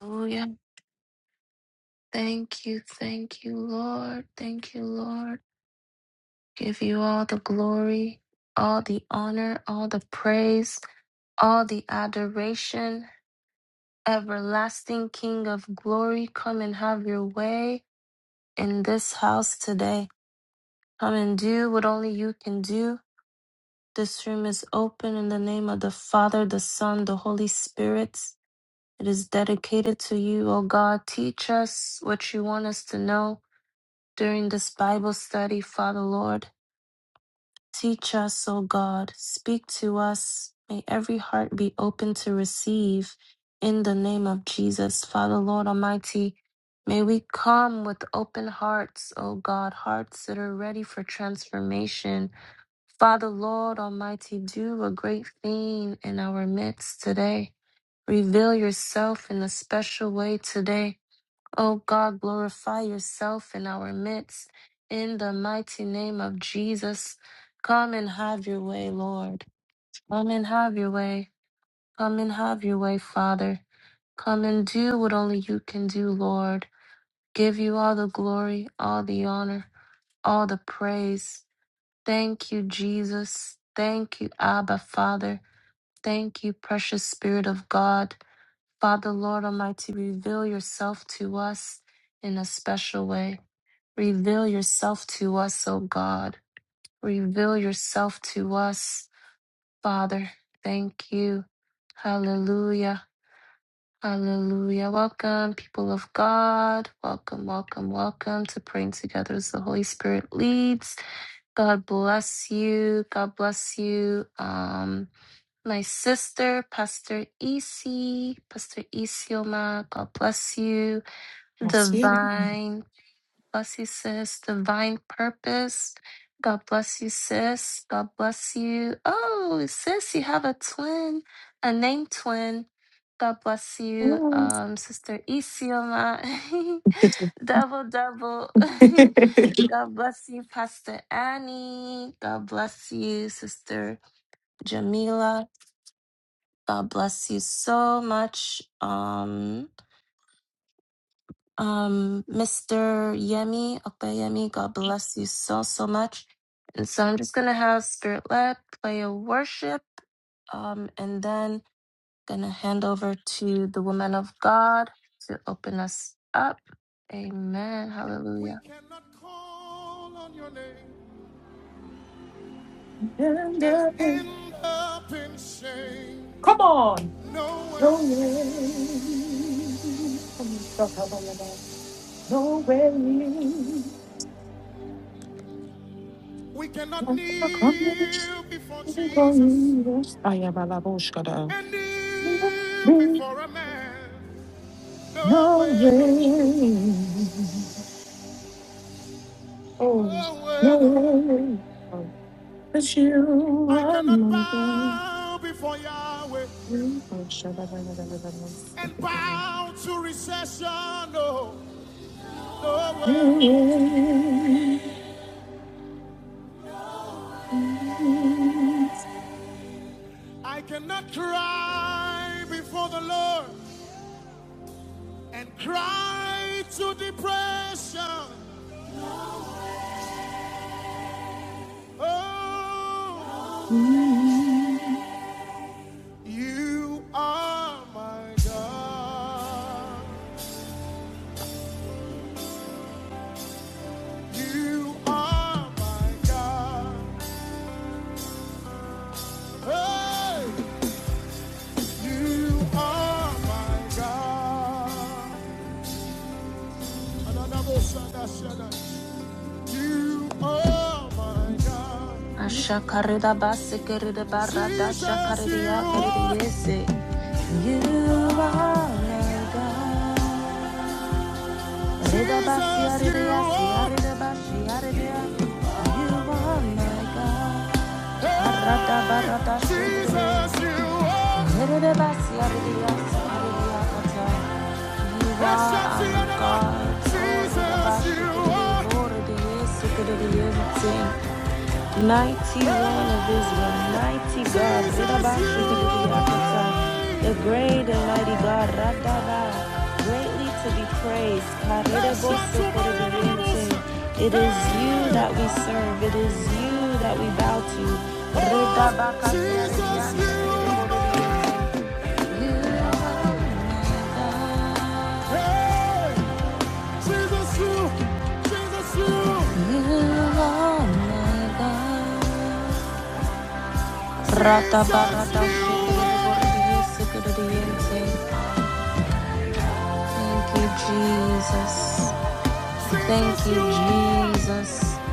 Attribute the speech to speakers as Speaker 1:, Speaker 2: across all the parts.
Speaker 1: Hallelujah. Thank you, thank you, Lord. Thank you, Lord. Give you all the glory, all the honor, all the praise, all the adoration. Everlasting King of glory, come and have your way in this house today. Come and do what only you can do. This room is open in the name of the Father, the Son, the Holy Spirit. It is dedicated to you, O God. Teach us what you want us to know. during this Bible study, Father Lord. Teach us, O God. Speak to us. May every heart be open to receive in the name of Jesus, Father Lord Almighty. May we come with open hearts, O God, hearts that are ready for transformation. Father Lord Almighty, do a great thing in our midst today. Reveal yourself in a special way today. O God, glorify yourself in our midst. In the mighty name of Jesus, come and have your way, Lord. Come and have your way. Come and have your way, Father. Come and do what only you can do, Lord. Give you all the glory, all the honor, all the praise. Thank you, Jesus. Thank you, Abba, Father. Thank you, precious Spirit of God. Father, Lord Almighty, reveal yourself to us in a special way. Reveal yourself to us, O God. Reveal yourself to us, Father. Thank you. Hallelujah. Hallelujah. Welcome, people of God. Welcome, welcome, welcome to praying together as the Holy Spirit leads. God bless you. God bless you. Um, my sister, Pastor EC, Pastor Isioma, God bless you.
Speaker 2: That's you. are.
Speaker 1: Divine, bless you, sis. Divine purpose. God bless you, sis. God bless you. Oh, sis, you have a twin, a name twin. God bless you,
Speaker 2: And
Speaker 1: um, Sister Isioma. double, double. God bless you, Pastor Annie. God bless you, Sister Jamila. God bless you so much. Um, um, Mr. Yemi, Yemi, God bless you so, so much. And so I'm just going to have Spirit Led play a worship, um, and then going to hand over to the woman of God to open us up. Amen.
Speaker 3: We
Speaker 1: Hallelujah.
Speaker 3: cannot call on your name and
Speaker 2: up and-
Speaker 3: end up in shame.
Speaker 2: Come on.
Speaker 3: No
Speaker 2: No
Speaker 3: way.
Speaker 2: way. I'm so covered it up. No way.
Speaker 3: We cannot
Speaker 2: I'm so covered it
Speaker 3: kneel before Jesus
Speaker 2: up. I am a labushka.
Speaker 3: and
Speaker 2: No
Speaker 3: kneel
Speaker 2: way.
Speaker 3: before a man. No
Speaker 2: No
Speaker 3: way, no.
Speaker 2: way. Oh,
Speaker 3: No
Speaker 2: no
Speaker 3: way, no.
Speaker 2: way. It's you,
Speaker 3: I
Speaker 2: I'm
Speaker 3: cannot
Speaker 2: my God.
Speaker 3: bow before Yahweh
Speaker 2: Hallelujah.
Speaker 3: and bow to recession. No, no way, no. I cannot cry before the Lord and cry to depression. Oh, you are my God. You are my God. Hey, you are my God. You are my God.
Speaker 1: Asha karida basi karida barada
Speaker 3: Jesus,
Speaker 1: shakaridia
Speaker 3: you are.
Speaker 1: karidiyese. You are my God. Redabasia
Speaker 3: Jesus, you
Speaker 1: redea sia
Speaker 3: are.
Speaker 1: redabasia redea. You are my God. Karada
Speaker 3: Hey,
Speaker 1: barada shikadea.
Speaker 3: Jesus, you are.
Speaker 1: Yeredabasia redea sakaria kata. You are our
Speaker 3: Extraordinary.
Speaker 1: God. O
Speaker 3: Jesus, you
Speaker 1: redabashikade
Speaker 3: are.
Speaker 1: boredea sikadea Mighty one of Israel,
Speaker 3: Hey,
Speaker 1: mighty God,
Speaker 3: Jesus, you are
Speaker 1: Ridabashikadiyakata, the
Speaker 3: mine.
Speaker 1: great and mighty God, Radaba, greatly to be praised. Karedebosokorediente. It is you
Speaker 3: Hey,
Speaker 1: that we serve, it is you that we bow to.
Speaker 3: oh, Jesus, you are
Speaker 1: Ridabakatiarediansakarediborediente.
Speaker 3: mine.
Speaker 1: You are my God,
Speaker 3: Hey, Jesus, you, Jesus, you, Jesus, you are.
Speaker 1: you are my God. Rata barada shikere de bore ye sikere de yente. Thank you, Jesus.
Speaker 3: Jesus,
Speaker 1: Thank
Speaker 3: you
Speaker 1: you,
Speaker 3: are.
Speaker 1: Jesus.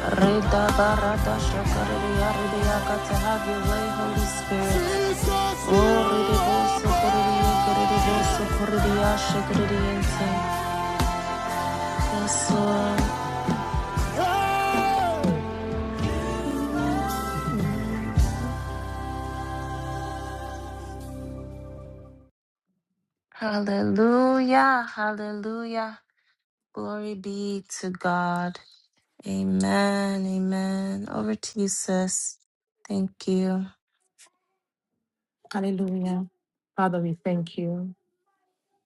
Speaker 1: Reda barada shakare de yare de yaka to have your way, Holy Spirit.
Speaker 3: Jesus, you
Speaker 1: Oh, rede bo
Speaker 3: are
Speaker 1: sokore de ye kere de bo
Speaker 3: born.
Speaker 1: sokore de ya shikere de yente. Yes, Lord.
Speaker 3: Hey.
Speaker 1: Hallelujah, hallelujah. Glory be to God. Amen. Amen. Over to you, sis. Thank you.
Speaker 2: Father, we thank you.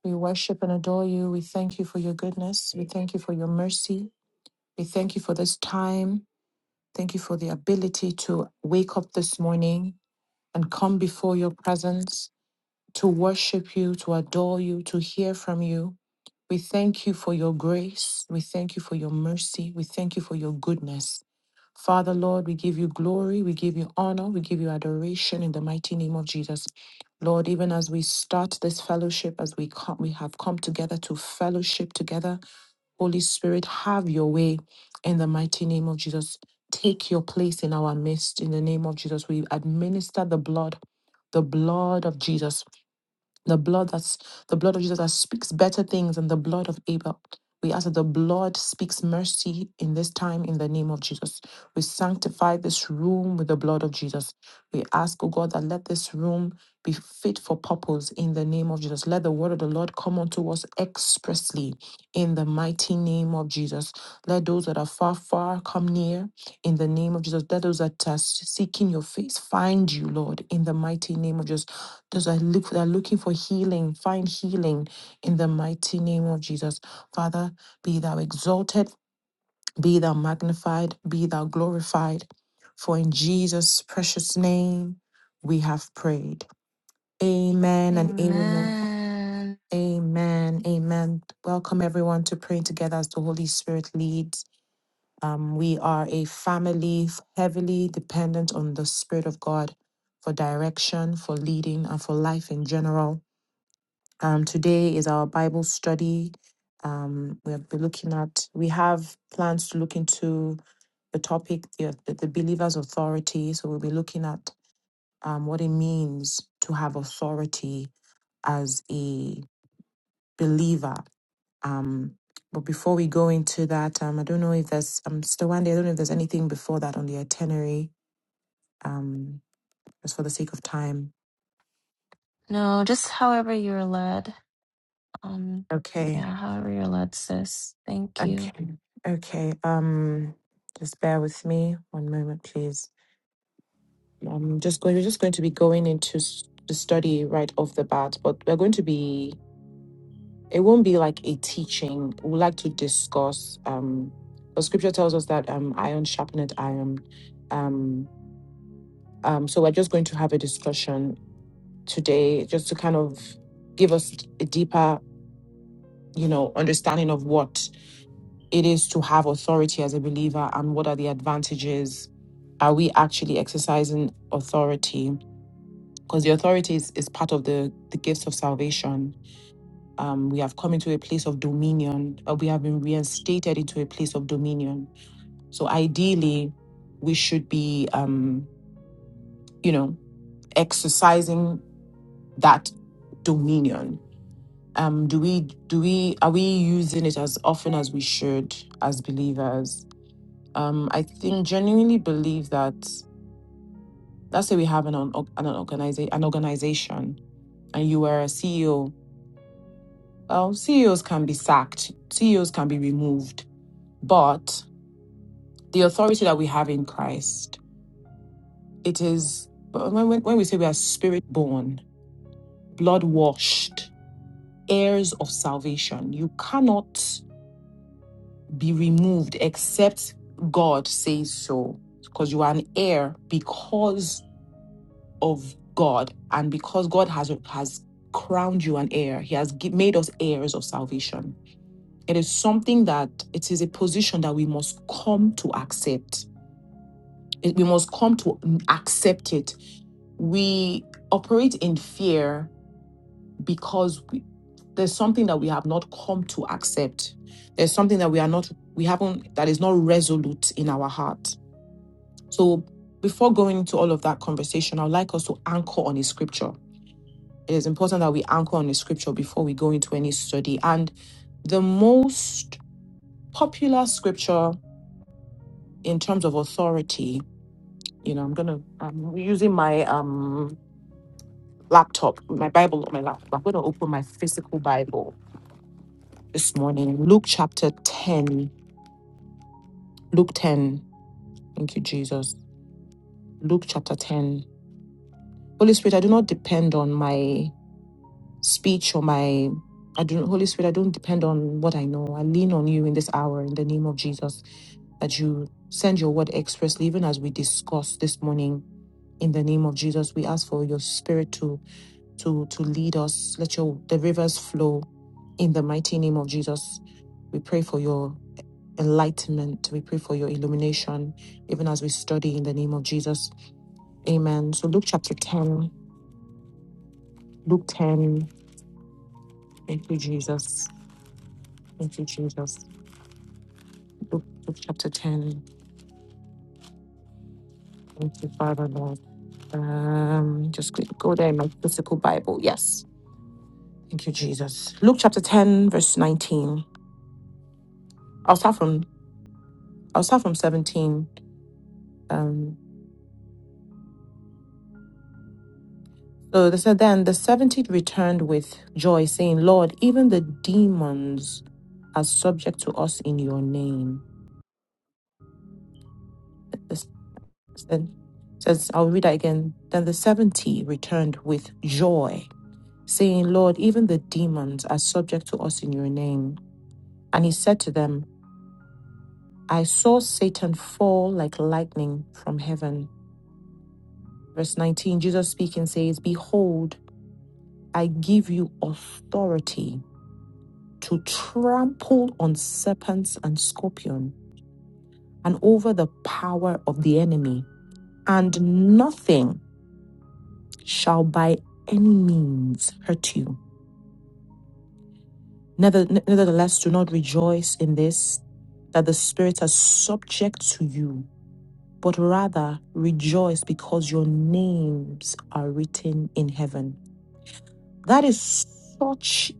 Speaker 2: We worship and adore you. We thank you for your goodness. We thank you for your mercy. We thank you for this time. Thank you for the ability to wake up this morning and come before your presence. to worship you, to adore you, to hear from you. We thank you for your grace. We thank you for your mercy. We thank you for your goodness. Father, Lord, we give you glory. We give you honor. We give you adoration in the mighty name of Jesus. Lord, even as we start this fellowship, as we come, we have come together to fellowship together. Holy Spirit, have your way in the mighty name of Jesus. Take your place in our midst in the name of Jesus. We administer the blood, the blood of Jesus the blood that's the blood of Jesus that speaks better things than the blood of Abel. We ask that the blood speaks mercy in this time in the name of Jesus. We sanctify this room with the blood of Jesus. We ask, oh God, that let this room be fit for purpose in the name of Jesus. Let the word of the Lord come unto us expressly in the mighty name of Jesus. Let those that are far, far come near in the name of Jesus. Let those that are seeking your face find you, Lord, in the mighty name of Jesus. Those that look that are looking for healing, find healing in the mighty name of Jesus. Father, be thou exalted, be thou magnified, be thou glorified. For in Jesus' precious name we have prayed. Amen and amen.
Speaker 1: Amen.
Speaker 2: Amen. Amen. Welcome everyone to praying together as the Holy Spirit leads. Um, we are a family heavily dependent on the Spirit of God for direction, for leading, and for life in general. Um, today is our Bible study. Um, we'll be looking at, we have plans to look into the topic, the, the believer's authority. So we'll be looking at um, what it means to have authority as a believer. Um, but before we go into that, um, I don't know if there's, um, Stawande, I don't know if there's anything before that on the itinerary, um, just for the sake of time.
Speaker 1: No, just however you're led. Um,
Speaker 2: Okay,
Speaker 1: yeah, however you're led, sis. Thank you.
Speaker 2: okay, okay. Um, just bear with me one moment, please. I'm just going, we're just going to be going into s- the study right off the bat, but we're going to be, it won't be like a teaching. We'd like to discuss, um, because scripture tells us that um, iron sharpened iron. Um, um, so we're just going to have a discussion today just to kind of give us a deeper, you know, understanding of what it is to have authority as a believer and what are the advantages. Are we actually exercising authority? because the authority is, is part of the, the gifts of salvation. Um, we have come into a place of dominion, uh, we have been reinstated into a place of dominion. So ideally, we should be, um, you know, exercising that dominion. Um, do we do we are we using it as often as we should as believers? Um, I think genuinely believe that let's say we have an un- an organization an organization and you are a CEO Well, CEOs can be sacked, CEOs can be removed, but the authority that we have in Christ, it is when, when when we say we are spirit born, blood washed, heirs of salvation, you cannot be removed except God says so, because you are an heir because of God and because God has has crowned you an heir. He has gi- made us heirs of salvation. It is something that it is a position that we must come to accept. It- We must come to n- accept it. We operate in fear because we, there's something that we have not come to accept. There's something that we are not, we haven't, that is not resolute in our heart. So before going into all of that conversation, I would like us to anchor on a scripture. It is important that we anchor on a scripture before we go into any study. And the most popular scripture in terms of authority, you know, I'm gonna I'm using my um laptop, my Bible on my laptop. I'm gonna open my physical Bible this morning. Luke chapter 10. Luke 10. Thank you, Jesus. Luke chapter 10. Holy Spirit, I do not depend on my speech or my I do Holy Spirit, I don't depend on what I know. I lean on you in this hour in the name of Jesus that you send your word expressly, even as we discuss this morning. In the name of Jesus, we ask for your spirit to. to to lead us. Let your the rivers flow in the mighty name of Jesus. We pray for your enlightenment. We pray for your illumination, even as we study in the name of Jesus. Amen. So Luke chapter 10. Luke 10. Thank you, Jesus. Thank you, Jesus. Luke, Luke chapter 10. Thank you, Father Lord. Um, just quick go there in my physical Bible. Yes. Thank you, Jesus. Luke chapter 10, verse 19. I'll start from I'll start from 17. Um. So they said, Then the 70 returned with joy, saying, Lord, even the demons are subject to us in your name. This- Then says, I'll read that again. Then the 70 returned with joy, saying, Lord, even the demons are subject to us in your name. And he said to them, I saw Satan fall like lightning from heaven. Verse 19, Jesus speaking says, Behold, I give you authority to trample on serpents and scorpion and over the power of the enemy, and nothing shall by any means hurt you. Nether- Nevertheless, do not rejoice in this that the spirits are subject to you, but rather rejoice because your names are written in heaven. That is such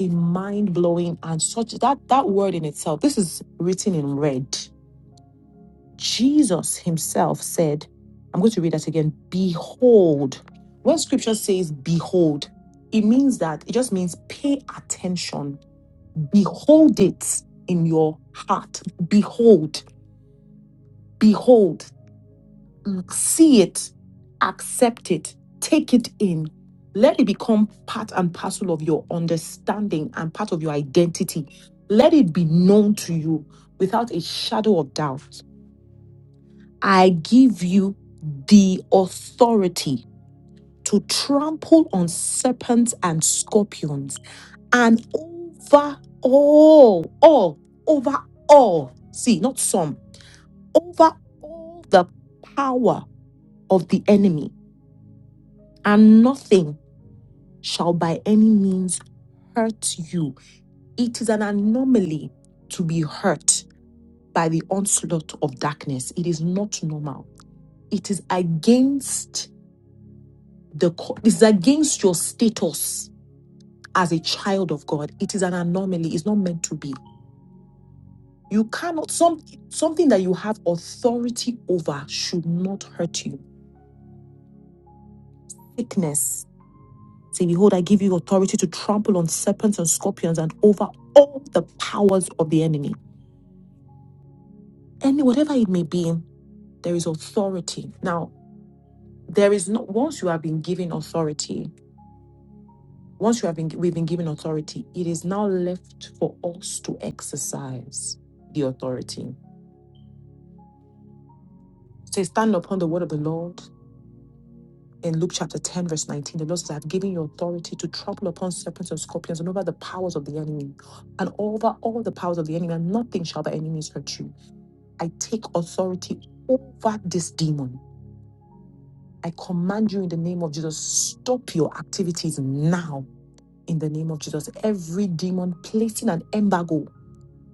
Speaker 2: a mind blowing and such that that word in itself. This is written in red Jesus himself said, I'm going to read that again. Behold. When scripture says behold, it means that it just means pay attention, behold it in your heart. Behold, behold, see it, accept it, take it in. Let it become part and parcel of your understanding and part of your identity. Let it be known to you without a shadow of doubt. I give you the authority to trample on serpents and scorpions and over all, all, over all. See, not some, over all the power of the enemy, and nothing shall by any means hurt you. It is an anomaly to be hurt by the onslaught of darkness. It is not normal. It is against the co- it's against your status as a child of God. It is an anomaly. It's not meant to be. You cannot some something that you have authority over should not hurt you. Sickness. Say, behold, I give you authority to trample on serpents and scorpions and over all the powers of the enemy. Any whatever it may be, there is authority. Now, there is not once you have been given authority, Once you have been, we've been given authority, it is now left for us to exercise the authority. So stand upon the word of the Lord in Luke chapter 10, verse 19. The Lord says, I have given you authority to trample upon serpents and scorpions and over the powers of the enemy and over all the powers of the enemy, and nothing shall by any means hurt you. I take authority over this demon. I command you in the name of Jesus, stop your activities now in the name of Jesus. Every demon placing an embargo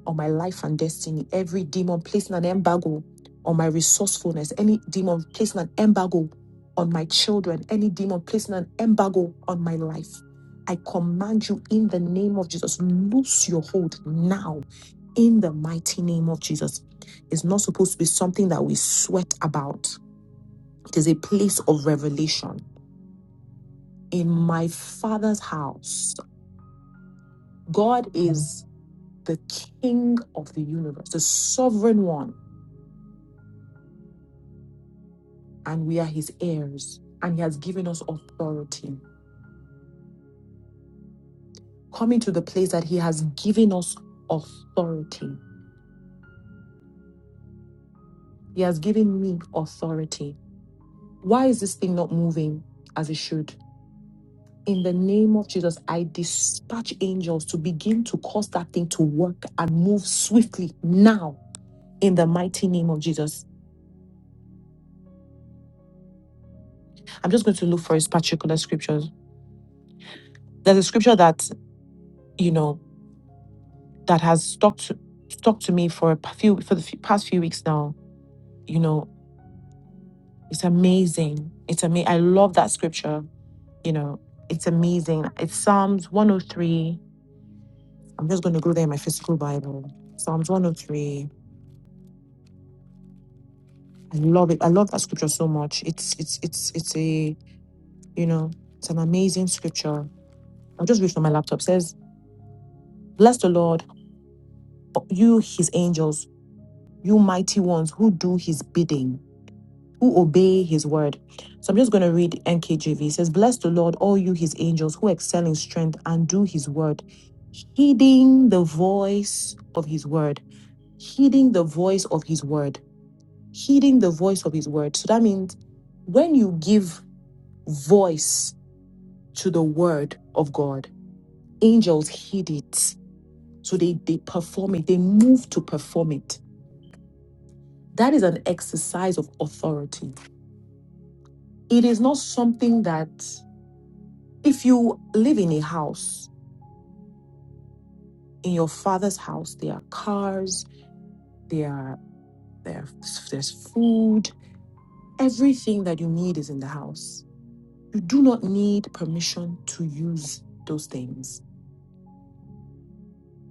Speaker 2: on my life and destiny. Every demon placing an embargo on my resourcefulness. Any demon placing an embargo on my children. Any demon placing an embargo on my life. I command you in the name of Jesus, loose your hold now in the mighty name of Jesus. It's not supposed to be something that we sweat about, it is a place of revelation. In my Father's house, God is the King of the universe, the sovereign one and we are his heirs, and he has given us authority. Coming to the place that he has given us authority. He has given me authority. Why is this thing not moving as it should? In the name of Jesus, I dispatch angels to begin to cause that thing to work and move swiftly now in the mighty name of Jesus. I'm just going to look for his particular scriptures. There's a scripture that, you know, that has stuck to, stuck to me for a p- few for the f- past few weeks now you know It's amazing. It's amazing. I love that scripture. You know, it's amazing. It's Psalms 103. I'm just going to go there in my physical Bible. Psalms 103. I love it. I love that scripture so much. It's it's it's it's a you know it's an amazing scripture. I'll just read from my laptop. It says, "Bless the Lord, you His angels, you mighty ones who do His bidding." who obey his word. So I'm just going to read NKJV. It says, Bless the Lord, all you his angels who excel in strength and do his word, heeding the voice of his word, heeding the voice of his word, heeding the voice of his word. So that means when you give voice to the word of God, angels heed it. So they, they perform it, they move to perform it. That is an exercise of authority. It is not something that If you live in a house, in your father's house, there are cars, there are, there are- there's food, everything that you need is in the house. You do not need permission to use those things.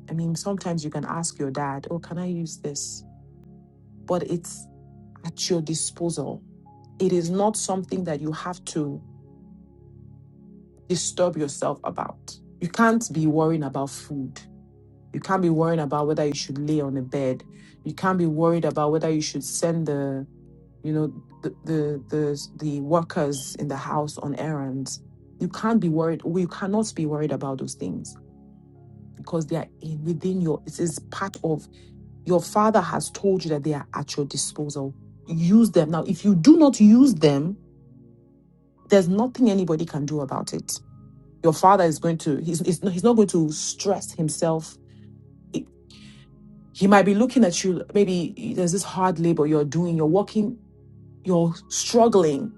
Speaker 2: I mean, sometimes you can ask your dad, "Oh, can I use this?" But it's at your disposal. It is not something that you have to disturb yourself about. You can't be worrying about food. You can't be worrying about whether you should lay on a bed. You can't be worried about whether you should send the, you know, the the the, the workers in the house on errands. You can't be worried. We cannot be worried about those things because they are in, within your. It is part of your father has told you that they are at your disposal. Use them now. If you do not use them, there's nothing anybody can do about it. Your father is going to. He's, he's, not, he's not going to stress himself He might be looking at you, maybe there's this hard labor you're doing, you're working, you're struggling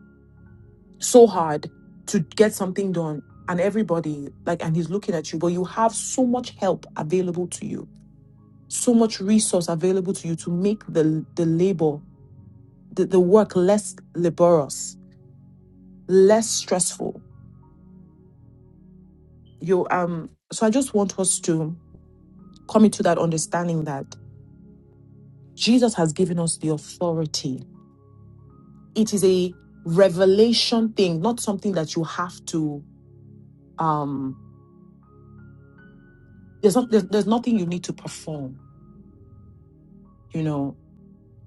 Speaker 2: so hard to get something done. And everybody, like, and he's looking at you, but you have so much help available to you, so much resource available to you to make the, the labor, the, the work less laborious, less stressful. You, um, so I just want us to come into that understanding that Jesus has given us the authority it is a revelation thing, not something that you have to. Um, there's not there's, there's nothing you need to perform. You know,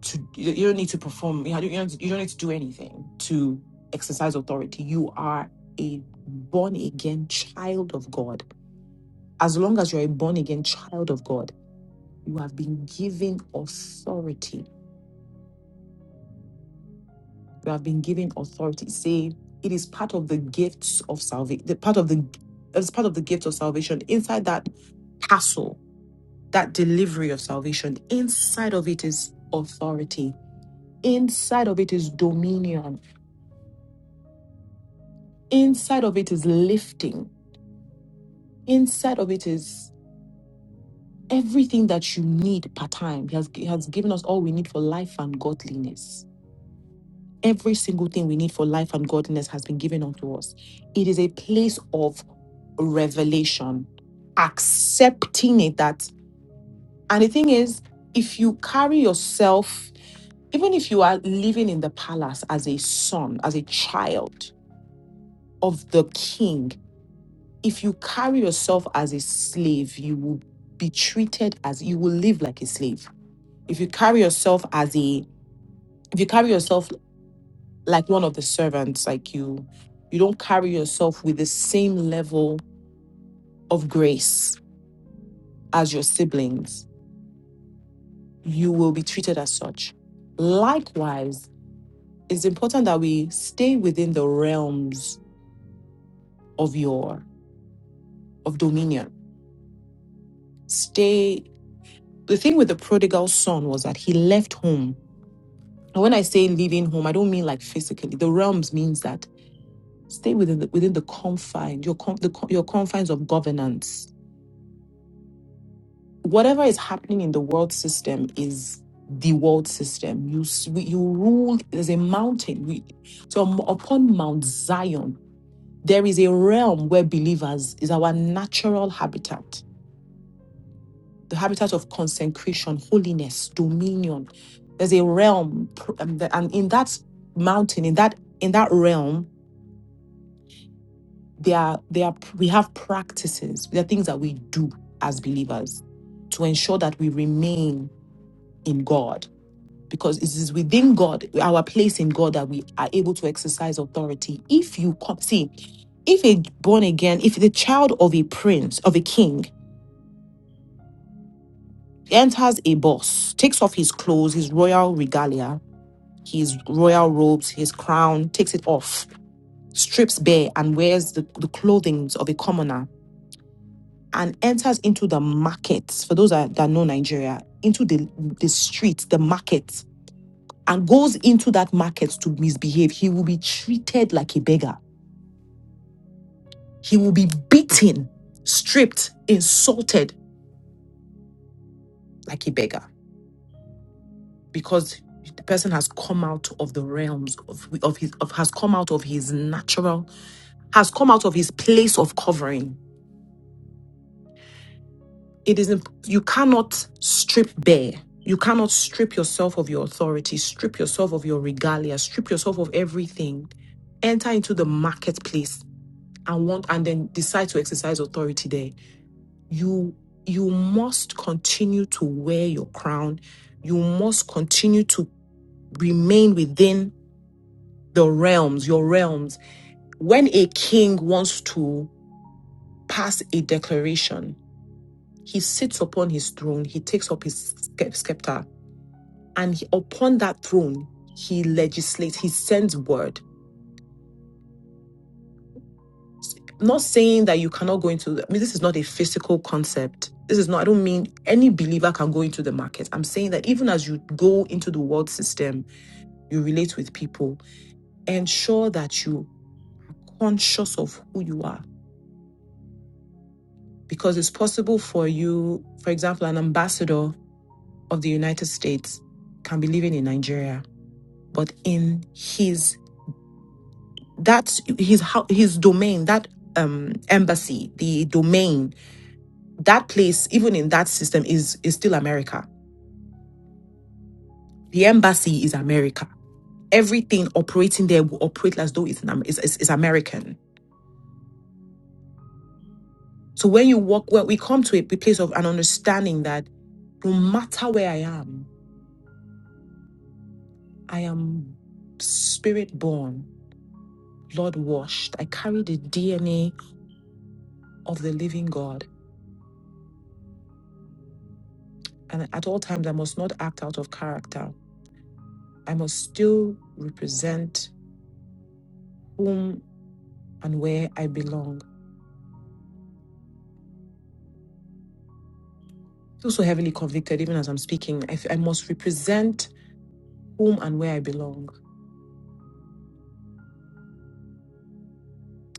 Speaker 2: to you you don't need to perform. You, know, you don't you don't need to do anything to exercise authority. You are a born again child of God. As long as you're a born again child of God, you have been given authority You have been given authority. Say it is part of the gifts of salvation. The part of the it's part of the gift of salvation. Inside that castle, that delivery of salvation, inside of it is authority. Inside of it is dominion. Inside of it is lifting. Inside of it is everything that you need per time. He has, he has given us all we need for life and godliness Every single thing we need for life and godliness has been given unto us. It is a place of revelation, accepting it that. And the thing is, if you carry yourself, even if you are living in the palace as a son, as a child of the king, if you carry yourself as a slave, you will be treated as you will live like a slave. If you carry yourself as a if you carry yourself like one of the servants like you you don't carry yourself with the same level of grace as your siblings you will be treated as such likewise it's important that we stay within the realms of your of dominion stay the thing with the prodigal son was that he left home and when i say leaving home i don't mean like physically the realms means that stay within the, within the confine your con- the, co- your confines of governance whatever is happening in the world system is the world system. You s- we- you rule. There's a mountain. We, so um, upon Mount Zion, there is a realm where believers is our natural habitat, the habitat of consecration, holiness, dominion. There's a realm, pr- um, the- and in that mountain, in that in that realm, there are there are pr- we have practices. There are things that we do as believers to ensure that we remain in God because it is within God, our place in God, that we are able to exercise authority. If you come, see, if a born again, if the child of a prince, of a king, enters a boss, takes off his clothes, his royal regalia, his royal robes, his crown, takes it off, strips bare, and wears the, the clothing of a commoner, and enters into the markets. For those that, that know Nigeria, into the, the streets, the markets and goes into that market to misbehave, he will be treated like a beggar. He will be beaten, stripped, insulted like a beggar because the person has come out of the realms of, of his of has come out of his natural has come out of his place of covering. It is imp- you cannot strip bare. You cannot strip yourself of your authority, strip yourself of your regalia, strip yourself of everything. Enter into the marketplace and want and then decide to exercise authority there you you must continue to wear your crown you must continue to remain within the realms your realms when a king wants to pass a declaration he sits upon his throne he takes up his scep- scepter and he- upon that throne he legislates he sends word not saying that you cannot go into I mean this is not a physical concept. This is not I don't mean any believer can go into the market. I'm saying that even as you go into the world system, you relate with people, ensure that you are conscious of who you are because it's possible for you, for example, an ambassador of the United States can be living in Nigeria, but in his that's his hou- his domain, that um embassy, the domain that place, even in that system, is is still America. The embassy is America. Everything operating there will operate as though it's an, Am- is, is, is American. So when you walk, well, we come to a p- place of an understanding that no matter where I am, I am spirit born, blood washed. I carry the DNA of the living God, and at all times I must not act out of character. I must still represent whom and where I belong. feel so heavily convicted even as I'm speaking. I, f- I must represent whom and where I belong.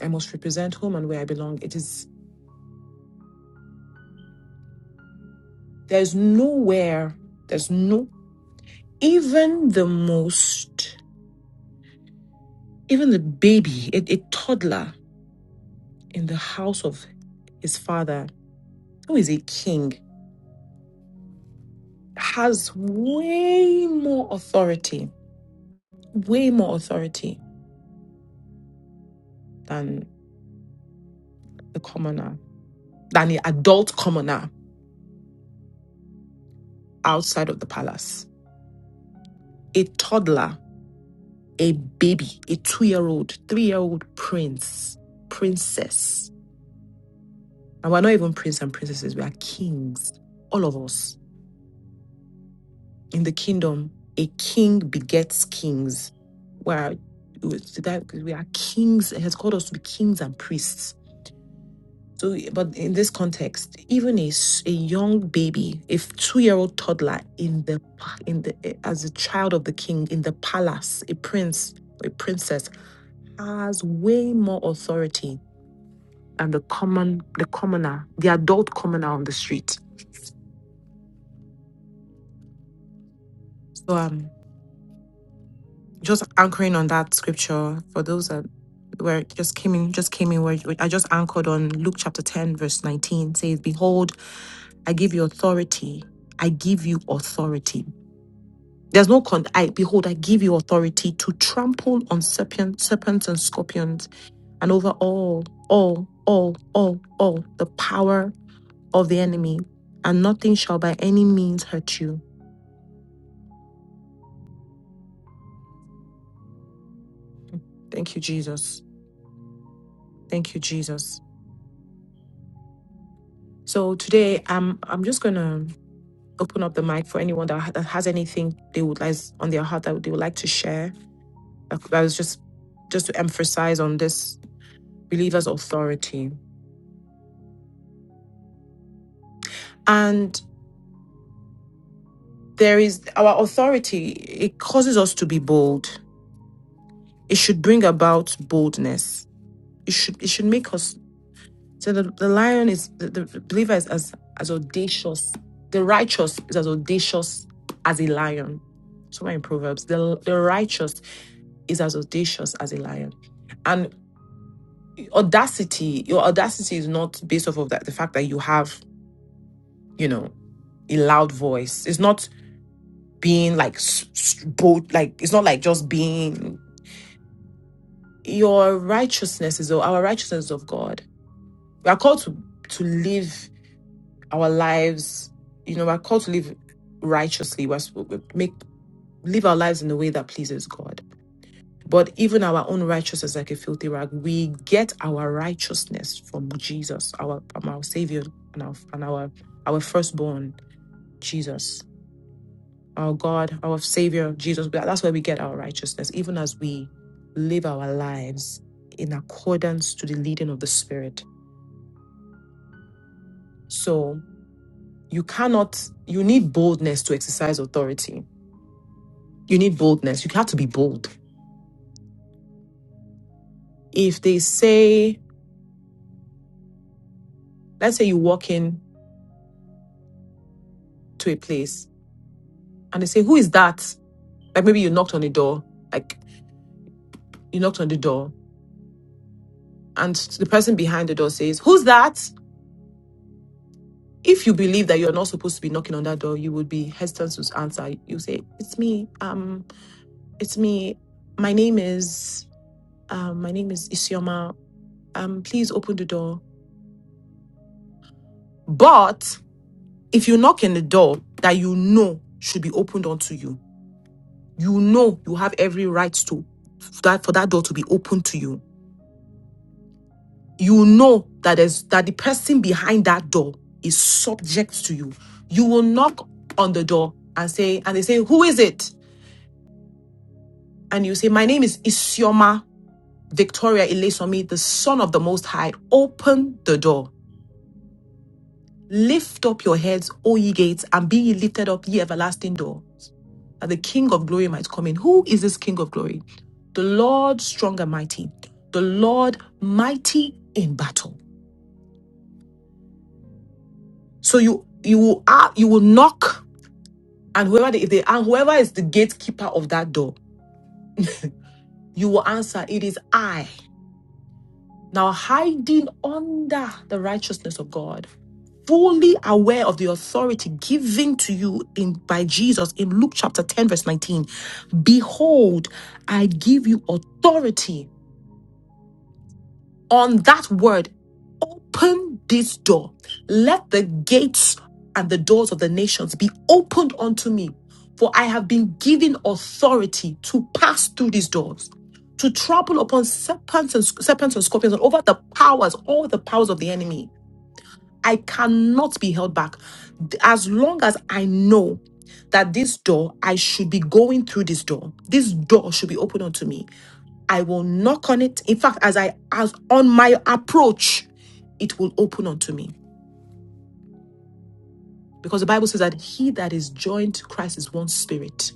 Speaker 2: I must represent whom and where I belong. It is, there's nowhere, there's no, even the most, even the baby, a, a toddler in the house of his father, who is a king, has way more authority, way more authority than the commoner, than the adult commoner outside of the palace. A toddler a baby, a two year old, three year old prince, princess. And we're not even prince and princesses, we are kings. All of us in the kingdom, a king begets kings. We are, we are kings, He has called us to be kings and priests. So, but in this context, even a, s- a young baby, a f- two-year-old toddler in the pa- in the eh, as a child of the king in the palace, a prince, a princess has way more authority and the common the commoner, the adult commoner on the street. So um just anchoring on that scripture for those that where it just came in just came in where where I just anchored on Luke chapter 10 verse 19 says behold I give you authority I give you authority there's no con I behold I give you authority to trample on serpents serpents and scorpions and over all all all all all the power of the enemy and nothing shall by any means hurt you Thank you, Jesus. Thank you, Jesus. So today, I'm I'm just gonna open up the mic for anyone that, ha- that has anything they would like on their heart that they would like to share. That that was just just to emphasize on this believer's authority. And there is our authority. It causes us to be bold. It should bring about boldness. It should it should make us So the, the lion is the, the believer is as, as audacious. The righteous is as audacious as a lion. Somewhere in Proverbs, the the righteous is as audacious as a lion. And audacity, your audacity is not based off of that the fact that you have, you know, a loud voice. It's not being like s- s- bold, like it's not like just being your righteousness is our righteousness is of God. We are called to to live our lives, you know, we're called to live righteously. We're supposed to make live our lives in a way that pleases God. But even our own righteousness, like a filthy rag, we get our righteousness from Jesus, our from our Savior and our and our our firstborn, Jesus, our God, our Savior, Jesus. That's where we get our righteousness, even as we live our lives in accordance to the leading of the Spirit. So you cannot, you need boldness to exercise authority you need boldness. You have to be bold. If they say, let's say you walk in to a place and they say, Who is that? Like maybe you knocked on the door, like you knocked on the door, and the person behind the door says, Who's that? If you believe that you're not supposed to be knocking on that door, you would be hesitant to answer. You say, It's me, um, it's me. My name is um, my name is Isioma. Um, please open the door. But if you knock on the door that you know should be opened onto you, you know you have every right to that for that door to be open to you you know that there's that the person behind that door is subject to you you will knock on the door and say and they say who is it and you say my name is isioma victoria Ilesomi, the son of the most high open the door lift up your heads o ye gates and be ye lifted up ye everlasting door that the King of glory might come in. Who is this King of glory? The Lord strong and mighty, the Lord mighty in battle. So you you will a- you will knock, and whoever they, if they and whoever is the gatekeeper of that door, you will answer. It is I. Now hiding under the righteousness of God, fully aware of the authority given to you in by Jesus in Luke chapter 10, verse 19. Behold, I give you authority on that word. Open this door. Let the gates and the doors of the nations be opened unto me, for I have been given authority to pass through these doors, to trample upon serpents and, serpents and scorpions and over the powers, all the powers of the enemy. I cannot be held back. As long as I know that this door, I should be going through this door. This door should be open unto me. I will knock on it. In fact, as I as on my approach, it will open unto me. Because the Bible says that he that is joined to Christ is one spirit.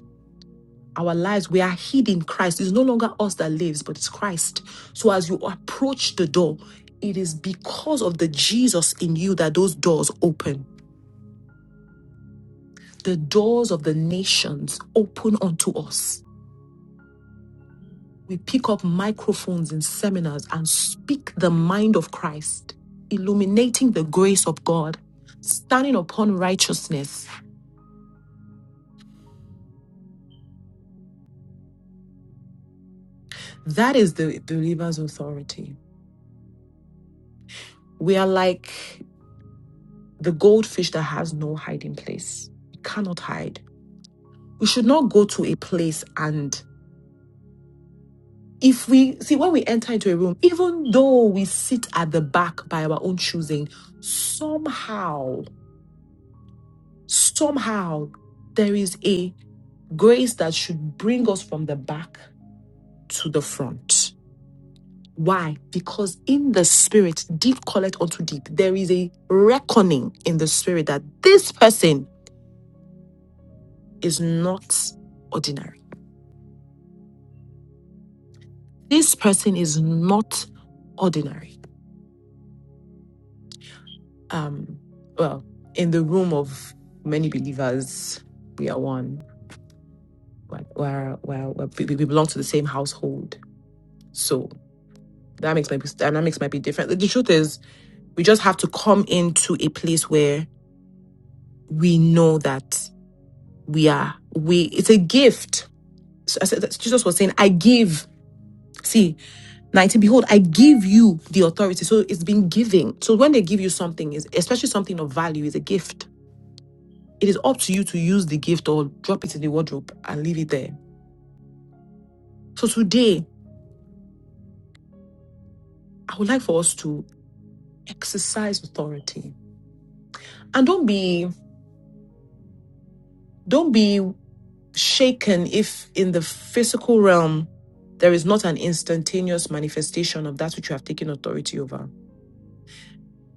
Speaker 2: Our lives, we are hid in Christ. It's no longer us that lives, but it's Christ. So as you approach the door, it is because of the Jesus in you that those doors open. The doors of the nations open unto us We pick up microphones in seminars and speak the mind of Christ, illuminating the grace of God, standing upon righteousness. That is the believer's authority. We are like the goldfish that has no hiding place, it cannot hide. We should not go to a place and if we see when we enter into a room, even though we sit at the back by our own choosing, somehow, somehow there is a grace that should bring us from the back to the front. Why? Because in the spirit, deep calleth unto deep. There is a reckoning in the spirit that this person is not ordinary. This person is not ordinary. Um, well, in the room of many believers, we are one. We're, we're, we're, we we belong to the same household. So dynamics might be dynamics might be different. The truth is We just have to come into a place where we know that we are, we, it's a gift. So I said, that Jesus was saying, I give. See, 19, behold, I give you the authority. So it's been giving. So when they give you something, is especially something of value, is a gift. It is up to you to use the gift or drop it in the wardrobe and leave it there. So today, I would like for us to exercise authority and don't be don't be shaken if in the physical realm there is not an instantaneous manifestation of that which you have taken authority over.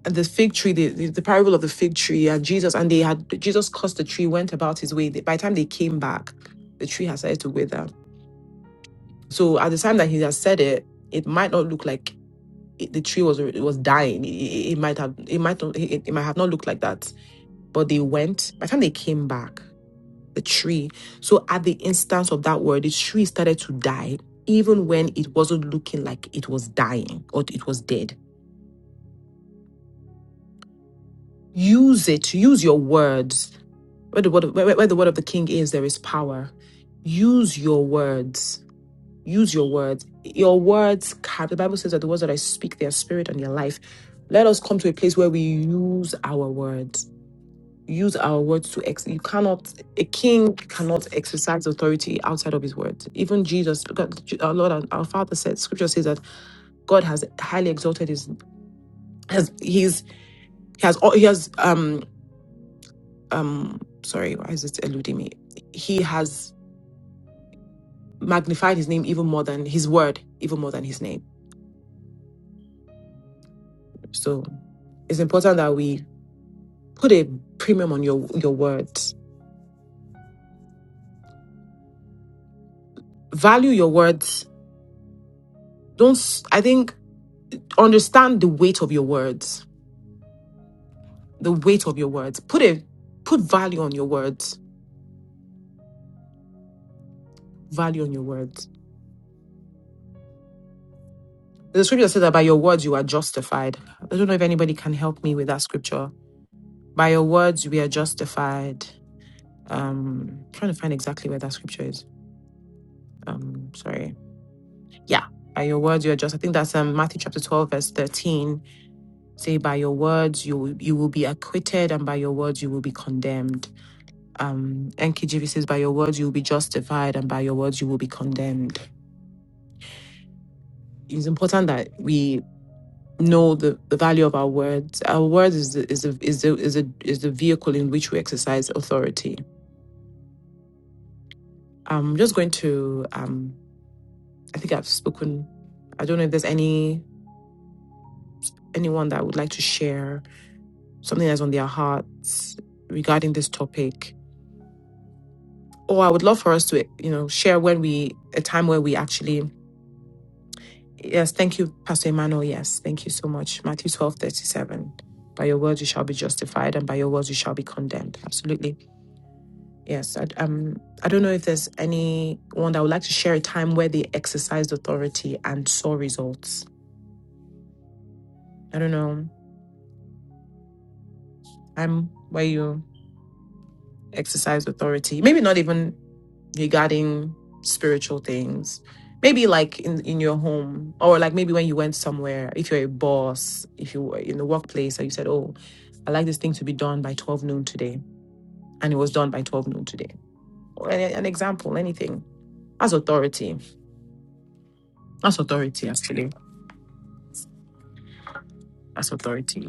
Speaker 2: And the fig tree, the, the, the parable of the fig tree, and Jesus, and they had Jesus cursed the tree, went about his way. By the time they came back, the tree had started to wither. So at the time that he had said it, it might not look like it, the tree was it was dying. It, it- it might have it might not it, it might have not looked like that. But they went. By the time they came back. the tree. So at the instance of that word, the tree started to die, even when it wasn't looking like it was dying or it was dead. Use it, use your words. Where the word of, where, where the word of the king is, there is power. Use your words. Use your words. Your words, car- the Bible says that the words that I speak, they are spirit and their life. Let us come to a place where we use our words use our words to ex you cannot a king cannot exercise authority outside of his word even jesus God, Je- our lord and our father said scripture says that god has highly exalted his has he's he has al- he has um um sorry why is it eluding me he has magnified his name even more than his word even more than his name so it's important that we put a premium on your your words value your words don't s- i think understand the weight of your words the weight of your words. Put it, put value on your words. Value on your words. There's a scripture that says that by your words you are justified. I don't know if anybody can help me with that scripture. By your words we are justified. Um, trying to find exactly where that scripture is. Um, sorry. Yeah, by your words you are just. I think that's um Matthew chapter twelve verse thirteen. Say by your words you will- you will be acquitted, and by your words you will be condemned. Um, NKJV says by your words you will be justified, and by your words you will be condemned it's important that we know the, the value of our words. Our words is the, is the, is the, is the, is the vehicle in which we exercise authority. I'm just going to. Um, I think I've spoken. I don't know if there's any anyone that would like to share something that's on their hearts regarding this topic. Or I would love for us to, you know, share when we a time where we actually. Yes, thank you, Pastor Emmanuel. Yes, thank you so much. Matthew twelve thirty seven. By your words you shall be justified, and by your words you shall be condemned. Absolutely Yes, I, um, I don't know if there's anyone that would like to share a time where they exercised authority and saw results. I don't know. I'm where you exercise authority. Maybe not even regarding spiritual things. Maybe like in, in your home, or like maybe when you went somewhere, if you're a boss, if you were in the workplace, or you said, Oh, I like this thing to be done by 12 noon today. And it was done by 12 noon today. Or an, an example, anything. That's authority. That's authority, actually. That's authority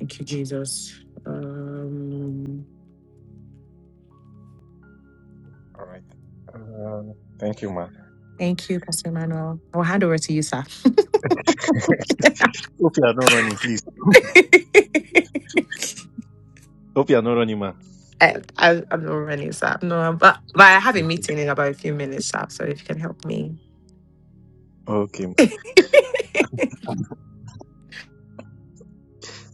Speaker 2: Thank you, Jesus. Um,
Speaker 4: All right. Uh, thank you, ma.
Speaker 2: thank you, Pastor Emmanuel. I'll hand over to you, sir.
Speaker 4: Hope you are not running, please. Hope you are not running, ma.
Speaker 2: I, I, I'm not running, sir. No, but but I have a meeting in about a few minutes, sir. So if you can help me.
Speaker 4: Okay. ma.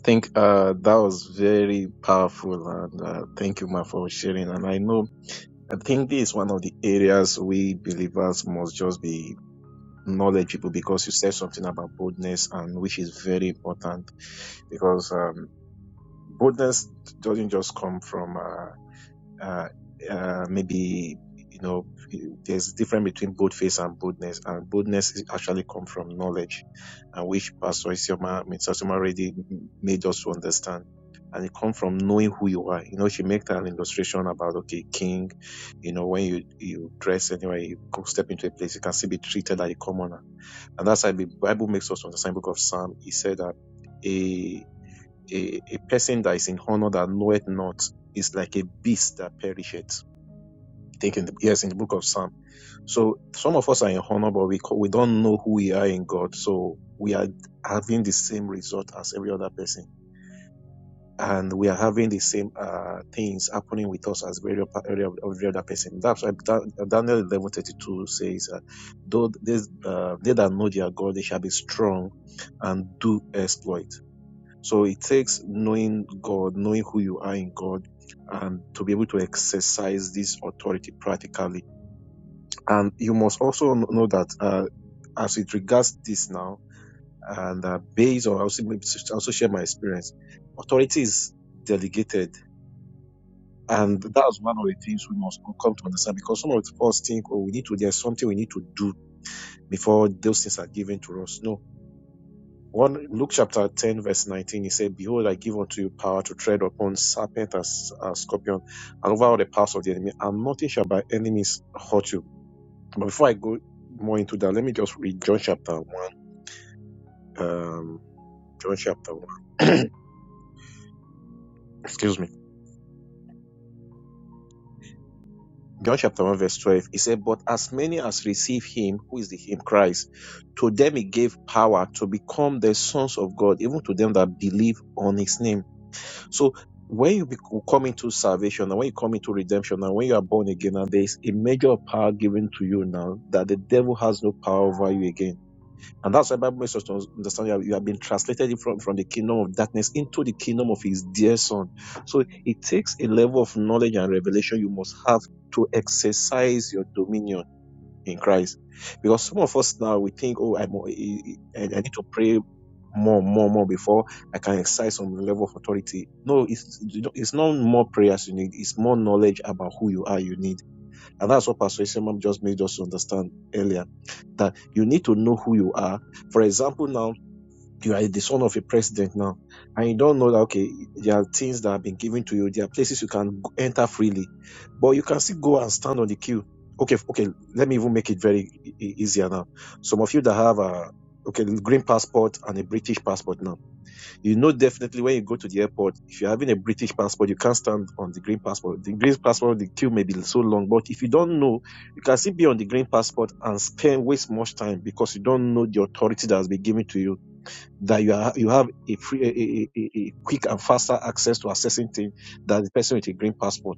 Speaker 4: Think uh, that was very powerful, and uh, thank you, ma, for sharing. And I know, I think this is one of the areas we believers must just be knowledgeable because you said something about boldness, and which is very important because um, boldness doesn't just come from. uh uh, uh, maybe you know there's difference between boldface and boldness, and boldness is actually come from knowledge, and which Pastor Isioma, I mean, Sister Isioma already m- made us to understand. And it comes from knowing who you are. You know, she made an illustration about okay, king. You know, when you you dress anyway, you go step into a place, you can still be treated like a commoner. And that's why the Bible makes us understand. Book of Psalm, he said that a, a person that is in honor that knoweth not is like a beast that perisheth. I think in the, yes, in the book of Psalm. So some of us are in honor, but we we don't know who we are in God. So we are having the same result as every other person, and we are having the same uh, things happening with us as every, every other person. That's why Dan- Daniel eleven thirty two says, uh, "Though this, uh, they that know their God, they shall be strong and do exploit." So it takes knowing God, knowing who you are in God, and to be able to exercise this authority practically. And you must also know that uh, as it regards this now, and uh, based on I also, also share my experience, authority is delegated. And that's one of the things we must come to understand because some of us think, oh, we need to, there's something we need to do before those things are given to us. No, One Luke chapter 10, verse 19, he said, Behold, I give unto you power to tread upon serpent and s- and scorpion, and over all the powers of the enemy, and nothing shall by enemies hurt you. But before I go more into that, let me just read John chapter 1. Um, John chapter 1. Excuse me. John chapter 1, verse 12. He said, But as many as receive him, who is the him, Christ, to them he gave power to become the sons of God, even to them that believe on his name So when you bec come into salvation and when you come into redemption and when you are born again, and there is a measure of power given to you now that the devil has no power over you again. And that's why Bible makes us to understand you have, you have been translated from, from the kingdom of darkness into the kingdom of his dear son. So it takes a level of knowledge and revelation you must have to exercise your dominion in Christ. Because some of us now, we think, oh, I'm, I, I need to pray more, more, more before I can exercise some level of authority. No, it's, it's not more prayers you need. It's more knowledge about who you are you need. And that's what Pastor Isemam just made us understand earlier, that you need to know who you are. For example, now, you are the son of a president now, and you don't know that okay, there are things that have been given to you, there are places you can go- enter freely, but you can still go and stand on the queue. Okay, f- okay, let me even make it very e- e- easier now. Some of you that have a okay green passport and a British passport now, you know definitely when you go to the airport, if you're having a British passport, you can't stand on the green passport. The green passport, the queue may be so long, but if you don't know, you can still be on the green passport and spend waste much time because you don't know the authority that has been given to you that you are you have a free a, a, a quick and faster access to accessing things than the person with a green passport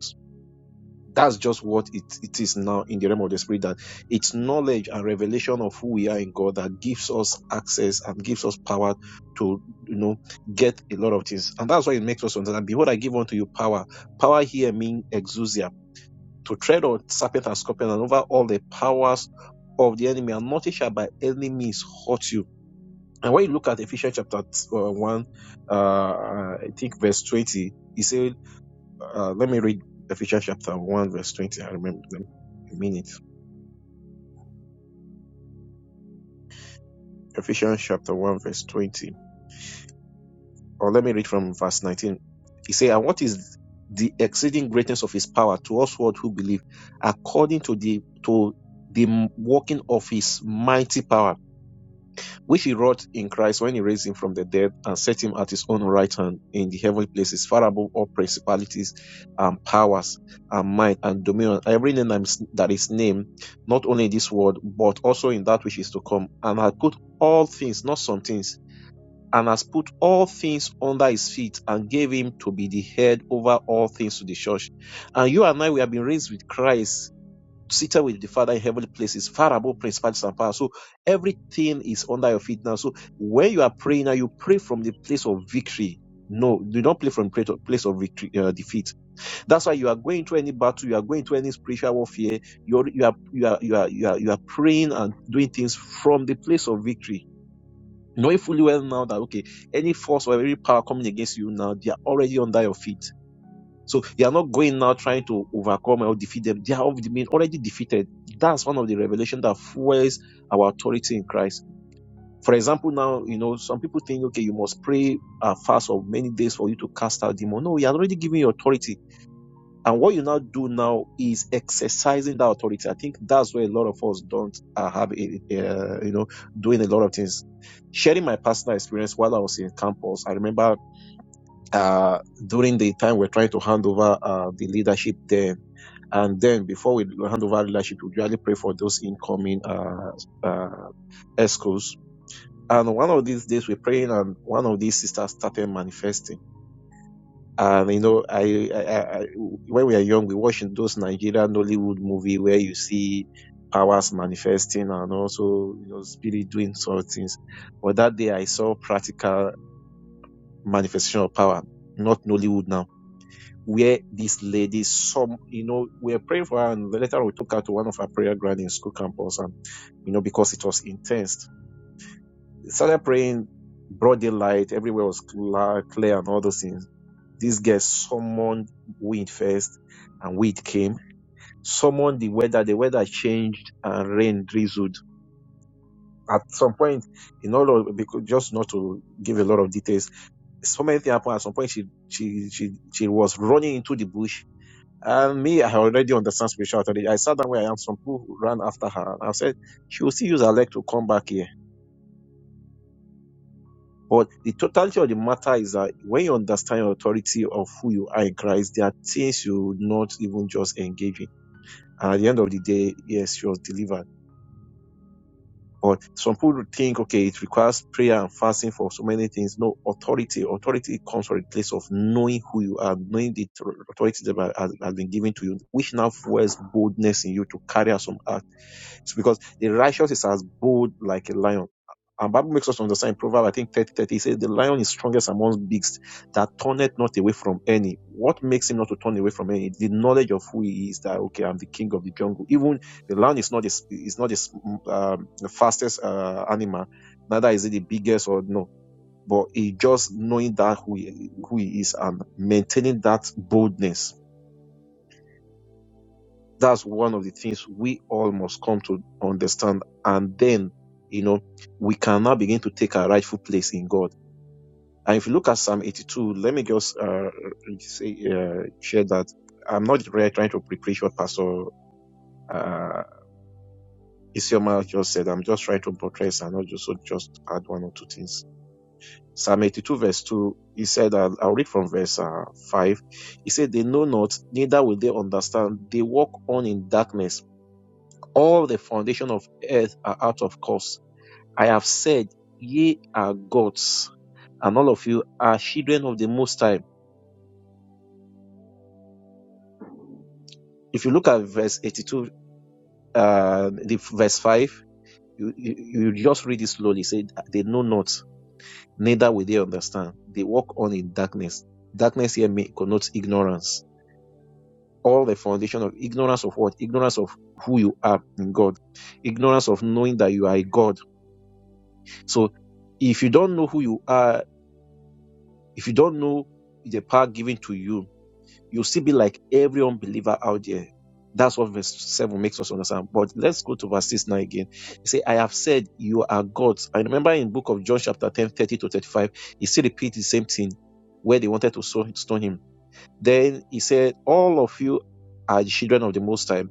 Speaker 4: that's just what it, it is now in the realm of the spirit that it's knowledge and revelation of who we are in god that gives us access and gives us power to you know get a lot of things and that's why it makes us understand behold i give unto you power power here means exousia to tread on serpent and scorpion and over all the powers of the enemy and nothing shall by any means hurt you and when you look at Ephesians chapter uh, 1, uh, uh, I think verse 20, he said, uh, let me read Ephesians chapter 1, verse 20. I remember them a minute. Ephesians chapter 1, verse 20. Or let me read from verse 19. He said, And what is the exceeding greatness of his power to us what who believe, according to the to the working of his mighty power which he wrought in Christ when he raised him from the dead and set him at his own right hand in the heavenly places, far above all principalities and powers and might and dominion, every name that is named, not only in this world, but also in that which is to come, and had put all things, not some things, and has put all things under his feet and gave him to be the head over all things to the church. And you and I, we have been raised with Christ seated with the Father in heavenly places, far above principalities and powers. So everything is under your feet now. So when you are praying now, you pray from the place of victory. No, do not pray from place of place of victory, uh, defeat. That's why you are going to any battle, you are going to any spiritual warfare. You are you are you are you are you are, you are praying and doing things from the place of victory. Knowing fully well now that okay, any force or any power coming against you now, they are already under your feet so you are not going now trying to overcome or defeat them. They are already been already defeated. That's one of the revelation that fuels our authority in Christ. For example, now you know some people think, okay, you must pray a fast of many days for you to cast out demon. No, you are already giving your authority. And what you now do now is exercising that authority. I think that's where a lot of us don't uh, have, it, uh, you know, doing a lot of things. Sharing my personal experience while I was in campus, I remember uh, during the time we're trying to hand over uh, the leadership there and then before we hand over leadership, we usually pray for those incoming uh, uh, escorts. And one of these days we're praying and one of these sisters started manifesting. And you know, I, I, I, I when we are young, we watch those Nigerian Nollywood movie where you see powers manifesting and also, you know, spirit doing sort of things. But that day I saw practical manifestation of power, not Nollywood now where this lady, some, you know, we were praying for her and later we took her to one of our prayer ground in school campus and, you know, because it was intense. Started praying broad daylight, everywhere was cla- clear and all those things. These guys summoned wind first and wind came, summoned the weather, the weather changed and rain drizzled. At some point, in all of, because just not to give a lot of details, so many things happened. At some point, she, she, she, she was running into the bush Uh, me, I already understand spirituality. I sat down where I am. Some people ran after her. And I said, she will still use her leg to come back here. But the totality of the matter is that when you understand your authority of who you are in Christ, there are things you will not even just engage in. And at the end of the day, yes, she was delivered. But some people think, okay, it requires prayer and fasting for so many things. No, authority. Authority comes from a place of knowing who you are, knowing the authority that has, has been given to you, which now fuels boldness in you to carry out some act It's because the righteous is as bold like a lion. And Bible makes us to understand Proverb, I think 30 30 it says, the lion is strongest among beasts that turneth not away from any. What makes him not to turn away from any? The knowledge of who he is that, okay, I'm the king of the jungle. Even the lion is not this, is not this, um, the fastest, uh, animal. Neither is it the biggest or no. But he just knowing that who he, who he is and maintaining that boldness that's one of the things we all must come to understand. And then, you know, we can now begin to take our rightful place in God. And if you look at Psalm 82, let me just uh, say, uh, share that I'm not really trying to preach what Pastor uh, Isioma just said. I'm just trying to buttress and also just add one or two things. Psalm 82 verse 2, he said, I'll, I'll read from verse uh, 5. He said, They know not, neither will they understand. They walk on in darkness All the foundation of earth are out of course. I have said, ye are gods, and all of you are children of the Most High. If you look at verse 82, uh, the verse 5, you, you, you just read it slowly. Say, they know not, neither will they understand. They walk on in darkness. Darkness here may connotes ignorance. All the foundation of ignorance of what? Ignorance of who you are in God. Ignorance of knowing that you are a God. So if you don't know who you are If you don't know the power given to you, you'll still be like every unbeliever out there. That's what verse 7 makes us understand. But let's go to verse 6 now again. He say, I have said you are gods. I remember in book of John chapter 10 30 to 35, he still repeats the same thing where they wanted to stone him. Then he said, all of you are the children of the Most High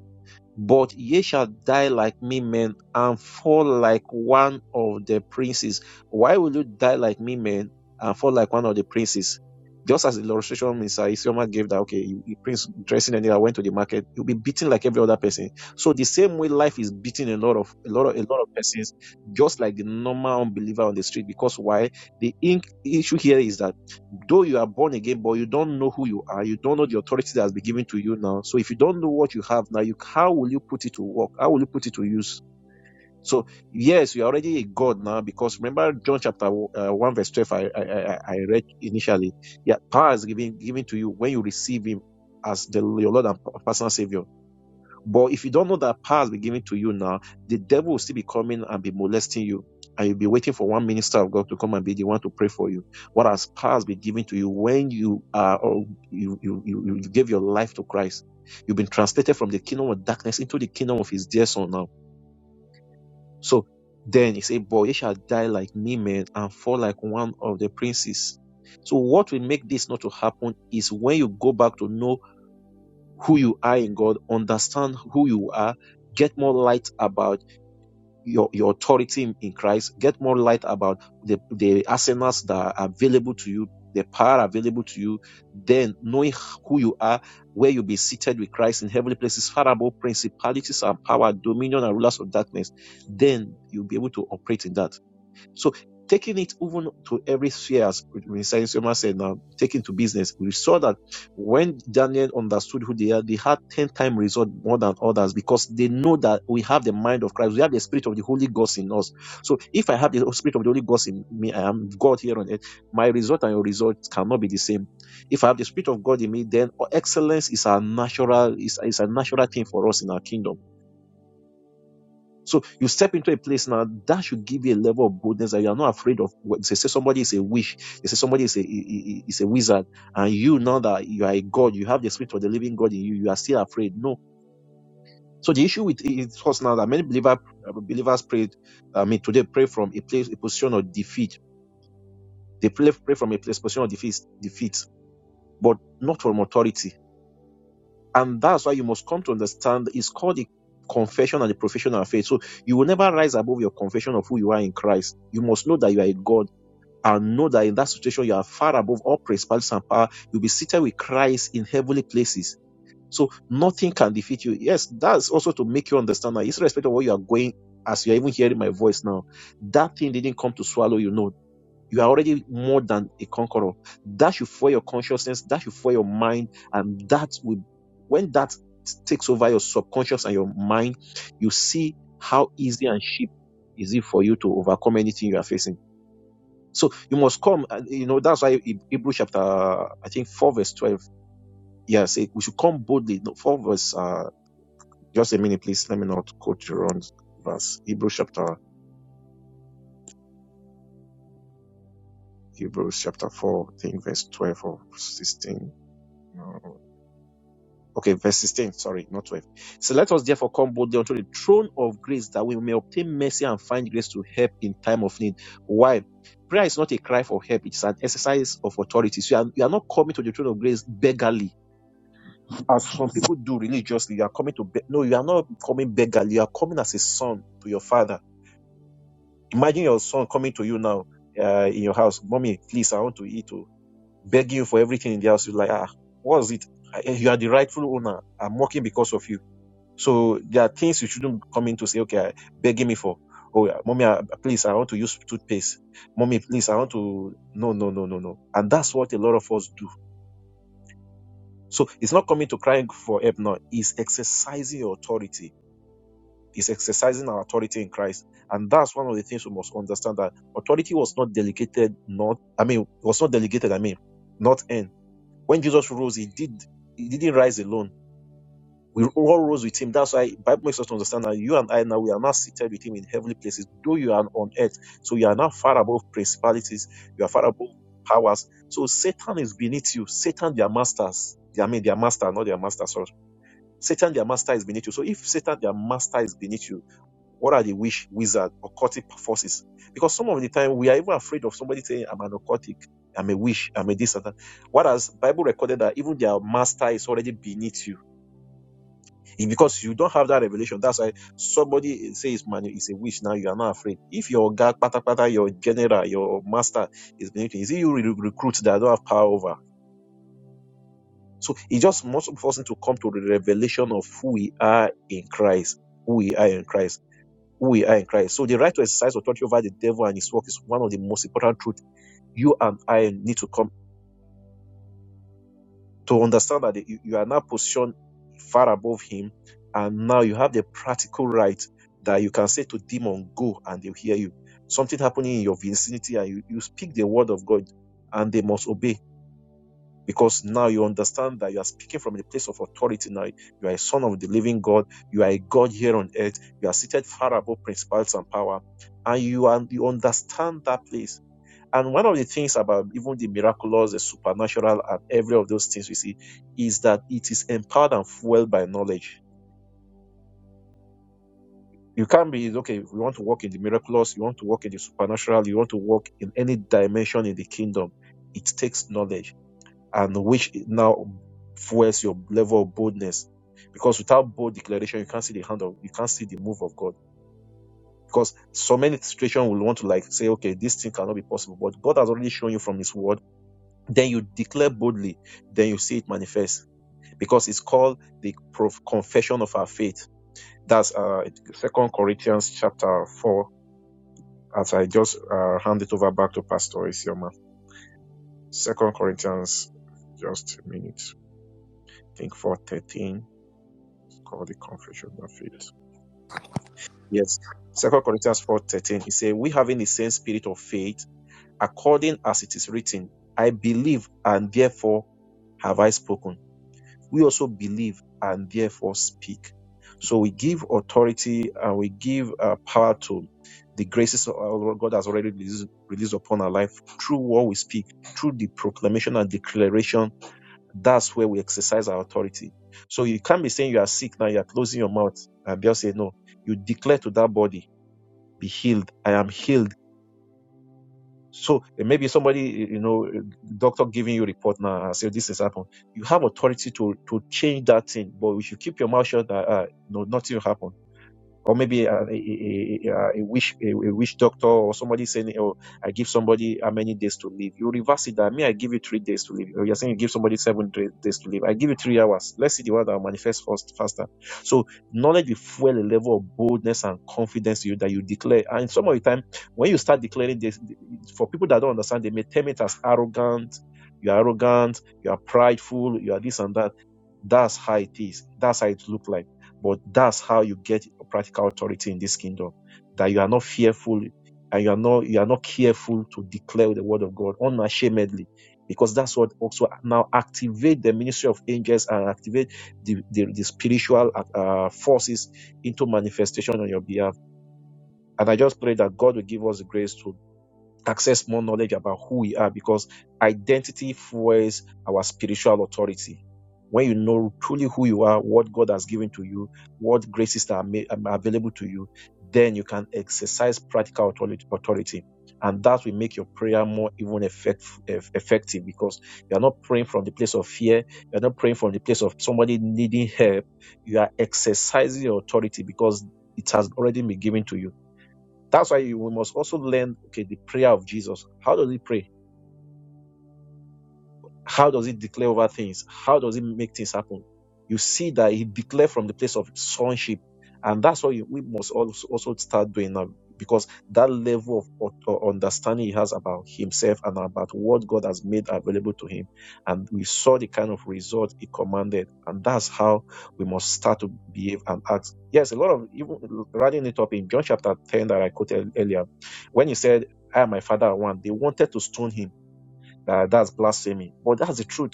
Speaker 4: but ye shall die like me men and fall like one of the princes. Why will you die like me men and fall like one of the princes? Just as the illustration Mr. Isioma gave that, okay, you, you prince dressing and I went to the market, you'll be beaten like every other person. So the same way life is beating a lot of a lot of a lot of persons, just like the normal unbeliever on the street. Because why? The ink issue here is that Though you are born again, but you don't know who you are. You don't know the authority that has been given to you now. So if you don't know what you have now, you how will you put it to work? How will you put it to use? So yes, you are already a god now because remember John chapter uh, one verse twelve. I, I I read initially. Yeah, power is given given to you when you receive Him as the your Lord and personal Savior. But if you don't know that power has been given to you now, the devil will still be coming and be molesting you. And you'll be waiting for one minister of God to come and be the one to pray for you. What has power has been given to you when you are or you, you, you, you gave your life to Christ? You've been translated from the kingdom of darkness into the kingdom of his dear son now. So then he said, Boy, ye shall die like me, men, and fall like one of the princes. So what will make this not to happen is when you go back to know who you are in God, understand who you are, get more light about your, your authority in, in Christ, get more light about the, the arsenals that are available to you, the power available to you, then knowing who you are, where you'll be seated with Christ in heavenly places, far above principalities and power, dominion and rulers of darkness, then you'll be able to operate in that. So taking it even to every sphere, as Minister Yoma said now, taking to business, we saw that when Daniel understood who they are, they had 10 times result more than others because they know that we have the mind of Christ. We have the spirit of the Holy Ghost in us. So if I have the spirit of the Holy Ghost in me, I am God here on earth, my result and your result cannot be the same. If I have the spirit of God in me, then excellence is a natural, is, is a natural thing for us in our kingdom so you step into a place now that should give you a level of boldness that you are not afraid of. what- They say somebody is a witch, they say somebody is a is a wizard, and you know that you are a god, you have the spirit of the living God in you, you are still afraid. No. So the issue with it us now that many believer, uh, believers pray, I mean today pray from a place a position of defeat. They pray, pray from a place position of defeat, defeat, but not from authority And that's why you must come to understand it's called the confession and the profession of faith. So you will never rise above your confession of who you are in Christ. You must know that you are a God and know that in that situation you are far above all principalities and power. You'll be seated with Christ in heavenly places. So nothing can defeat you. Yes, that's also to make you understand that irrespective of what you are going, as you're even hearing my voice now, that thing didn't come to swallow you. No, you are already more than a conqueror. That should fuel your consciousness, that should fuel your mind, and that will, when that takes over your subconscious and your mind, you see how easy and cheap is it for you to overcome anything you are facing. So you must come, and, you know, that's why Heb- Hebrew chapter, I think 4 verse 12, yeah, say we should come boldly. No, 4 verse, uh, just a minute, please. Let me not quote the wrong verse. Hebrew chapter, Hebrews chapter 4, I think verse 12 or 16. No, Okay, verse 16, sorry, not 12. So let us therefore come boldly unto the throne of grace that we may obtain mercy and find grace to help in time of need. Why? Prayer is not a cry for help, it's an exercise of authority. So you are, you are not coming to the throne of grace beggarly, as some people do religiously. You are coming to, beg no, you are not coming beggarly, you are coming as a son to your father. Imagine your son coming to you now uh, in your house, Mommy, please, I want to eat, to beg you for everything in the house. You're like, ah, what is it? I- You are the rightful owner. I'm working because of you so there are things you shouldn't come in to say, okay, I- begging me for. Oh, yeah, mommy, I, please, I want to use toothpaste. Mommy, please, I want to. No, no, no, no, no. And that's what a lot of us do. So it's not coming to crying for help now. It's exercising your authority. It's exercising our authority in Christ. And that's one of the things we must understand that authority was not delegated, not, I mean, was not delegated, I mean, not in. When Jesus rose, he did, he didn't rise alone We all rose with him. That's why Bible makes us to understand that you and I now we are now seated with him in heavenly places, though you are on earth. So you are now far above principalities, you are far above powers. So Satan is beneath you. Satan, their masters. I mean their master, not their master, sorry. Satan, their master is beneath you. So if Satan, their master is beneath you, what are the wish wizard occultic forces? Because some of the time we are even afraid of somebody saying, I'm an occultic, I'm a wish, I'm a this and that. Whereas Bible recorded that even their master is already beneath you it- because you don't have that revelation. That's why somebody says, "Man, it's a wish." Now you are not afraid. If your guy, pata pata, your general, your master is beneath you, is it you re- recruit that I don't have power over? So it just must force him to come to the revelation of who we are in Christ, who we are in Christ, who we are in Christ. So the right to exercise authority over the devil and his work is one of the most important truths you and I need to come. to understand that you, you are now positioned far above him, and now you have the practical right that you can say to demon, go, and they'll hear you. Something happening in your vicinity, and you, you speak the word of God, and they must obey. Because now you understand that you are speaking from a place of authority. Now you are a son of the living God. You are a God here on earth. You are seated far above principalities and power, and you are you understand that place. And one of the things about even the miraculous, the supernatural, and every of those things we see is that it is empowered and fueled by knowledge. You can't be, okay, if you want to walk in the miraculous, you want to walk in the supernatural, you want to walk in any dimension in the kingdom. It takes knowledge, and which now fuels your level of boldness. Because without bold declaration, you can't see the hand of, you can't see the move of God. Because so many situations will want to like say, okay, this thing cannot be possible. But God has already shown you from His word Then you declare boldly, then you see it manifest because it's called the prof- confession of our faith. That's uh, Second Corinthians chapter four. As I just uh, hand it over back to Pastor Isioma. Second Corinthians, just a minute. I think four thirteen called the confession of faith. Yes, Second Corinthians four thirteen. It says, "We having the same spirit of faith, according as it is written, I believe, and therefore have I spoken." we also believe and therefore speak. So we give authority and we give uh, power to the graces of our God has already released, released upon our life through what we speak, through the proclamation and declaration. That's where we exercise our authority. So you can't be saying you are sick now, you are closing your mouth and just say, No, you declare to that body, Be healed. I am healed so eh, maybe somebody, eh, you know, eh, doctor giving you report now and say this has happened. You have authority to to change that thing, but if you keep your mouth shut, that uh, no, nothing will happen or maybe a, a, a, a, wish a, a wish doctor or somebody saying, "Oh, I give somebody how many days to live." You reverse it. That me, I give you three days to live. Or you're saying you give somebody seven days to live. I give you three hours. Let's see the one that will manifest first faster. So knowledge will fuel a level of boldness and confidence you that you declare. And some of the time, when you start declaring this, for people that don't understand, they may term it as arrogant. You're arrogant. You are prideful. You are this and that that's how it is. That's how it look like. But that's how you get practical authority in this kingdom. That you are not fearful and you are not you are not careful to declare the word of God unashamedly. Because that's what also now activate the ministry of angels and activate the, the, the spiritual uh, forces into manifestation on your behalf. And I just pray that God will give us the grace to access more knowledge about who we are because identity fuels our spiritual authority. When you know truly who you are, what God has given to you, what graces are, ma- are available to you, then you can exercise practical authority. authority. And that will make your prayer more even effect, eff- effective because you are not praying from the place of fear. You are not praying from the place of somebody needing help. You are exercising your authority because it has already been given to you that's why you- we must also learn, okay, the prayer of Jesus. How does he pray? How does he declare over things? How does he make things happen? You see that he declared from the place of sonship. And that's what you, we must also, also start doing now because that level of, of understanding he has about himself and about what God has made available to him. And we saw the kind of result he commanded. And that's how we must start to behave and act. Yes, a lot of, even writing it up in John chapter 10 that I quoted earlier, when he said, I and my father are one, they wanted to stone him uh, that's blasphemy. But that's the truth.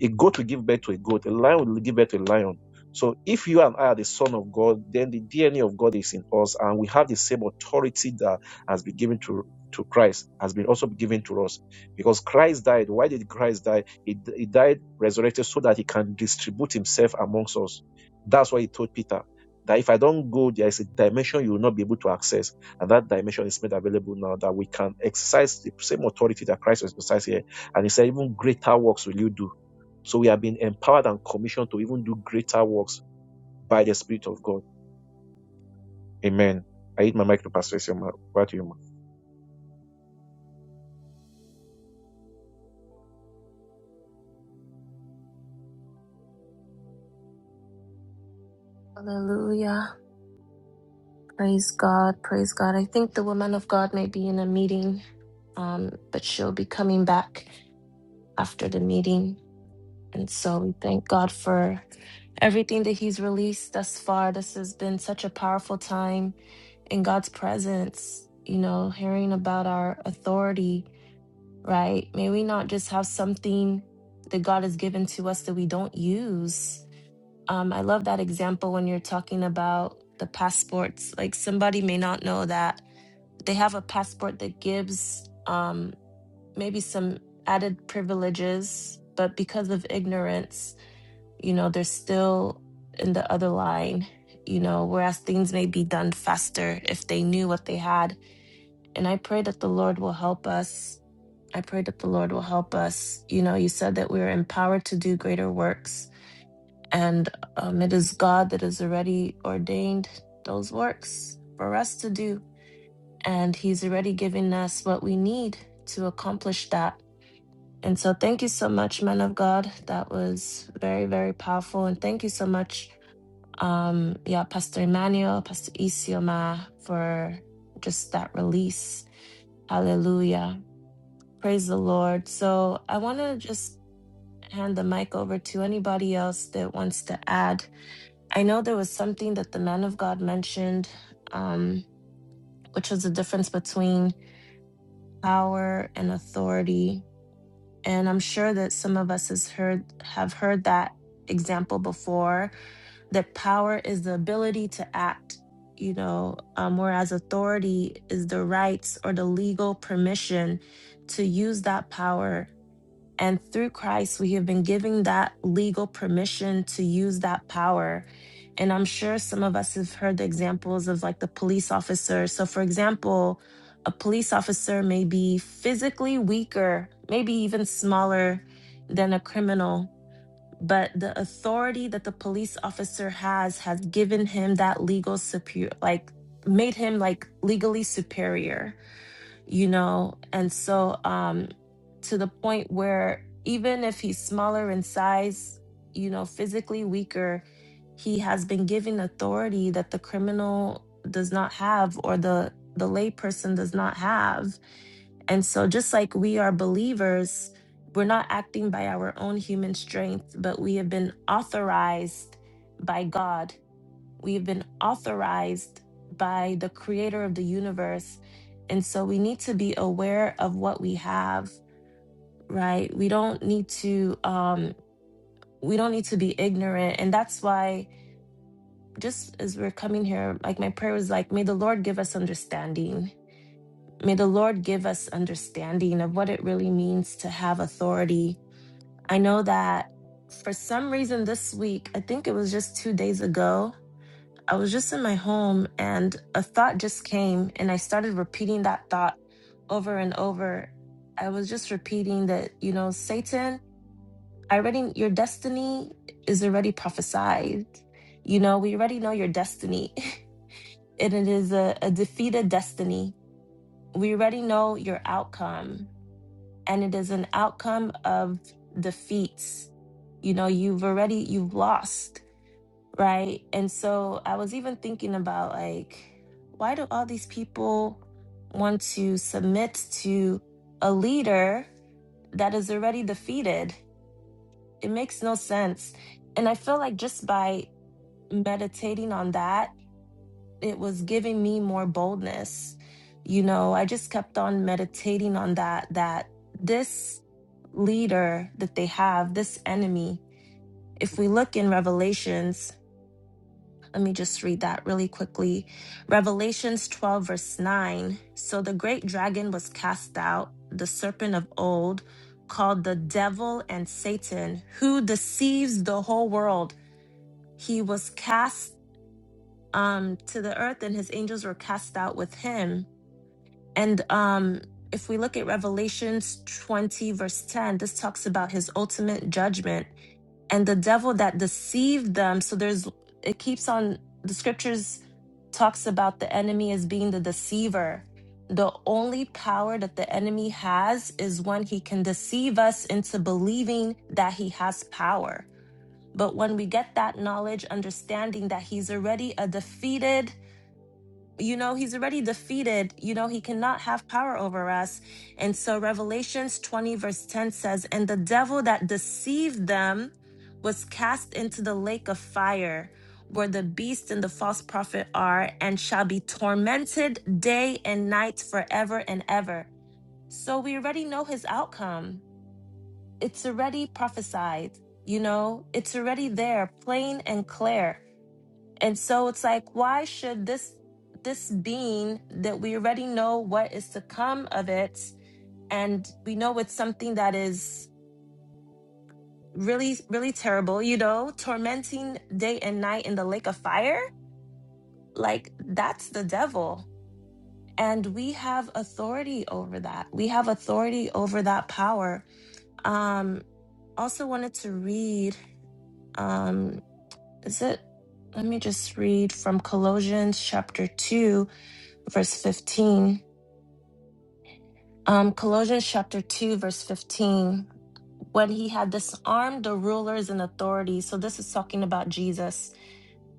Speaker 4: A goat will give birth to a goat. A lion will give birth to a lion. So if you and I are the son of God, then the DNA of God is in us, and we have the same authority that has been given to to Christ has been also given to us because Christ died. Why did Christ die? He, he died resurrected so that he can distribute himself amongst us. That's why he told Peter that if I don't go, there is a dimension you will not be able to access. And that dimension is made available now that we can exercise the same authority that Christ exercised here. And he said, even greater works will you do so we have been empowered and commissioned to even do greater works by the Spirit of God. Amen. I hit my mic to Pastor Isioma. Over to you, ma.
Speaker 1: Hallelujah. Praise God. Praise God. I think the woman of God may be in a meeting, um, but she'll be coming back after the meeting. And so we thank God for everything that He's released thus far. This has been such a powerful time in God's presence, you know, hearing about our authority, right? May we not just have something that God has given to us that we don't use. Um, I love that example when you're talking about the passports. Like somebody may not know that they have a passport that gives um, maybe some added privileges, but because of ignorance, you know, they're still in the other line, you know, whereas things may be done faster if they knew what they had and I pray that the Lord will help us. I pray that the Lord will help us. You know, you said that we're empowered to do greater works, and um, it is God that has already ordained those works for us to do. And He's already given us what we need to accomplish that. And so, thank you so much, Man of God. That was very, very powerful. And thank you so much, um, yeah, Pastor Emmanuel, Pastor Isioma, for just that release. Hallelujah. Praise the Lord. So I want to just hand the mic over to anybody else that wants to add. I know there was something that the man of God mentioned, um, which was the difference between power and authority. And I'm sure that some of us has heard have heard that example before. That power is the ability to act, you know, um, whereas authority is the rights or the legal permission to use that power And through Christ, we have been given that legal permission to use that power. And I'm sure some of us have heard the examples of like the police officer. So, for example, a police officer may be physically weaker, maybe even smaller than a criminal, but the authority that the police officer has has given him that legal superior, like made him like legally superior you know? And so, um, to the point where even if he's smaller in size, you know, physically weaker, he has been given authority that the criminal does not have or the the layperson does not have. And so just like we are believers, we're not acting by our own human strength, but we have been authorized by God we have been authorized by the creator of the universe. And so we need to be aware of what we have, right? We don't need to um we don't need to be ignorant. And that's why just as we're coming here, like my prayer was like, may the Lord give us understanding. May the Lord give us understanding of what it really means to have authority. I know that for some reason this week, I think it was just two days ago, I was just in my home and a thought just came and I started repeating that thought over and over. I was just repeating that, you know, Satan, I already your destiny is already prophesied. You know, we already know your destiny. and it is a, a defeated destiny. We already know your outcome. And it is an outcome of defeats. You know, you've already you've lost Right. And so I was even thinking about like, why do all these people want to submit to a leader that is already defeated? It makes no sense. And I feel like just by meditating on that, it was giving me more boldness. You know, I just kept on meditating on that, that this leader that they have, this enemy, if we look in Revelations, Let me just read that really quickly. Revelations 12, verse 9. So the great dragon was cast out, the serpent of old, called the devil and Satan, who deceives the whole world. He was cast um, to the earth, and his angels were cast out with him. And um, if we look at Revelations 20, verse 10, this talks about his ultimate judgment and the devil that deceived them so there's it keeps on the scriptures talks about the enemy as being the deceiver the only power that the enemy has is when he can deceive us into believing that he has power but when we get that knowledge understanding that he's already a defeated you know he's already defeated you know he cannot have power over us and so revelations 20 verse 10 says and the devil that deceived them was cast into the lake of fire where the beast and the false prophet are and shall be tormented day and night forever and ever so we already know his outcome it's already prophesied you know it's already there plain and clear and so it's like, why should this this being that we already know what is to come of it, and we know it's something that is really, really terrible, you know, tormenting day and night in the lake of fire? Like that's the devil. And we have authority over that. We have authority over that power. Um also wanted to read um is it let me just read from Colossians chapter 2 verse 15 Um, Colossians chapter 2, verse 15. When he had disarmed the rulers and authorities, so this is talking about Jesus.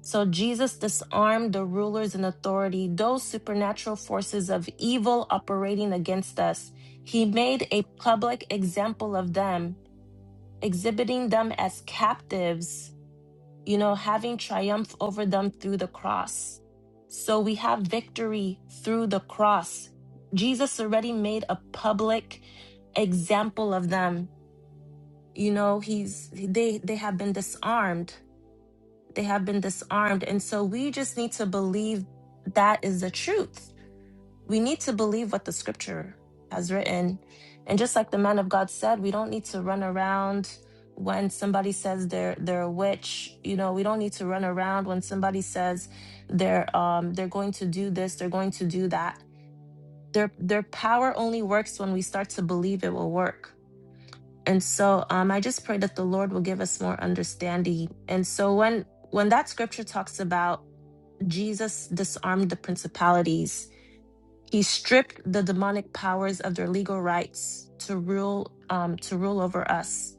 Speaker 1: So Jesus disarmed the rulers and authority, those supernatural forces of evil operating against us. He made a public example of them, exhibiting them as captives you know, having triumph over them through the cross. So we have victory through the cross. Jesus already made a public example of them. You know, he's they they have been disarmed. They have been disarmed. And so we just need to believe that is the truth we need to believe what the scripture has written. And just like the man of God said, we don't need to run around when somebody says they're they're a witch. You know, we don't need to run around when somebody says they're um they're going to do this, they're going to do that. Their their power only works when we start to believe it will work. And so um I just pray that the Lord will give us more understanding. And so when when that scripture talks about Jesus disarmed the principalities, he stripped the demonic powers of their legal rights to rule um, to rule over us.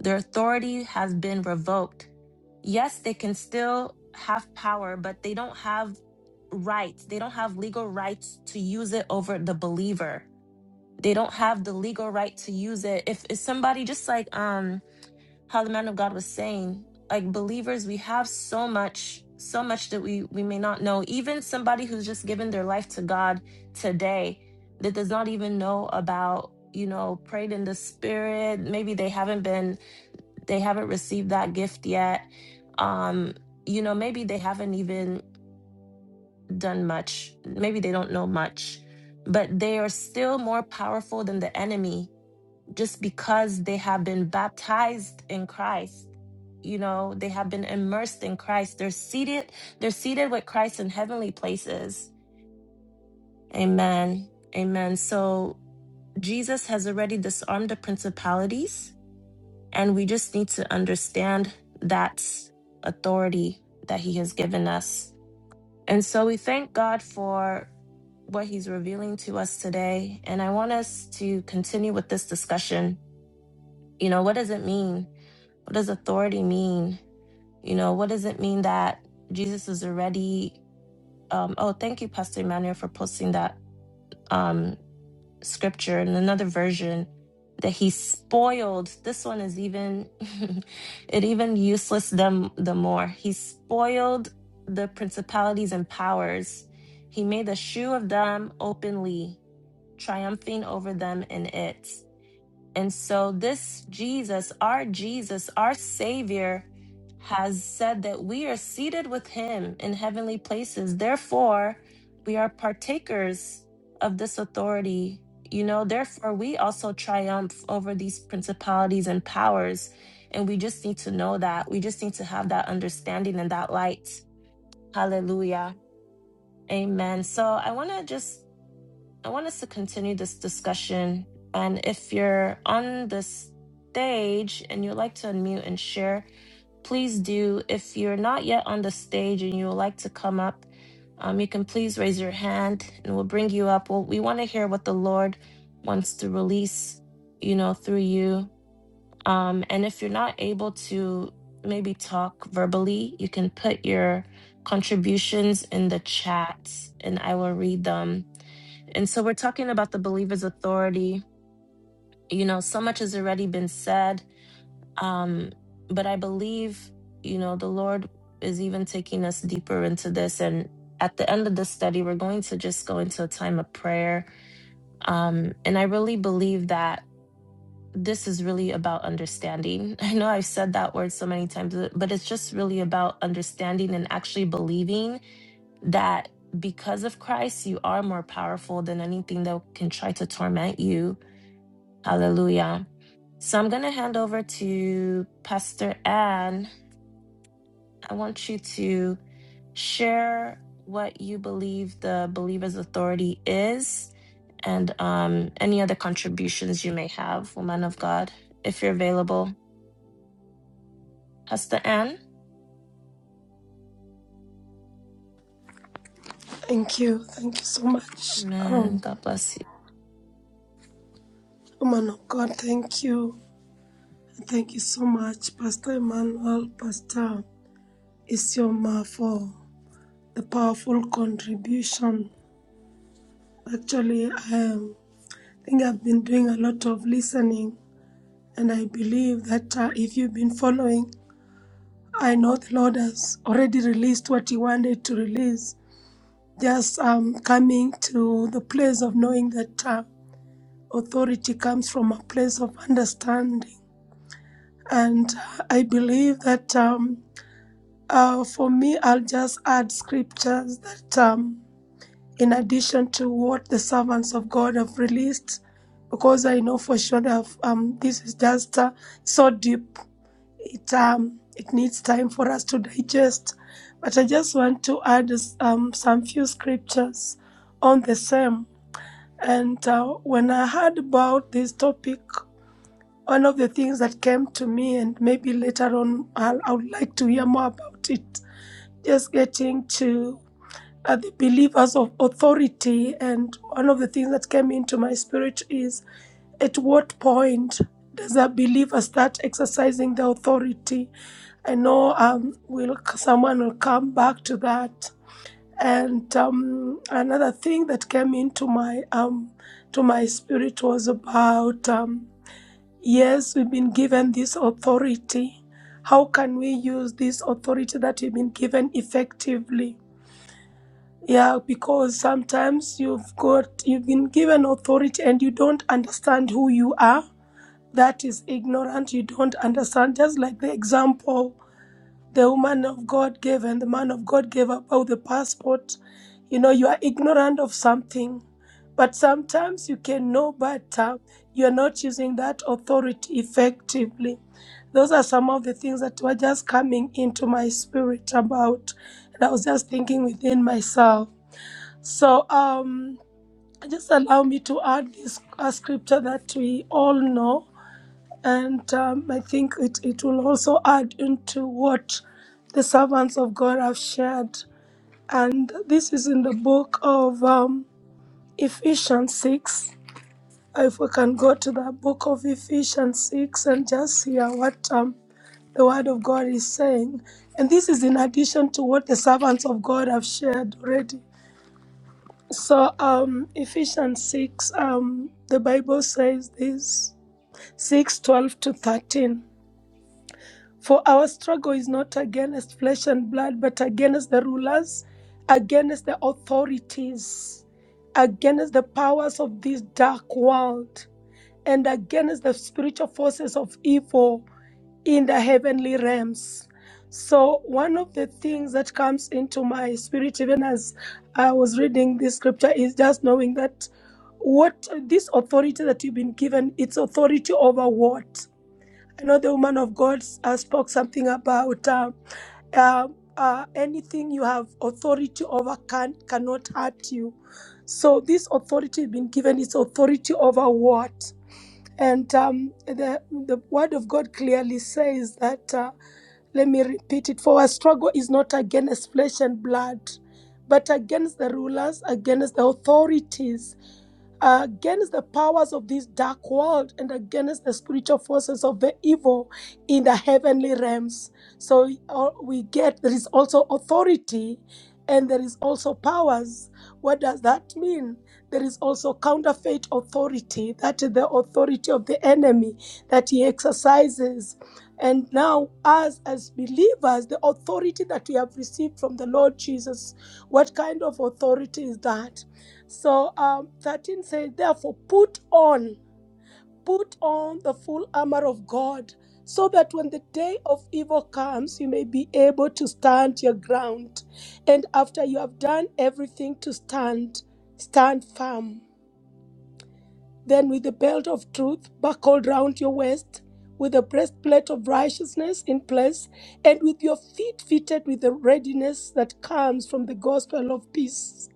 Speaker 1: Their authority has been revoked. Yes, they can still have power, but they don't have rights. They don't have legal rights to use it over the believer. They don't have the legal right to use it. If, if somebody just like um how the man of God was saying, like believers, we have so much, so much that we we may not know. Even somebody who's just given their life to God today that does not even know about, you know, prayed in the spirit. Maybe they haven't been, they haven't received that gift yet. Um, you know, maybe they haven't even done much. Maybe they don't know much, but they are still more powerful than the enemy just because they have been baptized in Christ you know they have been immersed in Christ they're seated they're seated with Christ in heavenly places amen amen so Jesus has already disarmed the principalities and we just need to understand that authority that he has given us and so we thank God for what he's revealing to us today and I want us to continue with this discussion you know what does it mean what does authority mean? You know, what does it mean that Jesus is already? Um, oh, thank you, Pastor Emmanuel, for posting that um, scripture in another version that he spoiled. This one is even it even useless them the more. He spoiled the principalities and powers. He made a shoe of them openly, triumphing over them in it. And so, this Jesus, our Jesus, our Savior, has said that we are seated with Him in heavenly places. Therefore, we are partakers of this authority. You know, therefore, we also triumph over these principalities and powers. And we just need to know that. We just need to have that understanding and that light. Hallelujah. Amen. So, I want to just I want us to continue this discussion. And if you're on the stage and you'd like to unmute and share, please do. If you're not yet on the stage and you would like to come up, um, you can please raise your hand and we'll bring you up. Well, we want to hear what the Lord wants to release, you know, through you. Um, and if you're not able to maybe talk verbally, you can put your contributions in the chat and I will read them and so we're talking about the believer's authority. You know, so much has already been said. Um, but I believe, you know, the Lord is even taking us deeper into this. And at the end of the study, we're going to just go into a time of prayer. Um, and I really believe that this is really about understanding. I know I've said that word so many times, uh, but it's just really about understanding and actually believing that because of Christ, you are more powerful than anything that can try to torment you Hallelujah. So I'm going to hand over to Pastor Ann. I want you to share what you believe the believer's authority is and um, any other contributions you may have, woman of God, if you're available. Pastor Ann.
Speaker 5: Thank you. Thank you so much.
Speaker 1: Amen.
Speaker 5: Um,
Speaker 1: God bless you.
Speaker 5: woman of God, thank you. Thank you so much, Pastor Emmanuel, Pastor Isioma, for the powerful contribution. Actually, I um, think I've been doing a lot of listening, and I believe that uh, if you've been following, I know the Lord has already released what He wanted to release. Just um, coming to the place of knowing that uh, authority comes from a place of understanding And uh, I believe that um, uh, for me, I'll just add scriptures that, um, in addition to what the servants of God have released, because I know for sure that um, this is just uh, so deep. It um, it needs time for us to digest. But I just want to add um, some few scriptures on the same. And uh, when I heard about this topic, one of the things that came to me, and maybe later on I'll, I would like to hear more about it, just getting to uh, the believers of authority. And one of the things that came into my spirit is at what point does a believer start exercising the authority? I know um, will someone will come back to that. And um, another thing that came into my um, to my spirit was about. Um, Yes, we've been given this authority. How can we use this authority that we've been given effectively? Yeah, because sometimes you've got you've been given authority and you don't understand who you are. That is ignorant. You don't understand. Just like the example the woman of God gave and the man of God gave about the passport. You know, you are ignorant of something, but sometimes you can know, but uh, you are not using that authority effectively. Those are some of the things that were just coming into my spirit about, and I was just thinking within myself. So, um, just allow me to add this uh, scripture that we all know and um, I think it, it will also add into what the servants of God have shared. And this is in the book of um, Ephesians 6. If we can go to the book of Ephesians 6 and just hear what um, the word of God is saying. And this is in addition to what the servants of God have shared already. So, um, Ephesians 6, um, the Bible says this 6 12 to 13. For our struggle is not against flesh and blood, but against the rulers, against the authorities, against the powers of this dark world, and against the spiritual forces of evil in the heavenly realms. So, one of the things that comes into my spirit, even as I was reading this scripture, is just knowing that what this authority that you've been given, it's authority over what? I know the woman of God uh, spoke something about uh, uh, uh, anything you have authority over can cannot hurt you. So this authority has been given. It's authority over what? And um, the the word of God clearly says that. Uh, let me repeat it. For our struggle is not against flesh and blood, but against the rulers, against the authorities against the powers of this dark world and against the spiritual forces of the evil in the heavenly realms. So uh, we get there is also authority and there is also powers. What does that mean? There is also counterfeit authority, that is the authority of the enemy that he exercises. And now, us as believers, the authority that we have received from the Lord Jesus, what kind of authority is that? So um, 13 says, Therefore, put on, put on the full armor of God, so that when the day of evil comes, you may be able to stand your ground. And after you have done everything to stand, stand firm. Then, with the belt of truth buckled round your waist, with the breastplate of righteousness in place, and with your feet fitted with the readiness that comes from the gospel of peace.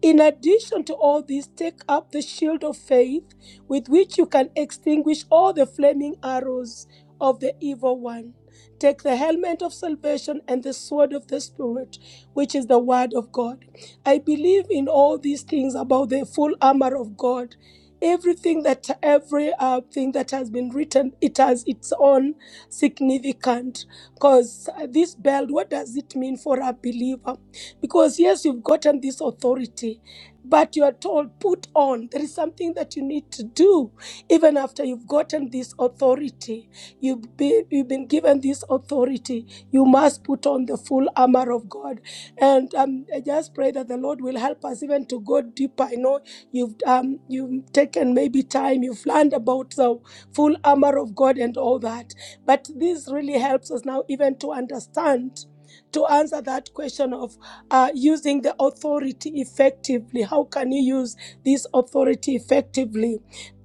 Speaker 5: In addition to all this, take up the shield of faith with which you can extinguish all the flaming arrows of the evil one. Take the helmet of salvation and the sword of the Spirit, which is the word of God. I believe in all these things about the full armor of God everything that every uh, thing that has been written it has its own significant because this belt what does it mean for a believer because yes you've gotten this authority but you are told put on there is something that you need to do even after you've gotten this authority you've been, you've been given this authority you must put on the full armor of god and um, i just pray that the lord will help us even to go deeper i know You've um, you've taken maybe time. You've learned about the full armor of God and all that. But this really helps us now even to understand. To answer that question of uh, using the authority effectively, how can you use this authority effectively?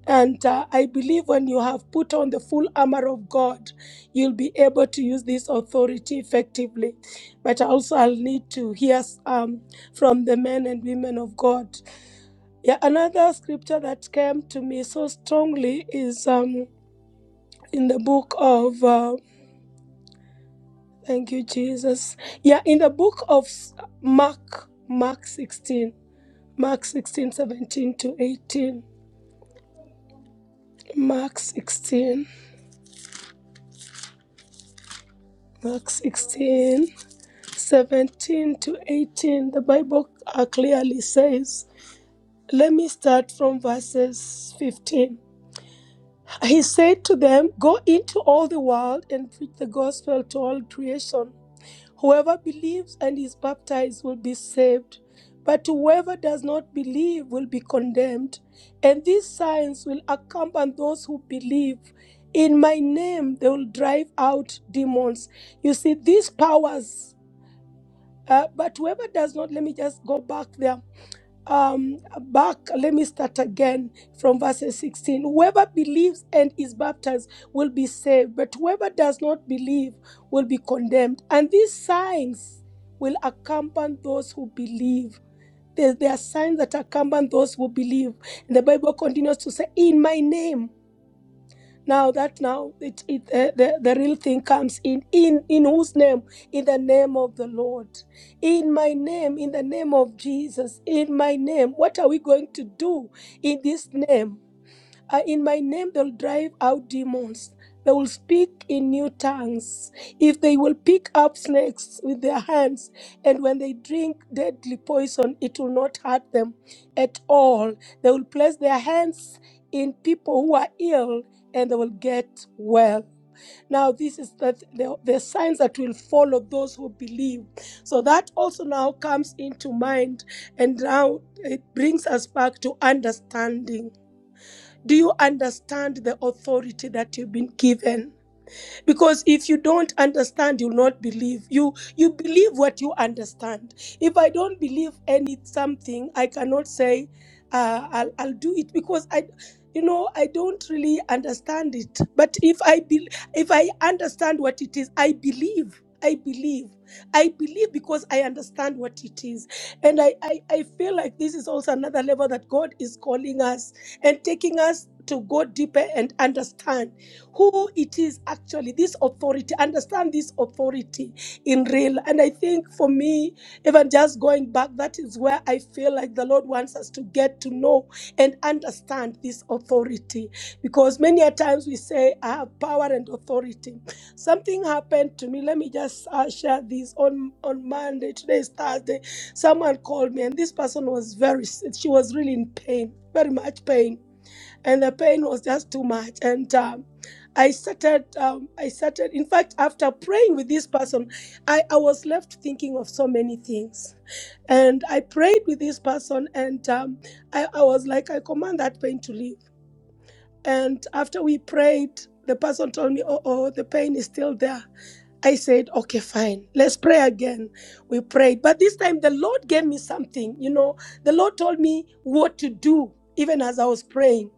Speaker 5: And uh, I believe when you have put on the full armor of God, you'll be able to use this authority effectively. But also, I'll need to hear um, from the men and women of God yeah, another scripture that came to me so strongly is um in the book of uh, thank you Jesus. Yeah, in the book of S- Mark, Mark 16, Mark 16 17 to 18. Mark 16, Mark 16 17 to 18. The Bible uh, clearly says, let me start from verses 15. He said to them, Go into all the world and preach the gospel to all creation. Whoever believes and is baptized will be saved, but whoever does not believe will be condemned. And these signs will accompany those who believe. In my name, they will drive out demons. You see, these powers, uh, but whoever does not, let me just go back there um back let me start again from verses 16 whoever believes and is baptized will be saved but whoever does not believe will be condemned and these signs will accompany those who believe there, there are signs that accompany those who believe and the bible continues to say in my name now that now it, it the, the, the real thing comes in. In in whose name? In the name of the Lord. In my name, in the name of Jesus, in my name. What are we going to do in this name? Uh, in my name, they'll drive out demons. They will speak in new tongues. If they will pick up snakes with their hands, and when they drink deadly poison, it will not hurt them at all. They will place their hands in people who are ill, and they will get well. Now, this is that the, the signs that will follow those who believe. So that also now comes into mind, and now it brings us back to understanding do you understand the authority that you've been given? because if you don't understand you'll not believe you you believe what you understand if i don't believe any something i cannot say uh, I'll, I'll do it because i you know i don't really understand it but if i be, if i understand what it is i believe i believe i believe because i understand what it is and I, I i feel like this is also another level that god is calling us and taking us to go deeper and understand who it is actually, this authority, understand this authority in real. And I think for me, even just going back, that is where I feel like the Lord wants us to get to know and understand this authority. Because many a times we say, I have power and authority. Something happened to me. Let me just uh, share this on, on Monday. Today is Thursday. Someone called me, and this person was very, she was really in pain, very much pain and the pain was just too much. And um, I started, um, I started. In fact, after praying with this person, I, I was left thinking of so many things, and I prayed with this person, and um, I, I was like, I command that pain to leave and after we prayed, the person told me, Oh, oh, the pain is still there. I said, Okay, fine, let's pray again. We prayed. But this time the Lord gave me something. You know, the Lord told me what to do, even as I was praying.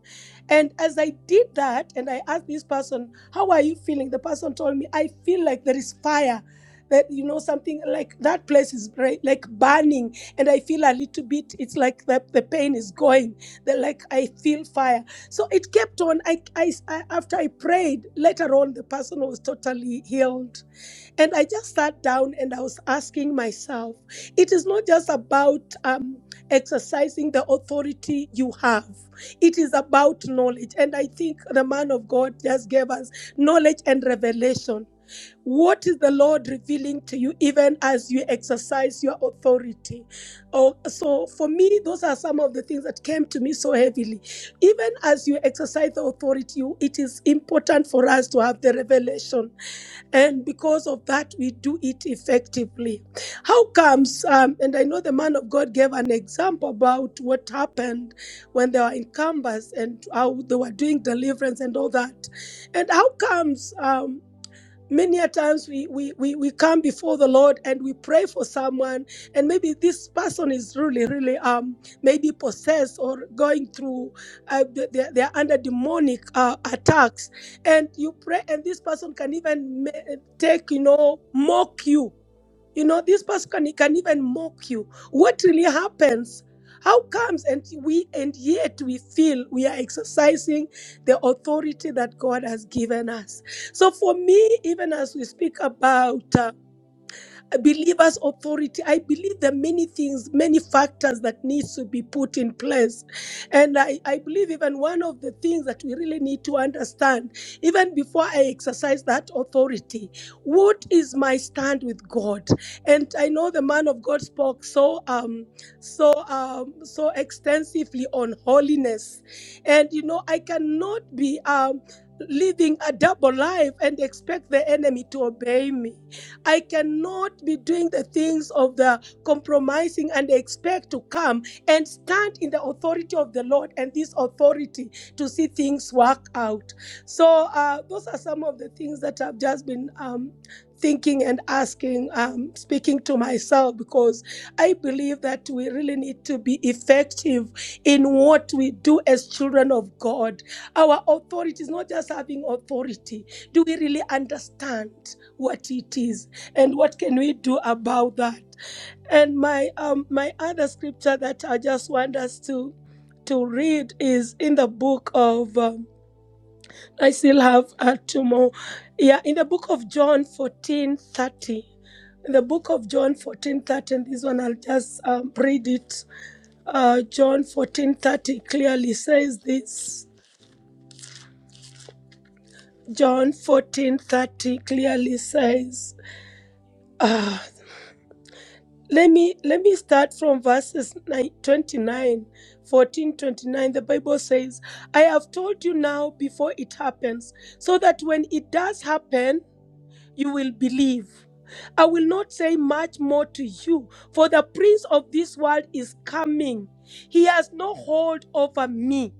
Speaker 5: And as I did that, and I asked this person, How are you feeling? The person told me, I feel like there is fire. That you know something like that place is bri- like burning, and I feel a little bit. It's like the, the pain is going. They're like, I feel fire. So it kept on. I, I, I after I prayed, later on the person was totally healed. And I just sat down and I was asking myself, it is not just about um, exercising the authority you have, it is about knowledge. And I think the man of God just gave us knowledge and revelation. What is the Lord revealing to you even as you exercise your authority? Oh, so for me, those are some of the things that came to me so heavily. Even as you exercise the authority, you- it is important for us to have the revelation. And because of that, we do it effectively. How comes, um, and I know the man of God gave an example about what happened when they were in Canvas and how they were doing deliverance and all that. And how comes? Um many a times we, we we we come before the lord and we pray for someone and maybe this person is really really um maybe possessed or going through uh, th- they, they are under demonic uh, attacks and you pray and this person can even ma- take you know mock you you know, this person can, can even mock you. What really happens? How comes and we and yet we feel we are exercising the authority that God has given us? So for me, even as we speak about uh, a believer's authority. I believe there are many things, many factors that needs to be put in place. And I, I believe even one of the things that we really need to understand, even before I exercise that authority, what is my stand with God? And I know the man of God spoke so um so um so extensively on holiness. And you know, I cannot be um living a double life and expect the enemy to obey me I cannot be doing the things of the compromising and expect to come and stand in the authority of the Lord and this authority to see things work out. So, uh, those are some of the things that I've just been um, thinking and asking, um, speaking to myself, because I believe that we really need to be effective in what we do as children of God. Our authority is not just having authority. Do we really understand what it is and what can we do about that? And my um my other scripture that I just want us to to read is in the book of um, I still have uh, two more. Yeah, in the book of John fourteen thirty, In the book of John fourteen thirty, and this one I'll just um, read it. Uh, John fourteen thirty clearly says this. John fourteen thirty clearly says, uh, let me let me start from verses 9, twenty-nine, fourteen, twenty-nine. the bible says i have told you now before it happens so that when it does happen you will believe. I will not say much more to you, for the prince of this world is coming. He has no hold over me.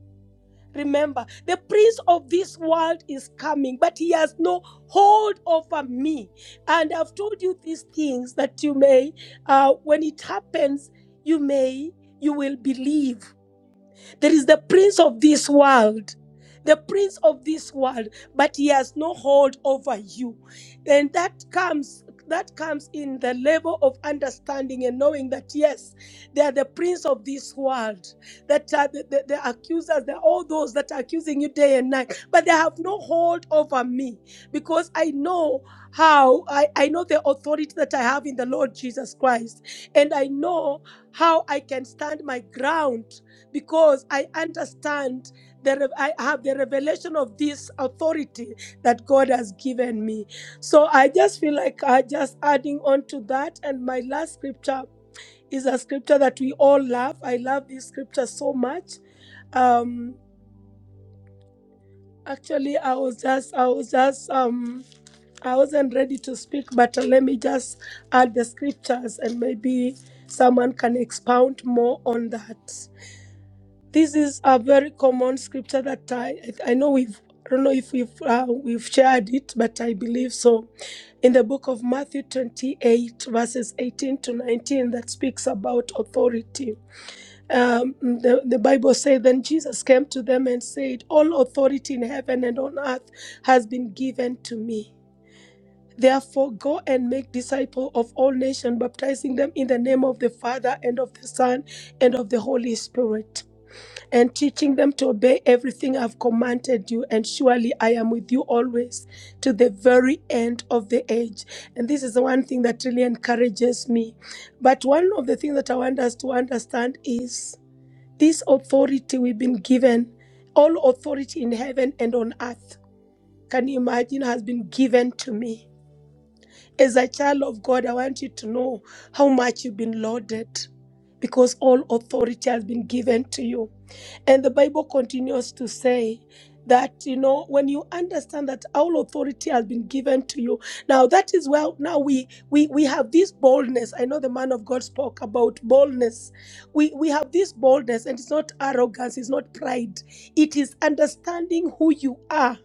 Speaker 5: Remember, the prince of this world is coming, but he has no hold over me. And I've told you these things that you may, uh, when it happens, you may, you will believe. There is the prince of this world, the prince of this world, but he has no hold over you. And that comes that comes in the level of understanding and knowing that yes, they are the prince of this world. That are the, the, the accusers, they're all those that are accusing you day and night, but they have no hold over me because I know how I, I know the authority that I have in the Lord Jesus Christ, and I know how I can stand my ground because I understand that I have the revelation of this authority that God has given me. So I just feel like I just adding on to that. And my last scripture is a scripture that we all love. I love this scripture so much. Um, actually, I was just, I was just, um, I wasn't ready to speak, but let me just add the scriptures and maybe someone can expound more on that. This is a very common scripture that I, I know we've, I don't know if we've, uh, we've shared it, but I believe so. In the book of Matthew 28, verses 18 to 19, that speaks about authority. Um, the, the Bible says, Then Jesus came to them and said, 'All authority in heaven and on earth has been given to me. Therefore, go and make disciples of all nations, baptizing them in the name of the Father and of the Son and of the Holy Spirit and teaching them to obey everything I've commanded you. And surely I am with you always to the very end of the age. And this is the one thing that really encourages me. But one of the things that I want us to understand is this authority we've been given, all authority in heaven and on earth, can you imagine, has been given to me. As a child of God, I want you to know how much you've been loaded because all authority has been given to you. And the Bible continues to say that, you know, when you understand that all authority has been given to you, now that is where now we we we have this boldness. I know the man of God spoke about boldness. We we have this boldness, and it's not arrogance, it's not pride, it is understanding who you are.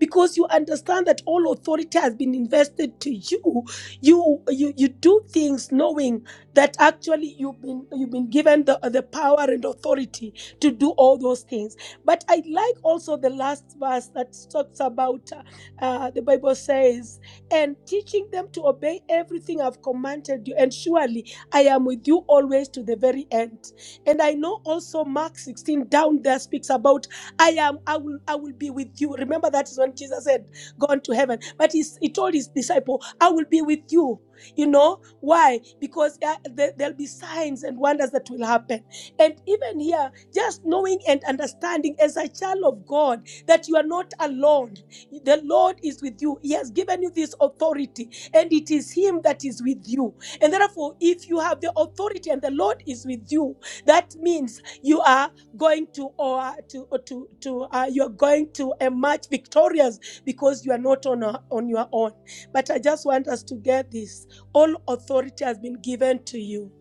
Speaker 5: Because you understand that all authority has been invested to you, you you you do things knowing that actually you've been you've been given the the power and authority to do all those things. But I like also the last verse that talks about uh, uh, the Bible says, and teaching them to obey everything I've commanded you. And surely I am with you always to the very end. And I know also Mark 16 down there speaks about I am, I will, I will be with you. Remember that is when Jesus said, Gone to heaven. But he, he told his disciple, I will be with you. You know why? Because uh, there, there'll be signs and wonders that will happen. And even here, just knowing and understanding as a child of God that you are not alone. The Lord is with you. He has given you this authority, and it is Him that is with you. And therefore, if you have the authority and the Lord is with you, that means you are going to or to or to to uh, you are going to emerge victorious because you are not on a, on your own. But I just want us to get this: all authority has been given to you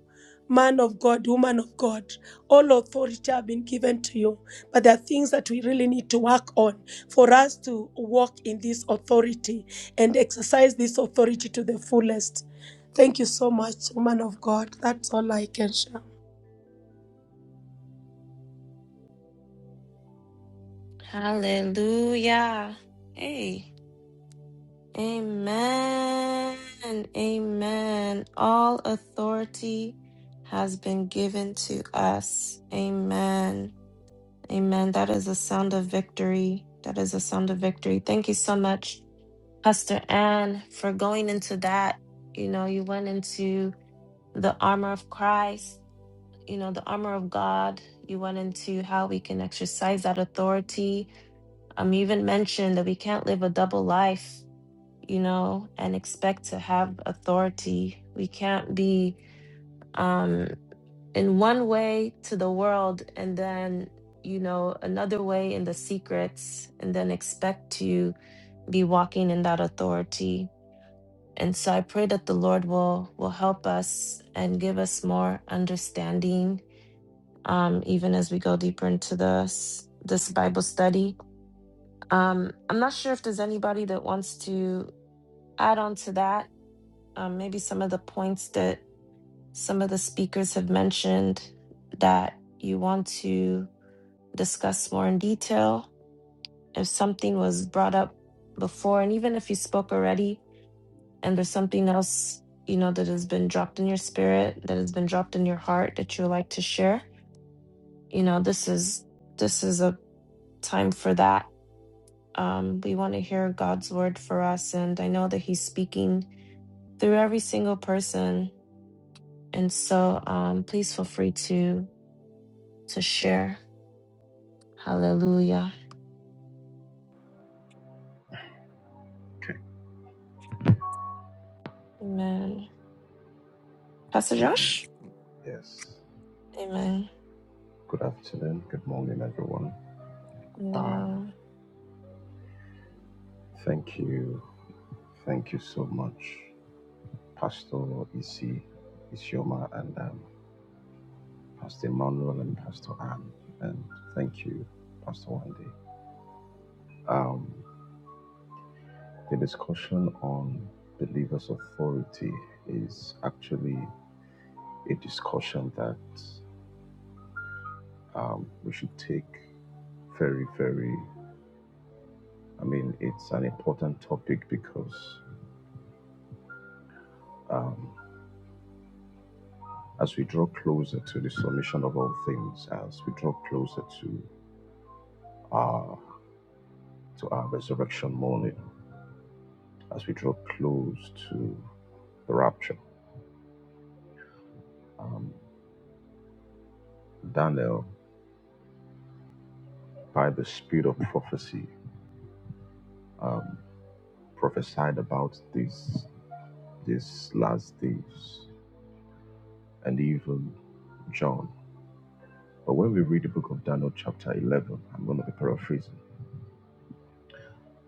Speaker 5: man of God, woman of God, all authority have been given to you. But there are things that we really need to work on for us to walk in this authority and exercise this authority to the fullest. Thank you so much, woman of God. That's all I can share.
Speaker 1: Hallelujah. Hey. Amen. Amen. All authority has been given to us. Amen. Amen. That is a sound of victory. That is a sound of victory. Thank you so much, Pastor Ann, for going into that. You know, you went into the armor of Christ, you know, the armor of God. You went into how we can exercise that authority. Um, you even mentioned that we can't live a double life you know, and expect to have authority. We can't be um, in one way to the world and then, you know, another way in the secrets and then expect to be walking in that authority. And so I pray that the Lord will will help us and give us more understanding, um, even as we go deeper into this this Bible study. Um, I'm not sure if there's anybody that wants to add on to that um, maybe some of the points that some of the speakers have mentioned that you want to discuss more in detail. If something was brought up before, and even if you spoke already, and there's something else you know that has been dropped in your spirit, that has been dropped in your heart that you would like to share, you know, this is this is a time for that. Um, we want to hear God's word for us, and I know that He's speaking through every single person And so um, please feel free to to share. Hallelujah.
Speaker 6: Okay.
Speaker 1: Amen. Pastor
Speaker 6: Amen.
Speaker 1: Josh?
Speaker 6: Yes.
Speaker 1: Amen.
Speaker 6: Good afternoon. Good morning, everyone. Um,
Speaker 1: No.
Speaker 6: thank you. Thank you so much, Pastor Isi, Isioma, and um, Pastor Emmanuel and Pastor Anne. And thank you, Pastor Wendy. Um, the discussion on believers' authority is actually a discussion that um, we should take very, very. I mean, it's an important topic because. um, as we draw closer to the submission of all things, as we draw closer to our to our resurrection morning, as we draw close to the rapture. Um, Daniel, by the spirit of prophecy, um, prophesied about these these last days, and even John. But when we read the book of Daniel, chapter eleven, I'm going to be paraphrasing.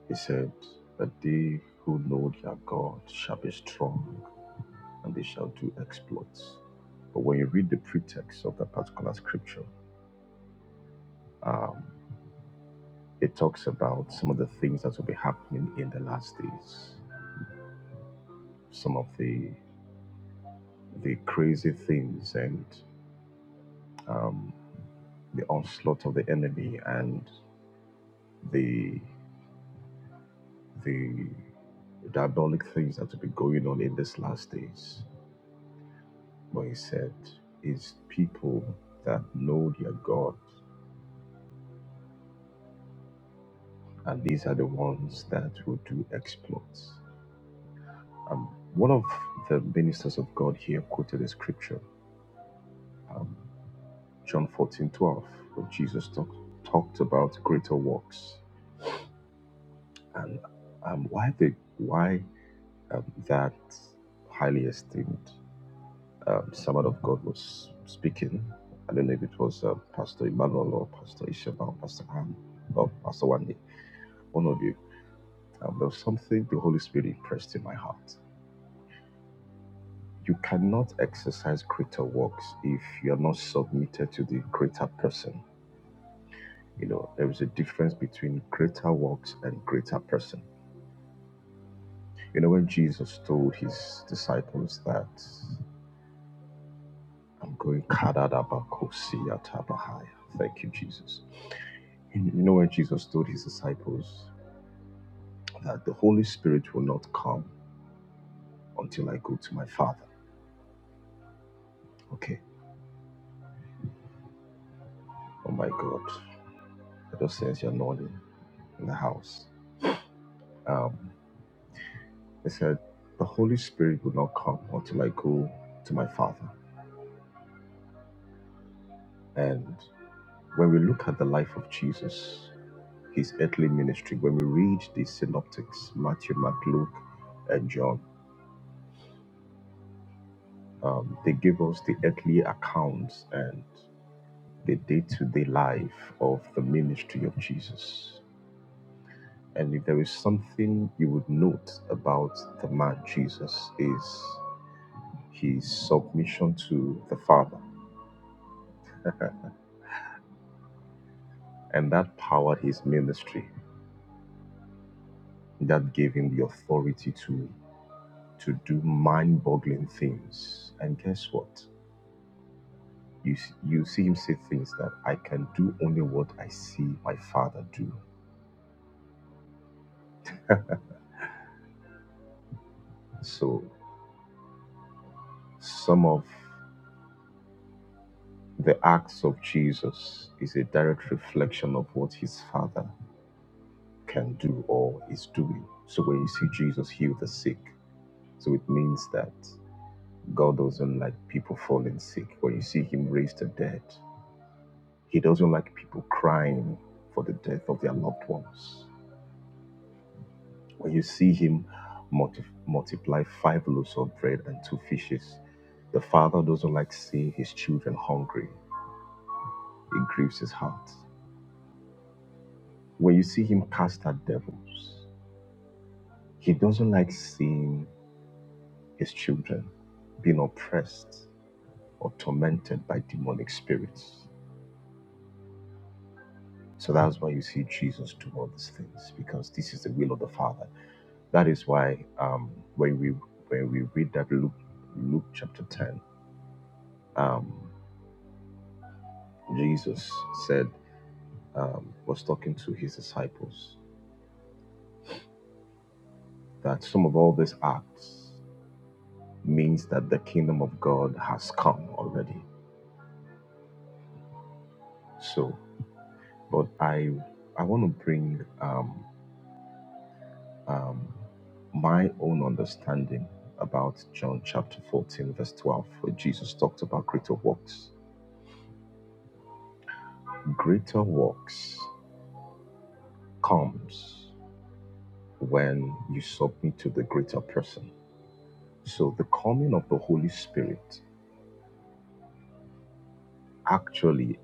Speaker 6: He said, "But they who know their God shall be strong." and they shall do exploits. But when you read the pretext of that particular scripture, um, it talks about some of the things that will be happening in the last days, some of the the crazy things and the onslaught of the enemy and the the diabolic things that will be going on in these last days. But he said, "Is people that know their God, and these are the ones that will do exploits." Um, one of the ministers of God here quoted a scripture, um, John fourteen twelve, where Jesus talk, talked about greater works. And um, why, the, why um, that highly esteemed um, servant of God was speaking, I don't know if it was uh, Pastor Emmanuel or Pastor Ishaba, Pastor Ann, or Pastor Wande, one of you. Um, there was something the Holy Spirit impressed in my heart. You cannot exercise greater works if you're not submitted to the greater person. You know, there is a difference between greater works and greater person. You know, when Jesus told his disciples that I'm going Karadabakosiyatabaha." Thank you, Jesus. You know when Jesus told his disciples that the Holy Spirit will not come until I go to my Father. Okay. Oh my God. I just sense you're nodding in the house. Um. I said, The Holy Spirit will not come until I go to my Father. And when we look at the life of Jesus, his earthly ministry, when we read the synoptics, Matthew, Mark, Luke, and John, um, they give us the earthly accounts and the day to day life of the ministry of Jesus. And if there is something you would note about the man Jesus is his submission to the Father, and that powered his ministry that gave him the authority to to do mind-boggling things. And guess what? You s- you see him say things that I can do only what I see my Father do. So some of the acts of Jesus is a direct reflection of what his Father can do or is doing. So when you see Jesus heal the sick, so it means that God doesn't like people falling sick. When you see him raise the dead, He doesn't like people crying for the death of their loved ones. When you see him multi- multiply five loaves of bread and two fishes, the father doesn't like seeing his children hungry. It grieves his heart. When you see him cast out devils, he doesn't like seeing his children being oppressed or tormented by demonic spirits. So that's why you see Jesus do all these things, because this is the will of the Father That is why um, when we when we read that Luke Luke chapter ten, um, Jesus said um, was talking to his disciples that some of all these acts means that the kingdom of God has come already. So, but I I want to bring um, um, my own understanding about John chapter fourteen verse twelve, where Jesus talked about greater works. Greater works comes. when you submit to the greater person. So the coming of the Holy Spirit actually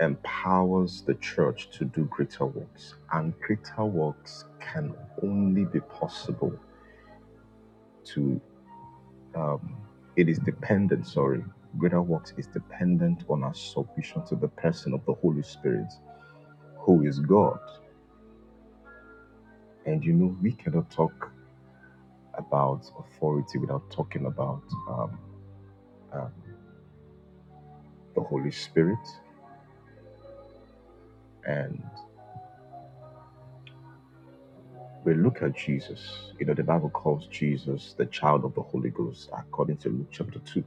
Speaker 6: empowers the church to do greater works, and greater works can only be possible to. Um, it is dependent. Sorry, greater works is dependent on our submission to the person of the Holy Spirit, who is God. And you know, we cannot talk about authority without talking about um, um, the Holy Spirit. and. We look at Jesus. You know, the Bible calls Jesus the child of the Holy Ghost according to Luke chapter 2.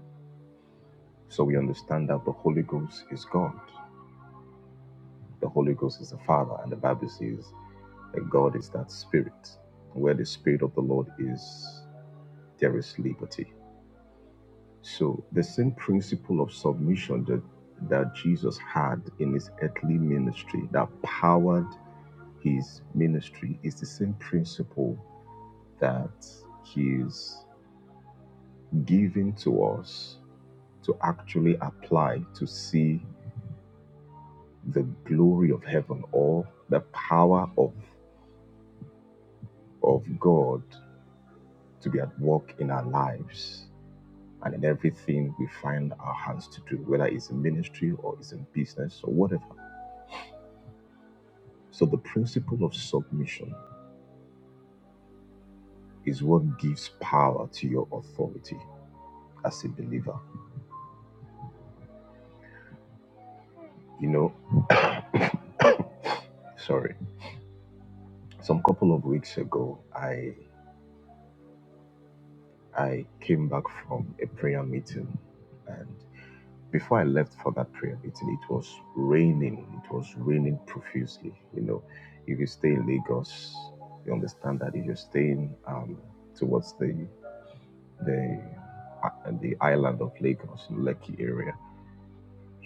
Speaker 6: So we understand that the Holy Ghost is God. The Holy Ghost is the Father, and the Bible says that God is that Spirit. Where the Spirit of the Lord is, there is liberty. So the same principle of submission that, that Jesus had in his earthly ministry that powered his ministry is the same principle that he is. given to us to actually apply to see the glory of heaven or the power of, of God to be at work in our lives and in everything we find our hands to do, whether it's in ministry or it's in business or whatever. So, the principle of submission is what gives power to your authority as a believer. You know, sorry, some couple of weeks ago, I. I came back from a prayer meeting, and before I left for that prayer meeting, it was raining. It was raining profusely. You know, if you stay in Lagos, you understand that if you're staying um, towards the the uh, the island of Lagos, Lekki area,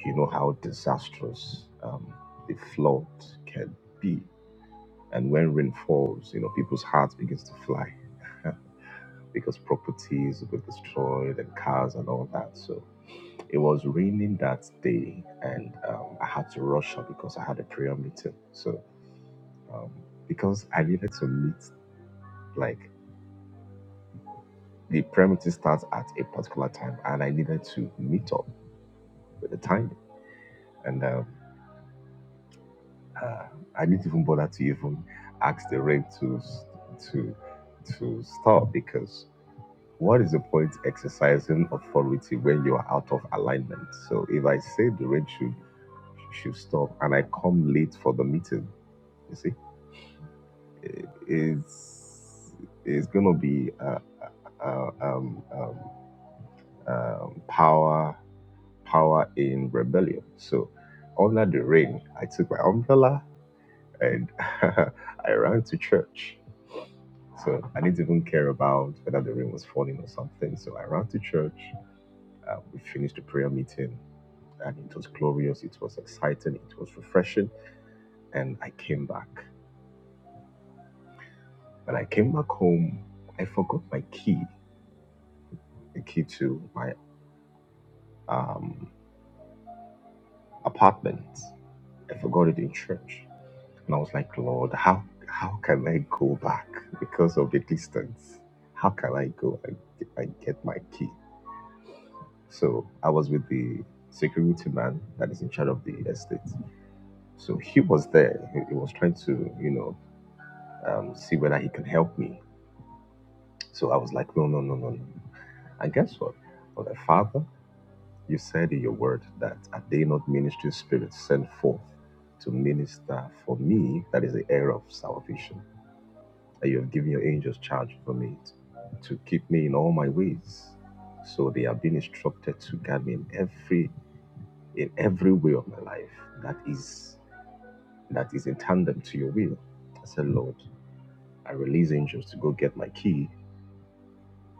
Speaker 6: you know how disastrous um, the flood can be. And when rain falls, you know people's hearts begins to fly because properties were destroyed and cars and all that. So It was raining that day, and um, I had to rush up because I had a prayer meeting. So, um, because I needed to meet, like, the prayer meeting starts at a particular time, and I needed to meet up with the time. And um, uh, I didn't even bother to even ask the rain to to to stop because what is the point exercising authority when you are out of alignment? So, if I say the rain should should stop, and I come late for the meeting, you see. is is gonna be uh, uh, uh, um, um, um, power power in rebellion. So under the rain, I took my umbrella and I ran to church. So I didn't even care about whether the rain was falling or something. So I ran to church. Uh, we finished the prayer meeting, and it was glorious. It was exciting. It was refreshing. And I came back. When I came back home, I forgot my key, the key to my um, apartment. I forgot it in church. And I was like, Lord, how how can I go back because of the distance? How can I go and get, and get my key? So I was with the security man that is in charge of the estate. So he was there. He, he was trying to, you know, um, see whether he can help me. So I was like, no, no, no, no, no. no." And guess what? I was like, Father, You said in your word that are they not ministry spirits sent forth to minister for me? That is the heir of salvation. And you have given your angels charge over me to keep me in all my ways. So they have been instructed to guide me in every in every way of my life. That is that is in tandem to your will. I said, Lord, I release angels to go get my key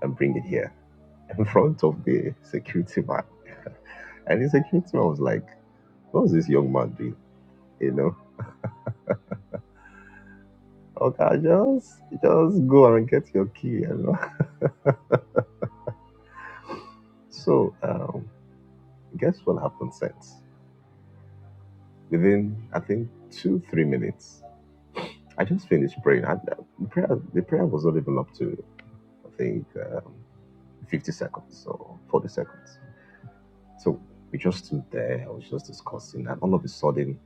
Speaker 6: and bring it here in front of the security man. and the security man was like, What's this young man doing? you know. Okay, just just go and get your key, you know. So um, guess what happened since? Within I think two three minutes, I just finished praying. I, the prayer the prayer was not even up to I think um, fifty seconds or forty seconds. So we just stood there. I was just discussing, and all of a sudden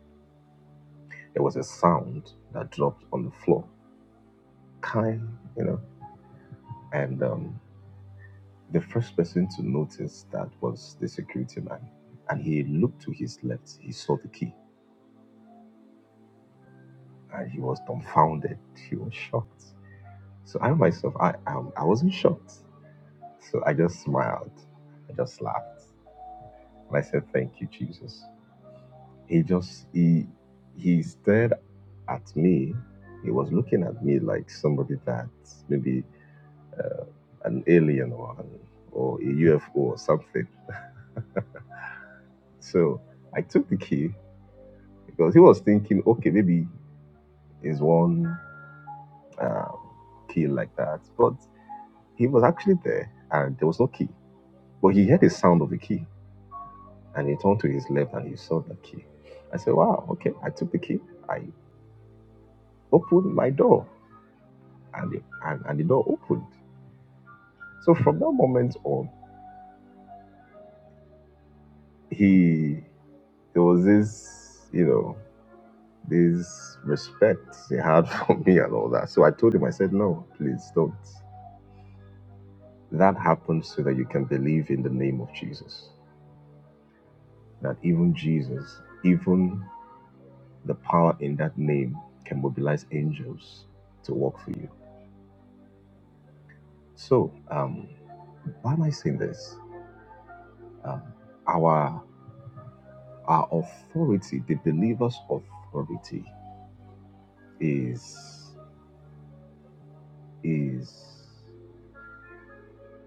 Speaker 6: there was a sound that dropped on the floor, kind, you know, and um, The first person to notice that was the security man, and he looked to his left. He saw the key, and he was dumbfounded. He was shocked. So I myself, I um, I wasn't shocked. So I just smiled, I just laughed, and I said, "Thank you, Jesus." He just he he stared at me. He was looking at me like somebody that maybe uh, an alien or an, or a UFO or something. So I took the key because he was thinking, okay, maybe it's one uh, key like that. But he was actually there and there was no key. But he heard the sound of the key and he turned to his left and he saw the key. I said, wow, okay. I took the key, I opened my door and the, and, and the door opened. So from that moment on, he, there was this, you know, this respect he had for me and all that. So I told him, I said, no, please don't. That happens so that you can believe in the name of Jesus. That even Jesus, even the power in that name, can mobilize angels to work for you. So, um, why am I saying this? Um, our our authority, the believer's authority, is is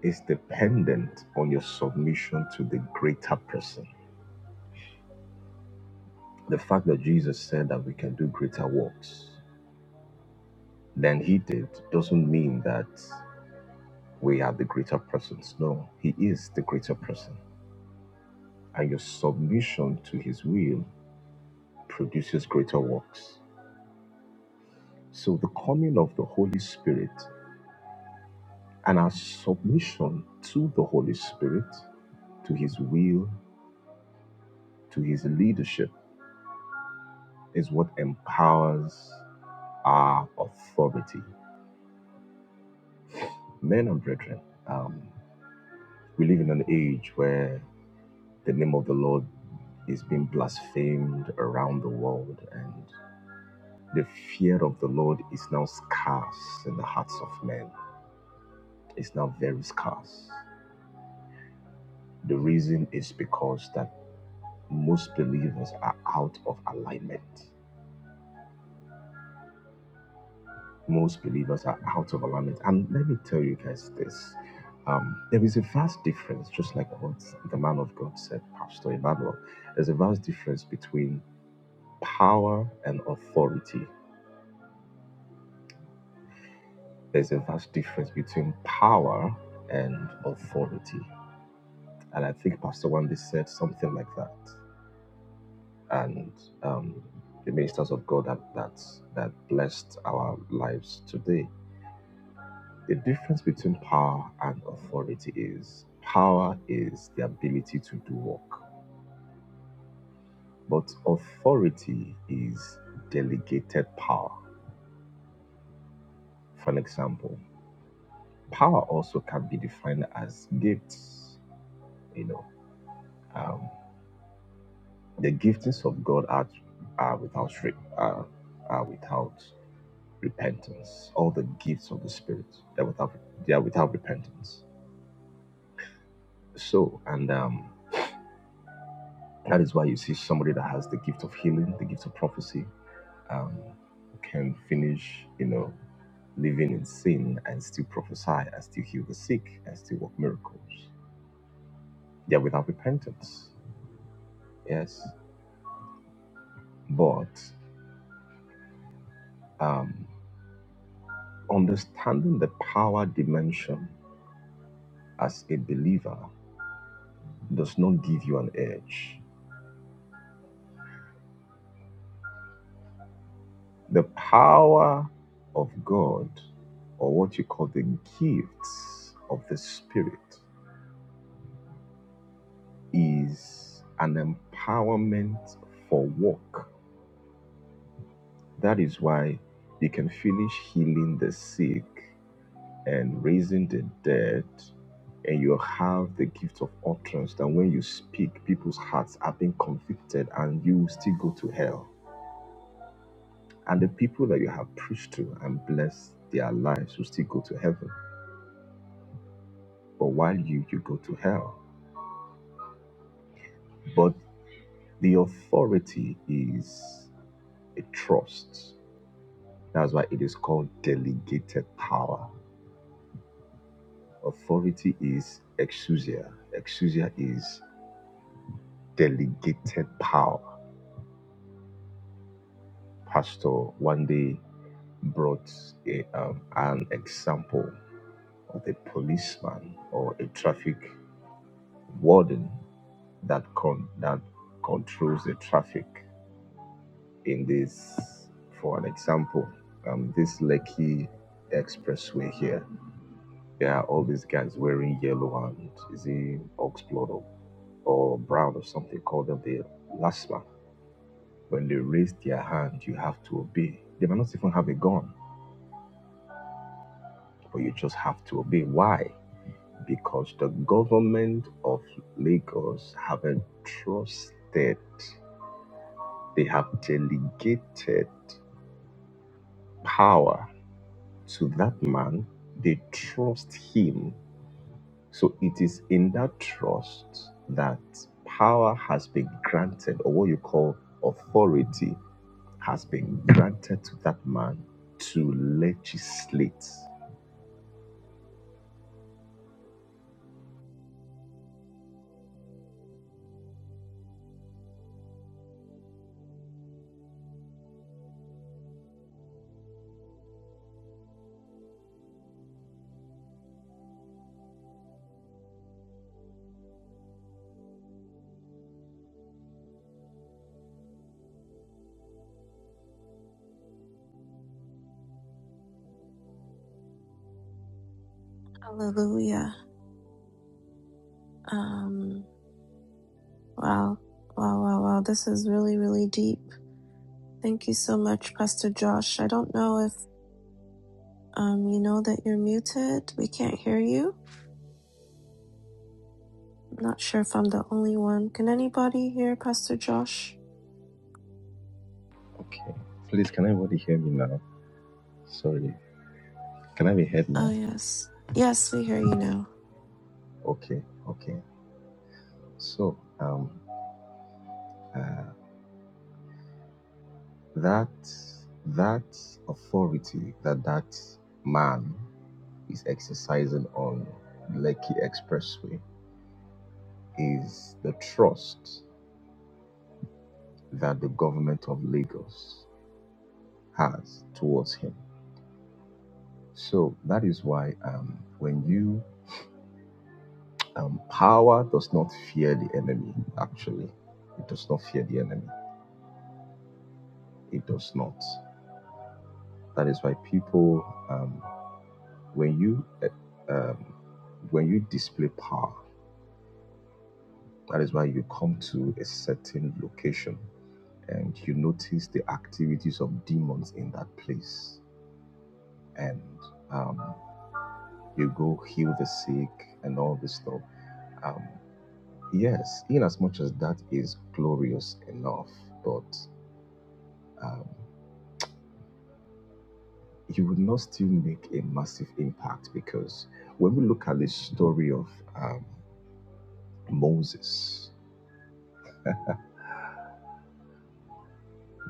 Speaker 6: is dependent on your submission to the greater person. The fact that Jesus said that we can do greater works than he did doesn't mean that We are the greater persons. No, He is the greater person. And your submission to His will produces greater works. So the coming of the Holy Spirit and our submission to the Holy Spirit, to His will, to His leadership, is what empowers our authority. Men and brethren, um, we live in an age where the name of the Lord is being blasphemed around the world and. The fear of the Lord is now scarce in the hearts of men. It's now very scarce. The reason is because that most believers are out of alignment. Most believers are out of alignment. And let me tell you guys this. Um, there is a vast difference, just like what the man of God said, Pastor Emmanuel. There's a vast difference between power and authority. There's a vast difference between power and authority. And I think Pastor Wendy said something like that. And um, the ministers of God that, that, that blessed our lives today. The difference between power and authority is power is the ability to do work, but authority is delegated power. For an example, power also can be defined as gifts. You know, um, the giftings of God are, are without re- are, are without repentance, all the gifts of the Spirit They are without they are without repentance. So, and um, that is why you see somebody that has the gift of healing, the gift of prophecy, um, can finish, you know, living in sin and still prophesy and still heal the sick and still work miracles. They are without repentance. Yes, but um, understanding the power dimension as a believer does not give you an edge The power of God, or what you call the gifts of the Spirit, is an empowerment for work. That is why you can finish healing the sick and raising the dead, and you have the gift of utterance. That when you speak, people's hearts are being convicted, and you still go to hell. And the people that you have preached to and blessed their lives will still go to heaven But while you, you go to hell. But the authority is a trust. That's why it is called delegated power. Authority is exousia. Exousia is delegated power. Pastor one day brought a, um, an example of a policeman or a traffic warden that con- that controls the traffic in this, for an example, um, this Lekki expressway here, there are all these guys wearing yellow and is it oxblood or, or brown or something, call them the LASMA. When they raise their hand, you have to obey. They might not even have a gun, but you just have to obey. Why? Because the government of Lagos haven't trusted, they have delegated power to that man, they trust him. So it is in that trust that power has been granted, or what you call authority has been granted to that man to legislate.
Speaker 1: Hallelujah. Um, wow. Wow, wow, wow. This is really, really deep. Thank you so much, Pastor Josh. I don't know if um, you know that you're muted. We can't hear you. I'm not sure if I'm the only one. Can anybody hear Pastor Josh?
Speaker 6: Okay. Please, can everybody hear me now? Sorry. Can I be heard
Speaker 1: Oh,
Speaker 6: now?
Speaker 1: yes. Yes, we hear you now.
Speaker 6: Okay. Okay. So, um, uh, that that authority that that man is exercising on Lekki Expressway is the trust that the government of Lagos has towards him. So that is why um, when you um, power does not fear the enemy, actually, it does not fear the enemy. It does not. That is why people, um, when you uh, um, when you display power, that is why you come to a certain location and you notice the activities of demons in that place and um, you go heal the sick and all this stuff um, yes in as much as that is glorious enough but um, you would not still make a massive impact because when we look at the story of um, moses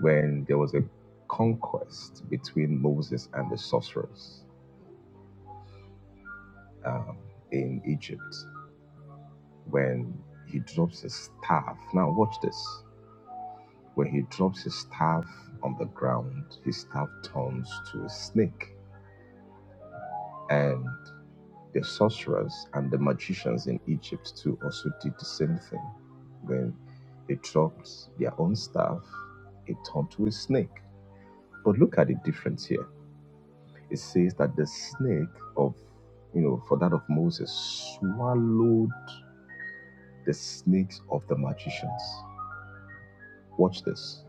Speaker 6: when there was a conquest between moses and the sorcerers um, in egypt when he drops his staff. Now, watch this. When he drops his staff on the ground, his staff turns to a snake. And the sorcerers and the magicians in Egypt too also did the same thing. When they dropped their own staff, it turned to a snake. But look at the difference here. It says that the snake of, you know, for that of Moses swallowed the snakes of the magicians. Watch this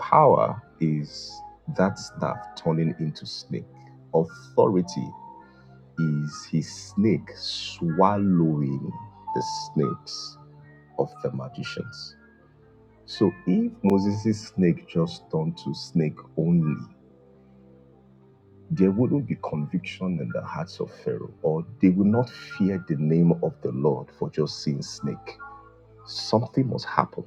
Speaker 6: Power is that staff turning into snake. Authority is his snake swallowing the snakes of the magicians. So if Moses' snake just turned to snake only, there wouldn't be conviction in the hearts of Pharaoh, or they will not fear the name of the Lord for just seeing snake. Something must happen.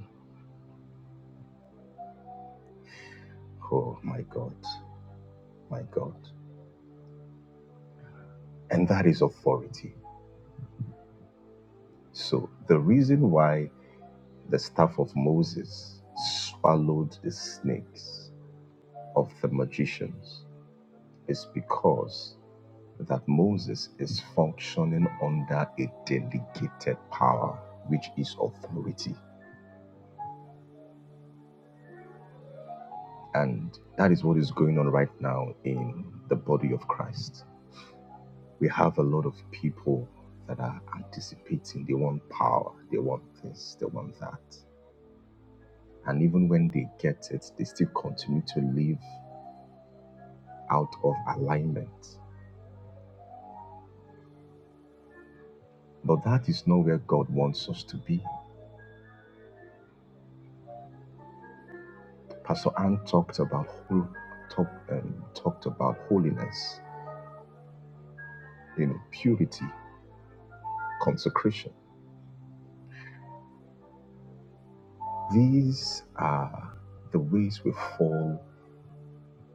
Speaker 6: Oh my God, my God. And that is authority. So the reason why the staff of Moses swallowed the snakes of the magicians is because that Moses is functioning under a delegated power, which is authority. And that is what is going on right now in the body of Christ. We have a lot of people that are anticipating. They want power, they want this, they want that. And even when they get it, they still continue to live out of alignment. But that is not where God wants us to be. Pastor Ann talked about whole, talk, um, talked about holiness, you know, purity, consecration. These are the ways we fall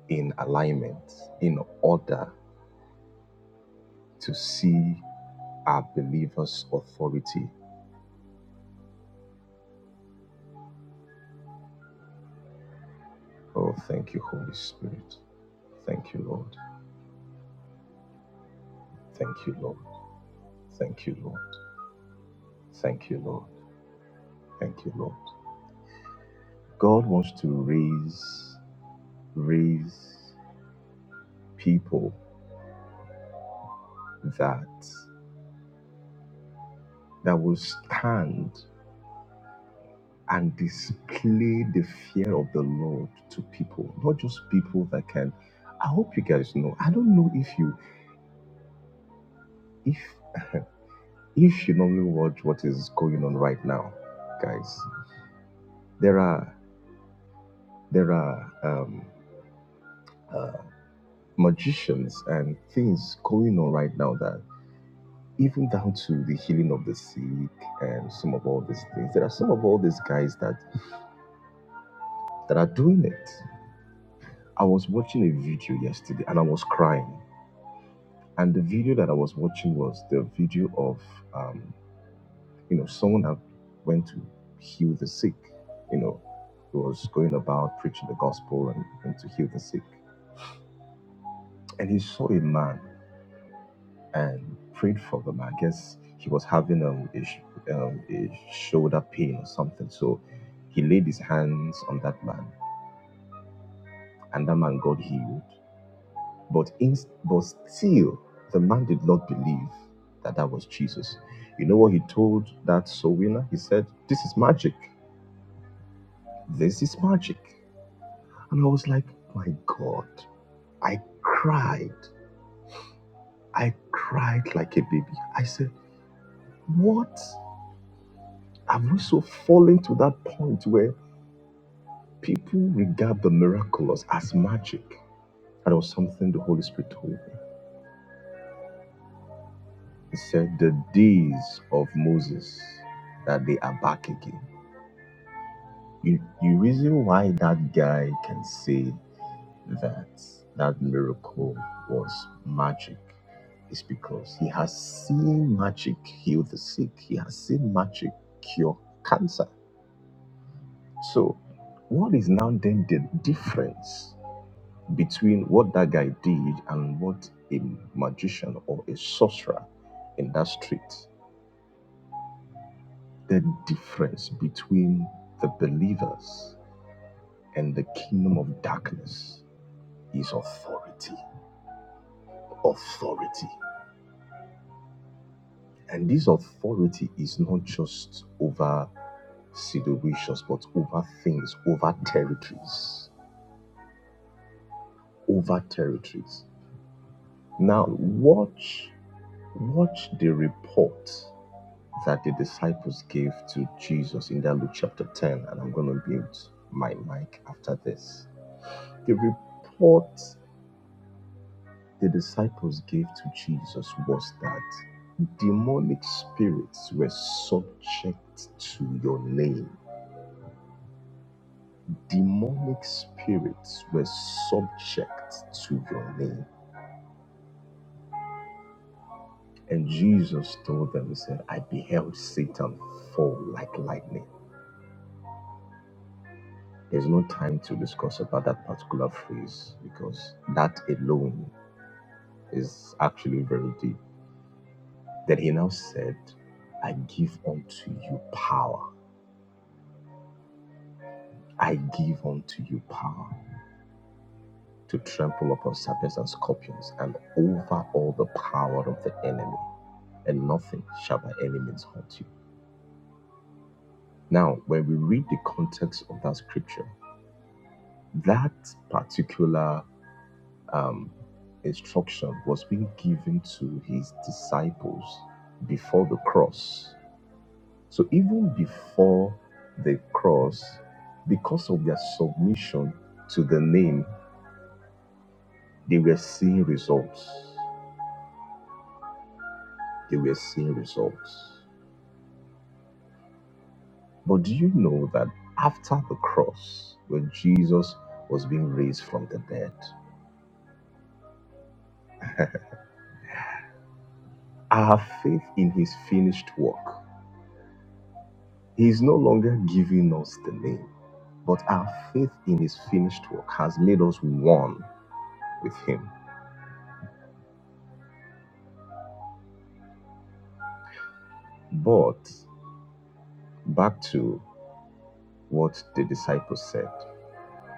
Speaker 6: in alignment in order to see our believers' authority. Oh, thank you, Holy Spirit. Thank you, Lord. Thank you, Lord. Thank you, Lord. Thank you, Lord. Thank you, Lord. God wants to raise raise people that that will stand and display the fear of the Lord to people, not just people that can. I hope you guys know. I don't know if you if if you normally watch what is going on right now, guys. There are there are um, uh, magicians and things going on right now that. even down to the healing of the sick and some of all these things. There are some of all these guys that that are doing it. I was watching a video yesterday and I was crying. And the video that I was watching was the video of um, you know someone that went to heal the sick. You know, he was going about preaching the gospel and, and to heal the sick. And he saw a man. and prayed for them. I guess he was having um, a, sh- um, a shoulder pain or something. So he laid his hands on that man, and that man got healed. But, in, but still, the man did not believe that that was Jesus. You know what he told that soul winner? He said, This is magic. This is magic. And I was like, My God. I cried. I cried like a baby. I said, What? Have we so fallen to that point where People regard the miraculous as magic. That was something the Holy Spirit told me. He said, The days of Moses, that they are back again. You, you reason why that guy can say that that miracle was magic is because he has seen magic heal the sick, he has seen magic cure cancer. So, what is now then the difference? between what that guy did and what a magician or a sorcerer in that street. The difference between the believers and the kingdom of darkness is authority. Authority. And this authority is not just over situations, but over things, over territories. Over territories. Now watch watch the report that the disciples gave to Jesus in that Luke chapter 10, and I'm going to mute my mic after this. The report the disciples gave to Jesus was that demonic spirits were subject to your name. Demonic spirits were subject to your name. And Jesus told them, He said, I beheld Satan fall like lightning. There's no time to discuss about that particular phrase because that alone is actually very deep. Then he now said, I give unto you power. I give unto you power to trample upon serpents and scorpions and over all the power of the enemy, and nothing shall by any means hurt you. Now, when we read the context of that scripture, that particular um, instruction was being given to his disciples before the cross. So even before the cross, because of their submission to the name, they were seeing results. They were seeing results. But do you know that after the cross, when Jesus was being raised from the dead, our faith in his finished work, he is no longer giving us the name. But our faith in his finished work has made us one with him. But back to what the disciples said.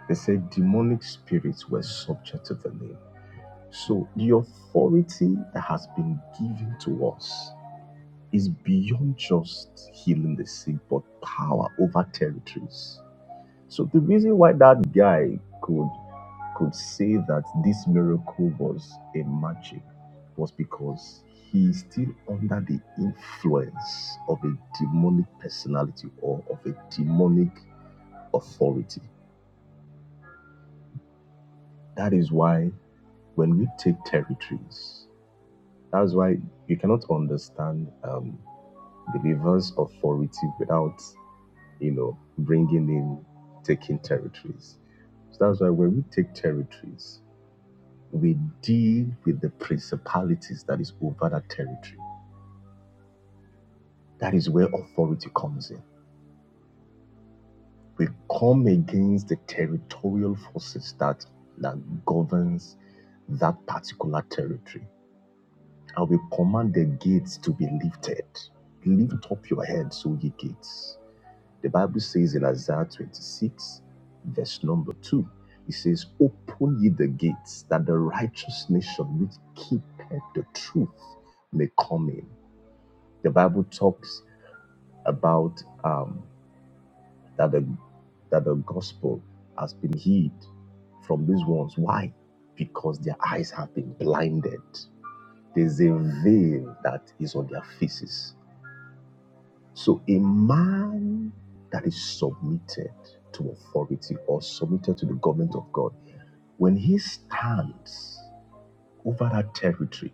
Speaker 6: They said demonic spirits were subject to the name. So the authority that has been given to us is beyond just healing the sick, but power over territories. So the reason why that guy could could say that this miracle was a magic was because he is still under the influence of a demonic personality or of a demonic authority. That is why when we take territories, that's why you cannot understand um, believers' authority without, you know, bringing in taking territories. So that's why when we take territories, we deal with the principalities that is over that territory. That is where authority comes in. We come against the territorial forces that that governs that particular territory. And we command the gates to be lifted. Lift up your heads, O ye gates. The Bible says in Isaiah 26, verse number 2, it says, Open ye the gates, that the righteous nation which keepeth the truth may come in. The Bible talks about um, that the that the gospel has been hid from these ones. Why? Because their eyes have been blinded. There's a veil that is on their faces. So a man that is submitted to authority or submitted to the government of God, when he stands over that territory,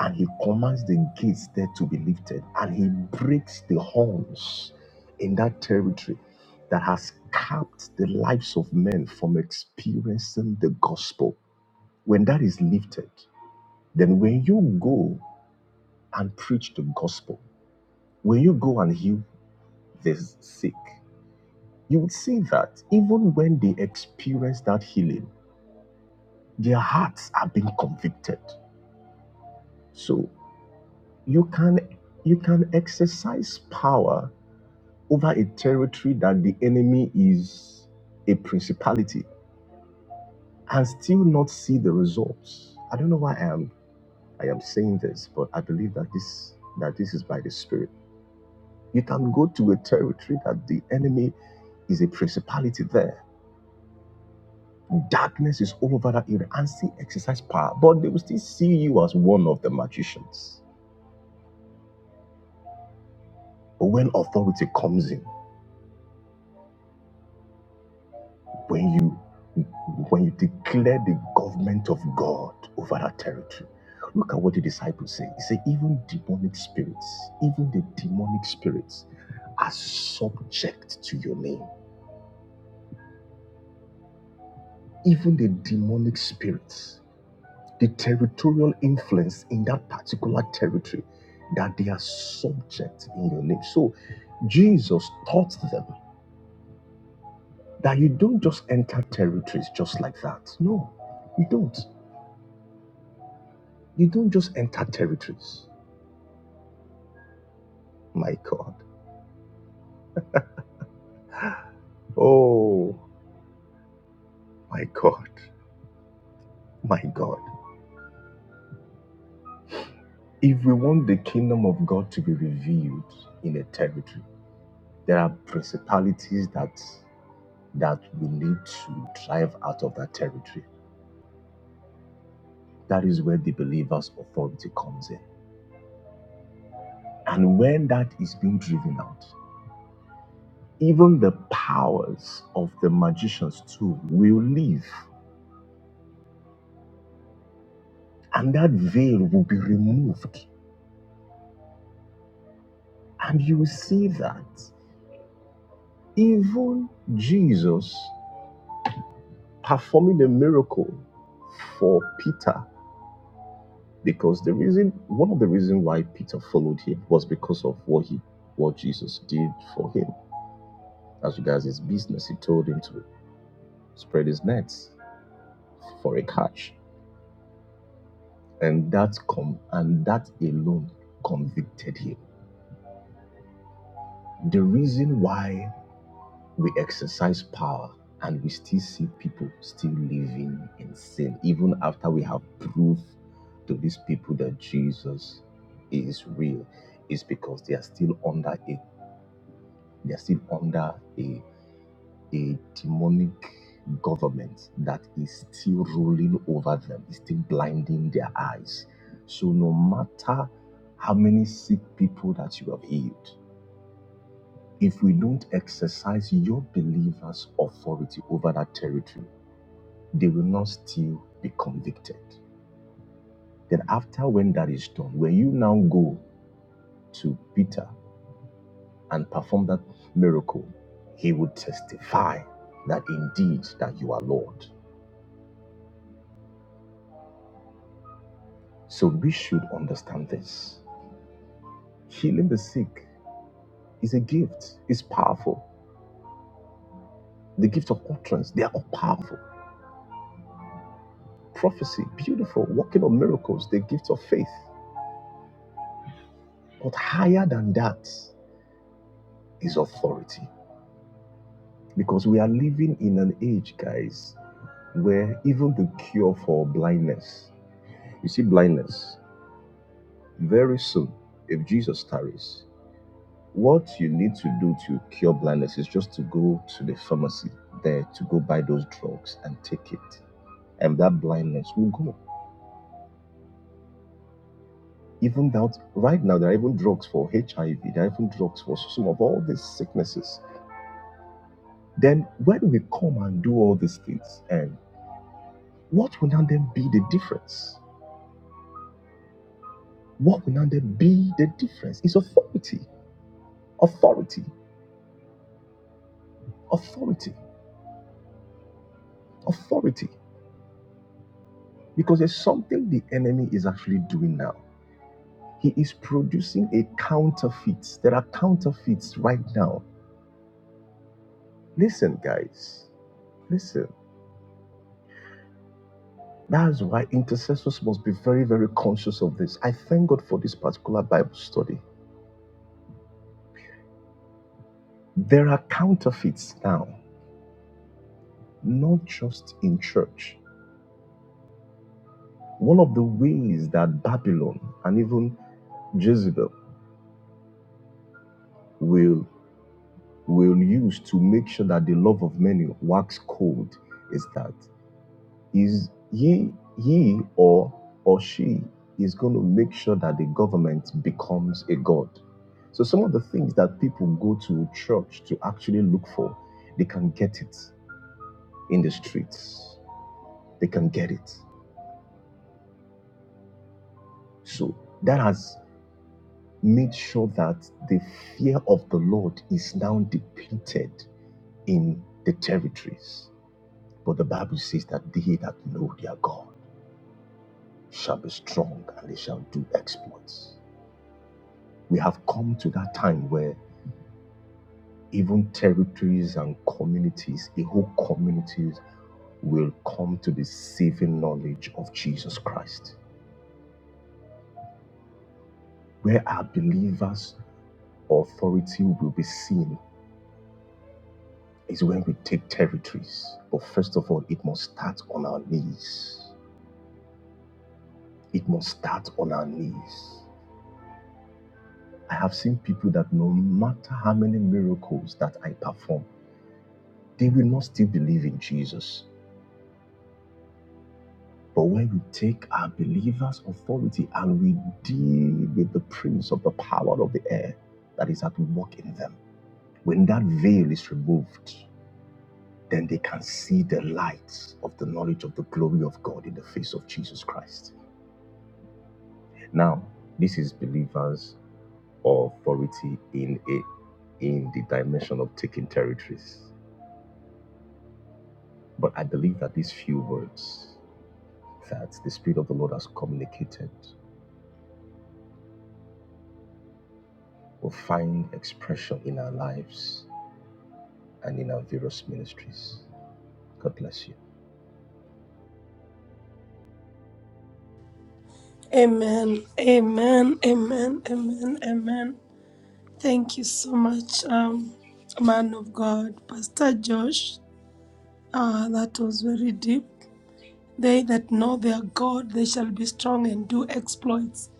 Speaker 6: and he commands the gates there to be lifted and he breaks the horns in that territory that has capped the lives of men from experiencing the gospel when that is lifted then when you go and preach the gospel when you go and heal the sick you would see that even when they experience that healing their hearts are being convicted so you can you can exercise power over a territory that the enemy is a principality and still not see the results. I don't know why I am I am saying this, but I believe that this that this is by the spirit. You can go to a territory that the enemy is a principality there. Darkness is all over that area and still exercise power, but they will still see you as one of the magicians. But when authority comes in, When you when you declare the government of God over that territory, look at what the disciples say. He said, even demonic spirits, even the demonic spirits are subject to your name. Even the demonic spirits, the territorial influence in that particular territory, that they are subject in your name. So Jesus taught them that you don't just enter territories just like that. No, you don't. You don't just enter territories. My God. Oh, my God. My God. If we want the kingdom of God to be revealed in a territory, there are principalities that that we need to drive out of that territory. That is where the believer's authority comes in. And when that is being driven out, even the powers of the magicians too will leave, and that veil will be removed. And you will see that. Even Jesus performing a miracle for Peter, because the reason, one of the reasons why Peter followed him was because of what he, what Jesus did for him. As regards his business, he told him to spread his nets for a catch, and that com, and that alone convicted him. The reason why we exercise power and we still see people still living in sin, even after we have proved to these people that Jesus is real, is because they are still under a they are still under a, a demonic government that is still ruling over them, is still blinding their eyes. So no matter how many sick people that you have healed, if we don't exercise your believers' authority over that territory, they will not still be convicted. Then, after when that is done, when you now go to Peter and perform that miracle, he will testify that indeed that you are Lord. So we should understand this. Healing the sick is a gift, it's powerful. The gift of utterance, they are all powerful. Prophecy, beautiful. Working of miracles, the gift of faith. But higher than that. is authority. Because we are living in an age, guys, where even the cure for blindness, you see, blindness, very soon, if Jesus tarries, what you need to do to cure blindness is just to go to the pharmacy there to go buy those drugs and take it. And that blindness will go. Even that, right now, there are even drugs for HIV, there are even drugs for some of all these sicknesses. Then, when we come and do all these things, and what will now then be the difference? What will now then be the difference? It's authority, authority, authority, authority. Because there's something the enemy is actually doing now. He is producing a counterfeit. There are counterfeits right now. Listen, guys, listen. That's why intercessors must be very, very conscious of this. I thank God for this particular Bible study. There are counterfeits now, not just in church. One of the ways that Babylon and even Jezebel will will use to make sure that the love of many wax cold is that is he he or or she is going to make sure that the government becomes a god so some of the things that people go to church to actually look for they can get it in the streets they can get it so that has made sure that the fear of the lord is now depleted in the territories But the Bible says that they that know their God shall be strong and they shall do exploits. We have come to that time where even territories and communities, a whole communities, will come to the saving knowledge of Jesus Christ. Where our believers' authority will be seen is when we take territories. But first of all, it must start on our knees. It must start on our knees. I have seen people that no matter how many miracles that I perform, they will not still believe in Jesus. But when we take our believer's authority and we deal with the prince of the power of the air that is at work in them, when that veil is removed, then they can see the light of the knowledge of the glory of God in the face of Jesus Christ. Now, this is believers' authority in a in the dimension of taking territories. But I believe that these few words that the Spirit of the Lord has communicated will find expression in our lives and in our various ministries. God bless you.
Speaker 5: Amen. Amen. Amen. Amen. Amen. Thank you so much, um, man of God, Pastor Josh. Ah, that was very deep. They that know their God, they shall be strong and do exploits.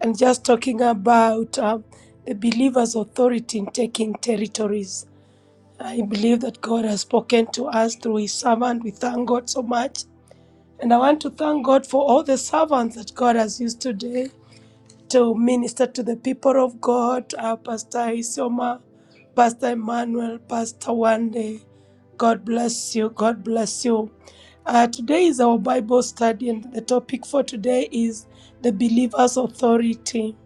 Speaker 5: And just talking about um, the believer's authority in taking territories. I believe that God has spoken to us through His servant. We thank God so much. And I want to thank God for all the servants that God has used today to minister to the people of God, uh, Pastor Isoma, Pastor Emmanuel, Pastor Wande. God bless you. God bless you. Uh, today is our Bible study, and the topic for today is the believer's authority.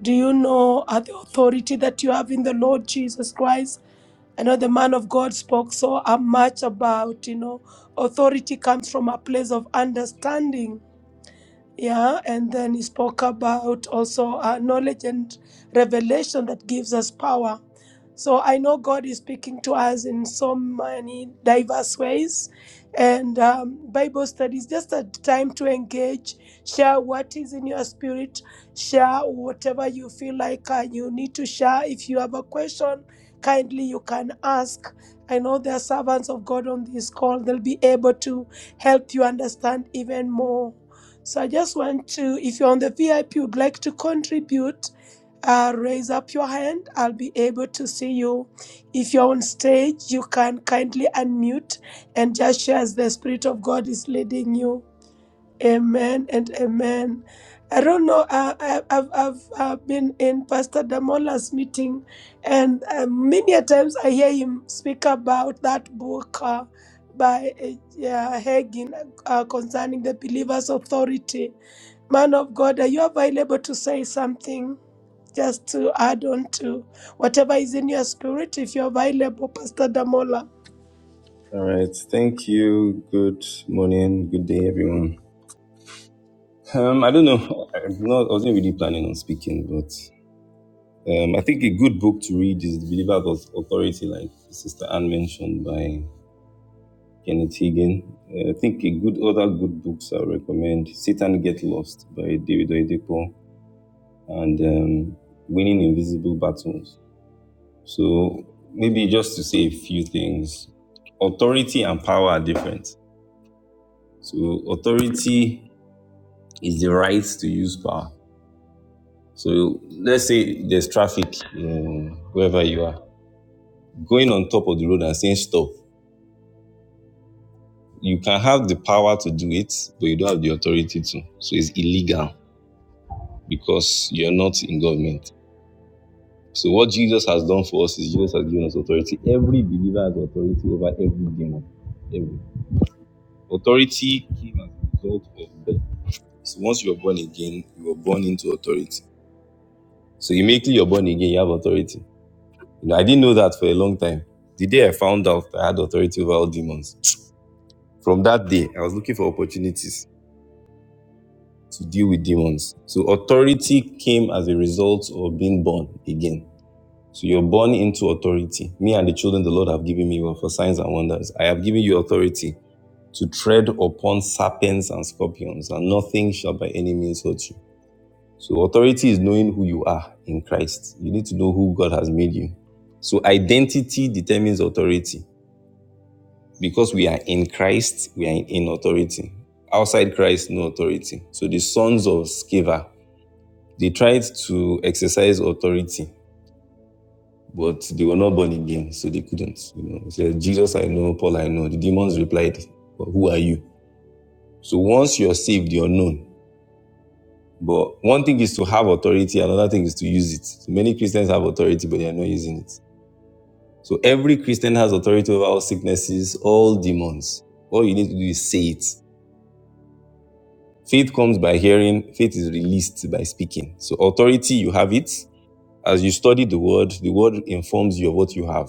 Speaker 5: Do you know uh, the authority that you have in the Lord Jesus Christ? I know the man of God spoke so uh, much about, you know, authority comes from a place of understanding yeah, and then he spoke about also uh, knowledge and revelation that gives us power. So I know God is speaking to us in so many diverse ways, and um, Bible study is just a time to engage, share what is in your spirit, share whatever you feel like uh, you need to share. If you have a question, kindly you can ask. I know there are servants of God on this call; they'll be able to help you understand even more so I just want to, if you're on the VIP, would like to contribute, uh, raise up your hand. I'll be able to see you. If you're on stage, you can kindly unmute and just share as the Spirit of God is leading you. Amen and amen. I don't know. Uh, I, I've, I've uh, been in Pastor Damola's meeting, and uh, many a times I hear him speak about that book uh, by uh, yeah, Hagin uh, concerning the believer's authority Man of God, are you available to say something just to add on to whatever is in your spirit? If you're available, Pastor Damola.
Speaker 7: All right. Thank you. Good morning. Good day, everyone. Um, I don't know. I'm not, I wasn't really planning on speaking, but um, I think a good book to read is The Believer's Authority, like Sister Anne mentioned by Kenneth Hagin. Uh, I think a good other good books I recommend: Satan Get Lost by David Oyedepo and um, Winning Invisible Battles. So maybe just to say a few things, authority and power are different. So authority It's the right to use power. So let's say there's traffic um, wherever you are, going on top of the road and saying stop. You can have the power to do it, but you don't have the authority to. So it's illegal because you're not in government. So what Jesus has done for us is Jesus has given us authority. Every believer has authority over every demon. Every. Authority came as a result of death. So once you're born again, you are born into authority. So immediately you're born again, you have authority. You know, I didn't know that for a long time. The day I found out I had authority over all demons, from that day, I was looking for opportunities to deal with demons. So authority came as a result of being born again. So you're born into authority. Me and the children the Lord have given me were for signs and wonders. I have given you authority to tread upon serpents and scorpions, and nothing shall by any means hurt you. So authority is knowing who you are in Christ. You need to know who God has made you. So identity determines authority. because we are in Christ, we are in, authority. Outside Christ, no authority. So the sons of Sceva, they tried to exercise authority, but they were not born again, so they couldn't. You know, They said, Jesus I know, Paul I know. The demons replied, but who are you? So once you're saved, you're known. But one thing is to have authority, another thing is to use it. So many Christians have authority, but they are not using it. So every Christian has authority over all sicknesses, all demons. All you need to do is say it. Faith comes by hearing, faith is released by speaking. So, authority, you have it. As you study the word, the word informs you of what you have.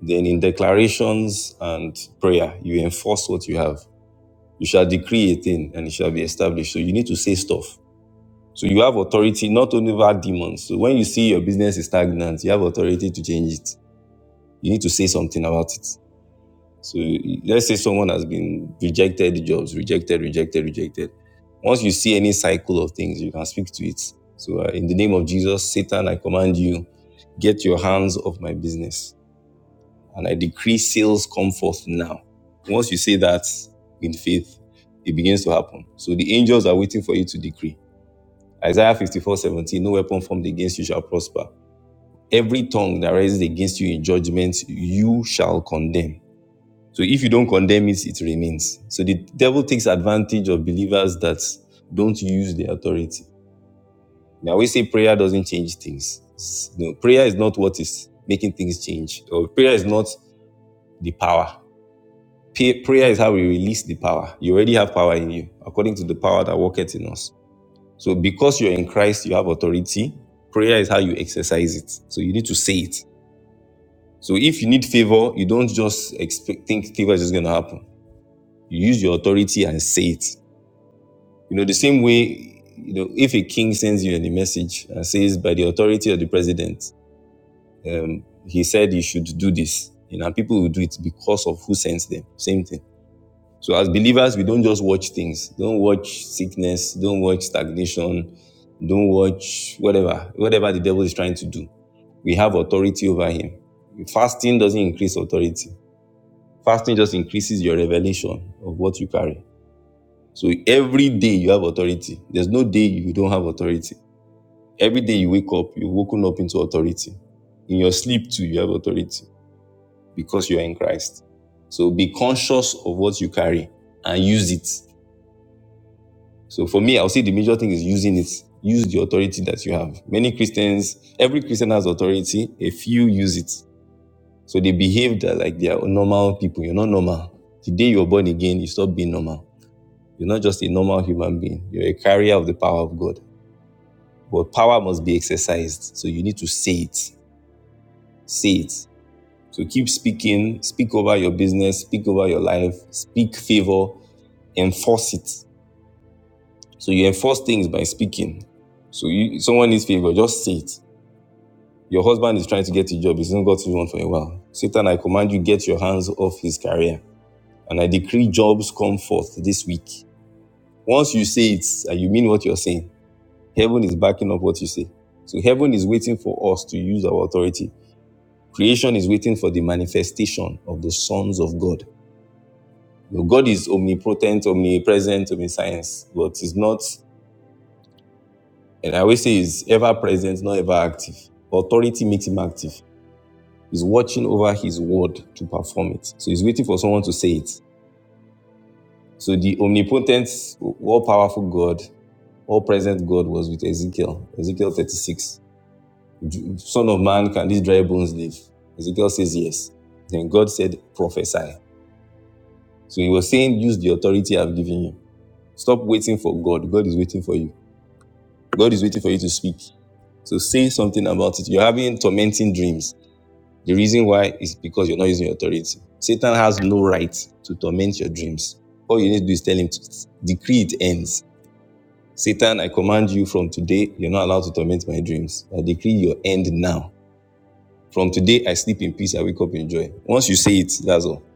Speaker 7: Then, in declarations and prayer, you enforce what you have. You shall decree a thing and it shall be established. So, you need to say stuff. So, you have authority not only over demons. So, when you see your business is stagnant, you have authority to change it. You need to say something about it. So let's say someone has been rejected jobs, rejected, rejected, rejected. Once you see any cycle of things, you can speak to it. So uh, in the name of Jesus, Satan, I command you, get your hands off my business. And I decree sales come forth now. Once you say that in faith, it begins to happen. So the angels are waiting for you to decree. Isaiah 54 17: no weapon formed against you shall prosper. Every tongue that rises against you in judgment, you shall condemn. So if you don't condemn it, it remains. So the devil takes advantage of believers that don't use the authority. Now we say prayer doesn't change things. It's- No, prayer is not what is making things change, or prayer is not the power. Pa- Prayer is how we release the power. You already have power in you, according to the power that worketh in us. So because you're in Christ, you have authority. Prayer is how you exercise it. So you need to say it. So if you need favor, you don't just expect think favor is just gonna happen. You use your authority and say it. You know, the same way, you know, if a king sends you a message and says, by the authority of the president, he said you should do this, you know, and people will do it because of who sends them. Same thing. So as believers, we don't just watch things. Don't watch sickness. Don't watch stagnation. Don't watch whatever, whatever the devil is trying to do. We have authority over him. Fasting doesn't increase authority. Fasting just increases your revelation of what you carry. So every day you have authority. There's no day you don't have authority. Every day you wake up, you're woken up into authority. In your sleep too, you have authority because you're in Christ. So be conscious of what you carry and use it. So for me, I'll say the major thing is using it. Use the authority that you have. Many Christians, every Christian has authority. A few use it. So they behave that like they are normal people. You're not normal. The day you're born again, you stop being normal. You're not just a normal human being. You're a carrier of the power of God. But power must be exercised. So you need to say it. Say it. So keep speaking, speak over your business, speak over your life, speak favor, enforce it. So you enforce things by speaking. So you, someone needs favor, just say it. Your husband is trying to get a job, he's not got to one for a while. Satan, I command you, get your hands off his career. And I decree jobs come forth this week. Once you say it and you mean what you're saying, heaven is backing up what you say. So heaven is waiting for us to use our authority. Creation is waiting for the manifestation of the sons of God. You know, God is omnipotent, omnipresent, omniscience, but he's not, and I always say he's ever present, not ever active. Authority makes him active. He's watching over his word to perform it. So he's waiting for someone to say it. So the omnipotent, all powerful God, all present God was with Ezekiel. Ezekiel 36. Son of man, can these dry bones live? Ezekiel says yes. Then God said, prophesy. So he was saying, use the authority I've given you. Stop waiting for God. God is waiting for you. God is waiting for you to speak. So say something about it. You're having tormenting dreams. The reason why is because you're not using your authority. Satan has no right to torment your dreams. All you need to do is tell him to decree it ends. Satan, I command you from today, you're not allowed to torment my dreams. I decree your end now. From today, I sleep in peace, I wake up in joy. Once you say it, that's all.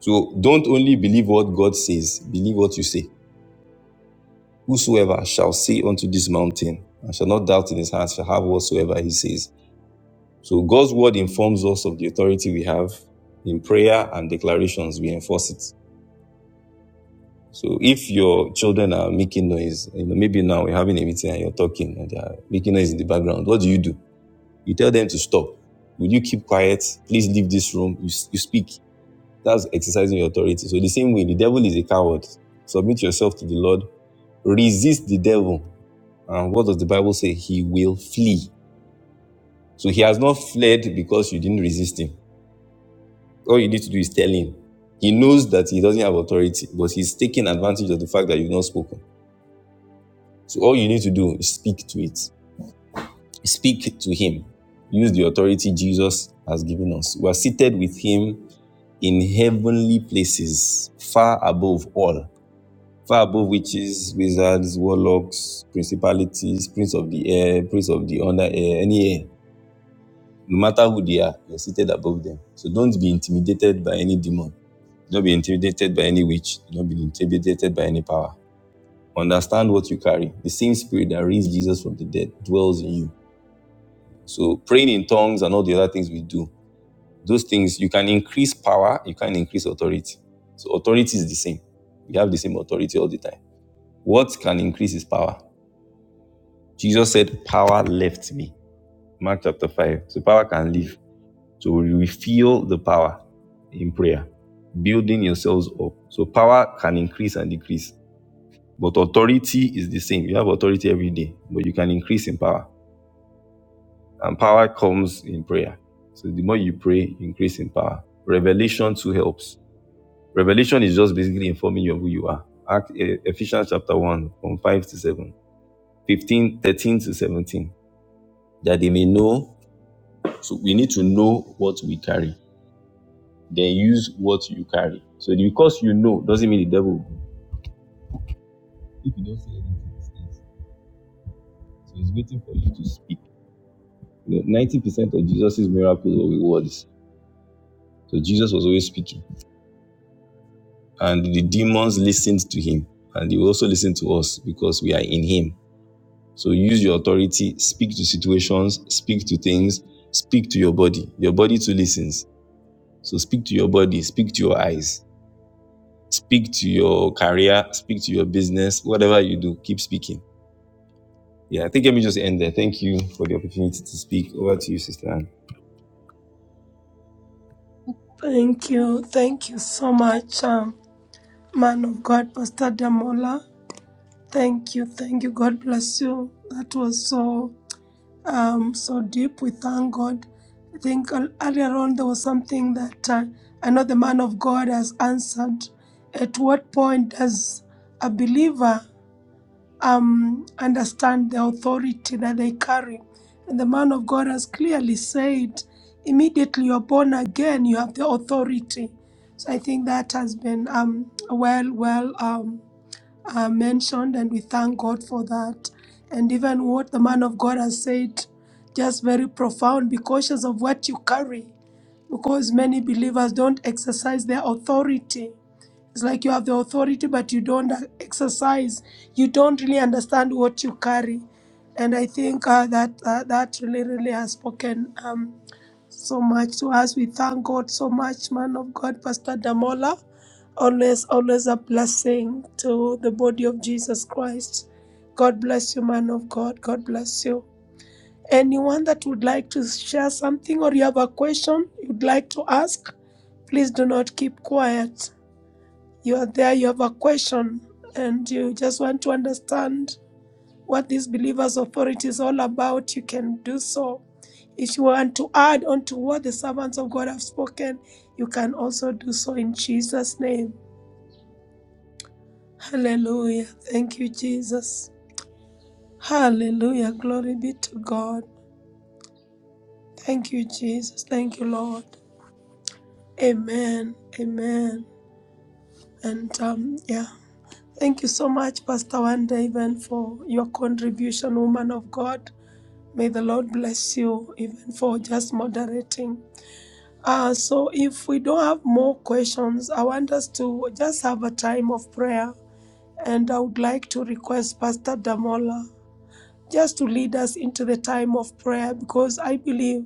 Speaker 7: So don't only believe what God says, believe what you say. Whosoever shall say unto this mountain, and shall not doubt in his heart, shall have whatsoever he says. So God's word informs us of the authority we have in prayer and declarations. We enforce it. So if your children are making noise, you know, maybe now we're having a meeting and you're talking and they're making noise in the background. What do you do? You tell them to stop. Will you keep quiet? Please leave this room. You, you speak. That's exercising your authority. So the same way, the devil is a coward. Submit yourself to the Lord. Resist the devil. And what does the Bible say? He will flee. So he has not fled because you didn't resist him. All you need to do is tell him. He knows that he doesn't have authority, but he's taking advantage of the fact that you've not spoken. So all you need to do is speak to it. Speak to him. Use the authority Jesus has given us. We are seated with him in heavenly places, far above all, far above witches, wizards, warlocks, principalities, prince of the air, prince of the under air, any air. No matter who they are, you're seated above them. So don't be intimidated by any demon Do not be intimidated by any witch. Do not be intimidated by any power. Understand what you carry. The same spirit that raised Jesus from the dead dwells in you. So praying in tongues and all the other things we do, those things you can increase power, you can increase authority. So authority is the same. We have the same authority all the time. What can increase is power. Jesus said, Power left me. Mark chapter 5. So power can leave. So we feel the power in prayer, building yourselves up. So power can increase and decrease. But authority is the same. You have authority every day, but you can increase in power. And power comes in prayer. So the more you pray, you increase in power. Revelation too helps. Revelation is just basically informing you of who you are. Act, eh, Ephesians chapter 1, from 5 to 7, 15, 13 to 17. That they may know. So we need to know what we carry. Then use what you carry. So because you know doesn't mean the devil will. If you don't say anything, so he's waiting for you to speak. You know, 90% of Jesus' miracles were with words So Jesus was always speaking. And the demons listened to him. And they will also listen to us because we are in him. So use your authority, speak to situations, speak to things, speak to your body. Your body too listens. So speak to your body, speak to your eyes, speak to your career, speak to your business, whatever you do, keep speaking. Yeah, I think let me just end there. Thank you for the opportunity to speak. Over to you, Sister Anne.
Speaker 5: Thank you. Thank you so much, um, man of God, Pastor Damola. Thank you. Thank you. God bless you. That was so um, so deep. We thank God. I think ear- earlier on there was something that uh, I know the man of God has answered. At what point does a believer um, understand the authority that they carry. And the man of God has clearly said, immediately you're born again, you have the authority. So I think that has been um, well, well. Um, uh, mentioned, and we thank God for that. And even what the man of God has said, just very profound be cautious of what you carry, because many believers don't exercise their authority. It's like you have the authority, but you don't exercise. You don't really understand what you carry. And I think uh, that uh, that really, really has spoken um, so much to us. We thank God so much, man of God, Pastor Damola. Always, always a blessing to the body of Jesus Christ. God bless you, man of God. God bless you. Anyone that would like to share something or you have a question you'd like to ask, please do not keep quiet. You are there, you have a question, and you just want to understand what this believer's authority is all about, you can do so. If you want to add on to what the servants of God have spoken, you can also do so in Jesus' name. Hallelujah. Thank you, Jesus. Hallelujah. Glory be to God. Thank you, Jesus. Thank you, Lord. Amen. Amen. And um, yeah. Thank you so much, Pastor Wanda, even for your contribution, woman of God. May the Lord bless you, even for just moderating. Uh, so, if we don't have more questions, I want us to just have a time of prayer. And I would like to request Pastor Damola. just to lead us into the time of prayer because I believe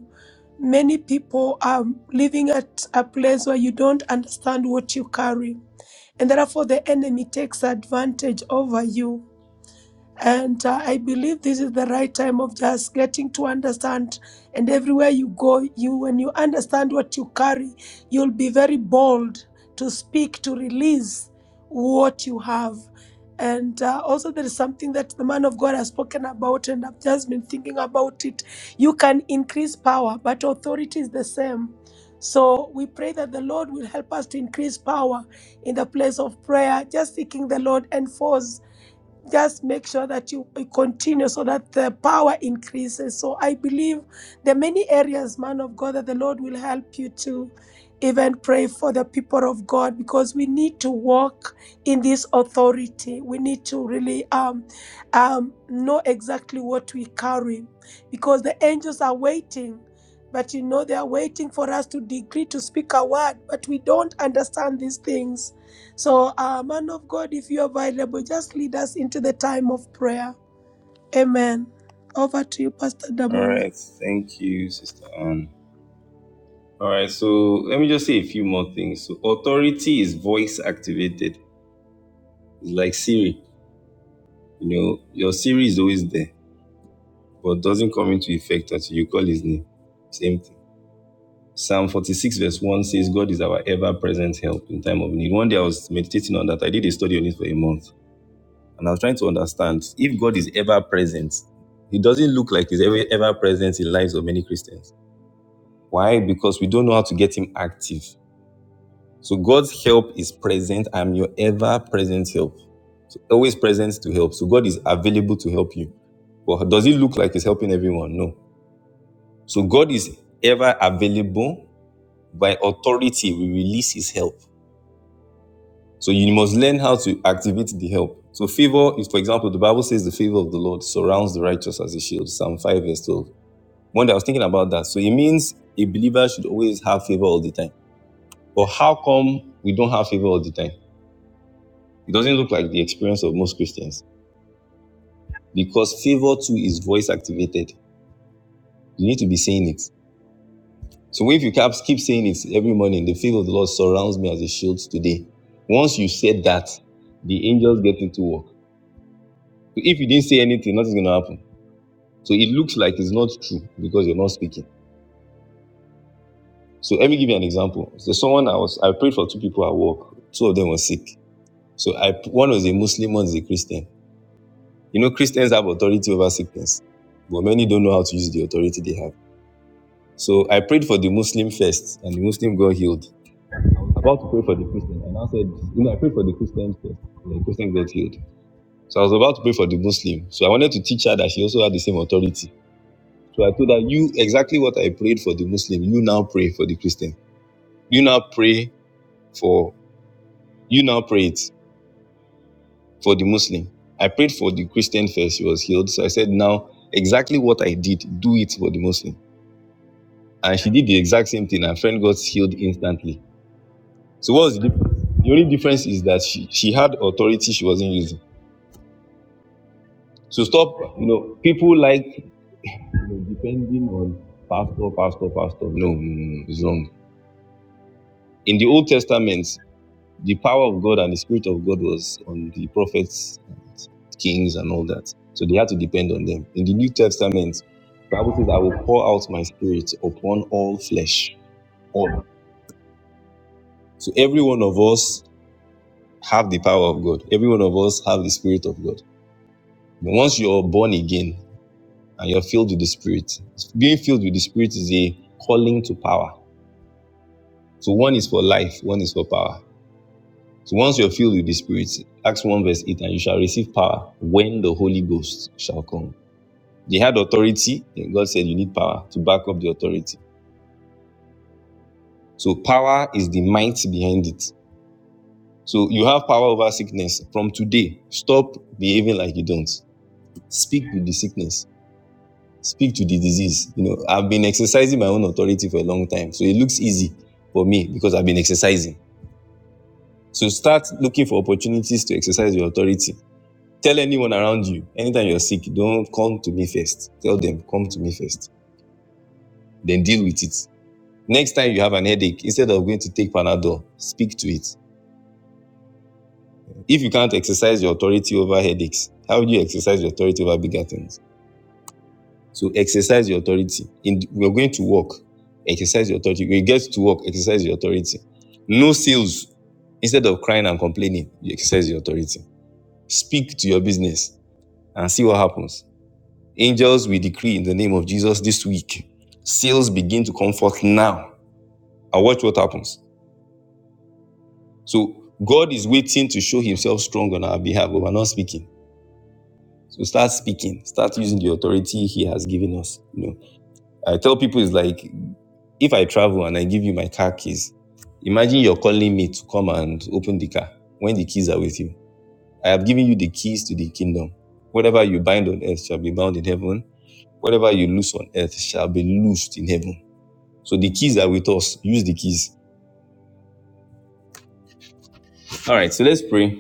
Speaker 5: many people are living at a place where you don't understand what you carry. And therefore, the enemy takes advantage over you and uh, I believe this is the right time of just getting to understand. And everywhere you go, you when you understand what you carry, you'll be very bold to speak, to release what you have. And uh, also, there is something that the man of God has spoken about, and I've just been thinking about it. You can increase power, but authority is the same. So we pray that the Lord will help us to increase power in the place of prayer, just seeking the Lord and force just make sure that you you continue so that the power increases. So I believe there are many areas, man of God, that the Lord will help you to even pray for the people of God because we need to walk in this authority. We need to really um, um, know exactly what we carry because the angels are waiting. But you know, they are waiting for us to decree, to speak a word, but we don't understand these things. So, uh, man of God, if you're available, just lead us into the time of prayer. Amen. Over to you, Pastor
Speaker 7: All
Speaker 5: Damola.
Speaker 7: right. Thank you, Sister Anne. All right, so let me just say a few more things. So authority is voice activated. It's like Siri. You know, your Siri is always there, but doesn't come into effect until you call his name. Same thing. Psalm 46 verse 1 says, God is our ever-present help in time of need. One day I was meditating on that. I did a study on it for a month. And I was trying to understand if God is ever present, he doesn't look like he's ever, ever present in lives of many Christians. Why? Because we don't know how to get him active. So God's help is present. I'm your ever present help. So always present to help. So God is available to help you. But does it look like He's helping everyone? No. So God is ever available. By authority, we release His help. So you must learn how to activate the help. So favor is, for example, the Bible says the favor of the Lord surrounds the righteous as a shield. Psalm 5 verse 12. One day I was thinking about that. So it means a believer should always have favor all the time. But how come we don't have favor all the time? It doesn't look like the experience of most Christians because favor too is voice activated. You need to be saying it. So if you keep keep saying it every morning, the favor of the Lord surrounds me as a shield today. Once you said that, the angels get into work. So if you didn't say anything, nothing's going to happen. So it looks like it's not true because you're not speaking. So let me give you an example. There's someone I was, I prayed for two people at work. Two of them were sick. So I, one was a Muslim, one is a Christian. You know, Christians have authority over sickness, but many don't know how to use the authority they have. So I prayed for the Muslim first, and the Muslim got healed. About to pray for the Christian, and I said, you know, I prayed for the Christian first, and the Christian got healed. So I was about to pray for the Muslim. So I wanted to teach her that she also had the same authority. So I told her, you exactly what I prayed for the Muslim, you now pray for the Christian. You now pray for you now pray it for the Muslim. I prayed for the Christian first, she was healed. So I said, now exactly what I did, do it for the Muslim. And she did the exact same thing. Her friend got healed instantly. So what's the difference? the only difference is that she, she had authority she wasn't using. So stop, you know, people like you know, depending on pastor, pastor, pastor. No, no, no, no, it's wrong. In the Old Testament, the power of God and the Spirit of God was on the prophets and kings and all that. So they had to depend on them. In the New Testament, the Bible says, I will pour out my spirit upon all flesh. All. So every one of us have the power of God. Every one of us have the spirit of God. But once you're born again and you're filled with the Spirit, being filled with the Spirit is a calling to power. So one is for life, one is for power. So once you're filled with the Spirit, Acts 1 verse 8, and you shall receive power when the Holy Ghost shall come. They had authority, and God said you need power to back up the authority. So power is the might behind it. So you have power over sickness from today. Stop behaving like you don't. Speak with the sickness speak to the disease. You know, I've been exercising my own authority for a long time. So it looks easy for me because I've been exercising. So start looking for opportunities to exercise your authority. Tell anyone around you, anytime you're sick, don't come to me first. Tell them, come to me first. Then deal with it. Next time you have an headache, instead of going to take Panadol, speak to it. If you can't exercise your authority over headaches, how do you exercise your authority over bigger things? So exercise your authority. In we're going to work, exercise your authority. When you get to work, exercise your authority. No sales. Instead of crying and complaining, you exercise your authority. Speak to your business and see what happens. Angels, we decree in the name of Jesus this week. Sales begin to come forth now. And watch what happens. So God is waiting to show himself strong on our behalf, but we're not speaking. So start speaking. Start using the authority he has given us. You know, I tell people it's like If I travel and I give you my car keys, imagine you're calling me to come and open the car when the keys are with you. I have given you the keys to the kingdom. Whatever you bind on earth shall be bound in heaven. Whatever you loose on earth shall be loosed in heaven. So the keys are with us. Use the keys. All right, so let's pray.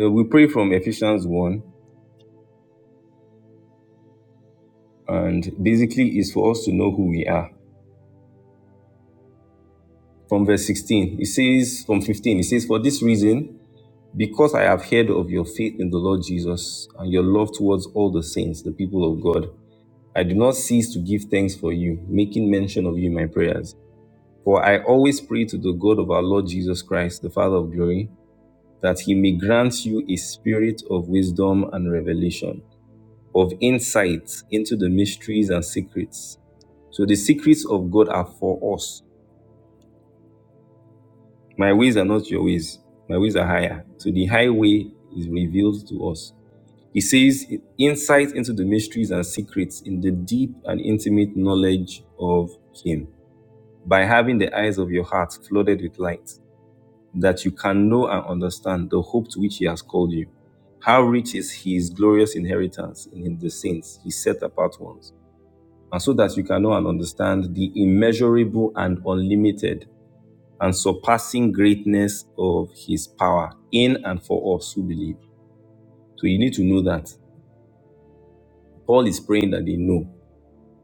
Speaker 7: Uh, we pray from Ephesians 1, and basically it's for us to know who we are. From verse 16, it says, from 15, it says, For this reason, Because I have heard of your faith in the Lord Jesus and your love towards all the saints, the people of God, I do not cease to give thanks for you, making mention of you in my prayers. For I always pray to the God of our Lord Jesus Christ, the Father of glory, that he may grant you a spirit of wisdom and revelation, of insight into the mysteries and secrets. So the secrets of God are for us. My ways are not your ways, my ways are higher. So the high way is revealed to us. He says, insight into the mysteries and secrets in the deep and intimate knowledge of Him, by having the eyes of your heart flooded with light, that you can know and understand the hope to which He has called you. How rich is His glorious inheritance in the saints, His set apart ones, and so that you can know and understand the immeasurable and unlimited and surpassing greatness of His power in and for us who believe. So you need to know that. Paul is praying that they know.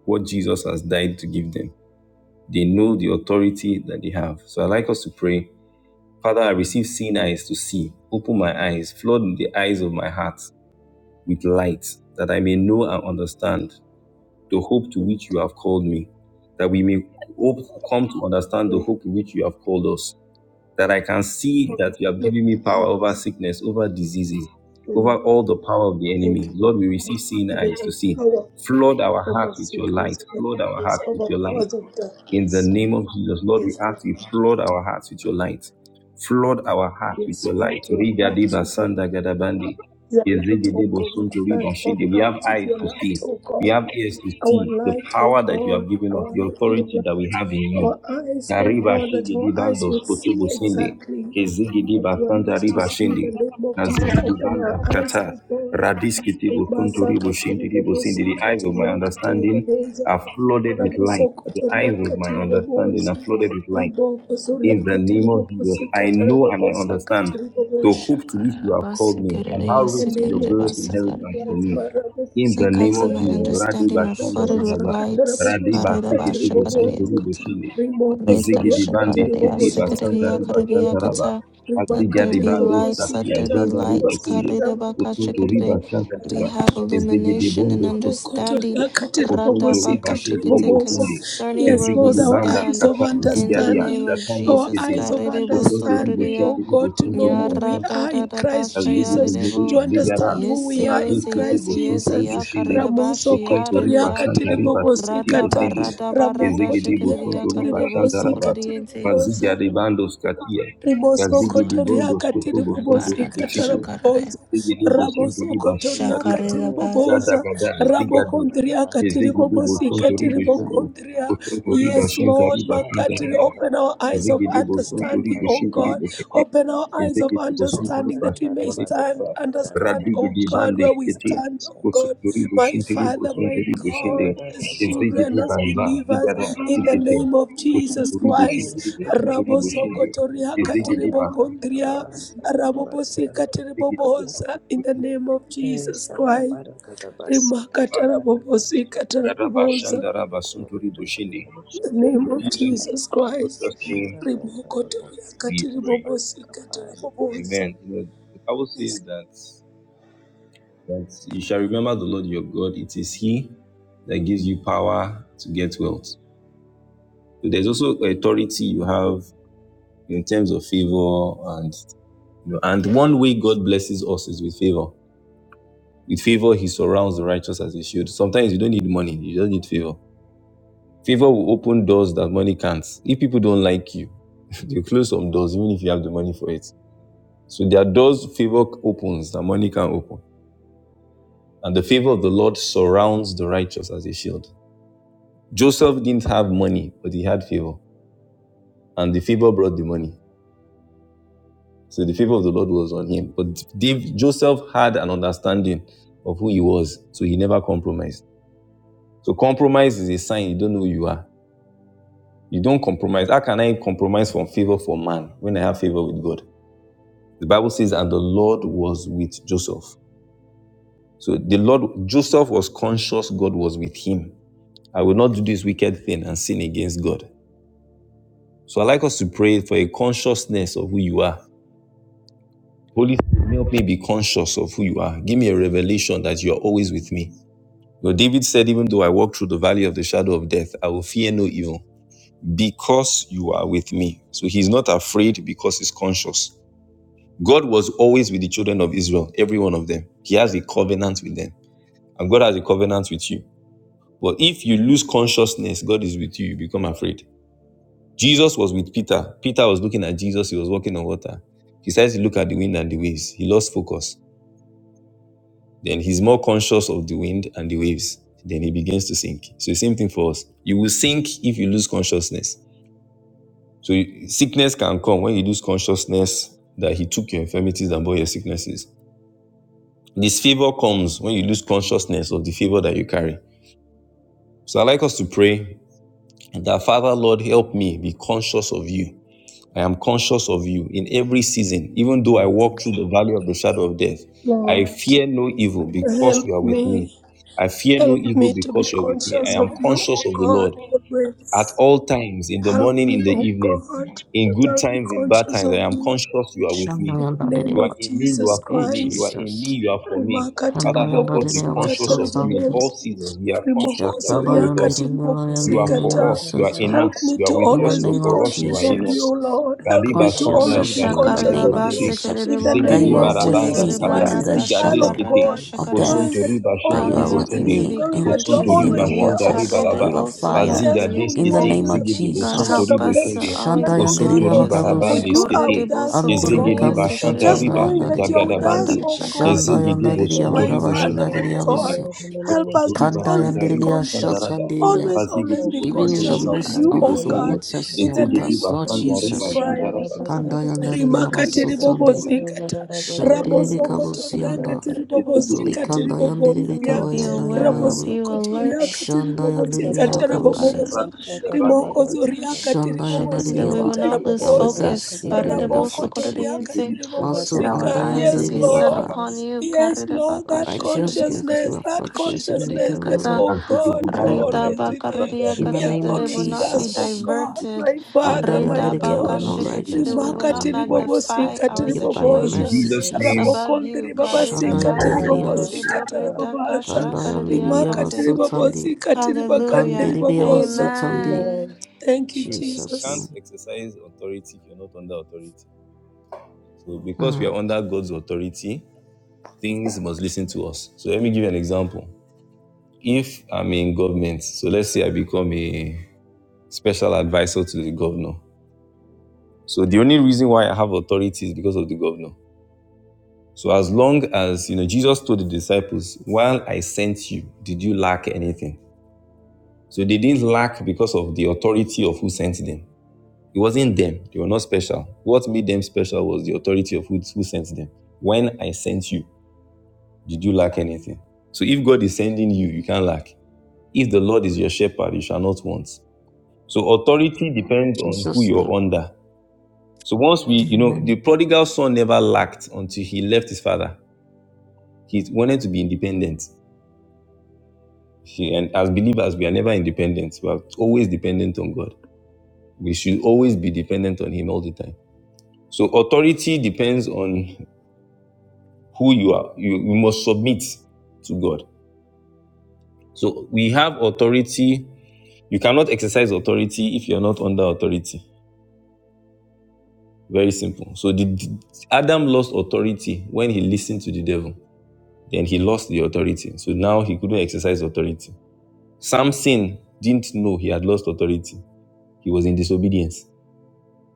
Speaker 7: what Jesus has died to give them. They know the authority that they have. So I like us to pray, Father, I receive seeing eyes to see. Open my eyes, flood the eyes of my heart with light, that I may know and understand the hope to which you have called me, that we may hope come to understand the
Speaker 5: Pray.
Speaker 7: hope to which you have called us, that I can see that you
Speaker 5: Let
Speaker 7: have
Speaker 5: me
Speaker 7: given me
Speaker 5: bless
Speaker 7: power
Speaker 5: you.
Speaker 7: over sickness, over diseases,
Speaker 5: Mm,
Speaker 7: over all the power of the
Speaker 5: Thank
Speaker 7: enemy.
Speaker 5: you, Lord.
Speaker 7: Lord, we
Speaker 5: Thank
Speaker 7: receive seeing
Speaker 5: you
Speaker 7: eyes to
Speaker 5: you
Speaker 7: see.
Speaker 5: power
Speaker 7: Flood our heart
Speaker 5: over
Speaker 7: with your
Speaker 5: sickness,
Speaker 7: light.
Speaker 5: over
Speaker 7: Flood our
Speaker 5: disease,
Speaker 7: heart with
Speaker 5: over
Speaker 7: your light.
Speaker 5: powers of
Speaker 7: In the
Speaker 5: darkness.
Speaker 7: name of Jesus, Lord, we
Speaker 5: Yes, Lord.
Speaker 7: ask you, flood our hearts with your light. Flood our hearts with
Speaker 5: Yes,
Speaker 7: your
Speaker 5: flood
Speaker 7: light.
Speaker 5: our
Speaker 7: Riga
Speaker 5: hearts
Speaker 7: diba
Speaker 5: with your,
Speaker 7: sanda gadabandi.
Speaker 5: your light,
Speaker 7: Yezige
Speaker 5: O
Speaker 7: debo
Speaker 5: God.
Speaker 7: sunto
Speaker 5: Flood
Speaker 7: riba
Speaker 5: our
Speaker 7: shinde. We have
Speaker 5: hearts with
Speaker 7: eyes
Speaker 5: your
Speaker 7: to
Speaker 5: light,
Speaker 7: see.
Speaker 5: O
Speaker 7: We
Speaker 5: God.
Speaker 7: have ears to
Speaker 5: Our
Speaker 7: see the
Speaker 5: light, oh
Speaker 7: power that you
Speaker 5: God,
Speaker 7: have given us,
Speaker 5: our
Speaker 7: the authority
Speaker 5: light,
Speaker 7: that we have in you.
Speaker 5: our eyes, oh
Speaker 7: Kariba
Speaker 5: God, that
Speaker 7: shigidi
Speaker 5: our eyes
Speaker 7: bando
Speaker 5: would see
Speaker 7: skotobo sindi.
Speaker 5: exactly
Speaker 7: Kezigidi
Speaker 5: what you want
Speaker 7: bakanda
Speaker 5: us to
Speaker 7: riba
Speaker 5: see. In the
Speaker 7: shindi.
Speaker 5: name of Jesus,
Speaker 7: Nazigidi
Speaker 5: open
Speaker 7: banda
Speaker 5: our eyes,
Speaker 7: kata.
Speaker 5: oh God.
Speaker 7: Radiski tibo
Speaker 5: Ribasa
Speaker 7: kunturi ribo sindi.
Speaker 5: katiribobosi
Speaker 7: The eyes of my
Speaker 5: katiria
Speaker 7: understanding
Speaker 5: katiribobosa.
Speaker 7: are flooded with
Speaker 5: Rabuso
Speaker 7: light. The
Speaker 5: kotoria
Speaker 7: eyes of my understanding are
Speaker 5: katiribobosa.
Speaker 7: flooded with light
Speaker 5: Riboko soria
Speaker 7: in the name of Jesus.
Speaker 5: katiribobosi
Speaker 7: I know and I
Speaker 5: katarabobosa
Speaker 7: understand the
Speaker 1: The
Speaker 5: katiribobosa
Speaker 7: hope to which you have called me, and how
Speaker 5: the
Speaker 7: rich is
Speaker 5: name
Speaker 7: your
Speaker 5: of
Speaker 7: glorious
Speaker 5: Jesus
Speaker 7: inheritance for
Speaker 5: Christ,
Speaker 7: me. In the name
Speaker 1: eyes of
Speaker 7: of
Speaker 1: my
Speaker 7: Jesus.
Speaker 5: Marabosikatarabobo,
Speaker 7: Radi
Speaker 1: understanding are
Speaker 7: Bashanda
Speaker 1: flooded with
Speaker 7: Gadaba,
Speaker 1: lights.
Speaker 7: Radi
Speaker 1: Let
Speaker 7: Basikiti Boshinturi
Speaker 5: Ribosakatarabobosikateribobozo,
Speaker 7: Boshindi, Izigidi Bandi Kiti Basanta Riba
Speaker 5: Rimokotoriakateribobosikatarabobozo,
Speaker 7: Shantaraba,
Speaker 1: there
Speaker 7: Azigadi
Speaker 1: be
Speaker 7: Bando
Speaker 1: lights, let
Speaker 7: Satia,
Speaker 1: there be
Speaker 7: Janda Riba
Speaker 1: lights.
Speaker 7: Kindi,
Speaker 5: Ribakateribobosikatarabobozo,
Speaker 7: Usuntu Riba
Speaker 1: We
Speaker 7: Shantariba,
Speaker 1: have
Speaker 5: Rabokundribobosakatarabobozo.
Speaker 7: Izigidi
Speaker 1: illumination and
Speaker 7: Bondo
Speaker 1: understanding
Speaker 7: Sotibi. Bosonto riba shindiri
Speaker 5: Mokotoriakateribobosikatiribobosa.
Speaker 7: bosondo.
Speaker 1: concerning
Speaker 5: Yes,
Speaker 1: where we
Speaker 5: Lord,
Speaker 7: Ezigidi
Speaker 5: our
Speaker 7: banda
Speaker 5: eyes
Speaker 1: stand
Speaker 5: of
Speaker 7: kata
Speaker 1: in the
Speaker 7: zigaria
Speaker 1: name
Speaker 5: understanding,
Speaker 1: of
Speaker 7: shatando
Speaker 5: our
Speaker 1: Jesus.
Speaker 7: skete.
Speaker 5: eyes of
Speaker 7: Bosonto ribo
Speaker 5: understanding, oh
Speaker 7: shindiri
Speaker 5: God, to
Speaker 7: bosonto
Speaker 5: know
Speaker 7: riba
Speaker 5: who
Speaker 1: Yara
Speaker 5: we
Speaker 1: da
Speaker 5: are
Speaker 1: da
Speaker 5: in
Speaker 1: da
Speaker 5: Christ
Speaker 1: basha yara
Speaker 5: Jesus, to
Speaker 1: debo.
Speaker 7: Zigara,
Speaker 5: understand who
Speaker 1: Yes,
Speaker 5: we are in
Speaker 7: Radis,
Speaker 1: yes, yes,
Speaker 7: Kitibo,
Speaker 5: Christ
Speaker 1: yes,
Speaker 7: Sunturi,
Speaker 5: Jesus.
Speaker 1: ya
Speaker 7: Shili,
Speaker 1: karida
Speaker 5: Ramoso
Speaker 1: bashi yara
Speaker 7: Sunturi,
Speaker 1: dia.
Speaker 7: Bashantari, Basitibo,
Speaker 1: Rada
Speaker 5: kotoriakateribobosikata,
Speaker 7: Sindi,
Speaker 1: barada barada
Speaker 7: Ezegidibo,
Speaker 1: shakaridia
Speaker 7: Sunturi,
Speaker 1: karidebo
Speaker 7: Bashantaraba,
Speaker 1: sukuridiente.
Speaker 7: Maziga
Speaker 5: ramokotoriakateribobosikatiribobosa.
Speaker 7: de Bandos, Katia,
Speaker 8: Thank
Speaker 5: Riboso
Speaker 7: Gazigidi
Speaker 1: Sword
Speaker 5: kotoriaka
Speaker 7: Bondos,
Speaker 5: katiri
Speaker 7: Kotobo,
Speaker 1: and
Speaker 7: Sunturi,
Speaker 5: bobosika
Speaker 1: barada
Speaker 5: tara
Speaker 7: Shili,
Speaker 1: shakarade.
Speaker 5: boboza.
Speaker 7: Ezegidibo, Sunturi,
Speaker 5: Raboso kotoriaka
Speaker 7: Bashantariba,
Speaker 5: tiri
Speaker 1: Shakarida bas.
Speaker 7: Gada
Speaker 5: boboza.
Speaker 7: Gada, Zigadi,
Speaker 5: Rabokondriaka katiri
Speaker 7: Ezegidibo,
Speaker 5: bobosika
Speaker 7: Sunturi,
Speaker 5: tiri
Speaker 7: Shili,
Speaker 5: bokondria.
Speaker 7: Sunturi,
Speaker 5: Yes, Lord,
Speaker 7: Bashantari,
Speaker 5: makatiri,
Speaker 7: Bashantaraba,
Speaker 5: open our eyes of
Speaker 7: Zigidi Boston to
Speaker 5: understanding, O
Speaker 7: read
Speaker 5: God.
Speaker 7: the
Speaker 5: Open our eyes of
Speaker 7: Ezekiti Bosunduri
Speaker 5: understanding that we may
Speaker 7: Bashari Baba
Speaker 5: stand, understand, O
Speaker 7: Radigi
Speaker 5: God,
Speaker 7: Bandi
Speaker 5: where we
Speaker 7: Kiti
Speaker 5: stand, O God,
Speaker 7: Bosunduri
Speaker 5: my
Speaker 7: Bushintiri
Speaker 5: Father, my
Speaker 7: Bosunduri Bushinde
Speaker 5: God, as
Speaker 7: Ezekiti
Speaker 5: children, as
Speaker 7: Baba Vigara
Speaker 5: believers, in the
Speaker 7: Tikiti
Speaker 5: name of Jesus
Speaker 7: Bosunduri Bushintiri
Speaker 5: Christ,
Speaker 7: Bosunduri
Speaker 5: Rabo
Speaker 7: Bushinde
Speaker 5: Sokotoria
Speaker 7: Ezekiti
Speaker 5: Kateribo
Speaker 7: Baba
Speaker 5: Kondria, Rabo Kateribo
Speaker 7: Vigiti
Speaker 5: Bosa,
Speaker 7: Bosunduri
Speaker 5: in the
Speaker 7: Bushinde
Speaker 5: name of
Speaker 8: Eh,
Speaker 5: Jesus Christ,
Speaker 8: sakabara da basa
Speaker 7: Baba
Speaker 8: kabara
Speaker 5: Rimakatarabo
Speaker 8: da basa
Speaker 5: Katarabo
Speaker 8: kabara
Speaker 7: Garaba
Speaker 8: da
Speaker 5: Bosa,
Speaker 7: Shandaraba Sunturi Bushinde
Speaker 5: in the
Speaker 7: In
Speaker 5: name of
Speaker 7: Jesus'
Speaker 5: Jesus Christ,
Speaker 7: precious name
Speaker 5: Rimokotoria
Speaker 7: we
Speaker 5: Kateribo
Speaker 7: pray.
Speaker 5: Bosi Katarabo Bosa,
Speaker 7: Amen. You know, the Bible says
Speaker 5: Yes,
Speaker 7: that But you shall remember the Lord your God. It is He that gives you power to get wealth. So there's also authority you have in terms of favor and you know, and one way God blesses us is with favor. With favor, He surrounds the righteous as He should. Sometimes you don't need money; you just need favor. Favor will open doors that money can't. If people don't like you, they close some doors, even if you have the money for it. So there are doors favor opens that money can not open, and the favor of the Lord surrounds the righteous as a shield. Joseph didn't have money, but he had favor, and the favor brought the money. So the favor of the Lord was on him. But Dave, Joseph had an understanding of who he was, so he never compromised. So compromise is a sign you don't know who you are. You don't compromise. How can I compromise from favor for man when I have favor with God? The Bible says, and the Lord was with Joseph. So the Lord, Joseph was conscious God was with him. I will not do this wicked thing and sin against God. So I like us to pray for a consciousness of who you are Holy Spirit, help me be conscious of who you are. Give me a revelation that you are always with me. You know, David said, even though I walk through the valley of the shadow of death, I will fear no evil because you are with me. So he's not afraid because he's conscious. God was always with the children of Israel, every one of them. He has a covenant with them, and God has a covenant with you. But if you lose consciousness, God is with you, you become afraid. Jesus was with Peter. Peter was looking at Jesus, he was walking on water. He started to look at the wind and the waves. He lost focus. Then he's more conscious of the wind and the waves. Then he begins to sink. So the same thing for us. You will sink if you lose consciousness. So you- sickness can come when you lose consciousness that he took your infirmities and bore your sicknesses. Disfavor comes when you lose consciousness of the favor that you carry. So I like us to pray that Father, Lord, help me be conscious of you I am conscious of you in every season. Even though I walk through the valley of the shadow of death, I
Speaker 5: Lord,
Speaker 7: fear no evil because
Speaker 5: help
Speaker 7: you are with me.
Speaker 5: me.
Speaker 7: I fear no
Speaker 5: Help
Speaker 7: evil
Speaker 5: me to be
Speaker 7: because you are with me. I
Speaker 5: conscious
Speaker 7: am
Speaker 5: of you, O
Speaker 7: conscious of the
Speaker 5: God,
Speaker 7: Lord at
Speaker 5: always.
Speaker 7: all times, in the
Speaker 5: Help
Speaker 7: morning, in
Speaker 5: me,
Speaker 7: the
Speaker 5: O
Speaker 7: evening,
Speaker 5: God,
Speaker 7: in
Speaker 5: that
Speaker 7: good
Speaker 5: I'll be
Speaker 7: times, in bad
Speaker 5: conscious
Speaker 7: times. I
Speaker 5: of
Speaker 7: am
Speaker 5: you.
Speaker 7: conscious you are with me.
Speaker 5: In the name
Speaker 7: You
Speaker 9: Shandayandaria,
Speaker 7: are
Speaker 5: of
Speaker 7: in me, you
Speaker 5: Jesus
Speaker 7: are
Speaker 9: Thank
Speaker 7: for
Speaker 9: you,
Speaker 7: me. You are
Speaker 5: Christ.
Speaker 7: in
Speaker 9: Jesus.
Speaker 7: me, you are for me.
Speaker 5: Remarkable,
Speaker 7: Father, help
Speaker 5: terrible,
Speaker 7: us be
Speaker 9: Shandayandaria,
Speaker 7: conscious
Speaker 9: so
Speaker 7: of you in
Speaker 9: thank
Speaker 5: terrible.
Speaker 9: you.
Speaker 7: all seasons. We are conscious that
Speaker 5: Rimokoso
Speaker 7: you are with us.
Speaker 5: riakati
Speaker 7: You are for
Speaker 9: Shakabayandaria,
Speaker 5: ribobosikata.
Speaker 7: us.
Speaker 9: so
Speaker 7: You are
Speaker 9: thank
Speaker 7: in
Speaker 5: Help
Speaker 7: us.
Speaker 5: me
Speaker 7: You are
Speaker 5: to
Speaker 7: with
Speaker 9: In the
Speaker 7: us.
Speaker 5: always
Speaker 7: You are
Speaker 5: be
Speaker 9: name of
Speaker 7: for us. You
Speaker 5: conscious
Speaker 7: are
Speaker 5: of
Speaker 7: in
Speaker 9: Jesus,
Speaker 7: us.
Speaker 5: you, Lord. Help
Speaker 7: Gadiba
Speaker 5: me to
Speaker 7: sanda
Speaker 9: conscious
Speaker 1: Na
Speaker 5: always
Speaker 9: of
Speaker 5: be
Speaker 7: riba
Speaker 9: you in the
Speaker 7: shinti
Speaker 5: conscious
Speaker 1: shakarida
Speaker 9: name
Speaker 5: of
Speaker 7: bo
Speaker 9: of
Speaker 1: bas
Speaker 7: sende.
Speaker 5: you.
Speaker 9: Jesus,
Speaker 5: In
Speaker 8: da
Speaker 5: the
Speaker 1: sekaridebo
Speaker 8: da
Speaker 9: that
Speaker 8: Father
Speaker 5: name
Speaker 9: you
Speaker 1: redie
Speaker 8: our
Speaker 9: are
Speaker 5: of
Speaker 9: with
Speaker 7: barabanda
Speaker 8: God,
Speaker 9: me
Speaker 1: sekarida
Speaker 5: Jesus
Speaker 8: we da
Speaker 9: even
Speaker 5: Christ,
Speaker 7: skata.
Speaker 9: in
Speaker 5: as
Speaker 9: the
Speaker 5: a
Speaker 1: barata
Speaker 8: conscious
Speaker 7: Diga
Speaker 8: da
Speaker 5: child
Speaker 9: shadow
Speaker 8: da
Speaker 5: of
Speaker 8: da
Speaker 7: deskete.
Speaker 1: shakarada
Speaker 8: we
Speaker 5: God,
Speaker 8: need
Speaker 9: of
Speaker 8: da of
Speaker 1: shakarida.
Speaker 5: knowing
Speaker 7: Osunto
Speaker 5: that
Speaker 9: death,
Speaker 7: riba
Speaker 5: you're
Speaker 9: that
Speaker 7: shinti
Speaker 9: you
Speaker 1: Father,
Speaker 9: are
Speaker 5: always
Speaker 7: bo
Speaker 1: help
Speaker 5: with
Speaker 9: with
Speaker 1: me to
Speaker 5: me,
Speaker 9: me
Speaker 1: be
Speaker 5: knowing
Speaker 9: in
Speaker 5: that
Speaker 8: your
Speaker 5: you're
Speaker 7: Osunto
Speaker 9: even
Speaker 1: conscious
Speaker 8: da
Speaker 9: in the
Speaker 7: riba
Speaker 1: of
Speaker 8: we
Speaker 5: always there,
Speaker 1: you.
Speaker 8: need
Speaker 7: shanda
Speaker 5: oh
Speaker 7: riba
Speaker 9: waters,
Speaker 8: conscious
Speaker 7: raba.
Speaker 5: God.
Speaker 8: of your word, we need conscious of
Speaker 9: in the
Speaker 1: Karidebo
Speaker 8: your word, we need
Speaker 9: fire,
Speaker 5: Yes,
Speaker 7: Baziga
Speaker 5: though
Speaker 8: conscious
Speaker 1: sukuridie
Speaker 5: we
Speaker 8: of
Speaker 9: in the
Speaker 8: your
Speaker 1: kete.
Speaker 8: word.
Speaker 5: walk
Speaker 7: deskete.
Speaker 9: name
Speaker 5: through the
Speaker 9: of
Speaker 7: Zigi
Speaker 5: valley of the
Speaker 1: God
Speaker 7: bosunto
Speaker 9: Jesus.
Speaker 5: shadow
Speaker 1: help
Speaker 8: Every
Speaker 5: of
Speaker 7: ribo
Speaker 1: us
Speaker 5: death,
Speaker 8: process
Speaker 1: to
Speaker 5: we
Speaker 7: sende.
Speaker 5: will
Speaker 8: of
Speaker 5: fear
Speaker 1: always
Speaker 8: the
Speaker 1: be
Speaker 5: no
Speaker 8: Lord
Speaker 7: Osunto
Speaker 9: Shandayandaria,
Speaker 8: in
Speaker 5: evil,
Speaker 8: the
Speaker 7: riba
Speaker 1: conscious
Speaker 8: name of
Speaker 1: of
Speaker 5: for
Speaker 1: you.
Speaker 7: rabande
Speaker 9: Vagabusi,
Speaker 5: you
Speaker 8: Jesus,
Speaker 5: are
Speaker 8: we
Speaker 1: Korede
Speaker 5: with
Speaker 7: skete.
Speaker 8: make a
Speaker 5: us,
Speaker 1: boso
Speaker 5: O
Speaker 8: conscious
Speaker 1: korede
Speaker 7: Zigi
Speaker 5: God.
Speaker 9: Andiribikabu,
Speaker 1: yese
Speaker 7: bashanta
Speaker 1: korede
Speaker 5: Just
Speaker 7: riba
Speaker 5: knowing
Speaker 7: sunta
Speaker 5: that
Speaker 9: Shotandayandaria.
Speaker 5: you
Speaker 8: of
Speaker 5: are
Speaker 8: the
Speaker 5: with
Speaker 1: rata
Speaker 5: us,
Speaker 8: Lord
Speaker 7: gadabande.
Speaker 5: O
Speaker 1: shaka.
Speaker 5: God,
Speaker 9: Shanda
Speaker 5: we
Speaker 7: Gezege debo
Speaker 5: thank you,
Speaker 9: Yandaria
Speaker 7: sunto
Speaker 5: my
Speaker 7: ribo
Speaker 9: Bagaba
Speaker 5: Father,
Speaker 7: shinto
Speaker 5: my
Speaker 7: ribo
Speaker 9: Yandaria
Speaker 7: ende.
Speaker 5: God.
Speaker 9: Busi.
Speaker 8: in the
Speaker 7: Ke
Speaker 8: name
Speaker 5: Help
Speaker 7: sunto
Speaker 5: us to
Speaker 7: riba
Speaker 9: Kanda
Speaker 5: always
Speaker 7: shanta
Speaker 5: be
Speaker 9: Yandiria
Speaker 7: riba
Speaker 9: ya
Speaker 7: shanta
Speaker 5: conscious.
Speaker 7: rada.
Speaker 9: shatandiri ya.
Speaker 5: Always,
Speaker 7: Bazege
Speaker 5: always be
Speaker 7: debo
Speaker 9: Even
Speaker 1: rata
Speaker 7: sunto
Speaker 9: in the
Speaker 5: conscious
Speaker 7: ribo
Speaker 1: Shaka
Speaker 5: of
Speaker 7: shinto
Speaker 9: midst
Speaker 5: you,
Speaker 9: of
Speaker 7: ribo
Speaker 5: O
Speaker 1: rava.
Speaker 9: the
Speaker 7: sende.
Speaker 5: God,
Speaker 8: of Jesus.
Speaker 9: waters, you
Speaker 5: in
Speaker 9: are
Speaker 5: the
Speaker 7: Gezege
Speaker 9: with
Speaker 5: name
Speaker 9: us,
Speaker 7: deba
Speaker 5: of
Speaker 9: Lord
Speaker 7: shanta
Speaker 8: Yes, the
Speaker 1: Yese
Speaker 5: Jesus
Speaker 7: riba
Speaker 9: Jesus.
Speaker 1: korede
Speaker 7: shanta
Speaker 5: Christ
Speaker 8: Kebalara
Speaker 1: boso
Speaker 9: Kanda
Speaker 1: korede
Speaker 8: Bakasa,
Speaker 1: boso
Speaker 9: Yandaria
Speaker 1: korede
Speaker 5: rimakati
Speaker 1: yese
Speaker 8: yes, the
Speaker 9: Basutandi.
Speaker 1: korede.
Speaker 5: ribobosikata
Speaker 8: Kebalara
Speaker 1: Se
Speaker 8: Bazaka,
Speaker 1: korede
Speaker 9: Shandirika
Speaker 1: boso korede
Speaker 8: Bakasa,
Speaker 1: ye
Speaker 9: Busianda.
Speaker 5: rabosokotoriakati
Speaker 1: korede
Speaker 7: Gezege
Speaker 1: boso
Speaker 7: debo sunto
Speaker 8: Bakasa,
Speaker 5: ribobosikati
Speaker 1: korede.
Speaker 9: Likanda
Speaker 7: ribo
Speaker 1: That
Speaker 9: Yandirika
Speaker 5: ribobondria
Speaker 1: we'll be
Speaker 8: Ose
Speaker 9: Yanda
Speaker 8: ke
Speaker 1: aware
Speaker 8: ke
Speaker 1: of
Speaker 8: ke
Speaker 9: Yabayabu.
Speaker 1: you,
Speaker 8: ke ke ke,
Speaker 1: alert.
Speaker 5: rabosokotoriakati
Speaker 9: Shanda Yandiria
Speaker 8: basha
Speaker 1: Rita
Speaker 5: ribobosikata
Speaker 8: ka da da da
Speaker 9: Bakabusi.
Speaker 1: bakarada
Speaker 5: raboboza
Speaker 7: rada.
Speaker 8: basha ka da
Speaker 7: Zabando
Speaker 8: ba
Speaker 1: shakarada yakata.
Speaker 5: rimokozoriakati
Speaker 9: Shanda
Speaker 1: Shaken, That
Speaker 9: Yandaria
Speaker 1: we will
Speaker 9: Ba.
Speaker 5: ribobosikata
Speaker 1: not
Speaker 7: debo
Speaker 9: You
Speaker 1: lose
Speaker 9: are
Speaker 7: sunto
Speaker 9: with
Speaker 7: ribo
Speaker 5: raboboza
Speaker 8: da
Speaker 9: us,
Speaker 1: focus.
Speaker 8: ka
Speaker 9: even
Speaker 1: Korede
Speaker 9: in
Speaker 7: sende.
Speaker 8: da,
Speaker 1: boso korede
Speaker 7: Ke
Speaker 9: affliction.
Speaker 7: sunto
Speaker 1: yense.
Speaker 5: rabokotoriakati
Speaker 7: ribo
Speaker 8: Kabato
Speaker 9: Masu
Speaker 1: that our
Speaker 5: ribobosika
Speaker 9: Anda
Speaker 8: kabato
Speaker 1: eyes will
Speaker 9: yandiri
Speaker 5: yes
Speaker 1: be
Speaker 8: bato
Speaker 1: set
Speaker 5: lord
Speaker 9: Yandiria
Speaker 8: kataba
Speaker 1: upon you.
Speaker 5: Yes, Lord, that
Speaker 9: Righteous go through
Speaker 5: consciousness, that
Speaker 9: afflictions
Speaker 8: kosta
Speaker 9: and be
Speaker 5: consciousness
Speaker 8: katada
Speaker 5: that,
Speaker 1: Karirabakashikaridiakaridiyakashikiriyakata.
Speaker 9: delivered
Speaker 5: oh
Speaker 9: from
Speaker 5: God,
Speaker 7: deba
Speaker 5: you're
Speaker 8: kaba
Speaker 9: all of
Speaker 7: shanta
Speaker 8: kato
Speaker 5: always
Speaker 9: them.
Speaker 7: riba.
Speaker 5: with
Speaker 8: kasta
Speaker 5: me.
Speaker 8: kata
Speaker 7: Shanta
Speaker 9: In
Speaker 7: riba.
Speaker 5: We
Speaker 9: the
Speaker 8: bara
Speaker 5: are
Speaker 1: Ritabakaridiyakata,
Speaker 9: name
Speaker 1: That
Speaker 8: bara
Speaker 9: of
Speaker 1: it will
Speaker 5: always with
Speaker 1: not
Speaker 8: bara
Speaker 1: be
Speaker 5: us, oh
Speaker 9: Jesus.
Speaker 7: Sunto
Speaker 5: God,
Speaker 7: ribo
Speaker 1: diverted.
Speaker 5: my
Speaker 7: shinto
Speaker 8: ye
Speaker 7: ribo.
Speaker 5: Father,
Speaker 9: Hallelujah.
Speaker 8: kaza
Speaker 5: my
Speaker 9: Hallelujah.
Speaker 7: Ke
Speaker 8: kaza
Speaker 9: We're
Speaker 5: God.
Speaker 7: sunto
Speaker 9: not
Speaker 8: bato
Speaker 1: Ritabakashikata,
Speaker 9: righteous
Speaker 1: That
Speaker 8: kata
Speaker 1: we
Speaker 9: by our
Speaker 1: will
Speaker 5: Rimaka
Speaker 1: not
Speaker 9: own works,
Speaker 1: magnify
Speaker 5: tiribobosika
Speaker 8: kosta
Speaker 1: our
Speaker 9: but yet by
Speaker 8: kata
Speaker 9: your
Speaker 7: In
Speaker 5: tiribobosa.
Speaker 1: situations
Speaker 9: mercy,
Speaker 7: Jesus'
Speaker 8: kata
Speaker 7: name,
Speaker 9: Jesus.
Speaker 1: above
Speaker 5: Rabokonde
Speaker 1: you.
Speaker 8: kosta
Speaker 1: Karida
Speaker 9: Shaddai,
Speaker 7: we
Speaker 5: ribabasika
Speaker 7: pray.
Speaker 8: kabala
Speaker 9: hallelujah,
Speaker 8: rosta
Speaker 5: tiribobosika
Speaker 9: Bushi.
Speaker 8: ka
Speaker 5: tarabobosa.
Speaker 9: Kandai, hallelujah,
Speaker 5: Rimaka
Speaker 1: Karirabasikiridiboritakashakaridiyakate.
Speaker 9: Basutandi.
Speaker 5: tiribobosika tiribagande
Speaker 1: Hallelujah.
Speaker 9: Kandiri,
Speaker 5: ribobosa.
Speaker 9: Basutandi.
Speaker 1: Amen.
Speaker 8: love
Speaker 5: Thank you,
Speaker 7: Right? You
Speaker 9: Jesus'
Speaker 7: can't
Speaker 5: Jesus.
Speaker 9: name.
Speaker 7: exercise authority if you're not under authority. So, because we are
Speaker 9: Mm,
Speaker 7: under God's authority, things must listen to us. So, let me give you an example. If I'm in government, so let's say I become a special advisor to the governor. So, the only reason why I have authority is because of the governor. So, as long as you know, Jesus told the disciples, "While I sent you, did you lack anything?" So, they didn't lack because of the authority of who sent them. It wasn't them. They were not special. What made them special was the authority of who, who sent them. When I sent you, did you lack anything? So if God is sending you, you can't lack. If the Lord is your shepherd, you shall not want. So authority depends on who
Speaker 9: Jesus'
Speaker 7: you're
Speaker 9: name.
Speaker 7: under. So once we, you know, the
Speaker 9: Amen.
Speaker 7: prodigal son never lacked until he left his father. He wanted to be independent. He, and as believers, we are never independent. We are always dependent on God. We should always be dependent on Him all the time. So authority depends on who you are. You, you must submit to God. So we have authority. You cannot exercise authority if you're not under authority. Very simple. So the, the- Adam lost authority when he listened to the devil. Then he lost the authority. So now he couldn't exercise authority. Samson didn't know he had lost authority. He was in disobedience.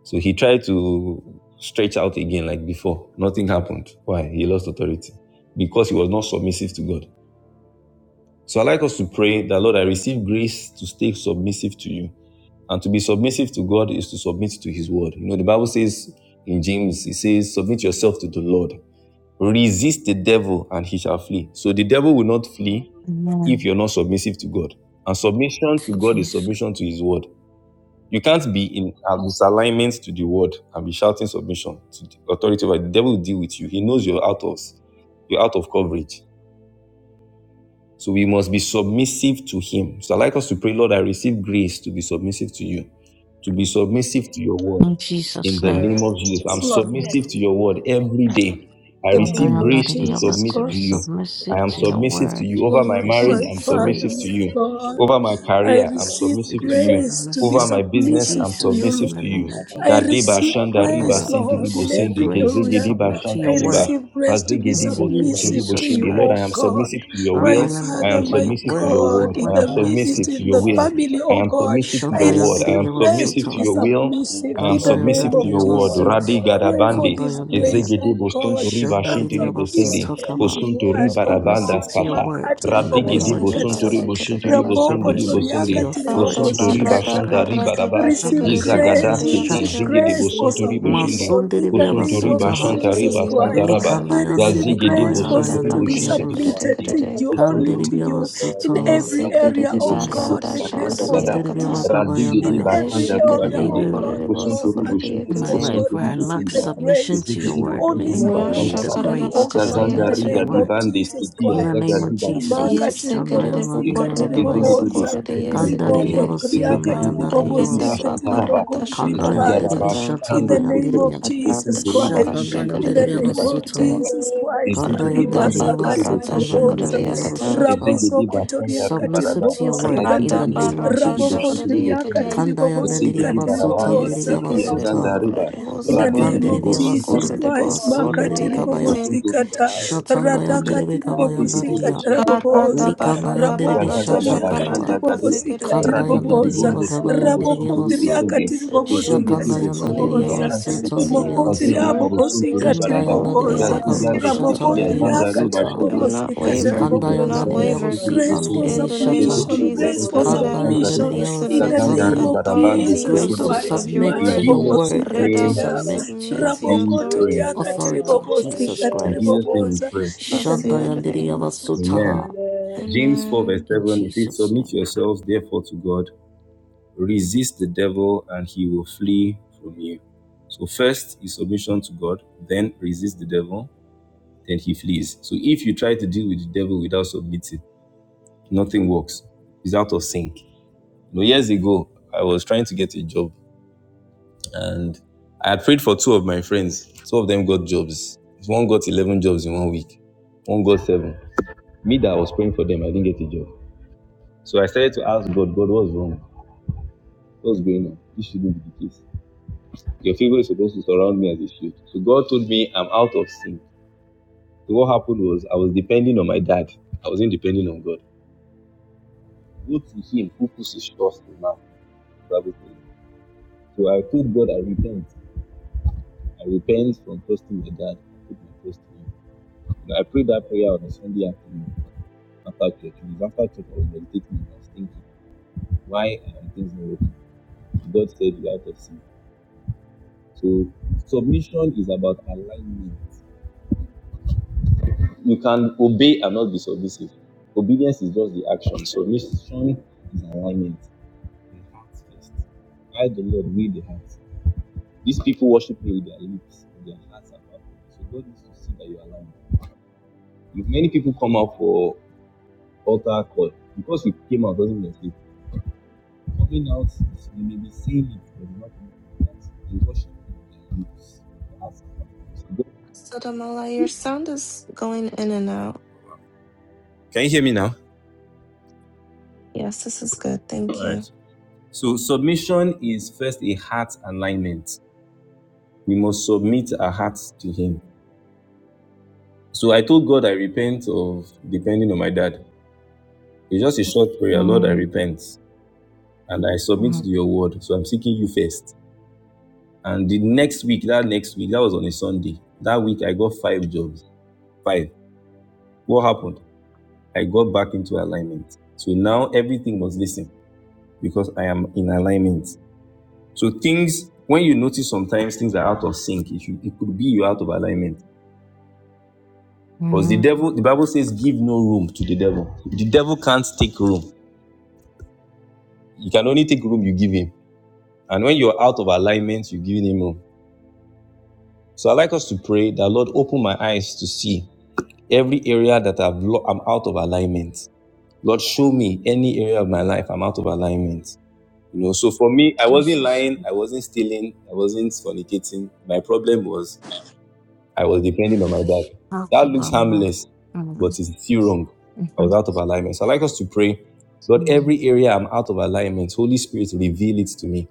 Speaker 7: So he tried to stretch out again like before. Nothing happened. Why? He lost authority because he was not submissive to God. So I like us to pray that Lord, I receive grace to stay submissive to you. And to be submissive to God is to submit to his word. You know, the Bible says in James, it says, submit yourself to the Lord. Resist the devil and he shall flee. So the devil will not flee if
Speaker 9: Amen.
Speaker 7: you're not submissive to God. And submission
Speaker 9: To
Speaker 7: to God is
Speaker 9: Jesus.
Speaker 7: submission to his word. You can't be in a misalignment to the word and be shouting submission to the authority. the devil will deal with you. He knows you're out of you're out of coverage. So we must be submissive to Him. So I'd like us to pray, Lord, I receive grace to be submissive to you, to be submissive to your word.
Speaker 9: In
Speaker 8: and
Speaker 7: In
Speaker 9: Jesus'
Speaker 7: the name of
Speaker 8: grace to
Speaker 7: Jesus,
Speaker 8: be
Speaker 5: Yes,
Speaker 7: I'm
Speaker 8: submitted
Speaker 5: Lord,
Speaker 9: name.
Speaker 7: submissive to
Speaker 8: to
Speaker 7: your word
Speaker 8: you
Speaker 7: every day. I
Speaker 5: in the
Speaker 9: Lord, I
Speaker 7: receive
Speaker 8: yeah
Speaker 5: name
Speaker 9: am
Speaker 5: of
Speaker 9: not
Speaker 7: grace
Speaker 9: in
Speaker 7: to
Speaker 9: your
Speaker 5: Jesus
Speaker 7: submit
Speaker 9: to be
Speaker 7: to
Speaker 5: Christ.
Speaker 7: you. I
Speaker 9: submissive
Speaker 7: am
Speaker 9: to your
Speaker 7: submissive to
Speaker 9: word.
Speaker 7: you. Over my
Speaker 5: Lord, my
Speaker 7: marriage,
Speaker 9: Receive
Speaker 7: I'm
Speaker 8: everything
Speaker 5: Father,
Speaker 7: submissive to
Speaker 8: good
Speaker 9: grace
Speaker 5: my
Speaker 7: you.
Speaker 8: and to
Speaker 5: God,
Speaker 8: be
Speaker 7: Over my
Speaker 8: submitted
Speaker 5: I
Speaker 7: career, I'm
Speaker 5: receive
Speaker 9: to
Speaker 7: submissive
Speaker 9: be
Speaker 7: to you.
Speaker 5: grace to be
Speaker 7: Over
Speaker 9: submissive
Speaker 7: my
Speaker 9: to
Speaker 8: to
Speaker 7: business, I'm
Speaker 5: submissive to
Speaker 8: you
Speaker 5: you,
Speaker 9: Jesus
Speaker 7: submissive
Speaker 9: in the
Speaker 7: to
Speaker 5: Lord.
Speaker 9: name
Speaker 7: you.
Speaker 9: of
Speaker 8: and I
Speaker 5: I
Speaker 9: Jesus.
Speaker 8: think
Speaker 7: Dadeba
Speaker 5: receive
Speaker 8: about,
Speaker 7: shanda
Speaker 8: oh
Speaker 9: And I
Speaker 7: riba
Speaker 5: grace,
Speaker 9: am-
Speaker 8: God,
Speaker 7: sindi
Speaker 5: Lord, in
Speaker 9: receive
Speaker 8: and
Speaker 7: sindi
Speaker 5: every
Speaker 9: grace to
Speaker 7: kezege
Speaker 5: area.
Speaker 8: my
Speaker 9: submit to
Speaker 7: shanta
Speaker 5: I
Speaker 9: your
Speaker 8: best
Speaker 7: riba
Speaker 9: word
Speaker 5: receive grace to
Speaker 7: pazege
Speaker 5: be
Speaker 9: and
Speaker 8: in the
Speaker 7: dibo
Speaker 9: to you,
Speaker 8: name of
Speaker 5: submissive
Speaker 8: Jesus,
Speaker 5: to
Speaker 9: Jesus
Speaker 5: you,
Speaker 7: shindi. Lord, I
Speaker 5: O
Speaker 8: take
Speaker 7: am
Speaker 9: Christ.
Speaker 8: over my
Speaker 5: God.
Speaker 7: submissive to your
Speaker 8: spirit,
Speaker 9: And
Speaker 7: will.
Speaker 5: My
Speaker 8: of
Speaker 9: I am
Speaker 8: my
Speaker 7: I
Speaker 9: not
Speaker 5: Father,
Speaker 7: am
Speaker 9: in
Speaker 5: my
Speaker 9: your
Speaker 7: submissive to
Speaker 8: take
Speaker 7: your
Speaker 9: word
Speaker 8: over
Speaker 9: and
Speaker 5: God,
Speaker 7: word.
Speaker 8: my
Speaker 5: in
Speaker 7: I am
Speaker 5: the
Speaker 9: work in
Speaker 8: mind,
Speaker 9: us
Speaker 8: take
Speaker 9: in
Speaker 7: submissive
Speaker 5: ministry,
Speaker 7: to
Speaker 5: in
Speaker 7: your
Speaker 5: the
Speaker 8: over
Speaker 7: will.
Speaker 9: Jesus'
Speaker 8: all
Speaker 9: name.
Speaker 5: family,
Speaker 8: of
Speaker 7: I
Speaker 8: my
Speaker 5: O
Speaker 7: am
Speaker 8: take
Speaker 5: God,
Speaker 7: submissive to
Speaker 8: over
Speaker 5: I
Speaker 7: your
Speaker 8: this
Speaker 7: word. I
Speaker 9: Shandayandiri
Speaker 5: receive
Speaker 7: am
Speaker 8: day.
Speaker 5: grace
Speaker 9: Biabasu
Speaker 7: submissive
Speaker 5: to
Speaker 7: to
Speaker 5: be
Speaker 8: Father,
Speaker 9: Tom.
Speaker 7: your will.
Speaker 8: I
Speaker 5: submissive
Speaker 7: I
Speaker 8: believe,
Speaker 7: am
Speaker 5: in the
Speaker 8: oh
Speaker 7: submissive
Speaker 5: name
Speaker 9: Kandayandiri
Speaker 7: to
Speaker 5: of
Speaker 8: Father,
Speaker 7: your word.
Speaker 8: Lord,
Speaker 9: Biabasu.
Speaker 7: Radi
Speaker 5: Jesus.
Speaker 8: God,
Speaker 5: Pray for
Speaker 7: gadabandi.
Speaker 5: this
Speaker 8: my body,
Speaker 5: grace,
Speaker 7: Ezegede
Speaker 5: O
Speaker 8: my mind, my
Speaker 7: bosunto
Speaker 5: God.
Speaker 7: riba
Speaker 8: spirit,
Speaker 5: I'm
Speaker 7: shinti
Speaker 8: oh
Speaker 7: ribo
Speaker 8: God,
Speaker 7: sindi.
Speaker 5: submissive to
Speaker 9: Shandariyamasutaka.
Speaker 8: every
Speaker 5: your
Speaker 7: Bosunto
Speaker 8: area of
Speaker 5: word,
Speaker 7: riba
Speaker 8: my
Speaker 5: O
Speaker 8: life,
Speaker 7: rabanda
Speaker 9: Submissive
Speaker 5: God.
Speaker 8: my
Speaker 9: to your
Speaker 7: skata.
Speaker 8: father,
Speaker 9: word
Speaker 5: Makati
Speaker 9: in the
Speaker 8: oh
Speaker 5: ribobo
Speaker 9: name
Speaker 7: Radigidi
Speaker 8: my
Speaker 9: of
Speaker 7: bosunto
Speaker 5: sikata.
Speaker 9: Jesus.
Speaker 8: Lord,
Speaker 7: ribo
Speaker 8: you
Speaker 7: shinti
Speaker 8: do
Speaker 1: Shakaridabasikaridiba.
Speaker 8: us
Speaker 7: ribo
Speaker 8: good,
Speaker 7: sindi
Speaker 5: Raboko
Speaker 8: I
Speaker 7: ribo
Speaker 9: Submissive
Speaker 8: give
Speaker 9: to
Speaker 8: you,
Speaker 7: sindi.
Speaker 5: toriaka
Speaker 9: your
Speaker 8: I
Speaker 1: Rata
Speaker 5: tiribobo
Speaker 8: give
Speaker 9: authority,
Speaker 7: Bosunto
Speaker 8: you back
Speaker 7: riba
Speaker 9: Jesus
Speaker 1: barada
Speaker 5: sikata.
Speaker 8: to
Speaker 7: shanta
Speaker 9: Christ.
Speaker 8: you.
Speaker 7: riba
Speaker 1: karada
Speaker 5: We
Speaker 7: raba.
Speaker 8: I
Speaker 5: receive
Speaker 1: kashikarida
Speaker 8: submit
Speaker 9: Submissive to your
Speaker 8: to
Speaker 1: barida
Speaker 5: grace. We
Speaker 8: you,
Speaker 7: Yizagadaskete
Speaker 8: God.
Speaker 5: receive
Speaker 1: yakata.
Speaker 7: zigede
Speaker 9: instructions.
Speaker 5: grace
Speaker 8: In
Speaker 5: for
Speaker 7: bosunto
Speaker 8: the
Speaker 7: ribo
Speaker 8: name
Speaker 7: shindi.
Speaker 8: of
Speaker 5: submission in
Speaker 8: Jesus,
Speaker 5: the
Speaker 1: I'm
Speaker 8: I
Speaker 7: Bosunto
Speaker 5: name of
Speaker 7: riba
Speaker 9: Masundiriyabasutaha.
Speaker 8: pray,
Speaker 1: submissive
Speaker 7: shanta
Speaker 1: to
Speaker 5: Jesus
Speaker 7: riba
Speaker 1: you,
Speaker 8: oh
Speaker 1: O
Speaker 7: santa
Speaker 8: God,
Speaker 7: raba.
Speaker 5: Christ.
Speaker 1: God.
Speaker 5: We
Speaker 8: that I
Speaker 5: receive
Speaker 8: would
Speaker 7: Yazigede
Speaker 5: grace for
Speaker 8: be
Speaker 7: bosunto
Speaker 1: Rata
Speaker 5: us to
Speaker 8: used,
Speaker 7: ribo
Speaker 1: baka
Speaker 5: be
Speaker 7: shinti
Speaker 8: oh
Speaker 7: ribo
Speaker 9: Likandayandiriyakabayandayandiriyabus.
Speaker 8: God,
Speaker 1: shikarida
Speaker 5: submitted
Speaker 7: sindi.
Speaker 8: not
Speaker 5: to
Speaker 1: karida.
Speaker 8: that
Speaker 5: you,
Speaker 8: we
Speaker 5: only
Speaker 8: only
Speaker 5: to
Speaker 8: for the
Speaker 5: you,
Speaker 8: God
Speaker 5: in
Speaker 8: in the
Speaker 9: Kandiriyabasutaha.
Speaker 8: name
Speaker 5: every
Speaker 8: of
Speaker 5: area,
Speaker 7: Azigidi
Speaker 1: Esikarida
Speaker 8: Jesus.
Speaker 5: oh God.
Speaker 7: Bosonturi
Speaker 1: barata
Speaker 8: To
Speaker 5: The
Speaker 9: Jesus.
Speaker 5: grace
Speaker 7: Bashanda
Speaker 8: you,
Speaker 5: for
Speaker 1: shakarida
Speaker 7: Gada,
Speaker 8: oh
Speaker 1: yakata.
Speaker 8: Father,
Speaker 5: submission
Speaker 8: I
Speaker 7: Razigidi
Speaker 5: in
Speaker 9: Masundiriyabakabayandaya.
Speaker 5: every
Speaker 7: Bashanda
Speaker 8: make the
Speaker 9: And
Speaker 5: area,
Speaker 1: Eshikarida
Speaker 7: Ribashindi,
Speaker 8: Father
Speaker 5: oh
Speaker 8: God
Speaker 5: God,
Speaker 9: even
Speaker 1: bokorida
Speaker 8: my
Speaker 5: in our
Speaker 7: Bosonturi
Speaker 8: strength. I
Speaker 1: bosokorida
Speaker 9: in
Speaker 5: families,
Speaker 7: Boshinturi
Speaker 8: make
Speaker 9: my
Speaker 5: oh
Speaker 8: the
Speaker 1: yakata.
Speaker 5: God.
Speaker 9: life
Speaker 7: Bosonturi
Speaker 9: where
Speaker 5: We
Speaker 9: I
Speaker 8: Father
Speaker 9: lack
Speaker 5: receive
Speaker 7: Boshindi,
Speaker 5: the
Speaker 8: God,
Speaker 9: submission
Speaker 5: grace
Speaker 9: to your
Speaker 7: Zigidi
Speaker 5: to
Speaker 9: word, may
Speaker 5: only
Speaker 9: you
Speaker 7: Bosonturi
Speaker 9: give
Speaker 8: Lord,
Speaker 5: submit
Speaker 9: me
Speaker 7: Bashanda
Speaker 8: I
Speaker 9: the
Speaker 5: to
Speaker 7: Gada,
Speaker 1: Rashakarida
Speaker 5: you,
Speaker 9: grace
Speaker 8: salute,
Speaker 5: oh
Speaker 9: to
Speaker 8: oh
Speaker 5: God,
Speaker 1: bakarida
Speaker 5: in
Speaker 7: Gazanda
Speaker 8: God,
Speaker 9: submit
Speaker 5: the
Speaker 9: to
Speaker 8: you
Speaker 9: your
Speaker 7: Riga
Speaker 5: name
Speaker 1: yakarida.
Speaker 5: of
Speaker 8: Lord,
Speaker 9: word
Speaker 7: Dibande
Speaker 8: for
Speaker 5: Jesus
Speaker 8: the
Speaker 7: Siti,
Speaker 9: In the
Speaker 8: first
Speaker 9: name
Speaker 5: Christ.
Speaker 7: Azagadi
Speaker 9: of
Speaker 8: the
Speaker 7: Bashindi
Speaker 8: Father,
Speaker 9: Jesus,
Speaker 5: Remarkable,
Speaker 7: Bosonturi
Speaker 5: terrible,
Speaker 1: Yesikarida
Speaker 8: for the
Speaker 7: Boshindi,
Speaker 8: Father,
Speaker 1: bokorida
Speaker 9: Shandayandadiyamagavaya,
Speaker 7: Zigidi
Speaker 5: terrible,
Speaker 1: bosokorida
Speaker 7: Bosonturi
Speaker 8: the
Speaker 7: Boshindi,
Speaker 5: Rimoko
Speaker 1: yesikarida.
Speaker 8: Kadisha
Speaker 7: Zigidi
Speaker 5: toriakati
Speaker 8: Father, I
Speaker 7: Bosonturi
Speaker 8: pray,
Speaker 1: Rita
Speaker 9: Kandadidiyamasiyanayandadiyamasu,
Speaker 5: ribobosikati
Speaker 7: Bashanda
Speaker 8: oh
Speaker 7: Raba,
Speaker 8: God,
Speaker 1: bakarata
Speaker 5: ribogondri
Speaker 8: Lord,
Speaker 1: shakarida
Speaker 5: ribabaza.
Speaker 7: Zigaraba
Speaker 1: yakata.
Speaker 8: Father,
Speaker 5: In
Speaker 7: Shikando
Speaker 5: the
Speaker 8: this
Speaker 5: name of
Speaker 7: Soto,
Speaker 9: Kandayandidibishatandayandidibiyam,
Speaker 8: is
Speaker 1: Rata
Speaker 5: Jesus
Speaker 7: Bosonturi
Speaker 1: baka
Speaker 5: Christ.
Speaker 7: Bashindi
Speaker 5: In
Speaker 1: shikarida
Speaker 5: the
Speaker 7: Bosonturi
Speaker 5: name
Speaker 1: karida
Speaker 5: of
Speaker 1: karida.
Speaker 7: Bashanda
Speaker 9: Shatandayandidibiyamasuta,
Speaker 5: Jesus
Speaker 8: pray that
Speaker 5: Christ.
Speaker 8: you
Speaker 7: Ezigidi
Speaker 8: will
Speaker 1: Rita
Speaker 5: Riba
Speaker 7: bondo sotobo
Speaker 5: sakati
Speaker 8: restore
Speaker 1: Bakarata
Speaker 7: sinturi
Speaker 5: riboboza.
Speaker 7: boshidi.
Speaker 8: restore
Speaker 1: Shakaradayakata.
Speaker 5: Rabo
Speaker 9: Kandayandidiyamasu,
Speaker 8: yourself
Speaker 7: Ezigidi
Speaker 8: by
Speaker 5: soko
Speaker 7: bakanga
Speaker 8: prayer,
Speaker 5: toriakati
Speaker 9: Submissive
Speaker 7: ribaraba.
Speaker 9: to your
Speaker 8: Lord,
Speaker 9: word,
Speaker 8: in
Speaker 9: in
Speaker 5: ribobosikata.
Speaker 9: the
Speaker 1: Rata
Speaker 7: Yazigidi
Speaker 9: name
Speaker 8: the
Speaker 9: of
Speaker 8: name
Speaker 1: Barata
Speaker 8: of
Speaker 7: bosinturi
Speaker 5: Rabo
Speaker 8: God,
Speaker 9: Jesus.
Speaker 7: boshinturi bosinde.
Speaker 8: that
Speaker 5: kondriakati
Speaker 1: Shakaradayakate.
Speaker 8: you will
Speaker 7: Ezigidi
Speaker 8: be
Speaker 5: ribobosikati
Speaker 9: Kandayandidiyamasu,
Speaker 8: Lord,
Speaker 7: barabande.
Speaker 1: Yes,
Speaker 8: that
Speaker 5: riboboza.
Speaker 8: you
Speaker 7: Tekia
Speaker 8: are the
Speaker 7: zanda
Speaker 9: Tandidibiyamasuta,
Speaker 1: Sekerebo,
Speaker 8: Lord,
Speaker 7: riba.
Speaker 8: that
Speaker 1: Rebo,
Speaker 8: you
Speaker 5: In the
Speaker 8: are the
Speaker 5: name
Speaker 7: Rabigidi
Speaker 8: Lord,
Speaker 5: of
Speaker 1: Socorrebo,
Speaker 9: Likandidibiyamasu,
Speaker 8: that
Speaker 7: bosinturi
Speaker 5: Jesus
Speaker 8: first of
Speaker 1: Socorrebo,
Speaker 5: Christ,
Speaker 7: boshinturi
Speaker 8: all, you are
Speaker 7: bosinde.
Speaker 5: makati
Speaker 8: all
Speaker 9: Masundidibikabaya,
Speaker 8: God,
Speaker 1: Socorradayakate.
Speaker 8: my
Speaker 7: Bosinturi
Speaker 5: ribobosikata,
Speaker 7: bakanga
Speaker 8: Father.
Speaker 7: riba sinde.
Speaker 5: radakati
Speaker 8: Ali
Speaker 7: Ezigidi
Speaker 9: Shatandayandidibikavayandadidiya,
Speaker 5: ribobosikata
Speaker 8: Morina
Speaker 7: bosinturi
Speaker 1: Karata
Speaker 5: raboboza,
Speaker 7: bakanga raba.
Speaker 1: Barata
Speaker 8: Kazina
Speaker 9: Likanayandere
Speaker 5: ramoko
Speaker 1: Barata
Speaker 7: Gazagadaba
Speaker 5: toriakati
Speaker 1: Shakarata
Speaker 9: Shatatayala.
Speaker 8: Kunamosi,
Speaker 7: Shandagadia,
Speaker 8: La
Speaker 5: ribobosikati
Speaker 1: Kasekerede.
Speaker 8: Ruja
Speaker 7: Radigidi
Speaker 9: Kandayanadere
Speaker 5: riboboza,
Speaker 7: Bondo Sotubo
Speaker 8: Shitakadora,
Speaker 9: Yavakabayandere
Speaker 7: Sonturi
Speaker 9: Yavasu.
Speaker 7: Usundi,
Speaker 5: rabokondriakati
Speaker 1: Submissive,
Speaker 8: Rinkendoro
Speaker 7: Zigidi
Speaker 5: ribobosikati
Speaker 1: submissive to
Speaker 7: Bosonto
Speaker 1: you,
Speaker 9: Shakandayanadere
Speaker 7: Riba
Speaker 1: may
Speaker 8: Sutarika
Speaker 1: I
Speaker 5: riboboza,
Speaker 9: Yavasu
Speaker 1: submit
Speaker 7: Shantariba,
Speaker 1: to
Speaker 9: Tandere
Speaker 1: you,
Speaker 8: Dakata,
Speaker 1: to your
Speaker 9: Yavasu.
Speaker 7: Zigidi
Speaker 1: word.
Speaker 7: Bosonto
Speaker 8: Arado
Speaker 7: Riba
Speaker 5: rimokondriabobosikati
Speaker 7: Raba,
Speaker 8: Shata
Speaker 1: Oh,
Speaker 9: Indayanadere
Speaker 5: riboboza,
Speaker 1: Rede
Speaker 9: Yavakabu
Speaker 8: Karabo
Speaker 7: Yazigande
Speaker 1: Bokoto
Speaker 7: Spitia,
Speaker 9: Shatandere
Speaker 1: Korede.
Speaker 7: Zanda
Speaker 5: ramokondriakati
Speaker 7: Riba
Speaker 9: Yavasuta.
Speaker 8: Satari
Speaker 1: I will
Speaker 7: Shundi,
Speaker 1: not
Speaker 5: ribobosikata
Speaker 1: waver.
Speaker 7: Zigidi
Speaker 1: We will
Speaker 7: Bosonto
Speaker 1: not
Speaker 5: raboboza,
Speaker 9: Kandayanadere
Speaker 7: Riba
Speaker 1: waver.
Speaker 7: Shantari
Speaker 9: Yavasi
Speaker 5: Grace for
Speaker 8: Ribajente,
Speaker 9: Andere
Speaker 7: Usundi,
Speaker 1: In the name of
Speaker 9: Shata.
Speaker 5: submission,
Speaker 7: Zigidi
Speaker 8: ribadonso,
Speaker 1: Jesus,
Speaker 5: grace
Speaker 7: Bosonto
Speaker 5: for
Speaker 7: Riba
Speaker 1: Karada,
Speaker 8: coborianda, la
Speaker 5: submission
Speaker 9: Kandayanadere
Speaker 7: Shantariba,
Speaker 1: we
Speaker 5: in
Speaker 9: Yavasu
Speaker 1: submit
Speaker 8: ricasaya,
Speaker 5: the
Speaker 1: to
Speaker 7: Zanda
Speaker 1: the
Speaker 5: name of
Speaker 9: Tandere.
Speaker 7: Riba Rabando
Speaker 1: authority
Speaker 8: mande
Speaker 5: Jesus
Speaker 1: of
Speaker 9: Grace
Speaker 7: Sotubo.
Speaker 9: to
Speaker 1: the of
Speaker 5: Christ.
Speaker 8: colide,
Speaker 1: your
Speaker 9: submit
Speaker 7: In
Speaker 9: to
Speaker 1: word.
Speaker 9: your
Speaker 8: cudopoche,
Speaker 7: Jesus'
Speaker 5: Marabobosi
Speaker 9: word and to
Speaker 1: Rida,
Speaker 7: name
Speaker 1: we
Speaker 5: katiria,
Speaker 8: cubicanda,
Speaker 9: submit to
Speaker 1: submit
Speaker 9: your
Speaker 1: to your
Speaker 7: we pray.
Speaker 1: authority.
Speaker 5: rabokotoria
Speaker 8: eh, masa.
Speaker 9: authority,
Speaker 5: katiribobosi
Speaker 9: Jesus
Speaker 7: In
Speaker 8: Amen,
Speaker 7: Jesus'
Speaker 9: Christ.
Speaker 7: name we
Speaker 5: katiribobosa
Speaker 7: pray.
Speaker 5: in the name of
Speaker 9: Shandayanadere
Speaker 1: Tashakarabasirade.
Speaker 5: Jesus.
Speaker 7: Amen.
Speaker 9: Yavasutaha.
Speaker 8: amen,
Speaker 7: James 4 verse
Speaker 1: Amen.
Speaker 9: In
Speaker 7: 7, it says,
Speaker 9: Jesus'
Speaker 7: Submit
Speaker 9: name.
Speaker 7: yourselves therefore to God Resist the devil and he will flee from you. So, first is submission to God, then resist the devil, then he flees. So, if you try to deal with the devil without submitting, nothing works. It's out of sync. You know, years ago, I was trying to get a job and I had prayed for two of my friends. Two of them got jobs. One got 11 jobs in one week, one got seven. Me that I was praying for them, I didn't get a job. So I started to ask God, God, what's wrong? What's going on? This shouldn't be the case. Your faith should. So God, so what happened depending on my dad. I was into God. Good him who puts his trust in man. rather than his dad. You know, I prayed that prayer on a Sunday after, after church. I was meditating. Why? God said you have to see." So submission is about alignment. You can obey and not be submissive. Obedience is just the action. Submission is alignment. In heart first. I the Lord with the heart. These people worship me with their lips, but their hearts are far from me. So God needs to see that you are aligned. If many people come out for utter call. Because you came out doesn't mean you're saved. Coming out, you may be saying it, but you're not coming from that. They worship you their lips, So
Speaker 1: Sodomala, your sound is going in and out.
Speaker 7: Can you hear me now?
Speaker 1: Yes, this is good.
Speaker 7: All
Speaker 1: Thank you.
Speaker 7: right. So submission is first a heart alignment. We must submit our hearts to Him. So I told God I repent of depending on my dad. It's just a short prayer. Lord, I
Speaker 9: Mm,
Speaker 7: repent and I submit to
Speaker 9: mm,
Speaker 7: your word. So I'm seeking you first. And the next week, that next week, that was on a Sunday. That week I got five jobs. Five. What happened? I got back into alignment. So now everything was listening because I am in alignment. So things, when you notice sometimes things are out of sync, it, should, it could be you're out of alignment. Because the
Speaker 9: mm.
Speaker 7: devil, the Bible says, give no room to the devil. The devil can't take room. You can only take room you give him. And when you're out of alignment, you're giving him room. So I'd like us to pray that Lord open my eyes to see every area that I've lo- I'm out of alignment. Lord, show me any area of my life I'm out of alignment. You know, so for me, I wasn't
Speaker 9: Jesus,
Speaker 7: lying, I wasn't stealing, I wasn't fornicating. My problem was I was depending on my dad.
Speaker 9: this house
Speaker 7: That
Speaker 9: of
Speaker 7: looks
Speaker 9: Allah.
Speaker 7: harmless, but it's still wrong. I was out of alignment. So I like us to pray, Lord, every area I'm out of alignment, Holy Spirit, reveal it to me.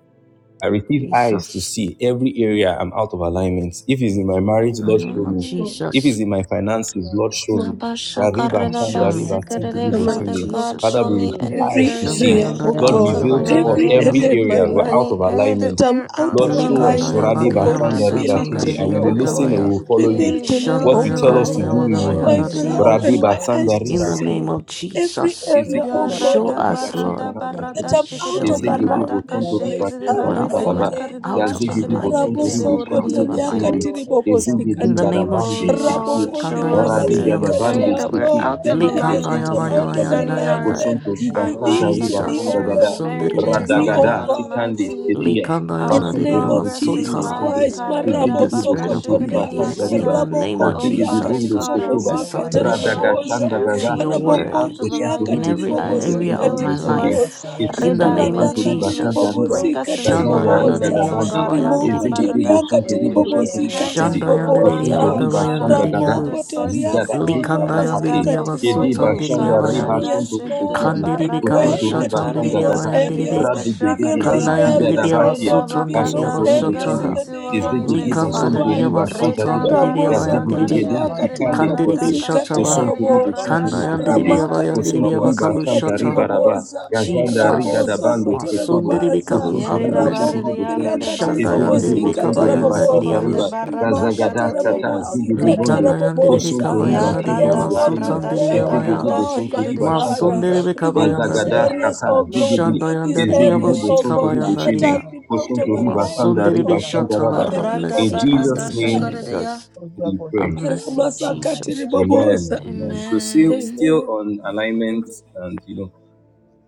Speaker 7: I receive eyes to
Speaker 9: Jesus,
Speaker 7: see every area I'm out of alignment. If it's in my marriage,
Speaker 9: in
Speaker 7: Lord,
Speaker 9: the
Speaker 7: show
Speaker 9: name of
Speaker 7: me.
Speaker 5: Oh,
Speaker 1: Amen.
Speaker 7: If it's
Speaker 9: Jesus,
Speaker 7: in my finances, Lord,
Speaker 8: Lord.
Speaker 5: yes,
Speaker 7: show me.
Speaker 5: Lord.
Speaker 8: Amen, and
Speaker 7: Rariba,
Speaker 9: now
Speaker 8: I'm out
Speaker 9: show
Speaker 7: shanda,
Speaker 8: of
Speaker 9: me
Speaker 7: riba,
Speaker 9: in the
Speaker 8: alignment.
Speaker 1: Abashakaradabasikarade.
Speaker 7: tintidi,
Speaker 5: Oh
Speaker 9: name
Speaker 5: my
Speaker 9: of
Speaker 1: Father
Speaker 7: bosende.
Speaker 5: God.
Speaker 1: God,
Speaker 9: Jesus.
Speaker 7: Father,
Speaker 1: show
Speaker 7: we
Speaker 1: me
Speaker 8: Please
Speaker 7: receive
Speaker 1: any
Speaker 7: eyes
Speaker 8: reveal
Speaker 5: Every
Speaker 7: to
Speaker 1: area
Speaker 8: to
Speaker 1: that
Speaker 8: us
Speaker 1: I
Speaker 7: see.
Speaker 5: area,
Speaker 1: am
Speaker 5: oh
Speaker 7: Lord,
Speaker 1: out
Speaker 8: any
Speaker 1: of
Speaker 5: God,
Speaker 7: reveal to us
Speaker 8: area
Speaker 5: every
Speaker 8: I'm
Speaker 7: every
Speaker 1: alignment
Speaker 8: out
Speaker 5: area
Speaker 9: Shandayandaridiyabagabayandaridiyaba-
Speaker 5: in
Speaker 8: of
Speaker 5: my
Speaker 7: area we're
Speaker 8: alignment
Speaker 7: out
Speaker 5: life
Speaker 7: of alignment.
Speaker 1: Any
Speaker 8: with God.
Speaker 1: area that
Speaker 5: that
Speaker 1: we
Speaker 5: I'm
Speaker 1: are
Speaker 5: out
Speaker 1: out
Speaker 5: of
Speaker 1: of
Speaker 8: Father,
Speaker 5: alignment,
Speaker 1: alignments,
Speaker 5: oh
Speaker 8: forgive me,
Speaker 5: God,
Speaker 8: Lord.
Speaker 5: reveal it to me,
Speaker 8: Forgive
Speaker 5: oh
Speaker 8: me,
Speaker 1: Karadabakashikadade,
Speaker 8: Father,
Speaker 5: God.
Speaker 8: I
Speaker 9: Likandayandaridiyabasutandaridiyabagabaya.
Speaker 1: may you
Speaker 8: repent,
Speaker 5: Reveal
Speaker 8: oh
Speaker 5: to
Speaker 8: God.
Speaker 5: me,
Speaker 1: reveal
Speaker 5: oh
Speaker 1: to us
Speaker 5: God.
Speaker 1: in
Speaker 8: Oh
Speaker 1: the name
Speaker 8: God,
Speaker 5: My
Speaker 1: of
Speaker 5: Father,
Speaker 8: every
Speaker 1: Jesus.
Speaker 5: open
Speaker 8: now,
Speaker 9: Shandayandaridiyabagabayandaridiyabus.
Speaker 5: my
Speaker 8: Lord, in
Speaker 5: eyes
Speaker 8: the
Speaker 5: to
Speaker 9: In
Speaker 8: name
Speaker 9: the
Speaker 8: of
Speaker 9: name
Speaker 5: see
Speaker 9: of
Speaker 5: every
Speaker 8: If
Speaker 9: Jesus,
Speaker 8: you
Speaker 5: area, oh
Speaker 8: open
Speaker 7: Ezegede
Speaker 8: my
Speaker 5: God,
Speaker 9: show
Speaker 5: of
Speaker 1: Yarata
Speaker 8: eyes,
Speaker 7: botontori
Speaker 5: my
Speaker 9: us,
Speaker 8: you
Speaker 5: life
Speaker 9: Lord.
Speaker 1: barata
Speaker 7: bashantara
Speaker 8: open my
Speaker 5: that
Speaker 1: barata
Speaker 7: bazete.
Speaker 8: ears,
Speaker 5: I'm
Speaker 8: O
Speaker 5: out
Speaker 8: God,
Speaker 9: Show
Speaker 5: of
Speaker 1: shikadede
Speaker 9: me,
Speaker 7: Ezegede
Speaker 1: barata
Speaker 9: Lord.
Speaker 8: that
Speaker 5: alignment,
Speaker 8: I
Speaker 7: botontori
Speaker 5: my
Speaker 8: will
Speaker 1: kashikadede
Speaker 8: be,
Speaker 9: We
Speaker 8: O
Speaker 7: bashantari
Speaker 5: Father,
Speaker 9: are
Speaker 1: barita
Speaker 5: my
Speaker 8: Father,
Speaker 7: baraba.
Speaker 9: falling
Speaker 5: God.
Speaker 1: yakaridi
Speaker 9: out
Speaker 8: obedient
Speaker 9: of
Speaker 8: and
Speaker 7: Yazegede
Speaker 8: willing,
Speaker 1: yashikadede
Speaker 8: O
Speaker 9: alignment.
Speaker 7: botontori
Speaker 8: God,
Speaker 9: We
Speaker 1: yekadede
Speaker 9: are out
Speaker 7: boshantari
Speaker 1: boridi
Speaker 9: of
Speaker 8: to
Speaker 5: Rabosokotoriaka
Speaker 1: yekate.
Speaker 7: botonde.
Speaker 8: follow
Speaker 9: alignment.
Speaker 8: and to submit,
Speaker 7: Ezegede
Speaker 9: In the
Speaker 8: O
Speaker 5: tiribobosikata.
Speaker 9: name
Speaker 8: God,
Speaker 9: of
Speaker 1: Oh
Speaker 7: barabande
Speaker 8: properly.
Speaker 9: Jesus,
Speaker 7: setia.
Speaker 1: Lord, show
Speaker 8: I
Speaker 1: us
Speaker 8: do, O
Speaker 1: every
Speaker 7: Radegada
Speaker 8: God, that
Speaker 9: Kandayanadiriyabasu,
Speaker 7: bande
Speaker 1: area
Speaker 5: Rabokondiribabasikata.
Speaker 1: that
Speaker 8: when
Speaker 1: we're
Speaker 7: setia.
Speaker 8: you
Speaker 5: Lord,
Speaker 8: are
Speaker 1: out
Speaker 5: the
Speaker 1: of
Speaker 7: Zegede
Speaker 5: areas that are
Speaker 7: botontori
Speaker 1: alignments
Speaker 5: out
Speaker 8: every
Speaker 5: of
Speaker 7: boshande.
Speaker 8: area
Speaker 1: concerning
Speaker 8: of my
Speaker 1: our
Speaker 9: Likandayabayabayanayandaya.
Speaker 5: alignment,
Speaker 8: life,
Speaker 7: Botontori
Speaker 1: our
Speaker 8: Holy
Speaker 5: reveal
Speaker 1: lives,
Speaker 7: bashantari
Speaker 1: our
Speaker 5: to
Speaker 8: Spirit,
Speaker 5: me,
Speaker 9: Jesus,
Speaker 7: bashanda
Speaker 5: oh
Speaker 1: careers, our
Speaker 5: God,
Speaker 7: gada.
Speaker 8: Holy
Speaker 5: reveal to
Speaker 1: marriages, oh
Speaker 5: me,
Speaker 8: Spirit,
Speaker 7: Radagada
Speaker 5: oh
Speaker 9: Masundiribekabayana,
Speaker 1: God
Speaker 5: God.
Speaker 7: sikande
Speaker 8: Holy
Speaker 1: Almighty.
Speaker 7: setia.
Speaker 8: Spirit,
Speaker 5: In
Speaker 1: our
Speaker 5: the
Speaker 8: come, Holy
Speaker 5: name
Speaker 7: Basantori
Speaker 5: of
Speaker 1: progress
Speaker 8: Spirit,
Speaker 7: Bukintiri
Speaker 1: in
Speaker 5: Jesus
Speaker 9: Likandayanadiriyabasotaha.
Speaker 1: life.
Speaker 7: Bukundi,
Speaker 8: forgive
Speaker 5: Christ,
Speaker 8: me, O God,
Speaker 9: plead the
Speaker 1: Karida
Speaker 5: Marabo
Speaker 7: Zigidi
Speaker 1: baka
Speaker 9: spirit of
Speaker 7: Busuntori
Speaker 5: Sokotoria,
Speaker 8: forgive
Speaker 7: Basanta
Speaker 9: obedience
Speaker 8: me, O
Speaker 9: in
Speaker 7: Riba,
Speaker 9: the
Speaker 8: King of
Speaker 9: name of
Speaker 8: God,
Speaker 1: Oh,
Speaker 7: Zigidi
Speaker 5: Rabokondriaka
Speaker 1: Father
Speaker 9: Jesus
Speaker 7: Bundos
Speaker 1: God,
Speaker 8: forgive
Speaker 1: our
Speaker 8: me,
Speaker 7: Kutuba,
Speaker 9: and
Speaker 8: O
Speaker 1: walk
Speaker 5: Tiribobosika
Speaker 8: my
Speaker 1: with you,
Speaker 8: God,
Speaker 9: submission
Speaker 1: any
Speaker 5: Tarabobosa,
Speaker 7: Radagashanda
Speaker 8: in
Speaker 1: area in
Speaker 8: the
Speaker 9: to your
Speaker 1: which
Speaker 7: Gazastike,
Speaker 8: name
Speaker 1: we're
Speaker 8: of
Speaker 1: out
Speaker 9: word
Speaker 1: of
Speaker 7: Busuntori
Speaker 5: Rabokondriaka
Speaker 9: in
Speaker 1: alignment,
Speaker 9: every
Speaker 1: may
Speaker 7: Bukintiri
Speaker 1: you
Speaker 9: a-
Speaker 8: the
Speaker 9: area
Speaker 5: Tiribobosika
Speaker 9: of
Speaker 7: Busuntiri
Speaker 1: reveal
Speaker 8: Lord,
Speaker 1: it
Speaker 9: my
Speaker 1: to
Speaker 7: Bukundi,
Speaker 1: us,
Speaker 9: life.
Speaker 5: Tiribobosa,
Speaker 9: In
Speaker 7: Zigidi
Speaker 9: the
Speaker 1: Rida, and
Speaker 8: O
Speaker 9: name
Speaker 1: may
Speaker 9: of
Speaker 7: Busuntori
Speaker 5: Radaka
Speaker 1: you may
Speaker 7: Basanta
Speaker 1: you
Speaker 9: Jesus,
Speaker 7: Riba,
Speaker 8: So
Speaker 1: bring
Speaker 5: Tiribobosika
Speaker 1: us
Speaker 8: Koro
Speaker 1: into
Speaker 7: Gazanda Riga
Speaker 1: alignment,
Speaker 8: Bhakaya
Speaker 1: oh
Speaker 7: Dabandi,
Speaker 1: God, Rada
Speaker 8: Babasika.
Speaker 9: Shandayanadiriyababayandiribi,
Speaker 5: Tiribobosa,
Speaker 7: Zigidi
Speaker 1: Barada.
Speaker 5: toriaka
Speaker 7: Busuntori
Speaker 5: tiri
Speaker 1: We
Speaker 8: Every
Speaker 7: Busuntiri
Speaker 8: area,
Speaker 5: bobosika
Speaker 1: repent
Speaker 5: tiri
Speaker 7: Bukundi,
Speaker 8: oh
Speaker 1: for
Speaker 8: God, that
Speaker 1: relying, oh
Speaker 5: bobosa
Speaker 7: Busuntori
Speaker 8: I'm up
Speaker 1: God,
Speaker 8: to my
Speaker 7: Basanda
Speaker 1: on
Speaker 7: Gada,
Speaker 9: Shandayanadiriyababayanadiriyabu.
Speaker 1: other
Speaker 5: ramoko
Speaker 8: I ask, oh
Speaker 7: Zigada
Speaker 1: sources.
Speaker 5: toriaka
Speaker 8: God,
Speaker 5: tiri
Speaker 7: Zisha
Speaker 8: that you
Speaker 9: Likandayan
Speaker 8: have
Speaker 1: Rida
Speaker 7: Kakate,
Speaker 5: bobosika
Speaker 8: but
Speaker 9: diribiaba
Speaker 1: before
Speaker 7: Edi
Speaker 9: sutan
Speaker 1: you.
Speaker 8: the
Speaker 7: Bashanda Riba
Speaker 9: diribiabayabi.
Speaker 8: Lord
Speaker 1: Karada
Speaker 5: yes
Speaker 7: Suntori
Speaker 8: forgive us,
Speaker 1: shikadidi
Speaker 5: lord
Speaker 7: Bukundi,
Speaker 8: the
Speaker 5: i
Speaker 9: Kandiribi
Speaker 1: barada
Speaker 9: kava
Speaker 5: pray
Speaker 8: Lord
Speaker 7: Busuntori
Speaker 5: that
Speaker 9: şatan
Speaker 8: from the
Speaker 5: reveal
Speaker 7: Basanda
Speaker 1: shakaridiya
Speaker 5: those
Speaker 8: mercy,
Speaker 7: Gada,
Speaker 9: diribiabayan
Speaker 8: the
Speaker 9: diribi.
Speaker 8: Lord,
Speaker 5: areas reveal
Speaker 7: Radigidigi,
Speaker 5: those
Speaker 1: karidiya
Speaker 8: the
Speaker 9: Kandayan
Speaker 8: Lord
Speaker 5: areas
Speaker 9: diribiaba
Speaker 5: oh
Speaker 7: Zigadabashia,
Speaker 5: god
Speaker 8: from
Speaker 9: sutan
Speaker 5: reveal those
Speaker 7: Basonto
Speaker 1: Redabakata,
Speaker 9: diribiaba
Speaker 8: the
Speaker 7: Ribo
Speaker 1: bring us
Speaker 5: areas
Speaker 7: Shindi,
Speaker 5: in
Speaker 8: Lord
Speaker 9: şataha.
Speaker 5: the
Speaker 1: into
Speaker 5: name
Speaker 8: forgive
Speaker 5: of
Speaker 8: me,
Speaker 7: Izdigidi
Speaker 8: the
Speaker 1: alignment,
Speaker 5: jesus
Speaker 9: Likanda
Speaker 8: Lord
Speaker 1: Father.
Speaker 7: Bosonto
Speaker 8: show
Speaker 5: christ
Speaker 7: Riba
Speaker 8: me
Speaker 9: diribiaba
Speaker 8: mercy.
Speaker 9: sutan
Speaker 7: Shantariba,
Speaker 8: Every
Speaker 5: Ramoso
Speaker 9: diribiabayan
Speaker 8: area
Speaker 1: Redabaradaka,
Speaker 7: Yazdigidigi,
Speaker 8: that
Speaker 9: diribi.
Speaker 1: shake
Speaker 8: I'm
Speaker 1: it,
Speaker 8: out
Speaker 5: kotoriaka
Speaker 1: the
Speaker 8: of
Speaker 7: Tikandi
Speaker 8: alignment,
Speaker 7: Spiti,
Speaker 9: Kandiribi
Speaker 1: baradaka,
Speaker 5: tiribobosika
Speaker 8: I
Speaker 1: shake it,
Speaker 8: ask
Speaker 9: şatabaha.
Speaker 7: Bosonto
Speaker 1: the
Speaker 8: for
Speaker 7: Ribo
Speaker 5: tarabobosa.
Speaker 7: Shinto
Speaker 8: God,
Speaker 1: yaradaka,
Speaker 8: the
Speaker 7: Ribo
Speaker 9: Kandayan
Speaker 7: Shindi,
Speaker 8: Lord
Speaker 5: Ramaka
Speaker 9: diribiabayan
Speaker 1: redayakate.
Speaker 8: forgive me,
Speaker 7: Bosonto
Speaker 9: diribiaba
Speaker 8: the
Speaker 7: Riba
Speaker 8: Lord
Speaker 9: kabu
Speaker 5: tiribobosika
Speaker 7: Shanta
Speaker 8: show me
Speaker 7: Riba
Speaker 9: şataha.
Speaker 8: mercy.
Speaker 7: Raba,
Speaker 5: tiribobosa.
Speaker 8: Oh
Speaker 7: Yazanda Riga
Speaker 8: Father,
Speaker 9: Jesus.
Speaker 8: that
Speaker 5: Ramoso
Speaker 7: Dabando
Speaker 8: every area
Speaker 9: Masun
Speaker 7: Fetubo,
Speaker 8: that
Speaker 9: diribi
Speaker 5: kotorababaza.
Speaker 8: I'm
Speaker 9: kabu
Speaker 7: Bosonto
Speaker 8: out
Speaker 9: have
Speaker 8: of
Speaker 7: Ribo
Speaker 1: Yerida
Speaker 7: Shinto
Speaker 9: mercy.
Speaker 5: Ramoko
Speaker 7: Ribo
Speaker 8: alignment.
Speaker 1: barida
Speaker 7: Shindi,
Speaker 1: rede
Speaker 5: tiriaka
Speaker 8: Lord,
Speaker 9: Şandayan
Speaker 8: we
Speaker 1: basekede
Speaker 7: Izdigidi
Speaker 1: de
Speaker 9: diribi
Speaker 5: tiribobosika
Speaker 8: forgive us
Speaker 7: Bosonto
Speaker 1: borede
Speaker 8: our
Speaker 9: kabayan
Speaker 7: Riba
Speaker 8: sin.
Speaker 9: da
Speaker 8: We
Speaker 7: Shanta
Speaker 8: have
Speaker 1: bosokore
Speaker 5: tarabobosa.
Speaker 1: de
Speaker 7: Riba,
Speaker 9: diriyabu.
Speaker 8: mercy upon us.
Speaker 1: barada
Speaker 5: Rimaka
Speaker 7: Yazagadas
Speaker 8: When
Speaker 1: shakate.
Speaker 8: we
Speaker 7: Tata,
Speaker 8: are out of
Speaker 7: Zigidi
Speaker 5: tarabobosika
Speaker 7: Bondo,
Speaker 8: alignment, oh
Speaker 9: Likandayan
Speaker 8: God.
Speaker 9: diribi
Speaker 7: Bosonto
Speaker 5: tarabobosa.
Speaker 7: Riba
Speaker 9: kabayan
Speaker 8: Father,
Speaker 9: da
Speaker 7: Shinto
Speaker 5: Yes,
Speaker 9: diribiaba
Speaker 1: Yarada
Speaker 7: Ribo
Speaker 5: Lord,
Speaker 8: Lord,
Speaker 5: we
Speaker 7: Shindi,
Speaker 8: where,
Speaker 9: sutan
Speaker 1: barada
Speaker 8: oh
Speaker 5: pray,
Speaker 8: God, we
Speaker 5: oh
Speaker 8: have
Speaker 7: Izdigidi
Speaker 9: diribiyabaya.
Speaker 1: shakarada
Speaker 8: not
Speaker 5: God,
Speaker 7: Bosonto
Speaker 8: placed
Speaker 1: shikere
Speaker 5: my
Speaker 1: de
Speaker 7: Riba
Speaker 8: you
Speaker 1: ya.
Speaker 8: as
Speaker 7: Shanta
Speaker 8: our
Speaker 5: Father,
Speaker 7: Riba,
Speaker 8: prayer.
Speaker 9: Masundere
Speaker 5: reveal these
Speaker 8: Well,
Speaker 7: Yazagadas
Speaker 9: kabayandariya.
Speaker 8: Lord,
Speaker 5: areas,
Speaker 7: kata
Speaker 8: we
Speaker 5: oh
Speaker 8: have not
Speaker 5: God,
Speaker 8: placed
Speaker 7: zigidi
Speaker 5: reveal
Speaker 8: you
Speaker 5: these
Speaker 8: as our
Speaker 9: Shandayandariya
Speaker 7: izigidi
Speaker 5: areas,
Speaker 8: Lord
Speaker 9: bosi
Speaker 5: oh
Speaker 8: in our
Speaker 7: bosonto
Speaker 5: God,
Speaker 7: ribo
Speaker 8: past,
Speaker 5: that
Speaker 7: shindi
Speaker 8: oh
Speaker 5: has
Speaker 9: kabayandariya.
Speaker 8: God.
Speaker 5: been out
Speaker 7: bosonto
Speaker 5: of
Speaker 8: Aid
Speaker 7: riba
Speaker 8: of our
Speaker 7: sanda
Speaker 5: alignment,
Speaker 9: Masundere
Speaker 8: sake,
Speaker 9: be
Speaker 5: oh God,
Speaker 8: have
Speaker 5: in
Speaker 9: shata.
Speaker 5: the
Speaker 9: Have
Speaker 8: mercy
Speaker 5: name
Speaker 1: Rada
Speaker 7: In
Speaker 5: of
Speaker 8: on us
Speaker 9: mercy
Speaker 8: and
Speaker 9: on
Speaker 7: Jesus'
Speaker 1: barada
Speaker 5: Jesus
Speaker 9: me,
Speaker 8: forgive us,
Speaker 7: name
Speaker 5: Christ.
Speaker 1: shakare de
Speaker 8: Lord.
Speaker 1: ya.
Speaker 9: Jesus.
Speaker 8: For you are
Speaker 7: we
Speaker 8: both
Speaker 9: Have
Speaker 7: pray.
Speaker 8: sick and
Speaker 9: mercy,
Speaker 8: have forsaken us, our
Speaker 5: Ramasakatiri
Speaker 9: Jesus.
Speaker 7: Amen.
Speaker 8: hand.
Speaker 5: Bobosa.
Speaker 7: Amen.
Speaker 8: Amen.
Speaker 7: So still
Speaker 1: Amen.
Speaker 7: still
Speaker 5: Amen.
Speaker 7: on alignment and you know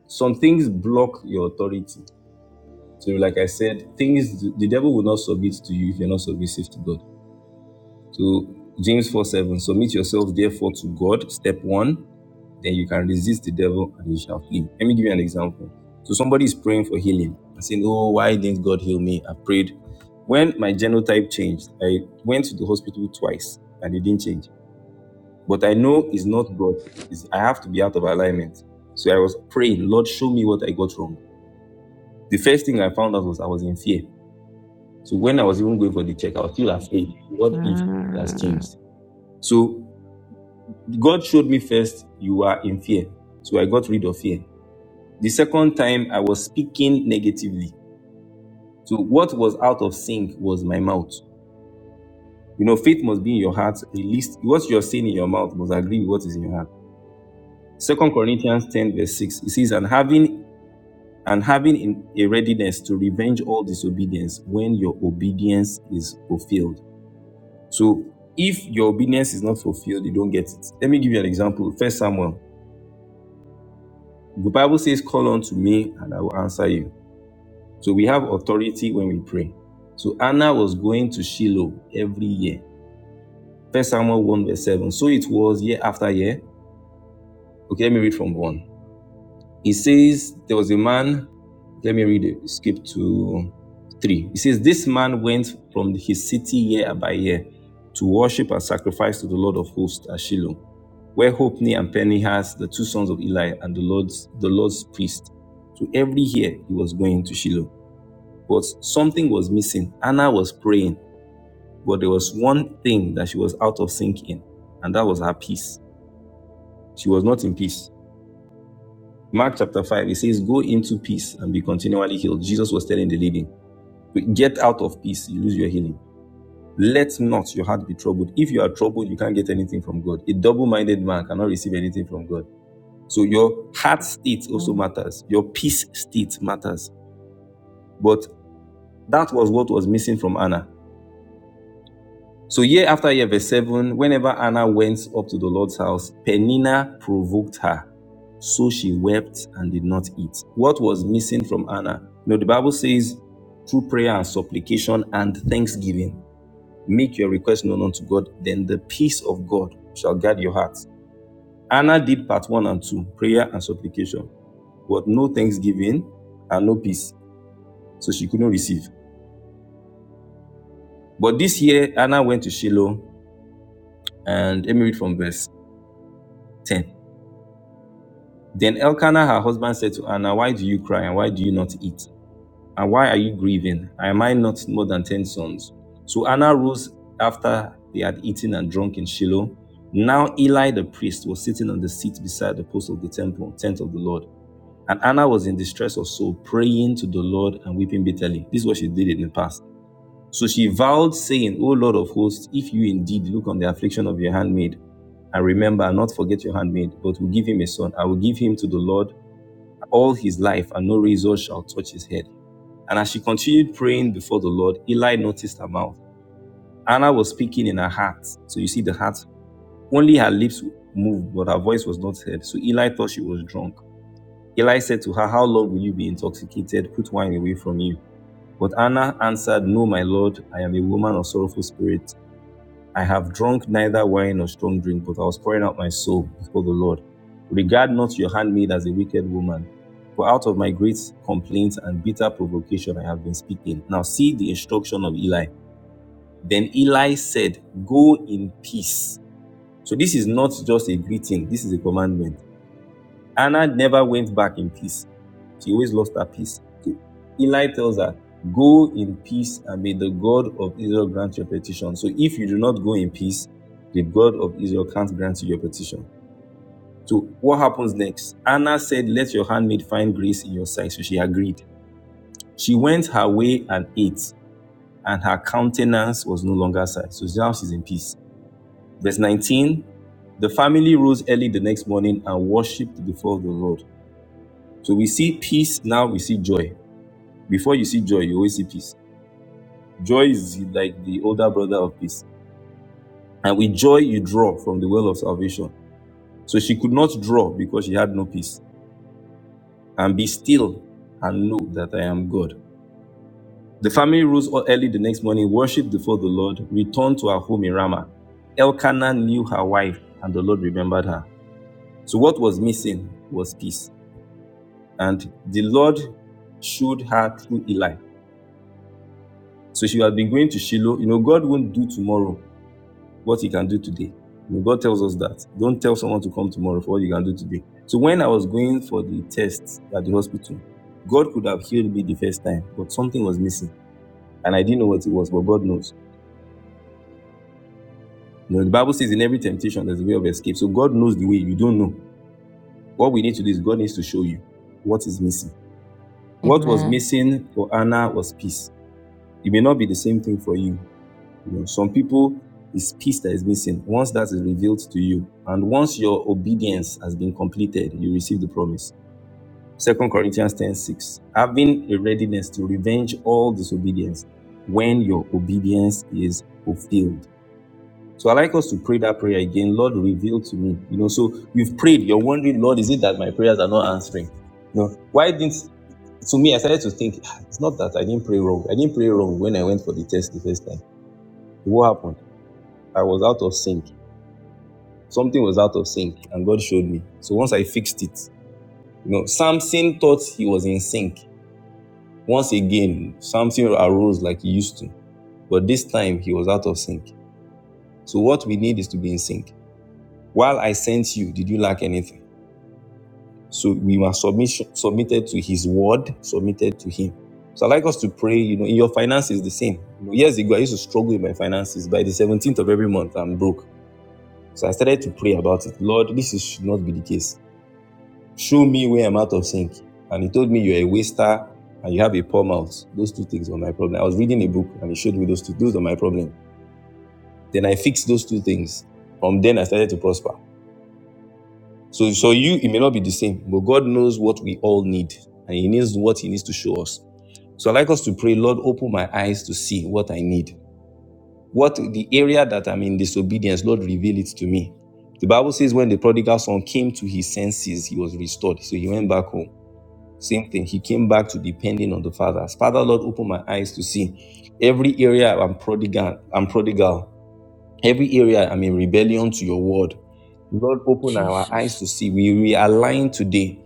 Speaker 7: some things block your authority. So like I said, things the devil will not submit to you if you're not submissive to God. So James 4 7. Submit yourselves therefore to God. Step one. Then you can resist the devil and he shall flee. Let me give you an example. So somebody is praying for healing and saying, Oh, why didn't God heal me? I prayed. When my genotype changed, I went to the hospital twice and it didn't change. But I know it's not God. It's, I have to be out of alignment. So I was praying, Lord, show me what I got wrong. The first thing I found out was I was in fear. So when I was even going for the check, I was still afraid. What if it has
Speaker 9: Mm.
Speaker 7: changed? So God showed me first, you are in fear. So I got rid of fear. The second time, I was speaking negatively. So what was out of sync was my mouth. You know, faith must be in your heart. at least. what you're saying in your mouth must agree with what is in your heart. Second Corinthians 10, verse 6. It says, and having and having in a readiness to revenge all disobedience when your obedience is fulfilled. So if your obedience is not fulfilled, you don't get it. Let me give you an example. First Samuel. The Bible says, Call unto me and I will answer you. So we have authority when we pray. So Anna was going to Shiloh every year. First Samuel 1 verse 7. So it was year after year. Okay, let me read from 1. It says there was a man. Let me read it. Skip to three. It says this man went from his city year by year to worship and sacrifice to the Lord of hosts at Shiloh, where Hophni and Phinehas, the two sons of Eli, and the Lord's the Lord's priest. So every year he was going to Shiloh, but something was missing. Anna was praying, but there was one thing that she was out of sync in, and that was her peace. She was not in peace. Mark chapter 5, it says, Go into peace and be continually healed. Jesus was telling the leading, Get out of peace, you lose your healing. Let not your heart be troubled. If you are troubled, you can't get anything from God. A double minded man cannot receive anything from God. So your heart state also matters, your peace state matters. But that was what was missing from Anna So year after year, verse 7, whenever Anna went up to the Lord's house, Penina provoked her. So she wept and did not eat. What was missing from Anna? You know, the Bible says, through prayer and supplication and thanksgiving, make your request known unto God, then the peace of God shall guard your hearts. Anna did part one and two, prayer and supplication, but no thanksgiving and no peace. So she couldn't receive. But this year, Anna went to Shiloh, and let me read from verse 10. Then Elkanah, her husband, said to Anna, Why do you cry and why do you not eat? And why are you grieving? Am I not more than ten sons? So Anna rose after they had eaten and drunk in Shiloh. Now Eli the priest was sitting on the seat beside the post of the temple, tent of the Lord. And Anna was in distress of soul, praying to the Lord and weeping bitterly. This is what she did in the past. So she vowed, saying, O Lord of hosts, if you indeed look on the affliction of your handmaid, and remember, i not forget your handmaid, but will give him a son. I will give him to the Lord, all his life, and no razor shall touch his head. And as she continued praying before the Lord, Eli noticed her mouth. Anna was speaking in her heart. So you see the heart. Only her lips moved, but her voice was not heard. So Eli thought she was drunk. Eli said to her, How long will you be intoxicated? Put wine away from you. But Anna answered, No, my Lord, I am a woman of sorrowful spirit. I have drunk neither wine nor strong drink, but I was pouring out my soul before the Lord. Regard not your handmaid as a wicked woman, for out of my great complaints and bitter provocation I have been speaking. Now see the instruction of Eli. Then Eli said, Go in peace. So this is not just a greeting, this is a commandment. Anna never went back in peace. She always lost her peace. So Eli tells her, Go in peace and may the God of Israel grant your petition. So if you do not go in peace, the God of Israel can't grant you your petition. So what happens next? Anna said, Let your handmaid find grace in your sight. So she agreed. She went her way and ate, and her countenance was no longer sad. So now she's in peace. Verse 19 The family rose early the next morning and worshipped before the Lord. So we see peace now, we see joy. Before you see joy, you always see peace. Joy is like the older brother of peace. And with joy, you draw from the well of salvation. So she could not draw because she had no peace. And be still and know that I am God. The family rose early the next morning, worshipped before the Lord, returned to her home in Ramah. Elkanah knew her wife, and the Lord remembered her. So what was missing was peace. And the Lord showed her through Eli So if you have been going to Shiloh, you know, God won't do tomorrow what he can do today. You know, God tells us that. Don't tell someone to come tomorrow for what you can do today. So when I was going for the test at the hospital, God could have healed me the first time, but something was missing. And I didn't know what it was, but God knows. You know, the Bible says in every temptation, there's a way of escape. So God knows the way. You don't know. What we need to do is God needs to show you what is missing. What was
Speaker 9: Amen.
Speaker 7: missing for Anna was peace. It may not be the same thing for you. You know, some people it's peace that is missing. Once that is revealed to you, and once your obedience has been completed, you receive the promise. Second Corinthians ten six, having a readiness to revenge all disobedience when your obedience is fulfilled. So I like us to pray that prayer again. Lord, reveal to me. You know, so you've prayed, you're wondering, Lord, is it that my prayers are not answering? You know, why didn't to me, I started to think, "Ah, it's not that I didn't pray wrong. I didn't pray wrong when I went for the test the first time. What happened? I was out of sync. Something was out of sync, and God showed me. So once I fixed it, you know, Samson thought he was in sync. Once again, Samson arose like he used to, but this time he was out of sync. So what we need is to be in sync. While I sent you, did you lack anything? So we were submission, submitted to His word, submitted to Him. So I like us to pray. You know, in your finances, the same. You know, years ago, I used to struggle with my finances. By the seventeenth of every month, I'm broke. So I started to pray about it. Lord, this should not be the case. Show me where I'm out of sync. And he told me you're a waster and you have a poor mouth. Those two things were my problem. I was reading a book and he showed me those two. Those were my problem. Then I fixed those two things. From then I started to prosper. So, so you, it may not be the same, but God knows what we all need and he knows what he needs to show us. So I'd like us to pray, Lord, open my eyes to see what I need. What the area that I'm in disobedience, Lord, reveal it to me. The Bible says when the prodigal son came to his senses, he was restored. So he went back home. Same thing. He came back to depending on the Father. As Father, Lord, open my eyes to see every area I'm prodigal. I'm prodigal. Every area I'm in rebellion to your word. Lord, open our eyes
Speaker 9: Jesus.
Speaker 7: to see. We realign today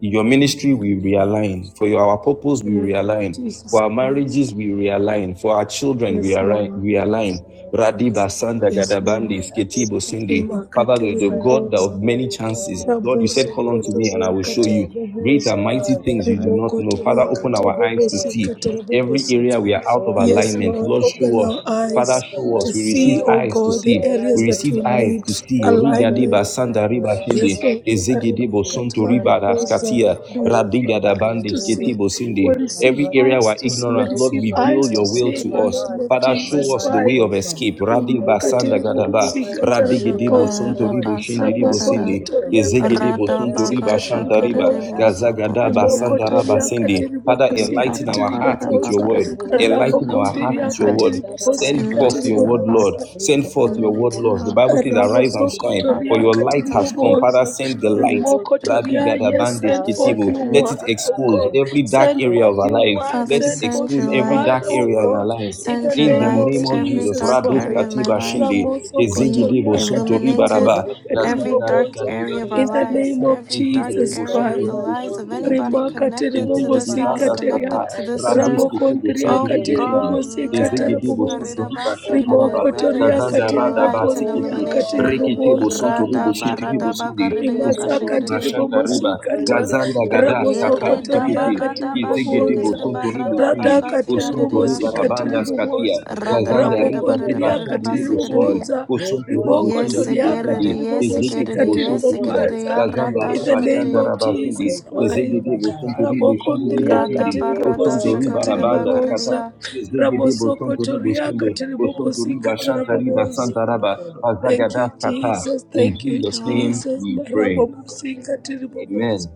Speaker 7: your ministry will realign for your, our purpose we
Speaker 5: Amen.
Speaker 7: realign for
Speaker 5: Jesus
Speaker 7: our marriages
Speaker 5: Christ.
Speaker 7: we realign for our children we
Speaker 5: Yes,
Speaker 7: arri-
Speaker 5: Lord.
Speaker 7: realign radiba
Speaker 8: Lord,
Speaker 7: sanda
Speaker 8: Lord,
Speaker 5: Yes,
Speaker 8: it's in
Speaker 7: gadabandi
Speaker 8: the
Speaker 5: Lord.
Speaker 8: eyes
Speaker 7: sketibo
Speaker 8: of
Speaker 7: sindi
Speaker 8: the
Speaker 7: father the,
Speaker 5: Imakatiri
Speaker 7: the
Speaker 8: Father,
Speaker 7: god
Speaker 8: we
Speaker 7: of
Speaker 5: Bobosa.
Speaker 8: pray,
Speaker 7: many
Speaker 8: Lord, in your family, very,
Speaker 7: chances lord
Speaker 8: very,
Speaker 7: you said
Speaker 5: Raboso
Speaker 7: call
Speaker 8: the
Speaker 7: unto me
Speaker 8: forgiveness
Speaker 7: and
Speaker 8: of
Speaker 7: i
Speaker 5: Kotoria
Speaker 7: will show
Speaker 5: Katiri
Speaker 7: you
Speaker 8: God.
Speaker 7: great
Speaker 5: Bobosa.
Speaker 7: and mighty
Speaker 8: Father,
Speaker 7: things you do
Speaker 8: I
Speaker 7: not know
Speaker 8: pray,
Speaker 7: father
Speaker 8: O
Speaker 5: Rimokotoria
Speaker 7: open
Speaker 5: Katiri
Speaker 7: our
Speaker 8: Lord
Speaker 7: eyes to
Speaker 5: Bobosi
Speaker 8: God,
Speaker 7: see
Speaker 8: in this
Speaker 5: Katiri
Speaker 7: every
Speaker 8: community,
Speaker 7: area
Speaker 5: Bobosika.
Speaker 7: we are out of
Speaker 8: where Mr.
Speaker 5: Yes,
Speaker 7: alignment
Speaker 5: Lord.
Speaker 8: Lord
Speaker 7: lord
Speaker 8: is
Speaker 7: show
Speaker 5: Open our
Speaker 7: us
Speaker 8: Father, let
Speaker 7: Father,
Speaker 5: eyes
Speaker 8: not
Speaker 7: show
Speaker 8: align to
Speaker 7: us.
Speaker 5: to
Speaker 8: learn
Speaker 7: We
Speaker 8: your
Speaker 7: receive
Speaker 5: see,
Speaker 8: word,
Speaker 5: oh
Speaker 7: eyes
Speaker 8: let
Speaker 7: to
Speaker 5: God,
Speaker 8: not
Speaker 5: the
Speaker 7: see. We
Speaker 5: areas
Speaker 8: align,
Speaker 5: that
Speaker 8: O
Speaker 7: receive
Speaker 5: we
Speaker 8: God.
Speaker 7: eyes
Speaker 5: need
Speaker 7: to see.
Speaker 8: Oh,
Speaker 7: Riga
Speaker 8: Father,
Speaker 7: deba
Speaker 5: alignment
Speaker 8: Lord,
Speaker 7: sanda
Speaker 8: to
Speaker 7: riba
Speaker 8: your
Speaker 7: shende.
Speaker 5: Yes,
Speaker 8: God,
Speaker 5: Lord.
Speaker 8: your
Speaker 7: Ezege
Speaker 8: purpose,
Speaker 7: debo
Speaker 8: your
Speaker 7: sonto
Speaker 8: plan,
Speaker 7: riba
Speaker 8: O Father.
Speaker 5: Remakatalabobosa.
Speaker 7: raskatia.
Speaker 5: Father, we
Speaker 8: Oh,
Speaker 5: receive
Speaker 7: Radiga da
Speaker 8: Father, in
Speaker 5: eyes
Speaker 8: the
Speaker 7: bande
Speaker 5: to
Speaker 8: name
Speaker 5: see.
Speaker 8: of
Speaker 7: sketebo
Speaker 5: We
Speaker 7: sende.
Speaker 8: Jesus, have
Speaker 5: receive
Speaker 7: Every
Speaker 8: mercy.
Speaker 7: area
Speaker 5: eyes
Speaker 7: we're
Speaker 5: to see. We
Speaker 7: ignorant, Lord,
Speaker 8: Open
Speaker 5: receive
Speaker 8: my
Speaker 7: reveal
Speaker 5: eyes to
Speaker 7: your
Speaker 8: eyes,
Speaker 7: will
Speaker 5: see
Speaker 7: to
Speaker 8: open
Speaker 5: in the
Speaker 8: my
Speaker 7: us.
Speaker 5: name
Speaker 8: heart,
Speaker 5: of
Speaker 7: Father,
Speaker 8: open my
Speaker 7: show
Speaker 5: Jesus
Speaker 7: us the
Speaker 8: mind,
Speaker 7: way
Speaker 5: Christ.
Speaker 7: of
Speaker 8: O God
Speaker 7: escape. Radiba sanda
Speaker 8: everywhere of
Speaker 7: gadaba.
Speaker 5: Remakatiribobosi,
Speaker 8: ignorance,
Speaker 7: Radige
Speaker 8: everywhere,
Speaker 7: debo
Speaker 8: oh
Speaker 5: katarabobosa.
Speaker 7: sonto
Speaker 1: Shakarada
Speaker 8: God,
Speaker 7: ribo shende
Speaker 8: that
Speaker 7: ribo
Speaker 8: I've been in
Speaker 1: basakarada.
Speaker 7: sende.
Speaker 5: Rabosokotoria,
Speaker 7: Ezege
Speaker 8: disobedience and
Speaker 7: debo
Speaker 1: Rada
Speaker 7: sonto
Speaker 5: katiribobosi,
Speaker 8: rebellion,
Speaker 1: baka
Speaker 7: riba
Speaker 8: Father,
Speaker 7: shanta
Speaker 1: shakara
Speaker 8: open
Speaker 7: riba.
Speaker 5: katiribobosa.
Speaker 8: my
Speaker 1: devo
Speaker 8: eyes to
Speaker 7: Gazaga
Speaker 8: see.
Speaker 7: daba
Speaker 1: sokorariya
Speaker 7: sanda
Speaker 8: Open
Speaker 7: raba
Speaker 5: Rimokotoria,
Speaker 1: kasha.
Speaker 8: my
Speaker 7: sende.
Speaker 8: eyes to
Speaker 7: Father,
Speaker 8: see, oh
Speaker 5: katiribobosi,
Speaker 1: Rada
Speaker 7: enlighten
Speaker 8: God.
Speaker 7: our
Speaker 1: baka
Speaker 7: hearts
Speaker 1: rada
Speaker 7: with
Speaker 8: Any
Speaker 7: your
Speaker 1: baka
Speaker 5: katiribobosa.
Speaker 7: word.
Speaker 1: rada
Speaker 8: horrible
Speaker 1: kada.
Speaker 8: shit,
Speaker 7: Enlighten our
Speaker 8: okay?
Speaker 1: Enlighten
Speaker 7: heart
Speaker 1: my
Speaker 5: Rabokontiria,
Speaker 7: with your word.
Speaker 1: heart.
Speaker 5: katiribobosi,
Speaker 7: Send forth your
Speaker 1: Enlighten our
Speaker 7: word,
Speaker 8: Rekarabasantara,
Speaker 7: Lord.
Speaker 5: katiribobosa.
Speaker 1: hearts.
Speaker 7: Send forth your word,
Speaker 1: Enlighten
Speaker 7: Lord. The
Speaker 1: our
Speaker 7: Bible
Speaker 8: rekorororobosika,
Speaker 7: says,
Speaker 1: hearts.
Speaker 7: Arise and shine, for
Speaker 1: Rada
Speaker 5: Ramosokotoria
Speaker 7: your light
Speaker 1: baka
Speaker 7: has
Speaker 8: rekarararagadiata,
Speaker 7: come.
Speaker 1: shakara
Speaker 7: Father,
Speaker 1: devo
Speaker 5: Katiribobosa,
Speaker 7: send the
Speaker 1: sokorariya.
Speaker 7: light. Rabbi
Speaker 1: Shakara
Speaker 8: kerebosente.
Speaker 5: Rimokotoria, yes,
Speaker 7: Gadabandes
Speaker 1: devo
Speaker 5: send
Speaker 8: Father,
Speaker 5: forth
Speaker 7: Ketibu.
Speaker 5: your
Speaker 1: sokorariya.
Speaker 7: Let
Speaker 8: open
Speaker 7: it
Speaker 8: my
Speaker 5: word, oh
Speaker 7: expose
Speaker 5: God.
Speaker 8: eyes
Speaker 7: every dark
Speaker 5: Send
Speaker 8: that
Speaker 7: area
Speaker 8: I
Speaker 7: of
Speaker 5: forth
Speaker 7: our
Speaker 8: may
Speaker 5: your
Speaker 7: lives.
Speaker 8: see
Speaker 5: word,
Speaker 1: Father,
Speaker 7: Let it
Speaker 5: send
Speaker 8: you.
Speaker 1: send
Speaker 5: forth
Speaker 7: expose
Speaker 1: your
Speaker 5: your
Speaker 8: In
Speaker 7: every
Speaker 5: word,
Speaker 8: the
Speaker 7: dark
Speaker 1: light.
Speaker 5: oh
Speaker 8: name
Speaker 7: area in
Speaker 8: of
Speaker 7: our
Speaker 5: God,
Speaker 7: lives.
Speaker 8: Jesus.
Speaker 5: in the
Speaker 1: Send your
Speaker 7: In the
Speaker 5: name of
Speaker 7: name
Speaker 1: lights,
Speaker 8: Oh,
Speaker 7: of
Speaker 8: Father,
Speaker 1: every
Speaker 7: Jesus,
Speaker 5: Jesus
Speaker 1: dark
Speaker 7: Rados
Speaker 5: Christ.
Speaker 1: area of my
Speaker 7: Katiba
Speaker 1: life
Speaker 7: Shinde,
Speaker 1: be
Speaker 7: Ezegedebo
Speaker 5: Ramosokotoria
Speaker 7: Sunto
Speaker 5: Katiribobosa,
Speaker 1: illuminated. Every
Speaker 7: Razanda
Speaker 1: dark
Speaker 7: randa
Speaker 5: Katiribobosa,
Speaker 1: area of
Speaker 7: zidande
Speaker 1: our
Speaker 5: in the
Speaker 1: lives,
Speaker 7: sketia.
Speaker 5: name of
Speaker 1: every
Speaker 7: Izigi
Speaker 1: dark
Speaker 5: Jesus
Speaker 7: dibo
Speaker 1: area
Speaker 7: sunto
Speaker 1: of the
Speaker 5: Christ.
Speaker 7: ribo
Speaker 1: lives
Speaker 7: sunto
Speaker 1: of
Speaker 7: ribo
Speaker 1: anybody
Speaker 7: sunto.
Speaker 5: Rimaka
Speaker 1: connected to
Speaker 7: Izigi
Speaker 1: this
Speaker 5: teribobosika
Speaker 1: house,
Speaker 7: dibanda
Speaker 8: open
Speaker 5: teria
Speaker 8: my
Speaker 7: skata.
Speaker 1: connected to
Speaker 8: eyes to
Speaker 1: this room.
Speaker 8: see.
Speaker 7: Radeske tibo
Speaker 5: rabokondria
Speaker 8: Oh,
Speaker 7: sunto
Speaker 1: Oh
Speaker 8: Jehovah,
Speaker 1: God,
Speaker 8: open
Speaker 5: kateribobosika
Speaker 8: my
Speaker 1: let
Speaker 7: Izigi
Speaker 8: eyes
Speaker 1: it,
Speaker 7: dibo
Speaker 8: to see.
Speaker 5: terabobosa
Speaker 7: sunto riba shanta
Speaker 8: Open
Speaker 7: raba.
Speaker 8: my
Speaker 5: riboko
Speaker 1: let
Speaker 8: ears
Speaker 1: it
Speaker 5: toria
Speaker 8: to
Speaker 7: Razanda
Speaker 1: receive
Speaker 8: hear.
Speaker 7: rada
Speaker 1: light and
Speaker 8: Oh,
Speaker 5: kateribokondria
Speaker 7: basikiti.
Speaker 1: illumination.
Speaker 8: God,
Speaker 7: Riki
Speaker 8: and
Speaker 7: tibo
Speaker 8: open
Speaker 5: kateribobosa
Speaker 7: sunto
Speaker 8: my
Speaker 7: ribo
Speaker 8: heart
Speaker 1: Radaba,
Speaker 8: to know.
Speaker 1: radaba,
Speaker 8: In the
Speaker 1: karidayaka,
Speaker 5: Rimasa
Speaker 8: name of
Speaker 7: riba
Speaker 5: katiri
Speaker 1: shikadidi.
Speaker 8: Jesus,
Speaker 7: shanta riba.
Speaker 5: bobosikata
Speaker 7: Razanda
Speaker 8: unguide me,
Speaker 7: gada
Speaker 8: Lord,
Speaker 7: skata.
Speaker 8: oh,
Speaker 5: rabosokotoria
Speaker 8: Father,
Speaker 1: Yeridaba,
Speaker 7: Tikiti.
Speaker 5: katiri
Speaker 8: to
Speaker 1: radaba,
Speaker 7: Izigi dibo
Speaker 8: do,
Speaker 5: boboza
Speaker 1: shikadidi,
Speaker 7: sunto
Speaker 1: ba,
Speaker 8: oh,
Speaker 7: ribo
Speaker 8: God,
Speaker 5: rada
Speaker 1: radaba,
Speaker 8: what is in
Speaker 5: katiri
Speaker 1: katiya,
Speaker 8: your
Speaker 1: ridiya,
Speaker 5: bobosi
Speaker 7: Riba
Speaker 8: will, oh,
Speaker 5: katiri
Speaker 7: Rabanda
Speaker 1: shikadidi.
Speaker 8: Papa.
Speaker 7: Scatia,
Speaker 5: boboza
Speaker 8: In the
Speaker 7: Kazanda
Speaker 8: name
Speaker 1: Radabarada
Speaker 8: of
Speaker 7: Riba de
Speaker 8: the
Speaker 1: barada
Speaker 5: rabokondria
Speaker 8: Lord.
Speaker 7: Bashon
Speaker 1: barada
Speaker 7: de
Speaker 5: katiri
Speaker 7: Ribo Sondo,
Speaker 1: basikade.
Speaker 5: boboza
Speaker 7: Oson to
Speaker 8: Rebo
Speaker 7: Ribo
Speaker 8: neke
Speaker 1: yes,
Speaker 7: Sondo
Speaker 5: ribokotoria
Speaker 7: Ribo
Speaker 8: tela
Speaker 1: sekere,
Speaker 7: Sondi,
Speaker 8: baha.
Speaker 5: katiri
Speaker 1: yes,
Speaker 5: bobosi
Speaker 7: Ezege de
Speaker 1: Radabaredabaredabaredabasikadade. Yesikadade,
Speaker 5: katiri
Speaker 7: Boson
Speaker 8: Rebo
Speaker 7: to Riba,
Speaker 8: kosi
Speaker 1: yesikadade,
Speaker 5: bobaza
Speaker 7: Kazanda
Speaker 8: katia
Speaker 5: in the
Speaker 7: Riba
Speaker 8: dada.
Speaker 5: name
Speaker 7: Shanta
Speaker 5: of
Speaker 1: yesikadade, yaradashikadade.
Speaker 7: Rabasindi,
Speaker 5: Jesus
Speaker 8: Riko
Speaker 5: Christ
Speaker 8: zonto
Speaker 7: Ezege de
Speaker 8: da
Speaker 7: Boson to
Speaker 8: baha.
Speaker 7: Ribo Sondo Ribo
Speaker 5: rabokondria
Speaker 7: Sondi,
Speaker 8: Iti
Speaker 5: katiri
Speaker 7: Oson to
Speaker 5: bobosi
Speaker 8: oba
Speaker 7: Riba
Speaker 5: katiri
Speaker 8: sabaya
Speaker 7: Rabanda
Speaker 5: boboza
Speaker 7: Scata,
Speaker 1: Radabaradashakaradabakaradaya.
Speaker 7: Ezege de Boson to Ribo
Speaker 5: ramosokotoria
Speaker 7: Sondo,
Speaker 8: tabida
Speaker 5: katiri
Speaker 7: Oson to
Speaker 5: bobosi
Speaker 8: zanta.
Speaker 7: Riba
Speaker 5: katara
Speaker 7: Shanta Riba
Speaker 8: Makaria
Speaker 5: boboza
Speaker 8: busi ke.
Speaker 5: Thank
Speaker 7: Azagada
Speaker 5: you,
Speaker 7: Scata.
Speaker 5: Jesus.
Speaker 7: In
Speaker 5: Thank you,
Speaker 1: Thank
Speaker 7: Jesus'
Speaker 1: you,
Speaker 7: name
Speaker 1: Lord.
Speaker 5: Jesus.
Speaker 7: we pray.
Speaker 5: Marabobosika, tiribobozi.
Speaker 7: Amen.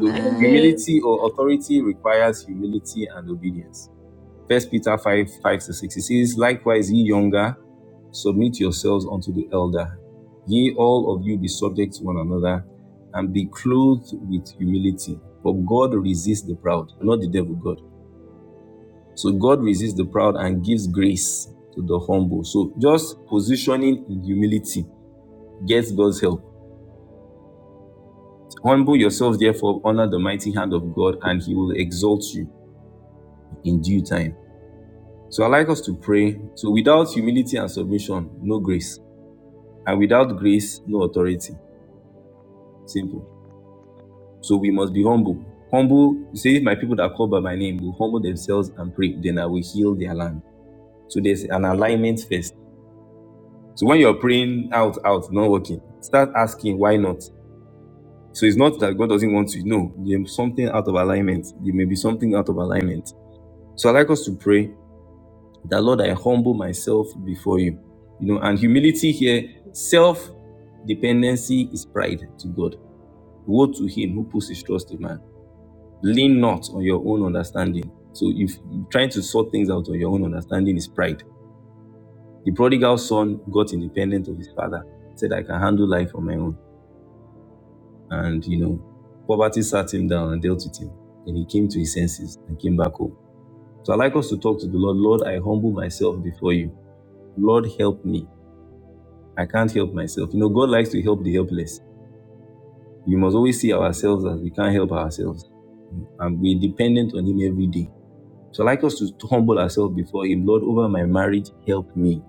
Speaker 7: So
Speaker 5: Amen.
Speaker 7: humility or authority requires humility and obedience. First Peter 5, 5 to 6. It says, Likewise, ye younger, submit yourselves unto the elder. Ye all of you be subject to one another, and be clothed with humility. For God resists the proud, not the devil, God. So God resists the proud and gives grace to the humble. So just positioning in humility gets God's help. Humble yourselves, therefore, under the mighty hand of God, and he will exalt you in due time. So I like us to pray. So without humility and submission, no grace. And without grace, no authority. Simple. So we must be humble. Humble, you say, if my people that call by my name will humble themselves and pray, then I will heal their land. So there's an alignment first. So when you're praying out, out, not working, start asking why not. So it's not that God doesn't want to. No, there's something out of alignment. There may be something out of alignment. So I like us to pray that Lord, I humble myself before you. You know, and humility here, self dependency is pride to God. Woe to him who puts his trust in man. Lean not on your own understanding. So if trying to sort things out on your own understanding is pride. The prodigal son got independent of his father, said, I can handle life on my own. And you know, poverty sat him down and dealt with him. Then he came to his senses and came back home. So I like us to talk to the Lord. Lord, I humble myself before you. Lord, help me. I can't help myself. You know, God likes to help the helpless. We must always see ourselves as we can't help ourselves. And we're dependent on Him every day. So I'd like us to humble ourselves before Him. Lord, over my marriage, help me.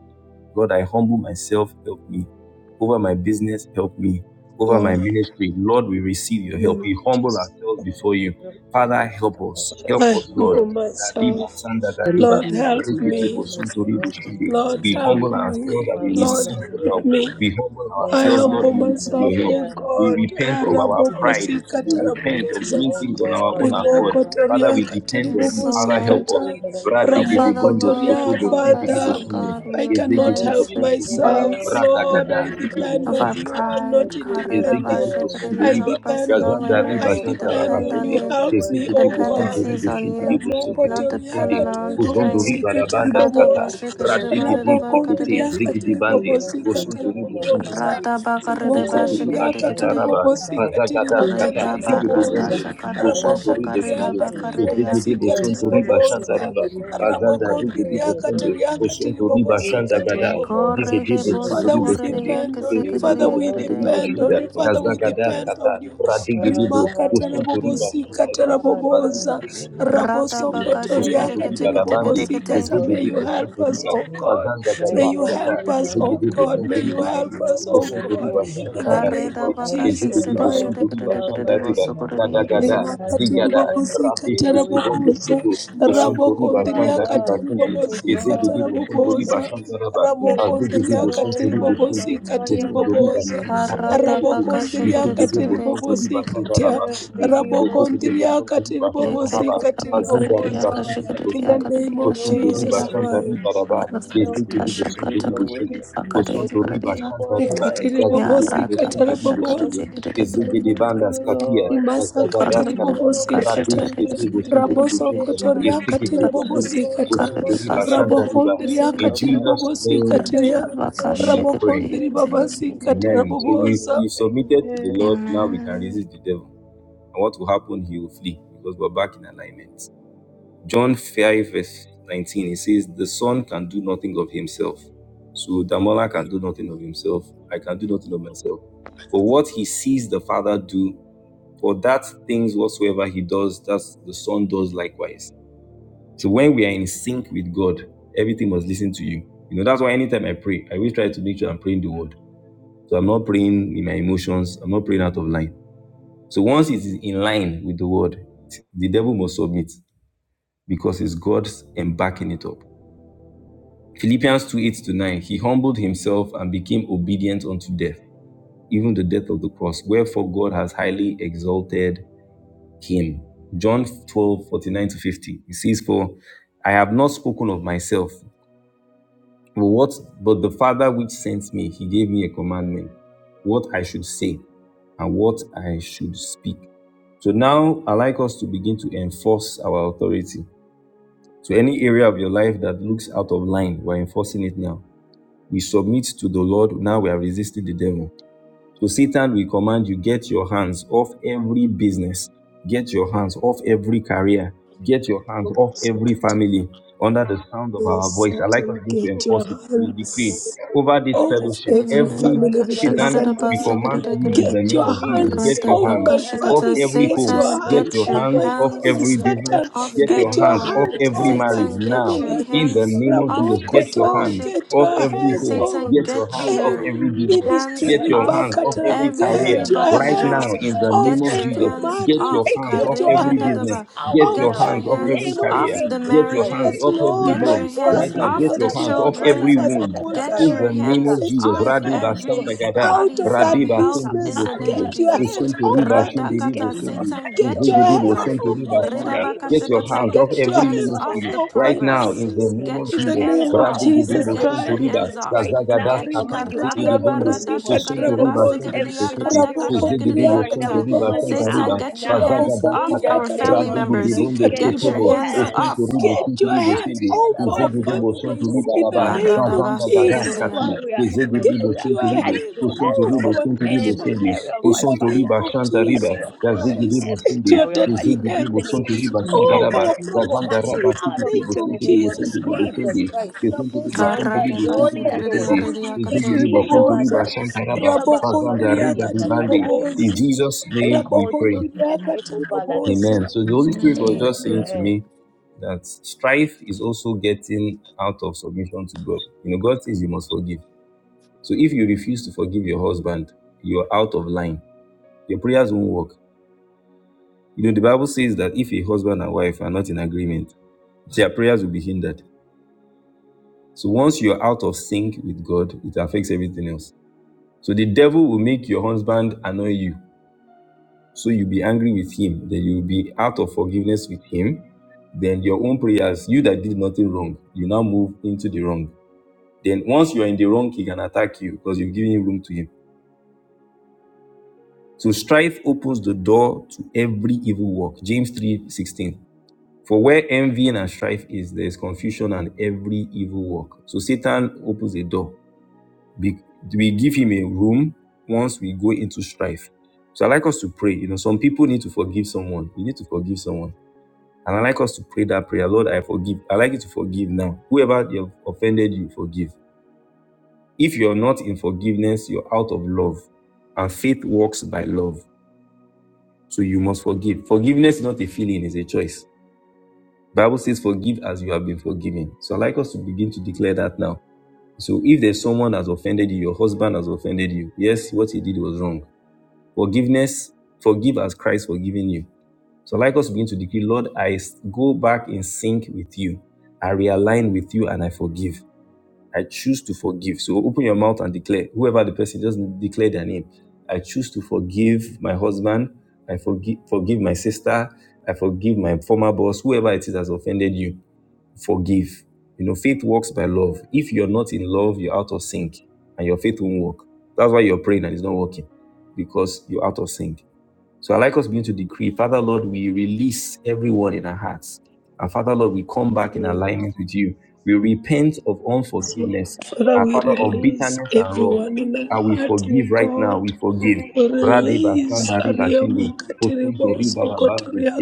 Speaker 7: God, I humble myself, help me. Over my business, help me. Over my
Speaker 5: Lord,
Speaker 7: ministry, Lord, we receive your
Speaker 5: in the
Speaker 7: help.
Speaker 5: name
Speaker 7: We
Speaker 5: of
Speaker 7: humble
Speaker 5: Jesus.
Speaker 7: ourselves before you. Father,
Speaker 8: Jokini
Speaker 7: help us. Help
Speaker 5: I
Speaker 8: kabachaka
Speaker 7: us, Lord.
Speaker 5: humble
Speaker 8: dada.
Speaker 7: Radiba,
Speaker 5: myself.
Speaker 7: Sanda,
Speaker 10: Heavenly
Speaker 7: Radiba,
Speaker 10: Father,
Speaker 5: Lord,
Speaker 10: in the
Speaker 5: help
Speaker 10: mighty name of
Speaker 7: Rikiti,
Speaker 8: Over
Speaker 5: me.
Speaker 10: Jesus, just
Speaker 8: my
Speaker 10: ask
Speaker 7: Bosunto,
Speaker 10: us to
Speaker 8: finances,
Speaker 10: let
Speaker 7: Shinde.
Speaker 8: help
Speaker 10: us
Speaker 8: me,
Speaker 5: Lord,
Speaker 7: We
Speaker 10: also
Speaker 8: Lord.
Speaker 10: be in the
Speaker 5: help
Speaker 7: humble
Speaker 10: light
Speaker 7: ourselves
Speaker 10: of
Speaker 5: me.
Speaker 7: and
Speaker 8: Over
Speaker 7: we
Speaker 10: Christ.
Speaker 8: my
Speaker 5: Lord,
Speaker 7: receive
Speaker 8: marriage,
Speaker 7: your
Speaker 5: help
Speaker 7: help.
Speaker 8: help me.
Speaker 5: me.
Speaker 7: We humble
Speaker 8: Oh
Speaker 10: And
Speaker 5: I
Speaker 10: we
Speaker 7: ourselves,
Speaker 10: say,
Speaker 7: Lord,
Speaker 8: God,
Speaker 5: humble
Speaker 7: we
Speaker 8: over
Speaker 7: receive
Speaker 8: my
Speaker 5: myself,
Speaker 7: your help.
Speaker 5: O
Speaker 8: career, help
Speaker 7: We
Speaker 5: God.
Speaker 8: me.
Speaker 7: repent of
Speaker 10: "Come and
Speaker 8: Over
Speaker 7: our
Speaker 10: to him,
Speaker 8: my
Speaker 7: pride.
Speaker 10: Lord."
Speaker 5: Arabobosinga
Speaker 8: ministry, help
Speaker 7: We
Speaker 10: In the
Speaker 8: me.
Speaker 7: repent
Speaker 10: mighty
Speaker 7: of
Speaker 10: name
Speaker 5: tarabobosa.
Speaker 10: of
Speaker 7: doing
Speaker 8: Oh
Speaker 7: things on
Speaker 10: Jesus,
Speaker 7: our
Speaker 8: God,
Speaker 7: own
Speaker 10: Christ of
Speaker 8: over
Speaker 7: accord.
Speaker 5: Rimoko
Speaker 10: Nazareth.
Speaker 8: my
Speaker 7: Father,
Speaker 8: life,
Speaker 5: Toria
Speaker 7: we
Speaker 8: help me.
Speaker 7: depend on
Speaker 1: Yes,
Speaker 7: you.
Speaker 5: Katiribobosi
Speaker 7: Father, help
Speaker 1: Lord.
Speaker 5: Kata
Speaker 8: Everything that I
Speaker 7: us.
Speaker 8: do, help
Speaker 1: Father,
Speaker 5: Ramoko
Speaker 8: me.
Speaker 1: Lord,
Speaker 5: Toria
Speaker 8: Oh
Speaker 1: help
Speaker 8: Lord,
Speaker 7: Boshente
Speaker 8: I
Speaker 1: us, O
Speaker 5: Father.
Speaker 8: need your
Speaker 7: Boshinde,
Speaker 1: God.
Speaker 8: help.
Speaker 1: We
Speaker 5: I cannot
Speaker 7: Ezegedi
Speaker 8: Oh
Speaker 1: repent.
Speaker 5: help
Speaker 1: We
Speaker 8: my
Speaker 7: Boshente Riba,
Speaker 5: myself.
Speaker 1: repent
Speaker 8: God, my
Speaker 5: Lord,
Speaker 7: Radagada,
Speaker 5: I
Speaker 8: Redeemer,
Speaker 7: Zegedi
Speaker 5: depend
Speaker 8: help
Speaker 1: of our
Speaker 5: on
Speaker 8: me.
Speaker 7: Boshente
Speaker 5: you. I'm
Speaker 1: pride.
Speaker 7: Boshinde,
Speaker 5: not
Speaker 8: Help me, Lord
Speaker 7: Ezegedi
Speaker 5: independent.
Speaker 8: God, in
Speaker 7: Boshente
Speaker 1: Karidabashikadade.
Speaker 5: I
Speaker 8: faith,
Speaker 7: Riba,
Speaker 1: Help
Speaker 8: help
Speaker 1: us
Speaker 5: depend
Speaker 1: in
Speaker 8: me.
Speaker 1: all
Speaker 5: on
Speaker 7: Yazanda
Speaker 5: you.
Speaker 7: Riba
Speaker 5: I
Speaker 1: areas.
Speaker 8: Oh
Speaker 1: We
Speaker 7: Shanta
Speaker 8: Father,
Speaker 5: depend
Speaker 1: depend
Speaker 5: on
Speaker 1: on
Speaker 8: oh,
Speaker 7: Rabashende,
Speaker 5: you.
Speaker 8: by
Speaker 1: you.
Speaker 8: the
Speaker 5: Help
Speaker 8: word
Speaker 5: me,
Speaker 8: of
Speaker 7: Ezegedi
Speaker 5: oh
Speaker 8: God,
Speaker 7: Boshente
Speaker 5: God.
Speaker 8: help
Speaker 7: Riba
Speaker 1: dependencies
Speaker 8: me.
Speaker 1: on
Speaker 7: Shente
Speaker 1: you
Speaker 7: Riba
Speaker 8: Help
Speaker 5: Ramoko
Speaker 7: Shente
Speaker 8: me
Speaker 1: cannot
Speaker 8: to
Speaker 7: Riba
Speaker 1: depend
Speaker 8: stand
Speaker 5: toriaka
Speaker 1: on
Speaker 7: Shende,
Speaker 8: on
Speaker 1: our
Speaker 8: your
Speaker 1: own
Speaker 7: Uzondo
Speaker 8: word,
Speaker 1: strength.
Speaker 8: oh
Speaker 7: Riba
Speaker 5: tiribobosika
Speaker 8: Father.
Speaker 7: Rabanda Skata,
Speaker 5: tiribobosa.
Speaker 8: Everything was of
Speaker 7: Radegedi
Speaker 8: God and the
Speaker 7: Sekete,
Speaker 1: Radabashikiridibaridabakadidi,
Speaker 10: In
Speaker 8: authority
Speaker 10: the
Speaker 5: Rabokondriaka
Speaker 10: mighty
Speaker 7: bandi,
Speaker 8: that has
Speaker 10: name
Speaker 7: Bande,
Speaker 10: of the
Speaker 8: already
Speaker 5: tiribobosika
Speaker 8: been
Speaker 7: Boshente
Speaker 8: given,
Speaker 7: Riba
Speaker 8: oh
Speaker 10: mighty
Speaker 7: Shente
Speaker 10: name
Speaker 7: Riba
Speaker 8: Father.
Speaker 5: tarabobosa.
Speaker 10: of
Speaker 7: Shende,
Speaker 10: Jesus, Christ of
Speaker 8: Oh,
Speaker 7: Zigidi
Speaker 8: my
Speaker 5: Rimokondriaka
Speaker 8: God,
Speaker 1: radabakaridabashikiridikirididi,
Speaker 8: keep
Speaker 7: Bashantaraba,
Speaker 8: about.
Speaker 5: tiribobosika
Speaker 10: Nazareth. In
Speaker 8: Oh
Speaker 7: Fazagadaskata,
Speaker 8: Father,
Speaker 10: Jesus'
Speaker 7: Zigidi
Speaker 8: help
Speaker 10: mighty name,
Speaker 5: tiribagandiribobosa.
Speaker 8: me.
Speaker 7: Bundes,
Speaker 10: Heavenly
Speaker 8: Help
Speaker 10: Father,
Speaker 8: me,
Speaker 7: Bosantori
Speaker 10: have
Speaker 8: Holy
Speaker 10: mercy
Speaker 7: Boshindu,
Speaker 10: on
Speaker 5: Rabokondriaka
Speaker 10: us.
Speaker 8: Spirit.
Speaker 1: ridabaradashakaradashakaridabakaridia,
Speaker 7: Zigidi
Speaker 5: tiribobosika
Speaker 10: In
Speaker 8: Yes, do
Speaker 7: Bosantori
Speaker 8: do
Speaker 10: Jesus'
Speaker 8: yo
Speaker 10: mighty
Speaker 5: tiribobosa.
Speaker 7: Bashantaraba,
Speaker 8: do
Speaker 10: name,
Speaker 8: do do do
Speaker 7: Fazanda
Speaker 8: do
Speaker 7: Rigidi
Speaker 8: do
Speaker 5: Rabokondriaka
Speaker 8: do
Speaker 7: Bosundu,
Speaker 8: do.
Speaker 5: toriaka
Speaker 7: Bosantori
Speaker 5: tiribobosika
Speaker 8: Iko
Speaker 7: Bashandagada,
Speaker 5: tiribobosa.
Speaker 8: do do do
Speaker 7: Zigidi
Speaker 8: do
Speaker 10: in Jesus'
Speaker 8: do
Speaker 10: mighty
Speaker 5: Father,
Speaker 7: Bosantori
Speaker 8: do
Speaker 5: we
Speaker 10: name,
Speaker 8: do.
Speaker 7: Bosindi,
Speaker 5: depend on you.
Speaker 7: Zigidi
Speaker 5: Father,
Speaker 8: Inka
Speaker 5: we
Speaker 8: do
Speaker 7: Bosantori
Speaker 1: koridibusukoridiyekisikiridiyekirididi,
Speaker 8: do
Speaker 5: depend
Speaker 7: Boshinda,
Speaker 5: on
Speaker 8: shake
Speaker 5: you.
Speaker 8: shake
Speaker 5: Father, we
Speaker 10: of
Speaker 8: shake.
Speaker 5: depend
Speaker 7: Kazagadaskata,
Speaker 5: on you.
Speaker 7: Radigidibu,
Speaker 10: Jesus,
Speaker 5: Rimaka
Speaker 8: Father help
Speaker 7: Bosantori
Speaker 8: me.
Speaker 5: tarabobosika
Speaker 7: Bashantaraba,
Speaker 8: Father
Speaker 5: tarabobosa.
Speaker 7: Mazigidi
Speaker 8: help me.
Speaker 7: Bosindi,
Speaker 8: King
Speaker 10: we are
Speaker 8: of
Speaker 10: living in the mighty name
Speaker 8: glory
Speaker 5: Rabosokotoriaka
Speaker 7: Bosantori
Speaker 8: help me.
Speaker 7: Barabandi,
Speaker 5: tiribobosika ta.
Speaker 8: Lord
Speaker 5: May
Speaker 7: Zigidi
Speaker 8: of
Speaker 5: you
Speaker 8: hosts
Speaker 5: help
Speaker 7: Bosantori
Speaker 5: us,
Speaker 8: help
Speaker 5: oh
Speaker 8: me.
Speaker 5: God.
Speaker 7: Fazanda
Speaker 10: to
Speaker 8: My
Speaker 5: May
Speaker 10: be
Speaker 5: you
Speaker 8: dear
Speaker 10: praised
Speaker 7: Gadaskata,
Speaker 10: and
Speaker 5: help
Speaker 8: Redeemer
Speaker 5: us,
Speaker 10: glorified
Speaker 5: oh
Speaker 8: help
Speaker 7: Zigidi
Speaker 10: in the
Speaker 5: God.
Speaker 8: me.
Speaker 5: May
Speaker 7: Bosantori
Speaker 10: mighty
Speaker 5: you
Speaker 10: name of
Speaker 8: I
Speaker 7: Boshindu,
Speaker 5: help
Speaker 10: Jesus
Speaker 8: call
Speaker 5: us,
Speaker 8: on
Speaker 5: oh
Speaker 8: your
Speaker 7: Bosonto
Speaker 10: Christ
Speaker 5: God.
Speaker 7: riba
Speaker 8: name
Speaker 1: radabakashikitikitikitikitikiti,
Speaker 10: of
Speaker 7: shanta
Speaker 8: help
Speaker 5: In the
Speaker 8: me.
Speaker 7: raba
Speaker 10: Nazareth.
Speaker 5: name
Speaker 7: sente.
Speaker 5: of
Speaker 8: I ask, O
Speaker 7: Ezige
Speaker 5: Jesus
Speaker 7: ribo
Speaker 5: Christ.
Speaker 8: Lord,
Speaker 7: sonto
Speaker 8: that
Speaker 7: riba
Speaker 8: you have
Speaker 7: shanta riba.
Speaker 8: mercy on
Speaker 7: Gada
Speaker 8: me.
Speaker 10: In the
Speaker 7: gada
Speaker 1: karidabakashikiridikiridikiridikiridibusukoridiyekisikiri,
Speaker 8: I
Speaker 10: mighty
Speaker 8: ask, O
Speaker 5: Rimakatiri
Speaker 10: name of
Speaker 7: zigada
Speaker 8: Lord,
Speaker 10: Jesus,
Speaker 8: that you
Speaker 5: bobosika
Speaker 8: be
Speaker 7: rabiste
Speaker 10: as
Speaker 8: aware
Speaker 10: of
Speaker 8: of
Speaker 7: tribondo
Speaker 5: tarabobosa,
Speaker 8: me.
Speaker 7: soto.
Speaker 8: Help
Speaker 7: Bosonto
Speaker 8: me,
Speaker 10: now,
Speaker 7: riba
Speaker 10: we are
Speaker 5: rabokondria
Speaker 10: at
Speaker 7: shanta
Speaker 8: Father,
Speaker 10: the feet,
Speaker 7: riba
Speaker 5: katiri
Speaker 10: O Lord,
Speaker 7: sente.
Speaker 8: help me,
Speaker 5: bobosika
Speaker 7: Ezige
Speaker 10: we
Speaker 8: God,
Speaker 7: ribo
Speaker 8: help
Speaker 7: sonto
Speaker 8: me,
Speaker 10: thank you.
Speaker 7: riba
Speaker 5: tarabobosa,
Speaker 8: God.
Speaker 7: shanta raba.
Speaker 10: In
Speaker 8: Help me,
Speaker 7: Azige
Speaker 10: Jesus'
Speaker 5: rabokondria
Speaker 7: ribo
Speaker 10: mighty
Speaker 7: sonto
Speaker 5: katiri
Speaker 10: name, we
Speaker 8: Jehovah,
Speaker 7: ribo
Speaker 10: have
Speaker 7: sente.
Speaker 5: bobosika
Speaker 10: prayed, we thank
Speaker 8: Ribakaya,
Speaker 7: Bosonto riba
Speaker 5: tiribobosa,
Speaker 8: Rabosi,
Speaker 7: shanta raba
Speaker 10: Lord.
Speaker 7: sente.
Speaker 10: In
Speaker 5: rabokondria
Speaker 8: Kererebosi.
Speaker 7: Ezige
Speaker 10: Jesus'
Speaker 5: katiri
Speaker 7: ribo
Speaker 1: karadabakashikiridikirididi.
Speaker 10: mighty
Speaker 7: sonto
Speaker 10: name,
Speaker 7: riba
Speaker 5: bobosika
Speaker 10: we
Speaker 7: shanta
Speaker 10: have
Speaker 5: tia,
Speaker 7: raba
Speaker 8: Help
Speaker 7: sente.
Speaker 10: help us,
Speaker 8: me, O
Speaker 10: Lord, to
Speaker 7: Rogede
Speaker 10: pray, help
Speaker 8: Jesus,
Speaker 5: rabokondria
Speaker 10: us,
Speaker 7: Bosonduri
Speaker 10: O
Speaker 5: katiri
Speaker 7: Bashanta Rabat,
Speaker 8: help
Speaker 5: bobosika
Speaker 8: me, O
Speaker 7: Azindari
Speaker 1: Yekeretabakareya
Speaker 5: tiribobosa.
Speaker 8: God,
Speaker 7: Bashanturi
Speaker 8: I
Speaker 5: In
Speaker 1: kashikareya
Speaker 8: cry
Speaker 5: the
Speaker 7: Bosondu,
Speaker 8: to
Speaker 5: name
Speaker 8: the
Speaker 1: kareya
Speaker 5: of
Speaker 10: King of
Speaker 7: Bosonturi
Speaker 8: Lord,
Speaker 5: Jesus
Speaker 1: shikareya
Speaker 8: help
Speaker 10: glory. In
Speaker 5: Christ,
Speaker 7: Bashantari
Speaker 8: me,
Speaker 7: Barabat,
Speaker 10: Jesus'
Speaker 8: help
Speaker 10: mighty
Speaker 1: arata
Speaker 7: Ezigidi
Speaker 8: me
Speaker 10: name, we
Speaker 8: to
Speaker 10: have
Speaker 8: do
Speaker 7: Bosonturi
Speaker 1: shakata
Speaker 8: your
Speaker 7: Bushindi,
Speaker 1: kareya
Speaker 8: will.
Speaker 10: This is the mighty name
Speaker 8: Help
Speaker 1: bakareya
Speaker 7: Bosonturi
Speaker 8: me to
Speaker 1: kareya
Speaker 7: Bashanta
Speaker 8: follow
Speaker 7: Riba,
Speaker 10: of
Speaker 8: thy
Speaker 5: rekatiri
Speaker 8: ways,
Speaker 7: Yazigidi
Speaker 8: O
Speaker 5: bobosika
Speaker 1: yarata
Speaker 8: Lord.
Speaker 7: Bosonturi
Speaker 10: Jesus.
Speaker 8: Help
Speaker 7: Bushindi,
Speaker 5: tarabobosa.
Speaker 1: pashakareya
Speaker 8: me
Speaker 1: kareya
Speaker 8: to
Speaker 1: kareya
Speaker 10: Lord,
Speaker 7: Ezigidi
Speaker 8: submit to
Speaker 7: Banda
Speaker 8: you,
Speaker 1: kareya
Speaker 7: Skatia,
Speaker 8: Lord.
Speaker 10: we
Speaker 8: Help
Speaker 10: thank
Speaker 5: rimasakati
Speaker 7: Azagada
Speaker 10: you
Speaker 8: me,
Speaker 10: so
Speaker 1: arita
Speaker 10: much.
Speaker 7: Skata,
Speaker 8: Lord,
Speaker 10: Thank you,
Speaker 5: ribobosikata
Speaker 7: Radish
Speaker 1: bakashikareya
Speaker 10: thank you
Speaker 1: kareya
Speaker 10: so
Speaker 7: Keti
Speaker 10: much,
Speaker 1: kareya
Speaker 7: Bosonturi
Speaker 10: God.
Speaker 1: kareya
Speaker 7: Bushindi,
Speaker 10: In the mighty
Speaker 5: rabosokotoriakati
Speaker 10: name
Speaker 7: Ezigidi
Speaker 10: of
Speaker 1: arita
Speaker 10: Jesus,
Speaker 7: Bosundi,
Speaker 5: ribobosikata
Speaker 8: to
Speaker 1: bakareya
Speaker 8: walk
Speaker 7: Bosonturi
Speaker 8: in your
Speaker 7: Bashanta
Speaker 1: pasikareya
Speaker 7: Riba.
Speaker 8: ways and
Speaker 7: In
Speaker 8: your
Speaker 5: rabokondriakati
Speaker 1: kisikareya
Speaker 7: Jesus'
Speaker 8: purpose.
Speaker 7: name
Speaker 10: we have prayed.
Speaker 8: Help
Speaker 5: ribobosikatiria
Speaker 1: arita
Speaker 8: me,
Speaker 7: we
Speaker 8: Lord, to
Speaker 7: pray.
Speaker 1: bakashikareya
Speaker 8: walk in
Speaker 1: kareya
Speaker 8: the fullness
Speaker 5: rabokondiribabasikata
Speaker 8: of
Speaker 7: Amen. So
Speaker 8: your
Speaker 7: we,
Speaker 5: raboboza
Speaker 8: ways.
Speaker 7: we submitted to the
Speaker 8: Amen.
Speaker 7: Lord, now we can
Speaker 1: Amen.
Speaker 7: resist the devil. And what will happen? He will flee because we're back in alignment. John 5, verse 19, it says, The Son can do nothing of himself. So Damola can do nothing of himself. I can do nothing of myself. But what he sees the Father do, for that things whatsoever he does, that's the Son does likewise. So when we are in sync with God, everything must listen to you. You know, that's why anytime I pray, I always try to make sure I'm praying the word. So I'm not praying in my emotions, I'm not praying out of line. So once it is in line with the word, the devil must submit because it's God's and backing it up. Philippians 2 8 to 9. He humbled himself and became obedient unto death, even the death of the cross. Wherefore God has highly exalted him. John 12 49 to 50. It says, For I have not spoken of myself, But what but the Father which sent me, he gave me a commandment, what I should say and what I should speak. So now I like us to begin to enforce our authority. So any area of your life that looks out of line, we're enforcing it now. We submit to the Lord. Now we are resisting the devil. So Satan will command you, get your hands off every business, get your hands off every career, get your hands
Speaker 5: Bobo
Speaker 7: off every
Speaker 5: sikata.
Speaker 7: family. Under the sound of our
Speaker 5: Yes,
Speaker 7: voice, I like us
Speaker 5: Satan,
Speaker 7: to
Speaker 5: get your
Speaker 7: enforce it. We
Speaker 8: In the
Speaker 7: decree
Speaker 5: hands.
Speaker 8: name of
Speaker 7: over this
Speaker 5: of
Speaker 8: Jesus, take
Speaker 7: fellowship,
Speaker 8: and
Speaker 5: every
Speaker 8: I
Speaker 7: every
Speaker 1: Amen.
Speaker 8: command
Speaker 5: family
Speaker 8: you right
Speaker 7: Satan,
Speaker 1: Kashakareya
Speaker 5: represented
Speaker 7: we
Speaker 5: here.
Speaker 8: now. In
Speaker 7: command
Speaker 1: basikareya
Speaker 8: the
Speaker 7: you
Speaker 8: name
Speaker 7: in
Speaker 1: kareya
Speaker 8: of
Speaker 7: the
Speaker 5: Get
Speaker 7: name
Speaker 5: your
Speaker 7: of Jesus,
Speaker 8: Jesus,
Speaker 7: get
Speaker 5: hands
Speaker 8: take
Speaker 1: arata
Speaker 7: your
Speaker 5: off
Speaker 7: hands
Speaker 8: your
Speaker 5: my
Speaker 8: hands
Speaker 7: off
Speaker 1: bakashikata
Speaker 8: off
Speaker 5: family.
Speaker 7: every
Speaker 8: my
Speaker 5: Get
Speaker 7: home,
Speaker 10: To live in peace
Speaker 5: your
Speaker 1: Satan,
Speaker 8: family.
Speaker 7: get
Speaker 5: hands
Speaker 1: get
Speaker 7: your
Speaker 1: your
Speaker 5: off
Speaker 7: hands
Speaker 5: my
Speaker 8: Take
Speaker 7: off
Speaker 8: your
Speaker 1: hands
Speaker 5: family.
Speaker 7: every
Speaker 8: hands off my
Speaker 7: business,
Speaker 5: Satan,
Speaker 1: off
Speaker 8: family.
Speaker 7: get
Speaker 5: get
Speaker 7: your
Speaker 1: every
Speaker 8: Take
Speaker 5: your
Speaker 7: hands
Speaker 8: your
Speaker 1: home.
Speaker 8: hands
Speaker 7: off
Speaker 8: off
Speaker 5: hands
Speaker 8: my
Speaker 7: every
Speaker 5: off
Speaker 8: parents.
Speaker 5: my
Speaker 7: marriage
Speaker 1: Satan,
Speaker 8: Take
Speaker 1: get
Speaker 7: now.
Speaker 8: your
Speaker 1: your
Speaker 5: family.
Speaker 8: hands off
Speaker 7: In
Speaker 8: my
Speaker 7: the
Speaker 1: hands
Speaker 7: name
Speaker 8: career.
Speaker 7: of
Speaker 1: off
Speaker 7: Jesus, get
Speaker 8: Take
Speaker 1: this
Speaker 7: your
Speaker 8: your
Speaker 5: Ramoko,
Speaker 7: hands
Speaker 8: hands
Speaker 1: fellowship.
Speaker 5: get
Speaker 8: off my
Speaker 7: off
Speaker 5: your
Speaker 8: marriage. In
Speaker 7: every
Speaker 8: the
Speaker 5: hands
Speaker 7: home,
Speaker 8: name
Speaker 5: off.
Speaker 8: of
Speaker 1: Satan,
Speaker 7: get your
Speaker 1: get
Speaker 7: hands
Speaker 8: Jesus.
Speaker 7: off
Speaker 1: your
Speaker 7: every
Speaker 5: Every
Speaker 7: business,
Speaker 8: Take
Speaker 1: hands
Speaker 8: your
Speaker 5: ministry,
Speaker 7: get
Speaker 8: hands
Speaker 7: your
Speaker 8: off
Speaker 1: off
Speaker 8: my
Speaker 7: hands
Speaker 5: Rebecca,
Speaker 7: off
Speaker 8: own
Speaker 7: every
Speaker 8: coat.
Speaker 7: career.
Speaker 5: get your
Speaker 1: everybody's
Speaker 7: Right now,
Speaker 5: hands
Speaker 1: job.
Speaker 7: in the
Speaker 5: off
Speaker 7: name of
Speaker 10: of
Speaker 1: Get
Speaker 8: oh
Speaker 1: your
Speaker 5: every
Speaker 7: Jesus,
Speaker 1: hands
Speaker 7: get your
Speaker 5: marriage.
Speaker 1: off.
Speaker 8: Take
Speaker 7: hands
Speaker 8: your
Speaker 7: off
Speaker 5: Get your
Speaker 8: evil
Speaker 7: every business,
Speaker 8: hands
Speaker 5: hands
Speaker 1: Karedadadaba.
Speaker 8: out
Speaker 7: get
Speaker 5: off
Speaker 7: your
Speaker 1: Get
Speaker 8: now in
Speaker 1: your
Speaker 7: hands
Speaker 8: the
Speaker 7: off
Speaker 5: every
Speaker 1: hands
Speaker 7: every
Speaker 8: name of
Speaker 7: career,
Speaker 1: off
Speaker 5: children.
Speaker 1: the
Speaker 8: Jesus
Speaker 7: get your
Speaker 8: Christ.
Speaker 7: hands
Speaker 5: That
Speaker 1: marriages.
Speaker 7: off every
Speaker 5: Lord,
Speaker 1: Get
Speaker 7: home.
Speaker 5: my
Speaker 1: your hands
Speaker 7: Right now,
Speaker 5: Father,
Speaker 1: off
Speaker 7: get
Speaker 1: the
Speaker 5: that
Speaker 7: your hands
Speaker 5: Lord,
Speaker 7: off
Speaker 5: my
Speaker 1: children
Speaker 7: every
Speaker 10: your heart
Speaker 5: Father,
Speaker 7: womb.
Speaker 5: called by
Speaker 1: get
Speaker 7: In
Speaker 5: our
Speaker 7: the
Speaker 1: your
Speaker 7: name
Speaker 5: name.
Speaker 1: hands
Speaker 7: of
Speaker 5: Get
Speaker 7: Jesus,
Speaker 5: your
Speaker 1: off
Speaker 8: Get
Speaker 7: Radiba
Speaker 5: hands
Speaker 8: your
Speaker 7: Sanda Gada,
Speaker 8: hands
Speaker 5: out of
Speaker 1: everybody's
Speaker 8: off
Speaker 1: um
Speaker 5: that
Speaker 7: Radiba
Speaker 1: health
Speaker 7: Sindi
Speaker 1: in
Speaker 7: Ribo
Speaker 5: business.
Speaker 1: the
Speaker 8: Kapali
Speaker 1: name of
Speaker 7: Sendo,
Speaker 5: Get your
Speaker 1: Jesus.
Speaker 8: Katoko
Speaker 5: hands
Speaker 7: Isinto
Speaker 5: off
Speaker 7: Riba
Speaker 8: Sanda.
Speaker 5: that
Speaker 7: Shindi Ribo
Speaker 8: Get
Speaker 1: Radakata
Speaker 5: business.
Speaker 8: your
Speaker 7: Sindi,
Speaker 1: Satan,
Speaker 8: hands
Speaker 5: Get
Speaker 1: get
Speaker 8: off
Speaker 1: your
Speaker 7: Izigi
Speaker 5: your
Speaker 8: our
Speaker 7: Ribo
Speaker 1: hands
Speaker 5: hands
Speaker 1: off.
Speaker 7: Sento
Speaker 8: marriages
Speaker 5: off
Speaker 7: Riba
Speaker 8: in the
Speaker 5: our
Speaker 7: Sanda.
Speaker 8: name of
Speaker 7: Get your
Speaker 5: finances.
Speaker 1: Ridabakashakata,
Speaker 7: hands
Speaker 5: Get
Speaker 7: off
Speaker 8: Jesus.
Speaker 1: get your
Speaker 5: your
Speaker 8: Get
Speaker 7: every
Speaker 1: hands
Speaker 5: hands
Speaker 8: your
Speaker 5: off
Speaker 1: off
Speaker 7: ministry
Speaker 1: the
Speaker 5: our
Speaker 8: hands
Speaker 7: right
Speaker 8: off
Speaker 7: now
Speaker 8: our
Speaker 1: progress.
Speaker 7: in the
Speaker 5: finances.
Speaker 8: children.
Speaker 7: name of
Speaker 1: Get
Speaker 5: In
Speaker 1: your
Speaker 5: the
Speaker 7: Jesus.
Speaker 1: hands
Speaker 5: name of
Speaker 8: Every
Speaker 1: off.
Speaker 7: Radigi
Speaker 5: Jesus
Speaker 8: spirit
Speaker 7: Ribo
Speaker 8: of
Speaker 1: Get
Speaker 7: Sento
Speaker 1: your
Speaker 5: Christ
Speaker 7: Riba,
Speaker 1: hands
Speaker 8: rebelliousness,
Speaker 1: off.
Speaker 8: right
Speaker 7: Razagada
Speaker 8: now we
Speaker 1: Get
Speaker 7: Kata,
Speaker 8: command you
Speaker 7: Zigi
Speaker 5: rimakatira
Speaker 8: out
Speaker 1: karadaba
Speaker 8: in
Speaker 7: Ribondo,
Speaker 8: the
Speaker 5: bobosi
Speaker 8: name of
Speaker 5: katira
Speaker 7: Usento
Speaker 8: Jesus.
Speaker 7: Riba
Speaker 5: bobosa
Speaker 7: Sento Ribo
Speaker 8: Every
Speaker 7: Sindi,
Speaker 8: spirit of
Speaker 7: Izigi
Speaker 5: rabokondria
Speaker 8: addiction,
Speaker 7: Ribo
Speaker 8: right now
Speaker 7: Sento
Speaker 8: we
Speaker 5: katiri
Speaker 7: Riba
Speaker 8: command you
Speaker 7: Santa
Speaker 5: bobosa
Speaker 7: Riba,
Speaker 1: Satan,
Speaker 8: out
Speaker 1: get your
Speaker 8: now
Speaker 1: hands
Speaker 7: Razagada
Speaker 1: off
Speaker 8: in
Speaker 5: rabokondria
Speaker 7: Kata,
Speaker 8: the
Speaker 1: our
Speaker 5: katiri
Speaker 8: name
Speaker 1: family
Speaker 8: of
Speaker 7: Radigi
Speaker 1: members.
Speaker 5: bobosi
Speaker 8: Jesus.
Speaker 7: Ribondo,
Speaker 8: Get
Speaker 5: katiri
Speaker 1: Get your
Speaker 8: your
Speaker 5: bobosa
Speaker 1: hands
Speaker 8: hands
Speaker 7: Sotobo,
Speaker 1: off.
Speaker 7: ribo
Speaker 5: get
Speaker 8: off.
Speaker 7: sinti
Speaker 5: your hands
Speaker 7: sindi,
Speaker 8: Katia
Speaker 5: off our
Speaker 7: ezegi
Speaker 8: Labakos,
Speaker 7: ribo suntu
Speaker 5: families
Speaker 7: riba
Speaker 8: Yetoko
Speaker 5: in the
Speaker 7: raba,
Speaker 1: Ya
Speaker 5: name
Speaker 8: Pariada
Speaker 5: of
Speaker 1: radaba
Speaker 7: kazanga gaga
Speaker 5: jesus
Speaker 8: every
Speaker 1: sekereya.
Speaker 7: kati,
Speaker 5: christ
Speaker 8: area in
Speaker 7: ezegi
Speaker 8: my
Speaker 7: ribo
Speaker 5: get
Speaker 8: career.
Speaker 7: suntu
Speaker 5: your
Speaker 8: Get
Speaker 5: hands
Speaker 8: your hands
Speaker 5: off
Speaker 8: off
Speaker 5: our nation
Speaker 8: every
Speaker 7: sindi,
Speaker 8: area of
Speaker 5: in
Speaker 8: my
Speaker 5: the
Speaker 7: kusuntu
Speaker 5: name of
Speaker 8: finances.
Speaker 7: shanta
Speaker 8: Get
Speaker 7: riba,
Speaker 5: jesus
Speaker 8: your hands off
Speaker 7: yazegi ribo
Speaker 5: christ
Speaker 8: every
Speaker 5: get
Speaker 7: sindi,
Speaker 5: your
Speaker 8: area of my
Speaker 5: dirty
Speaker 7: ezegi ribo
Speaker 8: destiny.
Speaker 7: suntu
Speaker 5: hands
Speaker 10: and the
Speaker 7: shanta
Speaker 8: Get
Speaker 5: all of
Speaker 7: raba,
Speaker 5: our
Speaker 8: your
Speaker 10: mighty
Speaker 8: evil
Speaker 7: kazanda
Speaker 5: projects
Speaker 8: hands
Speaker 5: in
Speaker 7: raba
Speaker 5: the
Speaker 8: out
Speaker 7: tiki
Speaker 8: of
Speaker 7: ribo
Speaker 8: it
Speaker 5: name
Speaker 8: in
Speaker 5: of
Speaker 8: the
Speaker 7: suntu
Speaker 8: name of
Speaker 5: Jesus
Speaker 8: Jesus
Speaker 7: sindi,
Speaker 5: Christ.
Speaker 8: Christ.
Speaker 7: kusuntu ribo
Speaker 5: Raboso
Speaker 7: suntu ribo
Speaker 8: Magadoli
Speaker 5: kotoriaka
Speaker 8: ados.
Speaker 7: sindi,
Speaker 5: tiribobosika
Speaker 7: ezegi
Speaker 1: Karadabasikaridiyaridiakate.
Speaker 7: ribo
Speaker 8: Ikichira
Speaker 7: suntu
Speaker 5: tiribobosa.
Speaker 8: bados.
Speaker 7: shanta raba,
Speaker 8: Iba baba
Speaker 7: kazanda riga
Speaker 8: bakatia
Speaker 5: Rabokondriaka
Speaker 7: ribandi.
Speaker 8: dakata.
Speaker 7: In
Speaker 5: tiribobosa.
Speaker 7: Jesus' name we pray.
Speaker 8: Ikodu
Speaker 10: name
Speaker 5: Rabokondriaka
Speaker 8: sheteko
Speaker 5: tiribobosa.
Speaker 7: Amen.
Speaker 8: baladosa.
Speaker 7: So
Speaker 10: of
Speaker 7: the Holy
Speaker 10: Jesus
Speaker 7: Spirit was
Speaker 1: Amen.
Speaker 7: just saying
Speaker 5: Amen.
Speaker 7: to
Speaker 8: Amen.
Speaker 7: me that strife is also getting out of submission to God. You know, God says you must forgive. So if you refuse to forgive your husband, you're out of line. Your prayers won't work. You know, the Bible says that if a husband and wife are not in agreement, their prayers will be hindered. So once you're out of sync with God, it affects everything else. So the devil will make your husband annoy you So you'll be angry with him, then you'll be out of forgiveness with him. Then your own prayers, you that did nothing wrong, you now move into the wrong. Then once you're in the wrong, he can attack you because you've given him room to him. So strife opens the door to every evil work. James 3 16. For where envy and strife is, there is confusion and every evil work. So Satan opens the door. Be- We give him a room once we go into strife. So I like us to pray. You know, some people need to forgive someone. You need to forgive someone And I like us to pray that prayer. Lord, I forgive. I like you to forgive now. Whoever you have offended you, forgive. If you're not in forgiveness, you're out of love. And faith works by love. So you must forgive. Forgiveness is not a feeling, it's a choice. Bible says, forgive as you have been forgiven. So I like us to begin to declare that now. So if there's someone that's offended you, your husband has offended you, yes, what he did was wrong. Forgiveness, forgive as Christ forgiven you. So like us begin to decree, Lord, I go back in sync with you. I realign with you and I forgive. I choose to forgive. So open your mouth and declare. Whoever the person, just declare their name. I choose to forgive my husband. I forgive forgive my sister. I forgive my former boss. Whoever it is has offended you, forgive. You know, faith works by love. If you're not in love, you're out of sync and your faith won't work. That's why you're praying and it's not working because you're out of sync. So I like us being to decree, Father Lord, we release everyone in our hearts. And Father Lord, we come back in
Speaker 5: Amen.
Speaker 7: alignment with you. We repent of unforgiveness,
Speaker 5: Father,
Speaker 7: our
Speaker 5: we
Speaker 7: Father, of
Speaker 5: release
Speaker 7: bitterness and wrath.
Speaker 5: everyone in our
Speaker 7: And we
Speaker 5: heart, oh
Speaker 7: forgive right now.
Speaker 5: God.
Speaker 7: We forgive.
Speaker 5: Release Ariamo Kateribos Okotoria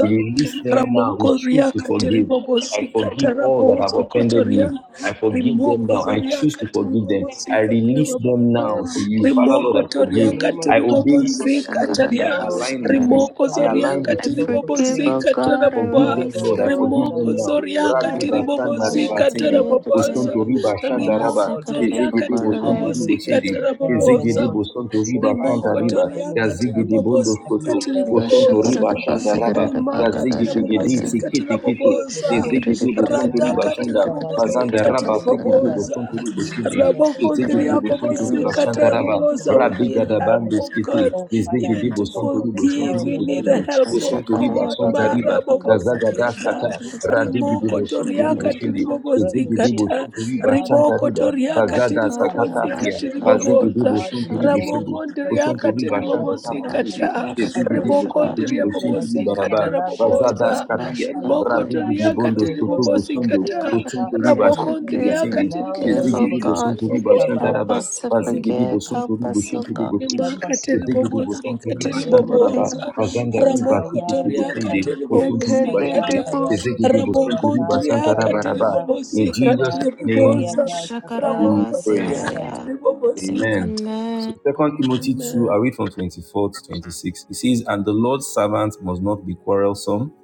Speaker 7: We release them now. We
Speaker 5: Ramoko
Speaker 7: choose
Speaker 5: Ria
Speaker 7: to forgive. I
Speaker 5: Kateribobosi
Speaker 7: forgive all that
Speaker 5: Katarabos
Speaker 7: have offended
Speaker 5: Okotoria
Speaker 7: me. I forgive them
Speaker 5: Rimoko
Speaker 7: now. I
Speaker 5: Zoria
Speaker 7: choose to forgive them.
Speaker 5: Kateribobosi
Speaker 7: I release them
Speaker 5: Kataribobosa
Speaker 7: now to you. Father Lord,
Speaker 5: Rimoko
Speaker 7: I
Speaker 8: forgiveness in the
Speaker 7: forgive.
Speaker 5: Toria
Speaker 8: name of
Speaker 7: I
Speaker 8: Jesus.
Speaker 7: obey you, Lord, and
Speaker 5: Kateribobosi
Speaker 7: I forgive. I
Speaker 5: Kataria
Speaker 8: Oh,
Speaker 7: align with you.
Speaker 8: Jesus,
Speaker 1: Ashakaradabasikaridi.
Speaker 5: Rimoko
Speaker 7: I
Speaker 5: Zoria
Speaker 7: align
Speaker 8: commend
Speaker 7: with
Speaker 8: the
Speaker 1: I
Speaker 7: you
Speaker 8: talk
Speaker 7: in
Speaker 8: to
Speaker 1: forgive,
Speaker 8: Tokotia.
Speaker 5: Kateribobosi
Speaker 7: forgiveness.
Speaker 1: O
Speaker 7: I
Speaker 1: God, I
Speaker 7: forgive
Speaker 5: Katarababa
Speaker 7: them,
Speaker 1: release
Speaker 8: Father,
Speaker 7: Lord. I
Speaker 1: the.
Speaker 8: Lord, that
Speaker 7: forgive
Speaker 8: I
Speaker 7: them
Speaker 5: Rimoko
Speaker 8: may
Speaker 7: now.
Speaker 8: be
Speaker 5: Zoria
Speaker 8: in
Speaker 7: Radiba
Speaker 8: alignment with
Speaker 7: Sanda
Speaker 5: Kateribobosi
Speaker 7: Riba
Speaker 8: God,
Speaker 7: Sindi.
Speaker 8: Lord,
Speaker 1: Haradabasikaridiyakate.
Speaker 5: Katarababaza
Speaker 7: Postonto Riba
Speaker 8: every form of
Speaker 7: Shandaraba.
Speaker 5: Rimoko
Speaker 8: unforgiveness.
Speaker 7: the
Speaker 5: Zoria
Speaker 7: zigidi
Speaker 1: Nasikaridibokwarade.
Speaker 7: bosonto
Speaker 8: I
Speaker 7: ribo
Speaker 5: Kateribobosi
Speaker 8: repent
Speaker 7: shindi,
Speaker 8: of it now in the
Speaker 7: zigidi
Speaker 8: name
Speaker 5: Katarababosa
Speaker 8: of
Speaker 7: bosonto
Speaker 8: Jesus. And
Speaker 7: riba
Speaker 8: Father,
Speaker 7: shanta
Speaker 8: Lord,
Speaker 7: riba,
Speaker 8: even in
Speaker 7: ya
Speaker 8: my
Speaker 7: zigidi
Speaker 8: family,
Speaker 7: bondo
Speaker 8: I
Speaker 7: koto
Speaker 5: rimokotoriakatiribobosika
Speaker 8: repent, oh
Speaker 7: bosonto
Speaker 8: God, of
Speaker 7: riba
Speaker 5: tiribobosa
Speaker 8: every
Speaker 7: shanta
Speaker 8: form of
Speaker 7: raba, ya
Speaker 8: unforgiveness in our
Speaker 7: zigidi gidi
Speaker 1: Yashakaradabasikaradibaradashakarade.
Speaker 8: family, Lord.
Speaker 7: sikiti kiti,
Speaker 8: Eh,
Speaker 7: ya
Speaker 5: rimakatiribobosikatiribobosa
Speaker 7: zigidi
Speaker 5: tiribobosa
Speaker 8: korobosika
Speaker 7: bosonto
Speaker 8: taya,
Speaker 7: riba shanta
Speaker 8: That has, oh
Speaker 7: azanda
Speaker 5: radakatiribobosika
Speaker 8: Father,
Speaker 7: raba
Speaker 8: lingered,
Speaker 7: sikiti
Speaker 1: Shikaridikaridikaridikaridikaridikaridabasikarada.
Speaker 8: that has
Speaker 5: tiribobosa
Speaker 7: bosonto riba
Speaker 8: continued,
Speaker 7: shindi,
Speaker 8: that has,
Speaker 7: ya
Speaker 8: oh God,
Speaker 7: zigidi bosonto
Speaker 8: prevailed,
Speaker 7: riba
Speaker 8: oh
Speaker 5: rabohondriabobosika
Speaker 8: Lord,
Speaker 7: shanta raba,
Speaker 8: every
Speaker 5: tiribobosa we
Speaker 7: rabi
Speaker 8: unforgiveness
Speaker 1: Shikaridikaridikaridikaridikaridabasikarada.
Speaker 5: need
Speaker 8: in
Speaker 7: gada
Speaker 5: help
Speaker 8: marriage.
Speaker 7: bandi
Speaker 5: oh
Speaker 7: skiti,
Speaker 5: god
Speaker 8: God,
Speaker 7: ya
Speaker 8: Father, I
Speaker 7: zigidi
Speaker 5: even to
Speaker 8: repent
Speaker 7: bosonto
Speaker 8: of
Speaker 7: riba
Speaker 8: it
Speaker 7: shonto
Speaker 8: now
Speaker 5: forgive
Speaker 8: in
Speaker 5: we
Speaker 8: the
Speaker 7: ribo
Speaker 5: need
Speaker 8: name
Speaker 5: the
Speaker 7: shindi,
Speaker 8: of
Speaker 5: help
Speaker 8: Jesus.
Speaker 5: of
Speaker 7: bosonto riba
Speaker 5: god
Speaker 7: shanta
Speaker 8: Eno
Speaker 7: riba, ya
Speaker 8: bokoli
Speaker 7: zagada
Speaker 8: kadesi
Speaker 5: marabobosikata
Speaker 7: kata,
Speaker 8: katika
Speaker 7: rabi
Speaker 8: tototo
Speaker 7: radigidi bosonto
Speaker 8: totike
Speaker 5: Rimokotoriakatiribobosa
Speaker 7: riba
Speaker 8: te
Speaker 5: riakati
Speaker 7: shindi,
Speaker 1: Kashakaradabakaradabakaradabashikaradidiakate.
Speaker 7: ya
Speaker 8: rodo
Speaker 7: zigidi
Speaker 8: sheke
Speaker 5: ribobosikata
Speaker 7: bosonto
Speaker 8: te
Speaker 1: I
Speaker 7: riba
Speaker 1: forgive,
Speaker 8: kebara
Speaker 7: shanta riba,
Speaker 5: ribokoto
Speaker 8: katika joka.
Speaker 5: riakati
Speaker 7: Bazada
Speaker 8: Have
Speaker 7: Sakatafia,
Speaker 5: ribobosikati
Speaker 8: mercy on us,
Speaker 7: Bazigi
Speaker 8: O
Speaker 7: de
Speaker 5: ribobosa
Speaker 8: God,
Speaker 7: Bosun
Speaker 8: in
Speaker 7: to
Speaker 8: the name of
Speaker 7: Ribosundi,
Speaker 5: rabokondi
Speaker 8: Jesus,
Speaker 7: Bosun to
Speaker 8: every
Speaker 5: riakati
Speaker 7: Riba
Speaker 8: form of
Speaker 7: Shantana
Speaker 8: unforgiveness
Speaker 7: Basindi,
Speaker 5: ribobosikata
Speaker 7: the Zigi de
Speaker 8: against
Speaker 7: Bosun
Speaker 8: our
Speaker 7: to
Speaker 5: ribokondi
Speaker 8: children,
Speaker 7: Ribosundi
Speaker 8: against
Speaker 5: riabobosikata
Speaker 8: our
Speaker 7: Baraba,
Speaker 8: loved ones,
Speaker 7: Bazada
Speaker 5: rabobosa
Speaker 8: Lord, in our
Speaker 7: Skatia,
Speaker 8: fire,
Speaker 7: Rabi
Speaker 5: ribokoto
Speaker 8: kata,
Speaker 7: de Bondo
Speaker 5: riakati
Speaker 7: Scoto
Speaker 8: rodosto,
Speaker 7: Bosundo,
Speaker 8: kotia,
Speaker 5: ribobosikata
Speaker 7: Bosun
Speaker 8: daka,
Speaker 7: to Riba
Speaker 8: we
Speaker 5: rabokondi
Speaker 7: Shantu
Speaker 8: repent of it
Speaker 1: I
Speaker 7: Bosundi,
Speaker 5: riakati
Speaker 8: now
Speaker 7: the
Speaker 8: in the
Speaker 1: forgive,
Speaker 7: Zigi
Speaker 8: name
Speaker 1: oh
Speaker 7: de
Speaker 8: of
Speaker 5: ribobosikati
Speaker 7: Bosun
Speaker 1: God.
Speaker 7: to
Speaker 8: Jesus.
Speaker 7: Riba
Speaker 5: ribobosa
Speaker 8: Kabbalah,
Speaker 1: Help
Speaker 7: Shantaraba,
Speaker 1: us to
Speaker 7: Bazigi de
Speaker 1: forgive,
Speaker 8: Jesse,
Speaker 7: Bosun to
Speaker 1: help us, oh
Speaker 7: Ribosundi
Speaker 1: God.
Speaker 8: Help
Speaker 7: Bosundi,
Speaker 8: us,
Speaker 7: the
Speaker 8: O
Speaker 5: Imakatiri
Speaker 8: Lord,
Speaker 7: Zigi de
Speaker 5: bobosi
Speaker 7: Bosun to
Speaker 8: in the
Speaker 7: Riba
Speaker 5: katiri
Speaker 8: name of
Speaker 7: Shantaraba,
Speaker 5: boboza
Speaker 8: Jesus.
Speaker 7: Bazanda
Speaker 8: O
Speaker 7: Riba
Speaker 5: ramoko
Speaker 8: kaya
Speaker 7: Tiki
Speaker 5: toria
Speaker 7: Bosundi,
Speaker 8: zakaya
Speaker 5: katiri
Speaker 1: Your
Speaker 7: Bosun to
Speaker 8: koti
Speaker 5: bobosi
Speaker 7: Riba
Speaker 1: covenant,
Speaker 8: kaya
Speaker 5: kata
Speaker 7: Shindi, the
Speaker 8: kaya
Speaker 7: Zigi de
Speaker 8: koto
Speaker 7: Bosun
Speaker 8: kaya
Speaker 5: ramoko
Speaker 7: to Riba
Speaker 8: kata
Speaker 5: ndria
Speaker 8: kaya
Speaker 5: katiri
Speaker 7: Shantarabaraba.
Speaker 8: koda
Speaker 5: bobosi
Speaker 7: In Jesus'
Speaker 8: sada
Speaker 5: katiri
Speaker 7: name
Speaker 8: koya
Speaker 5: boboza
Speaker 8: da sakari
Speaker 7: we
Speaker 5: ramoko
Speaker 8: koto
Speaker 7: pray.
Speaker 5: toria
Speaker 8: kata.
Speaker 5: katiri bobosi
Speaker 7: Amen.
Speaker 5: kata
Speaker 7: So
Speaker 1: Amen.
Speaker 7: Second Timothy 2, I
Speaker 8: Amen.
Speaker 5: amen
Speaker 7: read from 24 to 26. It says, And the Lord's servant must not be quarrelsome,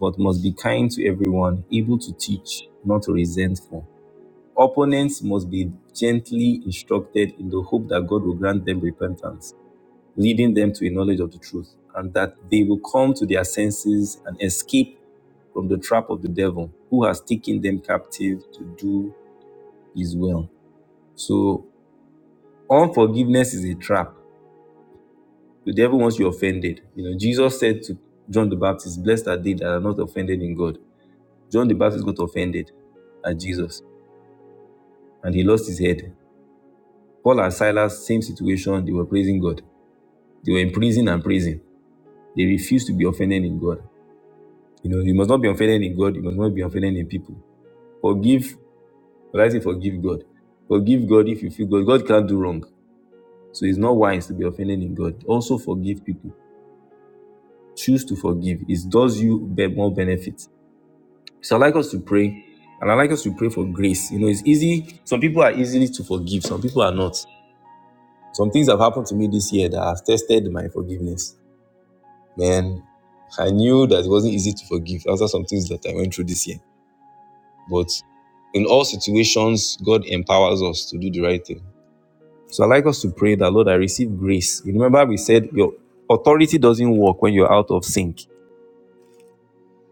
Speaker 7: but must be kind to everyone, able to teach, not resentful. Opponents must be gently instructed in the hope that God will grant them repentance, leading them to a knowledge of the truth, and that they will come to their senses and escape from the trap of the devil, who has taken them captive to do his will. So unforgiveness is a trap The devil wants you offended. You know, Jesus said to John the Baptist, Blessed are they that are not offended in God. John the Baptist got offended at Jesus and he lost his head. Paul and Silas, same situation, they were praising God. They were in prison and praising. They refused to be offended in God. You know, you must not be offended in God, you must not be offended in people. Forgive, when I say forgive God. Forgive God if you feel God. God can't do wrong. So it's not wise to be offended in God. Also forgive people. Choose to forgive. It does you be- more benefit So I'd like us to pray. And I'd like us to pray for grace. You know, it's easy. Some people are easily to forgive, some people are not. Some things have happened to me this year that have tested my forgiveness. Man, I knew that it wasn't easy to forgive after some things that I went through this year. But in all situations, God empowers us to do the right thing. So I'd like us to pray that, Lord, I receive grace. You remember we said your authority doesn't work when you're out of sync.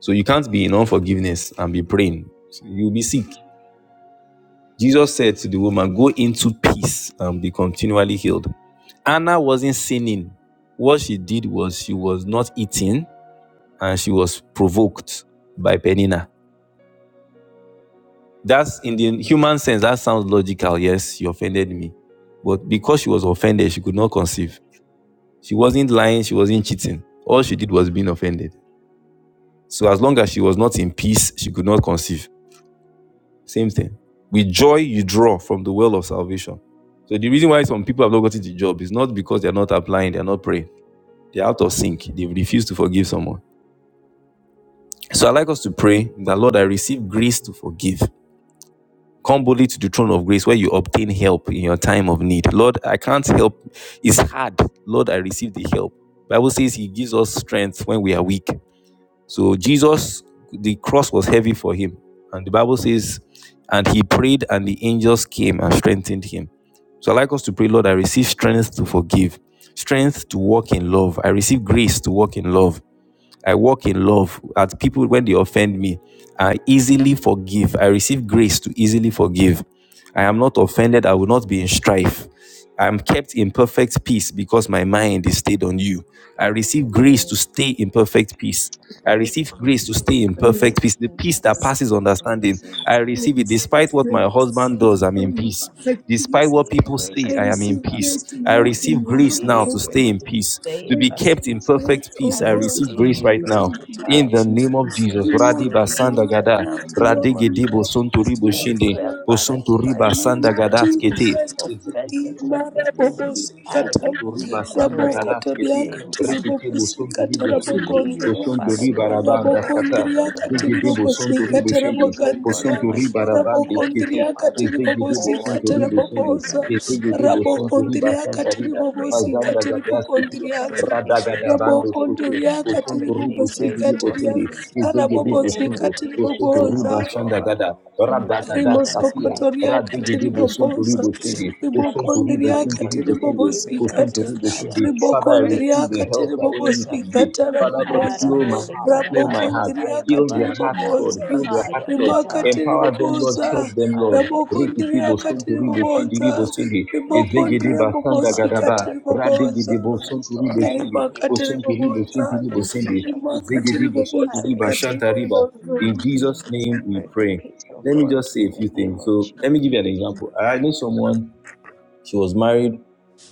Speaker 7: So you can't be in unforgiveness and be praying. So You'll be sick. Jesus said to the woman, Go into peace and be continually healed. Anna wasn't sinning. What she did was she was not eating and she was provoked by Penina. That's in the human sense, that sounds logical. Yes, she offended me. But because she was offended, she could not conceive. She wasn't lying, she wasn't cheating. All she did was being offended. So as long as she was not in peace, she could not conceive. Same thing. With joy, you draw from the well of salvation. So the reason why some people have not gotten the job is not because they're not applying, they're not praying. They're out of sync. They refuse to forgive someone. So I like us to pray that Lord, I receive grace to forgive. Come boldly to the throne of grace where you obtain help in your time of need. Lord, I can't help. It's hard. Lord, I receive the help. Bible says he gives us strength when we are weak. So Jesus, the cross was heavy for him. And the Bible says, and he prayed, and the angels came and strengthened him. So I like us to pray, Lord, I receive strength to forgive, strength to walk in love. I receive grace to walk in love. I walk in love at people when they offend me. I easily forgive. I receive grace to easily forgive. I am not offended. I will not be in strife. I am kept in perfect peace because my mind is stayed on you. I receive grace to
Speaker 8: Amen.
Speaker 7: stay in perfect peace. I receive
Speaker 8: And
Speaker 7: grace to
Speaker 8: so
Speaker 7: stay
Speaker 8: we
Speaker 7: in
Speaker 8: break
Speaker 5: amen
Speaker 7: perfect
Speaker 8: the
Speaker 7: peace, the
Speaker 8: thing
Speaker 7: peace
Speaker 8: back
Speaker 7: that
Speaker 8: the
Speaker 7: passes
Speaker 8: feet
Speaker 7: understanding. I
Speaker 8: grace
Speaker 5: I
Speaker 7: receive it
Speaker 5: receive
Speaker 7: despite
Speaker 8: the
Speaker 7: what
Speaker 8: thing
Speaker 7: my
Speaker 8: back the
Speaker 5: grace
Speaker 7: husband
Speaker 5: to stay
Speaker 7: does, I'm in
Speaker 5: in
Speaker 7: peace.
Speaker 5: perfect
Speaker 7: Despite
Speaker 5: peace.
Speaker 7: what
Speaker 8: Receive
Speaker 7: people
Speaker 8: grace
Speaker 5: I
Speaker 7: say,
Speaker 8: to
Speaker 7: I am
Speaker 8: be
Speaker 7: in
Speaker 8: in
Speaker 5: receive
Speaker 7: peace.
Speaker 8: perfect
Speaker 5: grace to
Speaker 8: peace
Speaker 7: I
Speaker 5: walk
Speaker 8: and we
Speaker 7: receive
Speaker 5: in
Speaker 7: grace
Speaker 5: love,
Speaker 7: now
Speaker 5: O
Speaker 8: receive
Speaker 7: to
Speaker 8: grace
Speaker 7: stay
Speaker 5: God.
Speaker 7: in
Speaker 8: to
Speaker 7: peace,
Speaker 8: stay
Speaker 7: to
Speaker 5: I
Speaker 8: in
Speaker 7: be
Speaker 8: perfect
Speaker 7: kept
Speaker 5: receive
Speaker 7: in
Speaker 8: peace.
Speaker 7: perfect
Speaker 5: grace, O
Speaker 7: peace.
Speaker 8: I
Speaker 7: I receive grace
Speaker 8: receive
Speaker 7: right
Speaker 8: grace
Speaker 7: now
Speaker 8: to
Speaker 5: God.
Speaker 7: in
Speaker 8: power
Speaker 7: the
Speaker 8: for
Speaker 7: name
Speaker 8: peace.
Speaker 7: of
Speaker 8: I
Speaker 7: Jesus.
Speaker 5: to walk
Speaker 7: Radiba
Speaker 8: receive
Speaker 5: in
Speaker 8: grace
Speaker 5: love.
Speaker 8: right
Speaker 7: Sandagada,
Speaker 8: now
Speaker 5: Grace
Speaker 8: in
Speaker 5: to
Speaker 8: the name
Speaker 5: walk
Speaker 8: of
Speaker 5: in
Speaker 7: Radigedibo
Speaker 8: Jesus.
Speaker 5: love. Grace
Speaker 7: Sunturibo
Speaker 5: to
Speaker 8: I
Speaker 5: walk in
Speaker 7: Shinde,
Speaker 8: declare,
Speaker 5: love.
Speaker 8: Father,
Speaker 5: In the
Speaker 8: strife
Speaker 7: Bosunturiba
Speaker 8: has
Speaker 5: name
Speaker 8: no
Speaker 5: of
Speaker 8: place
Speaker 7: Sandagadat
Speaker 8: in
Speaker 5: Jesus
Speaker 8: me.
Speaker 10: Christ.
Speaker 7: Kete,
Speaker 5: Christ of
Speaker 8: Offense has no
Speaker 5: Redeemer,
Speaker 8: place in me. I
Speaker 5: Rabobosikata,
Speaker 7: Kusunturi
Speaker 8: receive
Speaker 7: bashanda
Speaker 8: grace to
Speaker 7: garasketi,
Speaker 8: stay in
Speaker 5: Rabokotoriakati,
Speaker 8: perfect
Speaker 7: rikiti
Speaker 8: peace.
Speaker 7: busunturi
Speaker 5: Ribobosikata,
Speaker 8: In
Speaker 7: bushindi,
Speaker 8: peace, oh
Speaker 5: Rabogondria,
Speaker 8: Father,
Speaker 7: kusunturi
Speaker 8: Lord, with
Speaker 7: barabanda
Speaker 8: those,
Speaker 7: kata,
Speaker 8: oh God,
Speaker 5: Rabokondriakati,
Speaker 8: around
Speaker 7: digidi
Speaker 8: me.
Speaker 7: busunturi
Speaker 8: In
Speaker 5: Ribobosikata,
Speaker 7: bushindi,
Speaker 8: peace, oh God, with
Speaker 5: Rabogandria,
Speaker 7: kusunturi
Speaker 8: myself. In
Speaker 7: barabandi
Speaker 8: peace,
Speaker 7: kiti,
Speaker 8: oh
Speaker 5: Rabokondriakati,
Speaker 8: Father.
Speaker 7: izdigidi
Speaker 8: Oh, I
Speaker 5: Ribobosikata,
Speaker 7: busunturi
Speaker 10: Because of
Speaker 8: receive
Speaker 10: the
Speaker 7: bushindi,
Speaker 10: Jesus
Speaker 8: grace. I
Speaker 5: Rabobosa,
Speaker 8: receive
Speaker 7: izdigidi
Speaker 8: grace to walk
Speaker 7: busunturi
Speaker 8: in peace. I
Speaker 7: bashanda
Speaker 5: Rabokondriakati,
Speaker 7: riba,
Speaker 8: receive grace to walk
Speaker 7: pazanda
Speaker 5: Ribobosikati,
Speaker 8: in peace.
Speaker 7: gadasketi,
Speaker 8: I
Speaker 5: Ribogondriaza,
Speaker 8: receive
Speaker 7: radagada
Speaker 8: grace to
Speaker 7: bando
Speaker 8: walk in
Speaker 7: skutu,
Speaker 8: peace.
Speaker 5: Rabokondriakati,
Speaker 8: I
Speaker 7: kusunturi
Speaker 8: receive
Speaker 7: bushindi
Speaker 8: grace to walk
Speaker 5: Ribobosikati,
Speaker 8: in
Speaker 7: bushindi,
Speaker 8: peace. In
Speaker 7: izdigidi
Speaker 8: the name of
Speaker 7: busundu,
Speaker 5: Rabobosikati,
Speaker 8: Jesus, that
Speaker 7: kusuturi
Speaker 8: our
Speaker 5: Ribobosa,
Speaker 7: bashanda
Speaker 8: God,
Speaker 7: gada,
Speaker 8: our Father,
Speaker 7: radagada
Speaker 8: Lord, I
Speaker 7: skatia,
Speaker 8: receive
Speaker 5: rimosokotoriaka
Speaker 8: grace
Speaker 7: Radigidi
Speaker 8: not to be
Speaker 7: Bosuntori
Speaker 5: tiribobosa
Speaker 8: frustrated.
Speaker 7: Bochindi,
Speaker 8: I
Speaker 7: Bosuntori
Speaker 8: receive grace
Speaker 5: ribokondriaka
Speaker 8: not
Speaker 7: Bosuntori
Speaker 8: to be
Speaker 7: Bochindi,
Speaker 8: weary, not to be
Speaker 5: tiribobosikata
Speaker 7: Bosuntori
Speaker 8: tired. I
Speaker 7: Bochindi.
Speaker 8: receive
Speaker 7: Father, I
Speaker 8: grace
Speaker 7: receive
Speaker 8: in
Speaker 7: the
Speaker 5: ribokondriaka
Speaker 8: the
Speaker 7: help
Speaker 8: name
Speaker 7: that
Speaker 8: of
Speaker 7: only you
Speaker 8: Jesus.
Speaker 7: can give.
Speaker 5: tiribobosikata
Speaker 7: Father, Lord,
Speaker 5: rabobosa
Speaker 7: heal my
Speaker 8: Araboli
Speaker 7: heart, heal my
Speaker 8: Karabasa
Speaker 7: heart.
Speaker 8: Kaya
Speaker 5: rabokondriaka
Speaker 7: Heal their hearts,
Speaker 8: Babashata
Speaker 7: Lord.
Speaker 5: tiribobosa
Speaker 7: Heal their hearts,
Speaker 8: Aya
Speaker 7: Lord.
Speaker 5: rimaka
Speaker 8: Katari
Speaker 7: Empower them, Lord.
Speaker 8: Bakosa
Speaker 7: Help
Speaker 5: tiribobosa
Speaker 7: them, Lord.
Speaker 8: Father I speak
Speaker 7: Rikiti
Speaker 8: peace
Speaker 5: rabokondriaka
Speaker 8: of
Speaker 7: bosunturi
Speaker 8: God
Speaker 7: bochindiri
Speaker 5: tiribobosa
Speaker 8: feel peace
Speaker 7: bosindi.
Speaker 8: peace
Speaker 7: Ezegidi
Speaker 8: Saka
Speaker 7: basanda
Speaker 5: ribokondriabobosika
Speaker 7: gadaba.
Speaker 8: Abada Saka
Speaker 7: Radigidi
Speaker 5: tiribobosa
Speaker 8: Slowness
Speaker 7: bosunturi
Speaker 8: Lord and
Speaker 7: bochindi.
Speaker 8: looking
Speaker 5: rimaka
Speaker 8: at the
Speaker 7: Bosunturi
Speaker 8: Jesus the
Speaker 5: tiribobosa
Speaker 8: heart
Speaker 7: bochindiri
Speaker 8: and finish
Speaker 7: bosindi.
Speaker 8: of our
Speaker 5: rimaka
Speaker 8: faith
Speaker 7: Ezegidi
Speaker 8: I
Speaker 7: bosunturi
Speaker 5: tiribobosika
Speaker 8: receive
Speaker 7: bashanta
Speaker 8: peace
Speaker 7: riba.
Speaker 5: tiribobosa
Speaker 7: In
Speaker 8: peace
Speaker 7: Jesus'
Speaker 8: peace. I
Speaker 7: name we
Speaker 8: pray for
Speaker 7: pray.
Speaker 8: peace O
Speaker 7: Let me
Speaker 8: God
Speaker 7: just say a
Speaker 8: in the
Speaker 7: few
Speaker 8: name
Speaker 7: things.
Speaker 8: of
Speaker 7: So
Speaker 8: Jesus
Speaker 7: let me give you
Speaker 8: I
Speaker 7: an example. I know someone, she was married,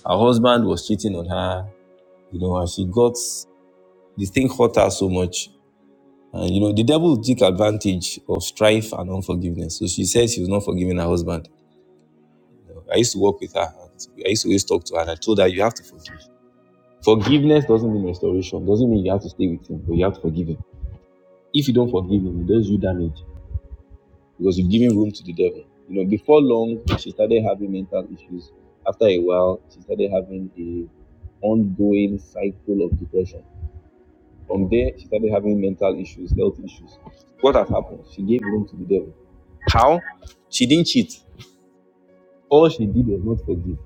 Speaker 7: her husband was cheating on her, you know, and she got the thing hurt her so much. And you know, the devil took advantage of strife and unforgiveness. So she said she was not forgiving her husband. You know, I used to work with her. I used to always talk to her, and I told her you have to forgive. Forgiveness doesn't mean restoration. Doesn't mean you have to stay with him, but you have to forgive him. If you don't forgive him, he does you damage. because you are giving room to the devil. You know, before long, she started having mental issues. After a while, she started having a ongoing cycle of depression. From there, she started having mental issues, health issues. What has happened? She gave room to the devil. How? She didn't cheat. All she did was not forgive.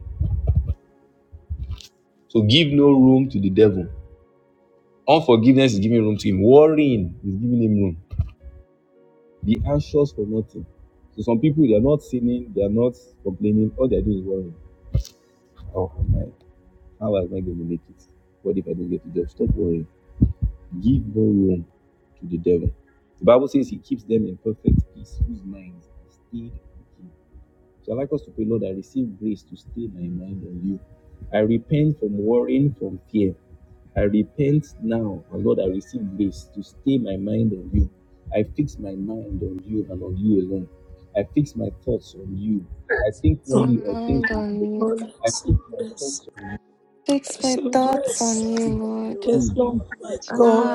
Speaker 7: So give no room to the devil. Unforgiveness is giving room to him. Worrying is giving him room. Be anxious for nothing. So some people they are not sinning, they are not complaining. All they are doing is worrying. Oh my How am I going to make it? What if I don't get the job? Stop worrying. Give no room to the devil. The Bible says he keeps them in perfect peace, whose minds are stayed on him. So I like us to pray, Lord, I receive grace to stay my mind on you. I repent from worrying, from fear. I repent now, and Lord, I receive grace to stay my mind on you. I fix my mind on you and on you alone. I fix my thoughts on you. I think only on things
Speaker 1: Mind
Speaker 7: on
Speaker 1: on
Speaker 7: you.
Speaker 1: you.
Speaker 5: Oh, Lord, I
Speaker 7: I
Speaker 5: see
Speaker 7: fix my thoughts
Speaker 5: grace.
Speaker 1: Fix my
Speaker 8: God
Speaker 5: Some
Speaker 8: I
Speaker 1: thoughts
Speaker 5: grace.
Speaker 8: my
Speaker 1: on you,
Speaker 8: mind and
Speaker 1: Lord.
Speaker 8: you are
Speaker 5: Yes, Lord, my
Speaker 8: thoughts, oh God.
Speaker 5: God.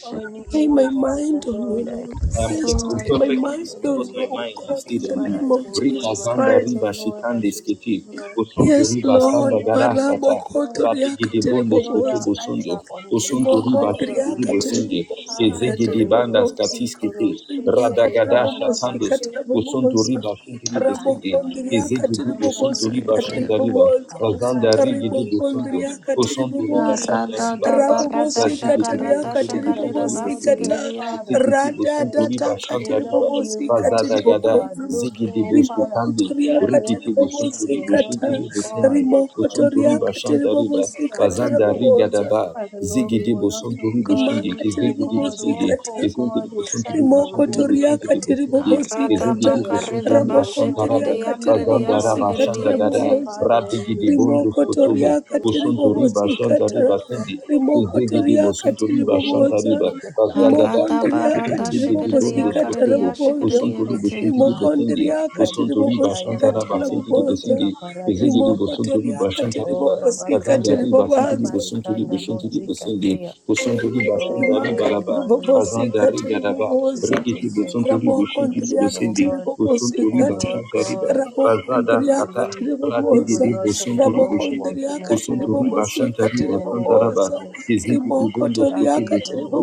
Speaker 8: On
Speaker 5: Stay
Speaker 8: you,
Speaker 5: my
Speaker 8: Father
Speaker 5: mind on you,
Speaker 8: Lord, I
Speaker 5: Lord. The
Speaker 7: I am
Speaker 8: do.
Speaker 7: kept
Speaker 5: grace to
Speaker 7: in
Speaker 1: So,
Speaker 5: stay
Speaker 8: God,
Speaker 5: my
Speaker 8: I depend
Speaker 7: perfect
Speaker 5: mind
Speaker 7: peace
Speaker 8: on
Speaker 7: because
Speaker 5: on
Speaker 7: my
Speaker 5: you, oh
Speaker 8: you.
Speaker 7: mind
Speaker 8: I
Speaker 7: is
Speaker 5: God,
Speaker 7: stayed
Speaker 5: in
Speaker 8: fix
Speaker 5: the
Speaker 7: on
Speaker 8: my
Speaker 7: you.
Speaker 5: name
Speaker 8: eyes
Speaker 5: of
Speaker 8: on
Speaker 7: Rika
Speaker 8: you.
Speaker 5: Jesus
Speaker 8: My
Speaker 7: zanda
Speaker 8: eyes,
Speaker 5: Christ.
Speaker 8: oh
Speaker 7: riba
Speaker 8: Lord, I
Speaker 7: shitande
Speaker 8: fix to
Speaker 7: skiti.
Speaker 8: you, Lord.
Speaker 7: Osunto
Speaker 5: Yes,
Speaker 7: riba
Speaker 8: Father,
Speaker 5: Lord.
Speaker 7: sanda
Speaker 8: Lord,
Speaker 7: gara
Speaker 8: we do
Speaker 7: sata.
Speaker 5: Marabo
Speaker 8: not know
Speaker 5: koto
Speaker 8: what
Speaker 5: riaka
Speaker 8: to
Speaker 7: Radigede
Speaker 8: do, but
Speaker 7: bondo
Speaker 8: Lord,
Speaker 7: skoto
Speaker 8: our
Speaker 5: teribobosa.
Speaker 8: eyes
Speaker 7: bosundo.
Speaker 8: are on you.
Speaker 7: Osunto
Speaker 8: Our
Speaker 5: Riboko
Speaker 7: riba
Speaker 8: eyes are
Speaker 7: shindi
Speaker 8: on
Speaker 5: riaka
Speaker 7: ribo
Speaker 8: you.
Speaker 7: sende.
Speaker 5: teribobosa.
Speaker 8: Our eyes
Speaker 7: Kezegede
Speaker 8: on you,
Speaker 7: banda
Speaker 8: Lord.
Speaker 5: Kateribobosa.
Speaker 7: skati
Speaker 8: Ikoro
Speaker 7: skiti.
Speaker 8: shetere
Speaker 5: rimakatira
Speaker 7: Radagada
Speaker 5: bobosi
Speaker 7: Shatandus,
Speaker 8: karabaste.
Speaker 5: katira
Speaker 7: Usuntu
Speaker 5: bobosa
Speaker 7: Riba Shantari
Speaker 8: Our eyes
Speaker 7: Busundi,
Speaker 8: are on you.
Speaker 5: rabokondria
Speaker 7: Ezegi
Speaker 8: Our
Speaker 5: katiri
Speaker 7: Dibu
Speaker 8: eyes are
Speaker 7: Suntu
Speaker 8: on
Speaker 5: bobosi
Speaker 7: Riba
Speaker 8: you, Lord.
Speaker 5: katiri
Speaker 7: Shantariba,
Speaker 5: bobosa
Speaker 8: Our
Speaker 7: Razanda
Speaker 8: eyes
Speaker 7: Rigi
Speaker 8: are on
Speaker 7: Dibu
Speaker 8: you,
Speaker 7: Sundu,
Speaker 5: ribokondria
Speaker 8: Father.
Speaker 5: katiri
Speaker 7: Usuntu
Speaker 8: We
Speaker 7: Riba
Speaker 5: bobosa
Speaker 8: fix
Speaker 1: Rada
Speaker 8: our
Speaker 7: Shantari
Speaker 1: da
Speaker 7: Baraba,
Speaker 8: gaze. We
Speaker 1: barada
Speaker 5: rabobosi
Speaker 8: fix our
Speaker 7: Yazigi Dibu
Speaker 5: katiria
Speaker 1: shakarada
Speaker 8: gaze,
Speaker 7: Suntu Ribu
Speaker 5: katiri
Speaker 8: Lord, that we
Speaker 1: shakarida
Speaker 7: Shantari
Speaker 8: will
Speaker 5: bobosi
Speaker 8: not be,
Speaker 7: Busundi,
Speaker 5: kata
Speaker 8: oh
Speaker 1: basikiridia.
Speaker 8: Father.
Speaker 7: Ezegi Dibu Suntu
Speaker 8: Right,
Speaker 5: radadata
Speaker 7: Riba
Speaker 8: right. We will
Speaker 5: katiri
Speaker 7: Shantariba,
Speaker 8: not be
Speaker 5: bobosi
Speaker 7: Fazada
Speaker 5: katiri
Speaker 8: lost, oh
Speaker 7: gada,
Speaker 8: God,
Speaker 5: bobosa
Speaker 7: zigi
Speaker 8: looking,
Speaker 7: di
Speaker 8: oh
Speaker 7: busu
Speaker 8: Father,
Speaker 7: kandi,
Speaker 5: rimokotoria
Speaker 8: at what
Speaker 5: katiri
Speaker 7: rikiti
Speaker 8: we
Speaker 7: busuntu
Speaker 5: bobosi
Speaker 8: see
Speaker 7: di
Speaker 8: and not,
Speaker 7: bushiti
Speaker 5: kata
Speaker 7: di
Speaker 8: oh
Speaker 7: busindi,
Speaker 8: God, what you are
Speaker 7: busuntu
Speaker 5: rimokotoria
Speaker 7: di
Speaker 8: saying.
Speaker 5: katiri
Speaker 7: bashanta
Speaker 5: bobosi
Speaker 8: Fix our
Speaker 5: kata
Speaker 8: eyes
Speaker 7: fazanda
Speaker 8: on you,
Speaker 7: riga
Speaker 5: rabobosa
Speaker 7: daba,
Speaker 8: Father Lord.
Speaker 7: zigi
Speaker 8: We
Speaker 7: di
Speaker 8: will not,
Speaker 7: busuntu
Speaker 8: oh
Speaker 7: di
Speaker 8: God,
Speaker 7: bushindi,
Speaker 8: leave,
Speaker 5: rimakatiri
Speaker 8: oh
Speaker 7: kizigi di
Speaker 8: God,
Speaker 5: bobosi
Speaker 7: busindi,
Speaker 8: walk, oh
Speaker 5: kata
Speaker 7: kizinti di
Speaker 8: God, in
Speaker 7: busuntu di
Speaker 8: sight, but we
Speaker 7: busuntu di
Speaker 8: walk in
Speaker 7: busuntu
Speaker 5: rimokotoriaka
Speaker 8: faith,
Speaker 7: di busindi,
Speaker 8: walk
Speaker 1: Rada
Speaker 7: kizigi
Speaker 5: tiribobosikata
Speaker 8: in
Speaker 7: di
Speaker 8: the
Speaker 7: busuntu
Speaker 1: bakarida
Speaker 7: di
Speaker 8: unseen, oh
Speaker 7: bashanta
Speaker 8: Father.
Speaker 7: raba,
Speaker 5: rabokonteriaka
Speaker 1: bashikiridia
Speaker 8: Believe, oh
Speaker 7: fazanda
Speaker 1: karidia
Speaker 8: God,
Speaker 7: raba
Speaker 5: tiribobosikata
Speaker 7: shanda gada,
Speaker 8: oh
Speaker 1: sikiridiente.
Speaker 5: rabobozo
Speaker 8: Father, and
Speaker 7: radigi di bundu
Speaker 8: receive, oh Lord,
Speaker 7: futubu,
Speaker 5: rimokotoriaka
Speaker 8: what we have
Speaker 7: busuntu
Speaker 8: already
Speaker 7: riba shanta
Speaker 8: spoken,
Speaker 5: tiribobosikata
Speaker 7: riba
Speaker 8: what we have
Speaker 7: sindi,
Speaker 8: spoken, oh
Speaker 7: kizigi
Speaker 8: God,
Speaker 7: di
Speaker 5: rimokotoriaka
Speaker 7: busuntu
Speaker 8: in
Speaker 7: riba
Speaker 8: the name
Speaker 7: shanta
Speaker 8: of
Speaker 5: tiriboboza
Speaker 7: riba,
Speaker 8: Jesus.
Speaker 7: fazagada
Speaker 1: Rada
Speaker 7: kata,
Speaker 5: rimokonteriaka
Speaker 1: barada
Speaker 8: Thank
Speaker 7: Zigidi
Speaker 8: you,
Speaker 7: bondo
Speaker 8: Lord.
Speaker 1: shikiridia
Speaker 5: tiribobosikata
Speaker 7: skotobo,
Speaker 1: karidia
Speaker 5: raboboza
Speaker 1: shikiridia
Speaker 7: osontori
Speaker 8: Thank you,
Speaker 1: kiti.
Speaker 7: boshintiri
Speaker 8: Father.
Speaker 7: botende,
Speaker 5: rimokonteriaka
Speaker 7: osontori
Speaker 8: Radikataya
Speaker 7: bashantara
Speaker 5: tiribobosikata
Speaker 8: Kadala
Speaker 7: basentiri
Speaker 8: Kose
Speaker 7: bosende,
Speaker 5: raboboza
Speaker 8: Kaparada
Speaker 7: ezigidi
Speaker 8: Sata.
Speaker 7: bosontori
Speaker 5: rimokotoriaka
Speaker 7: bashantara ba,
Speaker 8: Oh
Speaker 5: tiribobosikata
Speaker 8: Rabakanda
Speaker 7: kazandari basentiri
Speaker 5: ribobanzo
Speaker 8: Kitapari
Speaker 7: bosontori
Speaker 8: Kanda
Speaker 7: boshintiri
Speaker 8: Bozika
Speaker 7: bosende,
Speaker 8: Teya.
Speaker 7: osontori
Speaker 8: Oh
Speaker 7: bashantari
Speaker 8: Father
Speaker 7: baraba,
Speaker 5: rimakatiri
Speaker 8: Lord, we receive it.
Speaker 7: kazandari
Speaker 5: bobosikatiri
Speaker 7: garaba,
Speaker 8: We
Speaker 5: bobosa
Speaker 7: rigiti
Speaker 8: receive it.
Speaker 7: bosontori
Speaker 8: We
Speaker 7: boshintiri
Speaker 8: receive, oh
Speaker 7: bosende,
Speaker 5: rabokondriakatiri
Speaker 8: God.
Speaker 7: osontori
Speaker 8: Oh
Speaker 5: bobosikata
Speaker 8: Lord
Speaker 7: bashantari ba,
Speaker 8: God, faith
Speaker 7: kazada
Speaker 8: to
Speaker 7: skata,
Speaker 8: believe.
Speaker 5: rabokondriakatiri
Speaker 8: We
Speaker 5: bobosa
Speaker 8: will
Speaker 7: radigidi
Speaker 8: not, oh
Speaker 7: bosontori
Speaker 8: God, walk
Speaker 7: boshintiri.
Speaker 8: in our
Speaker 5: rabokondriakatiri
Speaker 7: Osunto
Speaker 8: own way.
Speaker 7: riba shanta
Speaker 5: bobosikatiri
Speaker 8: In
Speaker 7: riba
Speaker 8: the
Speaker 7: santa
Speaker 8: name of
Speaker 7: raba.
Speaker 5: bobosa
Speaker 8: Jesus,
Speaker 7: Kizigi
Speaker 8: we fix
Speaker 7: bubondo
Speaker 8: our
Speaker 7: skote
Speaker 8: gaze on
Speaker 5: rimokotoriakatiri
Speaker 7: besundo.
Speaker 8: you.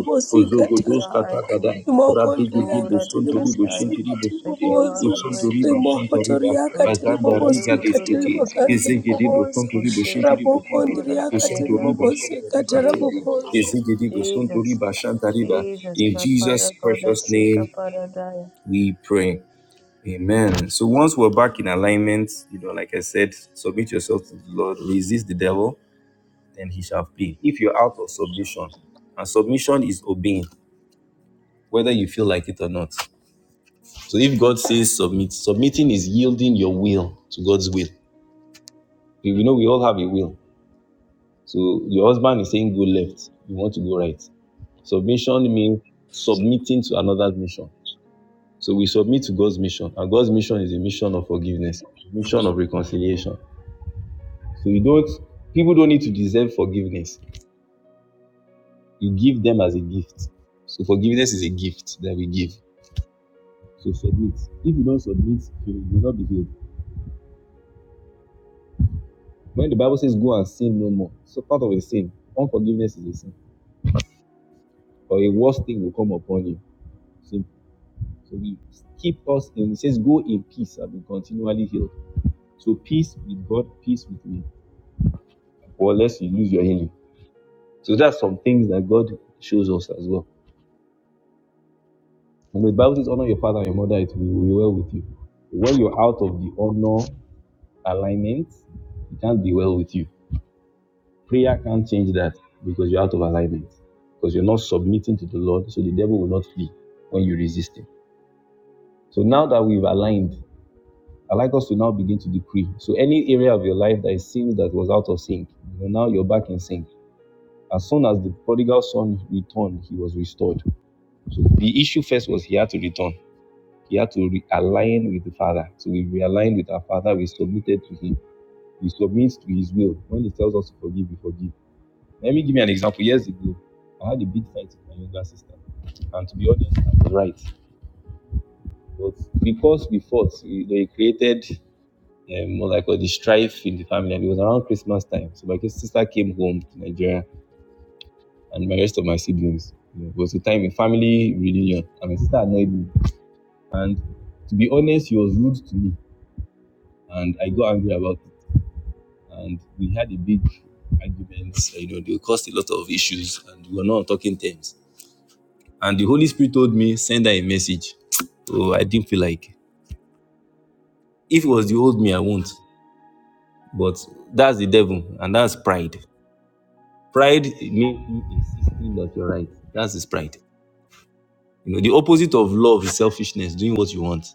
Speaker 8: We
Speaker 7: Ozogo
Speaker 8: fix
Speaker 7: dos
Speaker 8: our eyes on
Speaker 7: katakada.
Speaker 8: you.
Speaker 7: Rabigi
Speaker 8: Oh
Speaker 7: gibo
Speaker 5: rimokondriakatiri
Speaker 7: sunto ribo
Speaker 8: Radikasaya,
Speaker 7: shinti ribo
Speaker 5: bobosikatiri
Speaker 8: that
Speaker 7: sunde.
Speaker 8: you have
Speaker 5: bobosa
Speaker 8: the
Speaker 7: Osunto
Speaker 8: way,
Speaker 7: riba
Speaker 8: Jesus.
Speaker 7: shanta riba.
Speaker 5: rimokotoriakatiri
Speaker 7: Bazanda
Speaker 8: Kozikete
Speaker 7: riga
Speaker 8: rogodo
Speaker 5: bobosikatiri
Speaker 7: deskete.
Speaker 8: kesende
Speaker 5: bokandiri
Speaker 7: Kizigi dibo
Speaker 5: bobosa
Speaker 7: sunto ribo shinti
Speaker 8: kushete
Speaker 7: ribo
Speaker 8: kete
Speaker 7: sunde.
Speaker 8: ora
Speaker 5: rabokondriakatiri
Speaker 7: Osunto
Speaker 8: kayanda.
Speaker 7: riba shanta
Speaker 5: bobosikata
Speaker 7: riba tindi.
Speaker 8: Jesus,
Speaker 5: rabobosa
Speaker 7: Osunto
Speaker 8: Jesus,
Speaker 7: riba shanta riba.
Speaker 8: Jesus.
Speaker 7: In
Speaker 8: Kapara
Speaker 7: Jesus'
Speaker 8: goda
Speaker 7: precious
Speaker 8: sika
Speaker 7: name
Speaker 8: paradaya.
Speaker 7: we pray. Amen. So once we're back in alignment, you know, like I said, submit yourself to the Lord, resist the devil, then he shall flee. If you're out of submission, and submission is obeying, whether you feel like it or not. So if God says submit, submitting is yielding your will to God's will. You know we all have a will. So your husband is saying go left, you want to go right. Submission means submitting to another's mission. So we submit to God's mission, and God's mission is a mission of forgiveness, a mission of reconciliation. So you don't, people don't need to deserve forgiveness. You give them as a gift. So forgiveness is a gift that we give. to submit. If you don't submit, you will not be healed. When the Bible says, Go and sin no more, so part of a sin, unforgiveness is a sin, or a worse thing will come upon you. So, so we keep us in, it says, Go in peace and be continually healed. So, peace with God, peace with me, or lest you lose your healing. So, that's some things that God shows us as well. And the Bible says, Honor your father and your mother, it will be well with you. When you're out of the honor alignment, it can't be well with you. Prayer can't change that because you're out of alignment. Because you're not submitting to the Lord, so the devil will not flee when you resist him. So now that we've aligned, I'd like us to now begin to decree. So any area of your life that it seems that was out of sync, you know, now you're back in sync. As soon as the prodigal son returned, he was restored. So the issue first was he had to return. He had to realign with the Father. So we realigned with our Father. We submitted to Him. We submit to His will. When He tells us to forgive, we forgive. Let me give you an example. Years ago, I had a big fight with my younger sister. And to be honest, I was right. But because we fought, we, they created um, what I call the strife in the family. And it was around Christmas time. So my sister came home to Nigeria and my rest of my siblings. You It was a time, a family reunion. And my sister annoyed me. And to be honest, she was rude to me. And I got angry about it. And we had a big argument. You know, they caused a lot of issues. And we were not on talking terms. And the Holy Spirit told me, send her a message. Oh, I didn't feel like. If it was the old me, I won't. But that's the devil, and that's pride. Pride means you insisting that you're right. That's his pride. You know, the opposite of love is selfishness, doing what you want.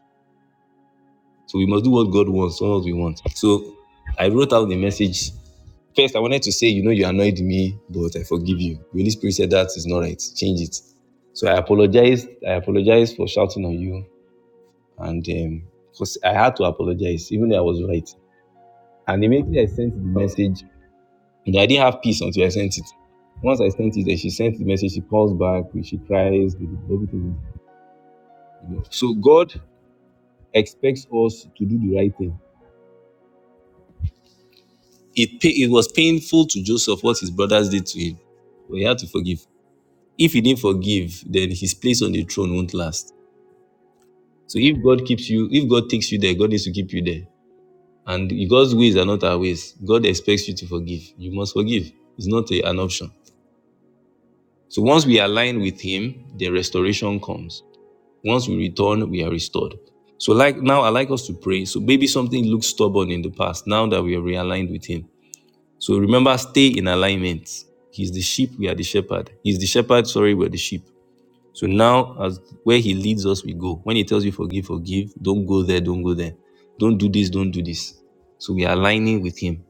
Speaker 7: So we must do what God wants, not what we want. So I wrote out the message. First, I wanted to say, you know, you annoyed me, but I forgive you. The Holy Spirit said that is not right. Change it. So I apologized. I apologized for shouting on you. and um, because I had to apologize, even though I was right. And immediately I sent the message, and I didn't have peace until I sent it. Once I sent it, then she sent the message. She calls back, she cries, everything. So God expects us to do the right thing. It pa- it was painful to Joseph what his brothers did to him, but he had to forgive. If he didn't forgive, then his place on the throne won't last. So if God keeps you, if God takes you there, God needs to keep you there. And God's ways are not our ways. God expects you to forgive. You must forgive. It's not a- an option. So once we align with Him, the restoration comes. Once we return, we are restored. So like now, I like us to pray. So maybe something looked stubborn in the past. Now that we are realigned with Him, so remember, stay in alignment. He's the sheep. We are the shepherd. He's the shepherd. Sorry, we're the sheep. So now, as where He leads us, we go. When He tells you forgive, forgive. Don't go there. Don't go there. Don't do this. Don't do this. So we are aligning with Him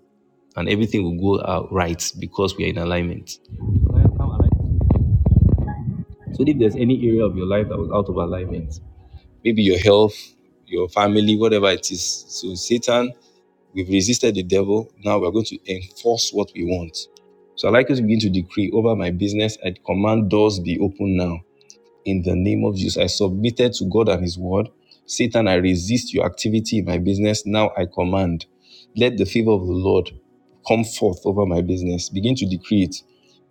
Speaker 7: and everything will go out right because we are in alignment. So if there's any area of your life that was out of alignment, maybe your health, your family, whatever it is. So Satan, we've resisted the devil. Now we're going to enforce what we want. So I'd like you to begin to decree over my business. I command doors be open now. in the name of Jesus. I submitted to God and His word. Satan, I resist your activity in my business. Now I command. Let the favor of the Lord come forth over my business. Begin to decree it.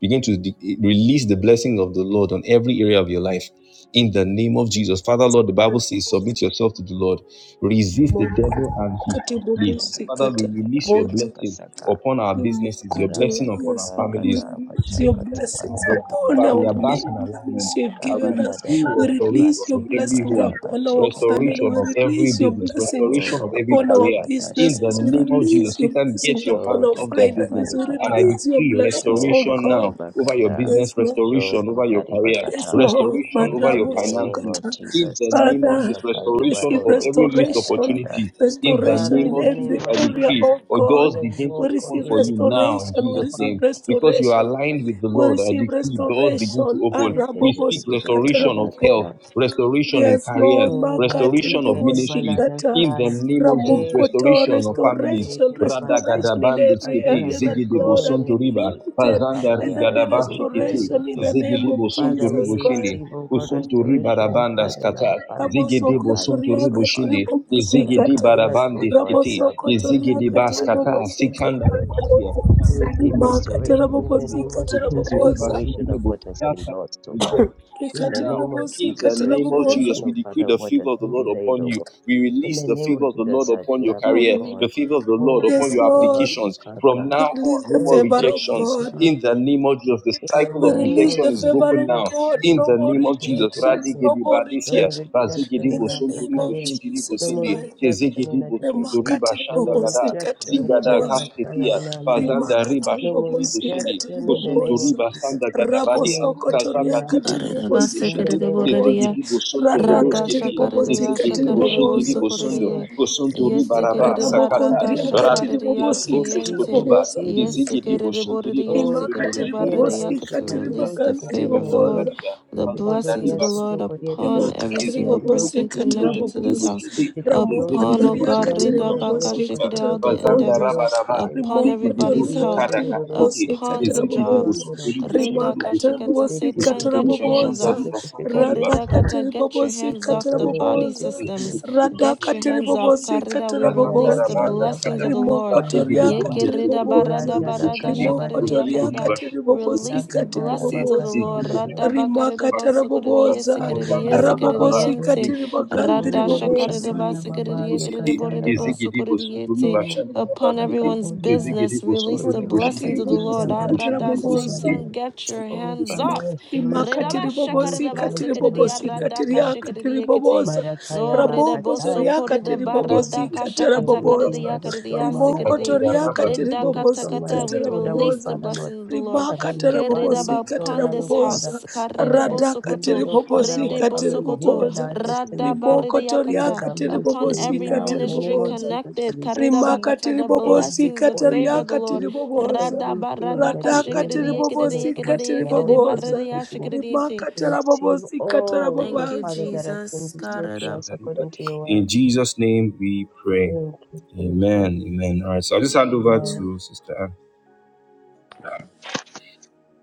Speaker 7: Begin to de- release the blessing of the Lord on every area of your life. In the name of Jesus. Father, Lord, the Bible says, submit yourself to the Lord. Resist the
Speaker 5: Mokoto,
Speaker 7: devil and he shall flee.
Speaker 8: Katadada
Speaker 5: Katibobosi,
Speaker 7: Father, we
Speaker 8: bakata
Speaker 7: release your
Speaker 8: kabara
Speaker 5: Katabobosa,
Speaker 7: blessing
Speaker 8: kasaka.
Speaker 7: upon our businesses, your
Speaker 5: Imokoto.
Speaker 7: blessing upon our
Speaker 5: Yes,
Speaker 8: Arabakata
Speaker 5: Lord, we
Speaker 8: kata
Speaker 7: families.
Speaker 5: release your
Speaker 8: abashakata
Speaker 5: blessings
Speaker 8: batsoka
Speaker 5: upon
Speaker 7: But we
Speaker 5: our
Speaker 7: are
Speaker 8: pariados.
Speaker 7: back in
Speaker 5: meal-
Speaker 7: alignment.
Speaker 5: meals you've
Speaker 7: I
Speaker 5: given
Speaker 7: will
Speaker 8: Kabada
Speaker 5: us.
Speaker 8: da da
Speaker 5: We
Speaker 8: da da
Speaker 5: release your
Speaker 8: batseke
Speaker 5: blessings
Speaker 8: parada
Speaker 5: upon
Speaker 7: home,
Speaker 5: our
Speaker 8: basheke
Speaker 5: family.
Speaker 7: restoration
Speaker 5: We
Speaker 7: of
Speaker 8: barakas.
Speaker 7: every
Speaker 5: release your
Speaker 7: business,
Speaker 5: blessings
Speaker 7: restoration of
Speaker 8: Oh,
Speaker 7: every
Speaker 5: upon
Speaker 8: kata
Speaker 5: our
Speaker 7: career. In the
Speaker 5: businesses. We
Speaker 7: name of
Speaker 8: badasheke
Speaker 5: release
Speaker 7: Jesus,
Speaker 5: your
Speaker 7: Satan, get
Speaker 5: blessings
Speaker 7: your
Speaker 5: upon
Speaker 7: hands
Speaker 5: our
Speaker 8: Shota
Speaker 7: off their business.
Speaker 5: finances. We
Speaker 7: And I
Speaker 8: katabarikata.
Speaker 5: release your
Speaker 7: decree
Speaker 5: blessings, oh
Speaker 7: restoration
Speaker 5: God.
Speaker 7: now over your
Speaker 8: Shokotoribakata.
Speaker 7: business,
Speaker 5: Yes, Lord.
Speaker 7: restoration over your career,
Speaker 5: Yes,
Speaker 8: Shokotaribakata.
Speaker 5: Lord,
Speaker 7: restoration
Speaker 8: In
Speaker 7: over
Speaker 8: the
Speaker 7: your
Speaker 5: Marabo
Speaker 8: name
Speaker 7: finances.
Speaker 8: of
Speaker 5: Sukata.
Speaker 7: In
Speaker 8: Jesus.
Speaker 7: the name of
Speaker 5: Father,
Speaker 7: Jesus,
Speaker 8: Sakata
Speaker 5: we
Speaker 7: restoration
Speaker 5: receive
Speaker 7: of
Speaker 8: kalibaroto
Speaker 7: every missed
Speaker 5: restoration,
Speaker 8: koshadadada.
Speaker 7: opportunity. In the
Speaker 5: restoration
Speaker 8: Father,
Speaker 7: name
Speaker 8: in
Speaker 5: in
Speaker 8: the
Speaker 7: of
Speaker 8: name
Speaker 7: Jesus,
Speaker 5: every
Speaker 8: of
Speaker 7: I
Speaker 5: area,
Speaker 7: decree,
Speaker 8: Jesus.
Speaker 5: oh
Speaker 7: or
Speaker 5: God.
Speaker 7: doors begin to
Speaker 5: We
Speaker 8: Lord,
Speaker 7: open
Speaker 5: receive
Speaker 7: for you now
Speaker 8: koriyedebibaka.
Speaker 7: in
Speaker 5: restoration, we
Speaker 7: Jesus'
Speaker 5: receive
Speaker 7: name.
Speaker 8: Yabarotoko.
Speaker 7: Because you are
Speaker 5: restoration.
Speaker 7: aligned with the
Speaker 5: We
Speaker 7: Lord, I
Speaker 5: receive
Speaker 7: decree doors begin to
Speaker 5: restoration.
Speaker 7: open. We
Speaker 5: Arabobo
Speaker 7: speak restoration of
Speaker 5: Sikatarabobo.
Speaker 7: health
Speaker 8: Sikedibidibikibarakada.
Speaker 7: restoration in
Speaker 5: Yes,
Speaker 7: careers,
Speaker 5: Lord,
Speaker 8: Oh,
Speaker 5: Makati
Speaker 7: restoration of ministries,
Speaker 5: Ribobosikata,
Speaker 7: in the
Speaker 8: masikaribaladasaya.
Speaker 7: name of Jesus,
Speaker 8: Eh,
Speaker 5: Ramoko to
Speaker 7: restoration of families.
Speaker 5: restoration,
Speaker 7: Rada
Speaker 8: katosikedibidibasadaya.
Speaker 5: restoration in
Speaker 7: gadabandu
Speaker 8: As
Speaker 5: every
Speaker 8: we
Speaker 7: skiti,
Speaker 8: have,
Speaker 5: area that,
Speaker 8: O
Speaker 7: zigidi
Speaker 5: Lord,
Speaker 8: God,
Speaker 5: have
Speaker 7: bosonto
Speaker 5: been
Speaker 7: riba,
Speaker 8: entered
Speaker 5: limited.
Speaker 7: pazanda
Speaker 5: Let
Speaker 8: Takabaya,
Speaker 5: there be
Speaker 8: entered into
Speaker 7: rigadabashi kiti,
Speaker 8: the
Speaker 5: restoration in the
Speaker 8: Lord.
Speaker 5: name
Speaker 7: zigidi
Speaker 5: of
Speaker 7: bosonto
Speaker 8: Father, we
Speaker 5: Jesus
Speaker 7: ribo
Speaker 5: Christ.
Speaker 7: shindi,
Speaker 8: receive, O God,
Speaker 7: bosonto riba
Speaker 8: restoration, O
Speaker 7: rabanda
Speaker 8: Father, in our
Speaker 7: skata,
Speaker 8: families, in
Speaker 7: zigidi
Speaker 8: our
Speaker 7: bosonto
Speaker 8: marriages,
Speaker 7: ribo
Speaker 8: O
Speaker 5: Rabosokotoriakati
Speaker 8: God,
Speaker 7: shindi,
Speaker 8: in our
Speaker 7: zigidi
Speaker 5: Ribobosikata,
Speaker 8: careers, O
Speaker 7: barabandi
Speaker 8: God, in
Speaker 7: skiti,
Speaker 8: our businesses,
Speaker 7: zigidi
Speaker 8: O
Speaker 5: Rabosokotoriakati
Speaker 8: Father, we
Speaker 7: baskata,
Speaker 8: receive
Speaker 5: Ribobosikata,
Speaker 7: sikanda
Speaker 8: restoration.
Speaker 7: rabashia,
Speaker 5: Rabobosa,
Speaker 8: We receive
Speaker 7: bosonto
Speaker 5: Rimakata
Speaker 8: restoration
Speaker 7: ribo
Speaker 8: in the
Speaker 7: shindi,
Speaker 8: name of
Speaker 5: Rabobosikata,
Speaker 7: bosonto
Speaker 8: Jesus,
Speaker 5: Rabobosa,
Speaker 7: bashindi
Speaker 8: restoration of
Speaker 7: ribo,
Speaker 8: what has been
Speaker 7: rata,
Speaker 8: lost, O
Speaker 7: reject
Speaker 8: God. In
Speaker 5: Rikati
Speaker 8: the name of
Speaker 7: in the
Speaker 8: Jesus,
Speaker 5: Ribobosikata,
Speaker 7: name of
Speaker 5: Rabobosa.
Speaker 8: restoration,
Speaker 7: Jesus, we
Speaker 8: O
Speaker 7: decree
Speaker 8: Father, of
Speaker 7: the
Speaker 8: what has
Speaker 7: favor of the
Speaker 8: been
Speaker 7: Lord
Speaker 8: delayed,
Speaker 7: upon
Speaker 8: O
Speaker 7: you.
Speaker 8: God.
Speaker 7: We
Speaker 8: In
Speaker 7: release
Speaker 8: the
Speaker 7: the
Speaker 8: name
Speaker 7: favor
Speaker 8: of
Speaker 7: of the Lord
Speaker 8: Jesus, as
Speaker 7: upon
Speaker 8: we
Speaker 7: your
Speaker 8: have, O
Speaker 7: career,
Speaker 5: Mhm.
Speaker 8: God,
Speaker 7: the favor of the Lord
Speaker 8: O
Speaker 7: upon
Speaker 5: Yes,
Speaker 8: Father
Speaker 7: your
Speaker 5: Lord.
Speaker 7: applications. From
Speaker 8: God,
Speaker 7: now
Speaker 5: We Release
Speaker 7: on, no
Speaker 5: the
Speaker 7: more
Speaker 8: Oh,
Speaker 5: favor
Speaker 8: thank
Speaker 5: of
Speaker 8: you,
Speaker 7: rejections.
Speaker 5: God.
Speaker 8: Lord.
Speaker 7: In the name of Jesus, the
Speaker 8: In the
Speaker 7: cycle
Speaker 5: We
Speaker 7: of
Speaker 8: name
Speaker 5: release
Speaker 8: of
Speaker 7: rejection
Speaker 5: the
Speaker 7: is
Speaker 8: Jesus,
Speaker 5: favor
Speaker 7: broken
Speaker 5: of
Speaker 7: now.
Speaker 8: yes,
Speaker 5: God.
Speaker 8: no
Speaker 7: In
Speaker 8: more
Speaker 5: No
Speaker 7: the
Speaker 5: more
Speaker 7: name of
Speaker 8: rejection
Speaker 7: Jesus,
Speaker 8: in Jesus'
Speaker 5: rejections.
Speaker 8: name.
Speaker 5: No
Speaker 7: Radigedi
Speaker 5: more
Speaker 8: No
Speaker 7: Badesia,
Speaker 8: more
Speaker 5: rejection.
Speaker 8: rejection
Speaker 7: Razigedi
Speaker 5: In
Speaker 8: in
Speaker 5: the
Speaker 8: our in
Speaker 5: name
Speaker 7: Bosonturi
Speaker 5: of
Speaker 8: careers.
Speaker 7: Boshintiri
Speaker 8: No
Speaker 5: Jesus
Speaker 8: more
Speaker 7: Bosindi,
Speaker 5: Christ.
Speaker 8: rejection
Speaker 7: Kezigedi
Speaker 8: in education.
Speaker 7: Bosonturi
Speaker 5: Remarkatiri
Speaker 8: No
Speaker 7: Bashanda
Speaker 8: more
Speaker 5: bobosi
Speaker 7: Gada,
Speaker 8: rejection
Speaker 5: katiri
Speaker 8: in
Speaker 7: Zigada
Speaker 5: bobosi.
Speaker 8: Kadabasaya
Speaker 7: Kasketia,
Speaker 8: in our marriage.
Speaker 7: Fazanda Riba
Speaker 5: Remarkatiri
Speaker 8: No more
Speaker 7: Shintiri
Speaker 5: bobosi
Speaker 7: Bosindi,
Speaker 5: katiri
Speaker 8: rejection in the name
Speaker 7: Kusunturi
Speaker 8: of
Speaker 5: bobosi.
Speaker 8: Jesus.
Speaker 7: basanda
Speaker 5: Rabo
Speaker 8: No
Speaker 7: gadabadia.
Speaker 8: more
Speaker 5: soko
Speaker 8: rejection in
Speaker 7: Kazaga
Speaker 5: toria
Speaker 8: our
Speaker 7: dibo
Speaker 5: katiri
Speaker 8: family.
Speaker 7: boshindi.
Speaker 1: Karida
Speaker 7: ribo
Speaker 5: bobosi
Speaker 8: In the
Speaker 7: shindi.
Speaker 1: basikiridia
Speaker 5: katiri
Speaker 8: name of
Speaker 1: boridia.
Speaker 7: Tezegi
Speaker 5: bobosi.
Speaker 8: Jesus.
Speaker 7: dibo sunto
Speaker 8: In the
Speaker 5: Rada
Speaker 8: name
Speaker 1: Radha
Speaker 8: of
Speaker 5: katiri
Speaker 7: golosketi.
Speaker 8: Jesus, we
Speaker 5: bobosi
Speaker 1: Shakariya
Speaker 7: Tezegi
Speaker 8: receive,
Speaker 5: katiri
Speaker 8: oh
Speaker 7: dibo
Speaker 8: God, we
Speaker 1: Shakarebo
Speaker 7: shinti
Speaker 5: bobosi.
Speaker 7: dibo
Speaker 8: receive, oh
Speaker 7: sundo.
Speaker 8: God,
Speaker 1: Sokoriye
Speaker 7: Kusunto
Speaker 8: we receive, oh
Speaker 7: ribaraba
Speaker 8: God,
Speaker 5: Rabo
Speaker 1: Yesekereba
Speaker 8: the
Speaker 7: sakata.
Speaker 1: Radha
Speaker 5: kondria
Speaker 8: Kadabados.
Speaker 5: katiri
Speaker 1: Shakariya
Speaker 7: Radisketi
Speaker 5: bobosi
Speaker 8: We
Speaker 7: bondo
Speaker 5: katiri
Speaker 8: receive,
Speaker 1: Siente
Speaker 8: we
Speaker 7: skotuba.
Speaker 5: bobosi.
Speaker 8: receive, we
Speaker 7: Tezegi
Speaker 8: receive,
Speaker 7: dibo shinti
Speaker 1: Yesekeriboriya
Speaker 7: boshindi.
Speaker 8: Oh,
Speaker 7: sunto
Speaker 5: rimakati
Speaker 7: ribo
Speaker 8: Jika
Speaker 7: shindi.
Speaker 8: dia
Speaker 1: Sekerebariyaka
Speaker 5: ribobosika
Speaker 8: ledoshi
Speaker 1: to
Speaker 7: Kusunto riba
Speaker 1: release the
Speaker 8: kalidoshi
Speaker 5: tiribogandhi
Speaker 7: santa
Speaker 1: favor
Speaker 7: riba
Speaker 1: of
Speaker 8: kedelia
Speaker 1: the
Speaker 7: shanta
Speaker 1: Lord,
Speaker 5: ribobosa
Speaker 8: dadoshi.
Speaker 7: riba.
Speaker 1: the
Speaker 7: Kazanda
Speaker 1: blessings of
Speaker 8: Vidododia
Speaker 7: riba
Speaker 1: the Lord
Speaker 7: suko
Speaker 8: sotoko dia
Speaker 1: upon
Speaker 7: kusuko.
Speaker 8: dadoshi
Speaker 1: every
Speaker 5: rimakati
Speaker 8: kadia
Speaker 1: single
Speaker 7: Tezegi dibo
Speaker 8: dadoshi
Speaker 1: person
Speaker 7: sunto
Speaker 5: ribobosika
Speaker 7: ribo
Speaker 8: ketika.
Speaker 1: connected to
Speaker 7: shinti
Speaker 1: this
Speaker 7: dibo
Speaker 5: tiribobosa
Speaker 1: house.
Speaker 7: shindi.
Speaker 5: ramoko
Speaker 7: Tezegi
Speaker 8: Vididion
Speaker 1: Upon, O
Speaker 7: dibo
Speaker 1: God,
Speaker 7: sunto
Speaker 8: dododian
Speaker 5: toriakati
Speaker 7: riba
Speaker 1: Rida Baka
Speaker 8: dododia
Speaker 7: shanta
Speaker 8: de
Speaker 5: katiri
Speaker 7: riba.
Speaker 1: Shikiri, all the
Speaker 8: kostokoto dia
Speaker 7: Bazanda
Speaker 5: tiribobosa
Speaker 1: endeavors,
Speaker 7: raba
Speaker 8: dadoshi
Speaker 7: raba.
Speaker 8: kete.
Speaker 1: upon
Speaker 7: Zigi dibo
Speaker 1: everybody's
Speaker 5: Rimokotoria
Speaker 8: Vididion
Speaker 1: health,
Speaker 7: sukada kasuki.
Speaker 5: katiribobosi
Speaker 8: dododoshi
Speaker 1: upon the
Speaker 7: Ezegede
Speaker 8: kededoson
Speaker 5: katiribobosa.
Speaker 1: jobs.
Speaker 7: boşantari
Speaker 8: dodokoshiende.
Speaker 7: boşantari
Speaker 1: Rida
Speaker 5: Rimaka
Speaker 7: boşantari
Speaker 1: Kashiketa,
Speaker 8: the
Speaker 5: tiribobosi
Speaker 1: Satan,
Speaker 7: boşantari
Speaker 8: ke
Speaker 1: get your hands
Speaker 8: podoto
Speaker 5: katiribobosa.
Speaker 7: başantari
Speaker 1: off.
Speaker 8: seke seke
Speaker 7: başantari
Speaker 5: Rada
Speaker 8: shekete.
Speaker 7: başantari
Speaker 1: Keridakata, get your
Speaker 5: katiribobosi
Speaker 1: hands off the
Speaker 8: Vikotoro
Speaker 7: boşantari
Speaker 1: body
Speaker 5: katiribobosa.
Speaker 8: kosekete.
Speaker 1: systems.
Speaker 7: ezegede
Speaker 5: Rada
Speaker 1: Get
Speaker 7: boşantari
Speaker 1: your hands off.
Speaker 7: başantari
Speaker 5: katiribobosi
Speaker 1: Karida, we
Speaker 7: bazan
Speaker 8: Mandala
Speaker 1: release the
Speaker 5: katiribobosa.
Speaker 7: daraban
Speaker 8: gedila
Speaker 1: blessings
Speaker 7: daskata
Speaker 1: of the Lord.
Speaker 7: radde
Speaker 8: balakasara
Speaker 7: gede
Speaker 5: Rimokotoria
Speaker 1: Nye
Speaker 8: bababa.
Speaker 7: bonde
Speaker 1: kerida
Speaker 7: skotu
Speaker 5: katiribobosa.
Speaker 1: barada
Speaker 7: boşantari
Speaker 8: Radala
Speaker 1: barada
Speaker 7: boşantari
Speaker 8: kaya
Speaker 1: shakarida
Speaker 5: Rimokotoria
Speaker 7: boşantari
Speaker 1: yakarida.
Speaker 8: badoshata.
Speaker 7: başantari
Speaker 5: katiribobosi
Speaker 1: Release
Speaker 7: boşantari
Speaker 1: the
Speaker 8: Lagadaya
Speaker 7: boşantari
Speaker 1: blessings of the
Speaker 5: katiribobosa.
Speaker 1: Lord.
Speaker 7: ezegede
Speaker 8: bakatoria
Speaker 1: Rada
Speaker 7: boşantari
Speaker 1: bakarida
Speaker 5: Rimaka
Speaker 1: basokarida
Speaker 5: tiribobosa.
Speaker 1: yesekarida
Speaker 8: Mandari
Speaker 1: yesekarida
Speaker 7: Bozandaraba,
Speaker 5: Rabobosi
Speaker 8: Labadado,
Speaker 1: yente.
Speaker 7: Izigidi
Speaker 1: Rada
Speaker 7: Bukuri
Speaker 8: Ori
Speaker 5: katiribogandiribobosa.
Speaker 1: shakarida
Speaker 7: Bushintiri
Speaker 8: Kataya
Speaker 7: Busintiri
Speaker 1: basakarida
Speaker 8: Baba,
Speaker 1: yekarida
Speaker 7: Busindi,
Speaker 1: borida
Speaker 8: Yakataya Ba,
Speaker 7: Izigidi
Speaker 1: bosokarida
Speaker 7: Busunduri
Speaker 1: yete.
Speaker 8: O
Speaker 7: Bashandana
Speaker 1: Upon
Speaker 7: Bakindi,
Speaker 1: everyone's
Speaker 8: Yakabodia,
Speaker 7: Izigidi
Speaker 1: business, release
Speaker 7: Busunduri
Speaker 1: the
Speaker 8: Kosio
Speaker 1: blessings
Speaker 7: Bushintiri
Speaker 1: of the
Speaker 8: Katia
Speaker 5: Rikatiribobosi
Speaker 1: Lord.
Speaker 7: Busunduri
Speaker 8: Dabas,
Speaker 1: Arada
Speaker 7: Bushintiri
Speaker 5: katiribobosa.
Speaker 7: Busindi,
Speaker 8: Yakobarian,
Speaker 1: Satan, get your
Speaker 8: O
Speaker 1: hands
Speaker 7: Bushintiri
Speaker 8: Father,
Speaker 1: off. No
Speaker 5: Imakatiri
Speaker 8: restoration,
Speaker 1: redaboso corrida
Speaker 5: bobosi,
Speaker 8: restoration,
Speaker 5: katiri bobosi,
Speaker 8: restoration,
Speaker 1: barada
Speaker 5: katiria, katiri
Speaker 1: kasha
Speaker 8: restoration.
Speaker 5: akatiri
Speaker 1: Redabashakaridabasikiridiyarradakashikiriyekete.
Speaker 5: bobosa.
Speaker 1: No
Speaker 8: Marakaya Ba,
Speaker 5: Raboko
Speaker 8: Kataya
Speaker 5: zoria, katiri bobosi,
Speaker 8: Kabobobobo.
Speaker 7: Busintiri
Speaker 5: katara
Speaker 7: Busunduri
Speaker 5: bobosa.
Speaker 8: Everything that the
Speaker 7: Basandaraba,
Speaker 8: strong man has
Speaker 5: Riboko
Speaker 1: redabosokoridabaratakashakatakaririyakaririyasikiridi.
Speaker 5: toria,
Speaker 8: eaten up,
Speaker 7: Azandaraba
Speaker 5: katiri
Speaker 7: Sidi,
Speaker 8: everything the
Speaker 5: bobosi,
Speaker 8: strong man
Speaker 1: Redakatakata.
Speaker 8: has
Speaker 1: We
Speaker 5: katara
Speaker 7: Busunduri
Speaker 8: stored away,
Speaker 1: release
Speaker 5: bobosa.
Speaker 1: the
Speaker 7: Busintiri
Speaker 8: Father Lord.
Speaker 1: blessing of the
Speaker 7: Busintiri
Speaker 1: Lord
Speaker 5: Ribaka
Speaker 8: Father, we
Speaker 5: tara
Speaker 7: Busintiri
Speaker 8: bind
Speaker 5: bobosi,
Speaker 8: the
Speaker 1: Keredaba
Speaker 8: strong
Speaker 5: katara
Speaker 1: upon
Speaker 8: man, oh
Speaker 1: this
Speaker 7: Busintiri
Speaker 5: bobosa.
Speaker 8: Father,
Speaker 1: house.
Speaker 8: or that
Speaker 5: Rada
Speaker 1: Karedeboso koto
Speaker 5: katiri
Speaker 8: hindered, oh Father,
Speaker 5: bobosi,
Speaker 8: our
Speaker 5: katiri
Speaker 8: family,
Speaker 1: Karedibosokoto,
Speaker 8: hindered
Speaker 5: bobosa.
Speaker 1: redebosokoto,
Speaker 8: our destiny, God,
Speaker 5: Riboko toria,
Speaker 8: hindered
Speaker 1: radabaridiyakata.
Speaker 8: our
Speaker 5: katiri
Speaker 8: ministry.
Speaker 1: Upon
Speaker 8: And
Speaker 5: bobosi,
Speaker 1: every
Speaker 8: now, in
Speaker 5: katiri
Speaker 8: the
Speaker 1: ministry
Speaker 8: name of
Speaker 5: bobosa.
Speaker 8: Jesus,
Speaker 1: connected.
Speaker 8: we receive
Speaker 5: Rimaka
Speaker 1: Karedabakata. The
Speaker 5: tiribobosi
Speaker 8: every
Speaker 1: blessings of
Speaker 8: spoil,
Speaker 1: favor
Speaker 8: we
Speaker 1: of the
Speaker 5: katariaka
Speaker 1: Lord.
Speaker 8: receive
Speaker 7: Busintiri
Speaker 5: tiribobosa.
Speaker 8: everything that
Speaker 1: Radabaradaka
Speaker 8: the
Speaker 5: Radaka
Speaker 8: enemy has stolen
Speaker 5: tiribobosi
Speaker 8: from us now
Speaker 1: shikadidiyakadidiyakadidiyakadidiyakadidi
Speaker 8: in Jesus'
Speaker 5: katiribobosa.
Speaker 1: baradiya
Speaker 8: mighty name.
Speaker 1: shikadidiyante.
Speaker 5: Rimaka
Speaker 8: We receive
Speaker 5: tarabobosi
Speaker 1: Oh,
Speaker 8: all,
Speaker 1: thank
Speaker 8: oh
Speaker 1: you,
Speaker 5: katarabobasa.
Speaker 8: Father, that has been
Speaker 1: Jesus. God,
Speaker 8: bestowed
Speaker 1: it
Speaker 8: to
Speaker 1: up.
Speaker 8: us according to your
Speaker 7: In
Speaker 8: word.
Speaker 7: Jesus' name we pray.
Speaker 8: Thank you, Jesus.
Speaker 7: Amen. Amen. All right. So I'll just hand over
Speaker 8: Amen.
Speaker 5: Amen.
Speaker 7: to Sister Anne.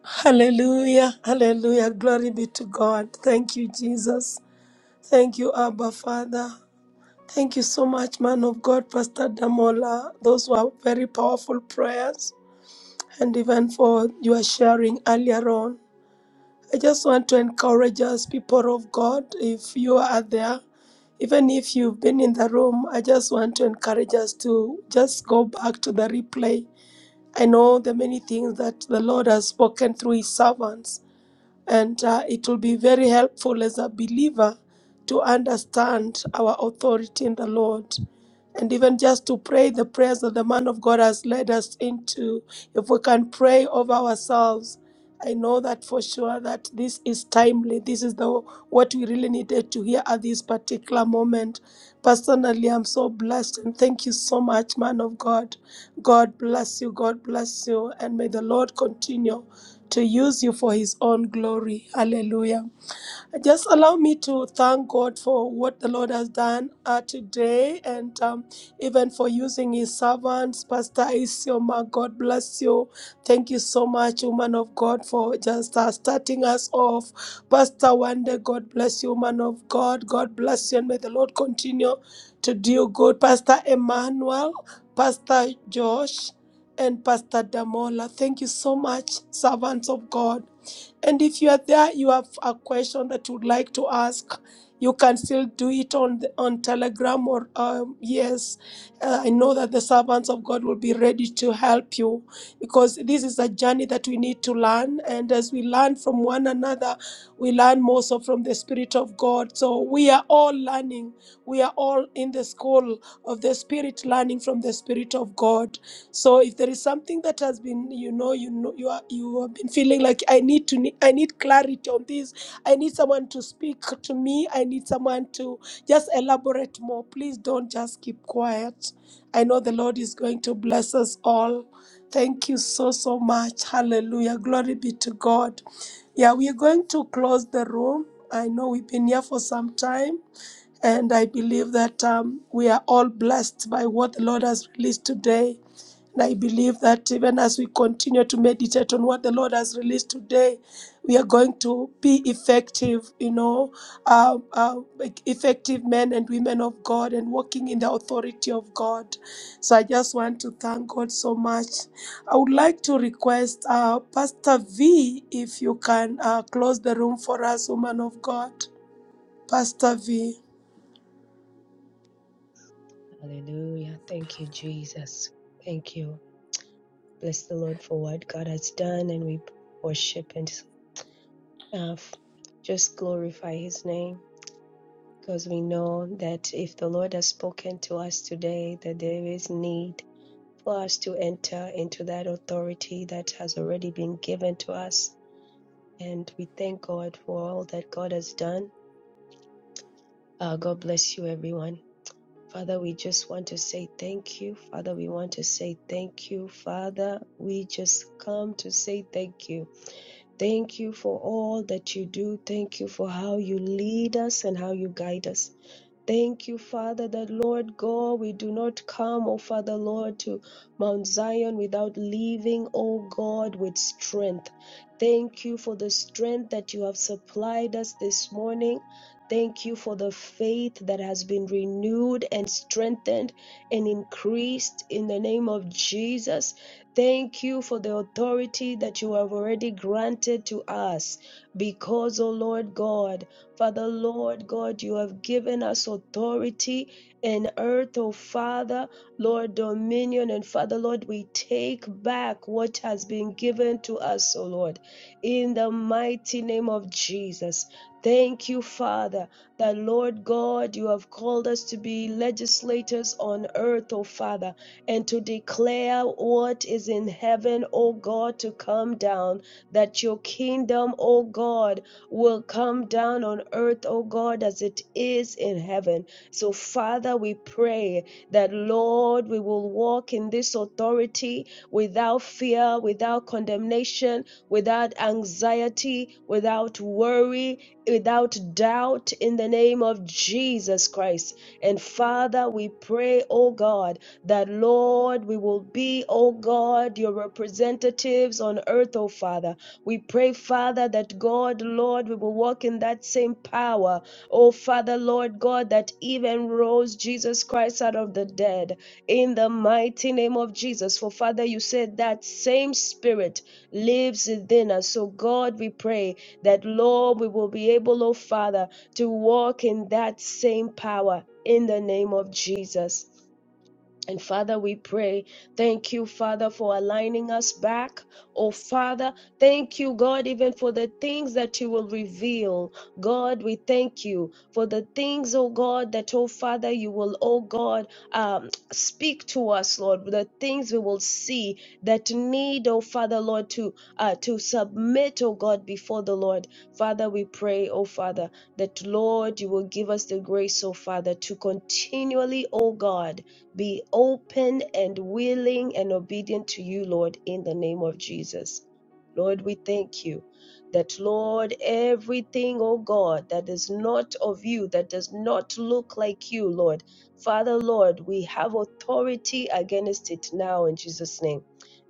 Speaker 5: Hallelujah. Hallelujah. Glory be to God. Thank you, Jesus. Thank you, Abba Father. Thank you so much, man of God, Pastor Damola. Those were very powerful prayers and even for your sharing earlier on. I just want to encourage us, people of God, if you are there, even if you've been in the room, I just want to encourage us to just go back to the replay. I know the many things that the Lord has spoken through His servants, and uh, it will be very helpful as a believer to understand our authority in the Lord. And even just to pray the prayers that the man of God has led us into, if we can pray over ourselves I know that for sure that this is timely. This is the what we really needed to hear at this particular moment. Personally, I'm so blessed and thank you so much, man of God. God bless you. God bless you. And may the Lord continue to use you for his own glory. Hallelujah. Just allow me to thank God for what the Lord has done uh, today and um, even for using his servants. Pastor Isioma, God bless you. Thank you so much, woman of God, for just uh, starting us off. Pastor Wande, God bless you, woman of God. God bless you and may the Lord continue to do good. Pastor Emmanuel, Pastor Josh, and Pastor Damola. Thank you so much, servants of God. And if you are there, you have a question that you'd like to ask, you can still do it on the, on Telegram or um, yes, uh, I know that the servants of God will be ready to help you because this is a journey that we need to learn. And as we learn from one another, we learn more so from the Spirit of God. So we are all learning. We are all in the school of the Spirit, learning from the Spirit of God. So if there is something that has been, you know, you know, you are, you have been feeling like I need to, ne- I need clarity on this. I need someone to speak to me. I need someone to just elaborate more. Please don't just keep quiet. I know the Lord is going to bless us all. Thank you so so much. Hallelujah. Glory be to God. Yeah, we are going to close the room. I know we've been here for some time. And I believe that um, we are all blessed by what the Lord has released today. And I believe that even as we continue to meditate on what the Lord has released today, we are going to be effective, you know, uh, uh, like effective men and women of God and walking in the authority of God. So I just want to thank God so much. I would like to request uh, Pastor V if you can uh, close the room for us, woman of God. Pastor V.
Speaker 8: Hallelujah. Thank you, Jesus. Thank you. bless the Lord for what God has done, and we worship and uh, just glorify His name because we know that if the Lord has spoken to us today, that there is need for us to enter into that authority that has already been given to us. And we thank God for all that God has done. Uh, God bless you, everyone. Father, we just want to say thank you. Father, we want to say thank you. Father, we just come to say thank you. Thank you for all that you do. Thank you for how you lead us and how you guide us. Thank you, Father, that Lord God, we do not come, O Father Lord, to Mount Zion without leaving, O God, with strength. Thank you for the strength that you have supplied us this morning. Thank you for the faith that has been renewed and strengthened and increased in the name of Jesus. Thank you for the authority that you have already granted to us because, O Lord God, Father, Lord God, you have given us authority in earth, oh Father, Lord, dominion. And Father, Lord, we take back what has been given to us, oh Lord, in the mighty name of Jesus. Thank you, Father, that Lord God, you have called us to be legislators on earth, O Father, and to declare what is in heaven, O God, to come down, that your kingdom, O God, will come down on earth, oh God, as it is in heaven. So, Father, we pray that, Lord, we will walk in this authority without fear, without condemnation, without anxiety, without worry, without doubt, in the name of Jesus Christ. And, Father, we pray, oh God, that, Lord, we will be, oh God, your representatives on earth, oh Father we pray, Father, that God, Lord, we will walk in that same power. Oh, Father, Lord God, that even rose Jesus Christ out of the dead in the mighty name of Jesus. For, Father, you said that same spirit lives within us. So, God, we pray that, Lord, we will be able, oh, Father, to walk in that same power in the name of Jesus. And Father, we pray. Thank you, Father, for aligning us back. Oh, Father, thank you, God, even for the things that you will reveal. God, we thank you for the things, oh God, that, oh Father, you will, oh God, um, speak to us, Lord. The things we will see that need, oh Father, Lord, to uh, to submit, oh God, before the Lord. Father, we pray, oh Father, that Lord, you will give us the grace, oh Father, to continually, oh God be open and willing and obedient to you, Lord, in the name of Jesus. Lord, we thank you that, Lord, everything, oh God, that is not of you, that does not look like you, Lord, Father, Lord, we have authority against it now in Jesus' name.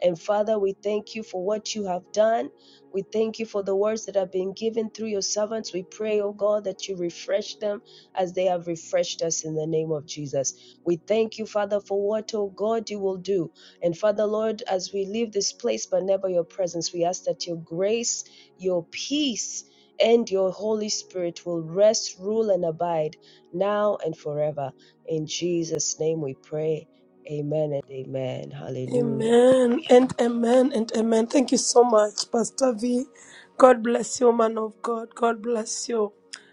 Speaker 8: And Father, we thank you for what you have done. We thank you for the words that have been given through your servants. We pray, oh God, that you refresh them as they have refreshed us in the name of Jesus. We thank you, Father, for what, oh God, you will do. And Father, Lord, as we leave this place, but never your presence, we ask that your grace, your peace, and your Holy Spirit will rest, rule, and abide now and forever. In Jesus' name we pray. Amen and amen. Hallelujah.
Speaker 5: Amen and amen and amen. Thank you so much, Pastor V. God bless you, man of God. God bless you.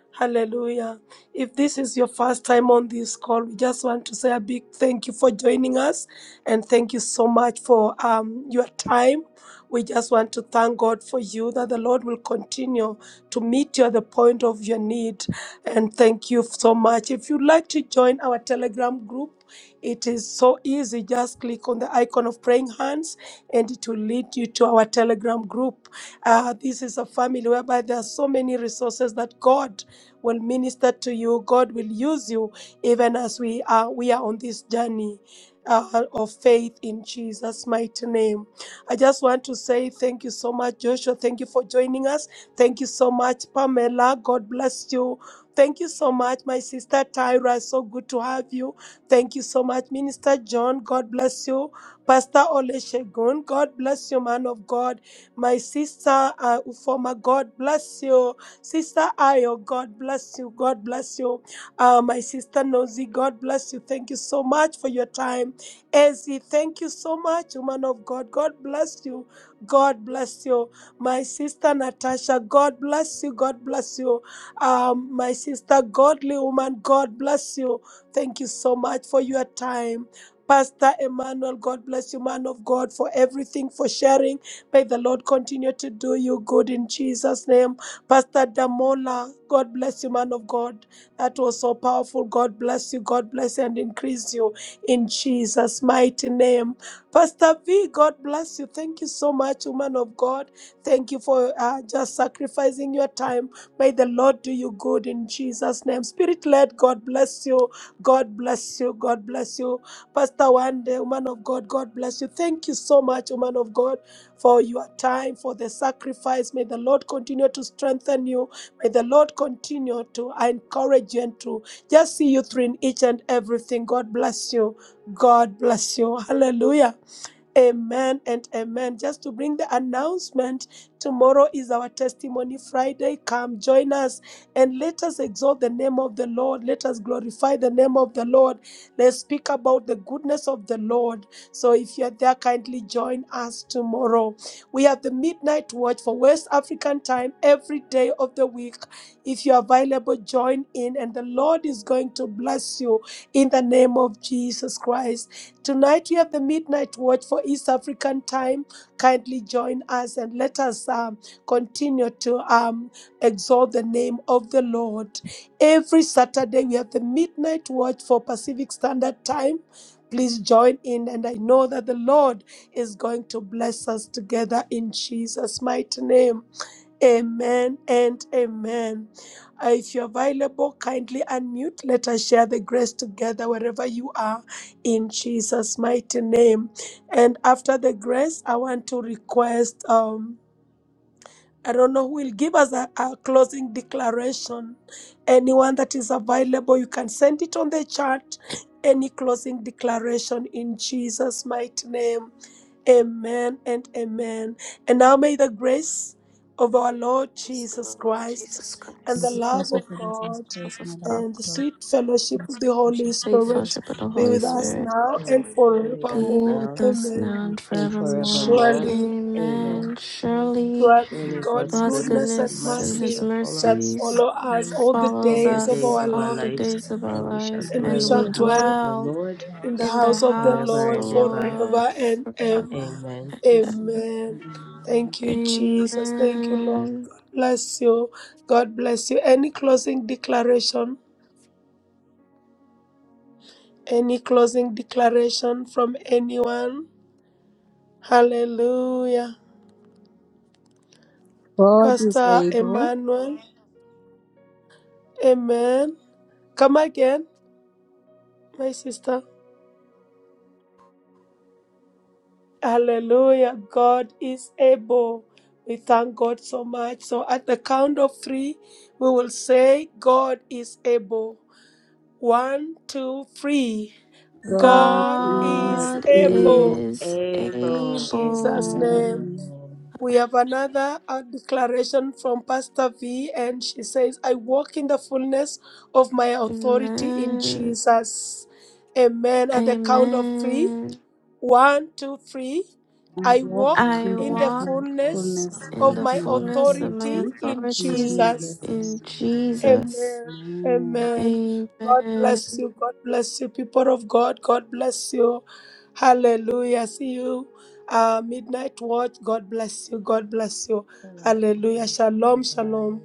Speaker 5: Hallelujah. If this is your first time on this call, we just want to say a big thank you for joining us and thank you so much for um, your time. We just want to thank God for you that the Lord will continue to meet you at the point of your need. And thank you so much. If you'd like to join our Telegram group, it is so easy. Just click on the icon of praying hands and it will lead you to our Telegram group. Uh, this is a family whereby there are so many resources that God will minister to you. God will use you even as we are we are on this journey. Uh, of faith in Jesus' mighty name. I just want to say thank you so much, Joshua. Thank you for joining us. Thank you so much, Pamela. God bless you. Thank you so much, my sister Tyra. So good to have you. Thank you so much, Minister John. God bless you. Pastor Oleshegun, God bless you, man of God. My sister uh, Ufoma, God bless you. Sister Ayo, God bless you. God bless you. Uh, my sister Nosy, God bless you. Thank you so much for your time. Ezzy, thank you so much, woman of God. God bless you. God bless you. My sister Natasha, God bless you. God bless you. Um, my sister, godly woman, God bless you. Thank you so much for your time. Pastor Emmanuel, God bless you, man of God, for everything, for sharing. May the Lord continue to do you good in Jesus' name. Pastor Damola, God bless you, man of God. That was so powerful. God bless you. God bless and increase you in Jesus' mighty name. Pastor V, God bless you. Thank you so much, woman of God. Thank you for uh, just sacrificing your time. May the Lord do you good in Jesus' name. Spirit led, God bless you. God bless you. God bless you. Pastor Wande, woman of God, God bless you. Thank you so much, woman of God, for your time, for the sacrifice. May the Lord continue to strengthen you. May the Lord continue to encourage you and to just see you through in each and everything. God bless you. God bless you. Hallelujah. Amen and amen. Just to bring the announcement, tomorrow is our Testimony Friday. Come join us and let us exalt the name of the Lord. Let us glorify the name of the Lord. Let's speak about the goodness of the Lord. So if you're there, kindly join us tomorrow. We have the midnight watch for West African time every day of the week. If you're available, join in, and the Lord is going to bless you in the name of Jesus Christ. Tonight we have the midnight watch for East African time. Kindly join us and let us um, continue to um, exalt the name of the Lord. Every Saturday we have the midnight watch for Pacific Standard Time. Please join in, and I know that the Lord is going to bless us together in Jesus' mighty name. Amen and amen. Uh, if you're available, kindly unmute. Let us share the grace together wherever you are in Jesus' mighty name. And after the grace, I want to request. Um, I don't know who will give us a, a closing declaration. Anyone that is available, you can send it on the chat. Any closing declaration in Jesus' mighty name. Amen and amen. And now may the grace of our Lord
Speaker 1: Praise the
Speaker 5: Jesus
Speaker 1: Lord
Speaker 5: Christ
Speaker 1: Jesus
Speaker 5: and the
Speaker 1: Christ.
Speaker 5: love of God
Speaker 1: Love
Speaker 10: Christ and
Speaker 1: of
Speaker 10: the love
Speaker 1: God.
Speaker 10: of
Speaker 5: and the
Speaker 10: God,
Speaker 5: sweet
Speaker 10: and the
Speaker 5: fellowship of the Holy
Speaker 10: solution of
Speaker 1: Sweet
Speaker 10: all of
Speaker 5: Spirit
Speaker 1: fellowship of the
Speaker 5: be
Speaker 10: that.
Speaker 1: Holy
Speaker 5: with
Speaker 8: The
Speaker 5: us
Speaker 8: Holy
Speaker 1: Spirit.
Speaker 5: now and
Speaker 8: Spirit be with us
Speaker 1: Be
Speaker 5: forevermore.
Speaker 1: with
Speaker 8: now
Speaker 1: us now
Speaker 5: Amen.
Speaker 10: God
Speaker 1: and
Speaker 8: and
Speaker 10: is
Speaker 1: forevermore.
Speaker 10: able.
Speaker 8: forevermore.
Speaker 5: Surely.
Speaker 1: Amen.
Speaker 8: Amen.
Speaker 1: Surely
Speaker 5: Surely
Speaker 8: Surely
Speaker 5: God's
Speaker 8: God's
Speaker 1: God's
Speaker 5: goodness
Speaker 8: goodness
Speaker 5: and
Speaker 8: and
Speaker 1: goodness and
Speaker 8: mercy
Speaker 1: his
Speaker 5: mercy
Speaker 8: shall follow
Speaker 5: shall
Speaker 8: us
Speaker 1: mercies
Speaker 5: follow us all the
Speaker 8: all
Speaker 1: follows
Speaker 8: the
Speaker 5: days of
Speaker 8: days
Speaker 1: us
Speaker 5: our
Speaker 8: of our
Speaker 1: all the
Speaker 8: life,
Speaker 5: lives,
Speaker 1: days of our
Speaker 8: and we shall
Speaker 1: lives,
Speaker 5: and we
Speaker 8: dwell
Speaker 1: and
Speaker 8: in
Speaker 5: shall
Speaker 1: we
Speaker 8: the house
Speaker 5: dwell
Speaker 8: of the
Speaker 1: dwell
Speaker 8: Lord
Speaker 5: in the
Speaker 1: in the
Speaker 5: house of the
Speaker 1: house
Speaker 8: forever
Speaker 1: of the
Speaker 5: Lord
Speaker 8: and ever.
Speaker 1: Lord
Speaker 5: forever and ever.
Speaker 1: forever.
Speaker 8: Amen.
Speaker 5: Amen. Thank you, Jesus. Thank you, Lord.
Speaker 1: Amen.
Speaker 5: God bless you. God bless you. Any closing declaration? Any closing declaration from anyone? Hallelujah.
Speaker 10: God is
Speaker 5: Pastor Emmanuel. Amen. Come again, my sister. Hallelujah. God is able. We thank God so much. So at the count of three, we will say, God is able. One, two, three. God
Speaker 8: God
Speaker 5: is
Speaker 1: God
Speaker 8: is
Speaker 10: able.
Speaker 5: able.
Speaker 1: is
Speaker 5: In
Speaker 8: able.
Speaker 5: Jesus'
Speaker 1: able.
Speaker 5: name.
Speaker 10: Mm.
Speaker 8: Amen.
Speaker 5: We have another uh, declaration from Pastor V, and she says, I walk in the fullness of my authority in
Speaker 1: Amen.
Speaker 5: Jesus. Amen. At the count of three.
Speaker 1: Amen.
Speaker 5: One, two, three.
Speaker 8: I
Speaker 10: I
Speaker 5: I
Speaker 10: walk
Speaker 8: walk
Speaker 5: walk
Speaker 1: I
Speaker 10: in the
Speaker 5: in the
Speaker 8: in
Speaker 1: walk
Speaker 8: the fullness
Speaker 5: fullness
Speaker 10: fullness
Speaker 8: of my
Speaker 1: in
Speaker 5: of
Speaker 10: of
Speaker 1: the
Speaker 5: my
Speaker 10: my
Speaker 1: fullness of
Speaker 8: authority
Speaker 1: my
Speaker 5: authority
Speaker 10: authority
Speaker 5: in
Speaker 10: in
Speaker 8: in
Speaker 1: authority
Speaker 5: Jesus.
Speaker 10: Jesus'
Speaker 1: in
Speaker 8: Jesus.
Speaker 10: name.
Speaker 8: Amen.
Speaker 1: Jesus.
Speaker 5: Amen.
Speaker 10: Amen.
Speaker 5: Amen. God bless
Speaker 1: Amen.
Speaker 5: you. God bless you, people of God. God bless you. Hallelujah. See you. Uh, midnight watch. God bless you. God bless you.
Speaker 8: Hello.
Speaker 5: Hallelujah.
Speaker 8: Bye
Speaker 5: Shalom. Shalom.
Speaker 8: bye.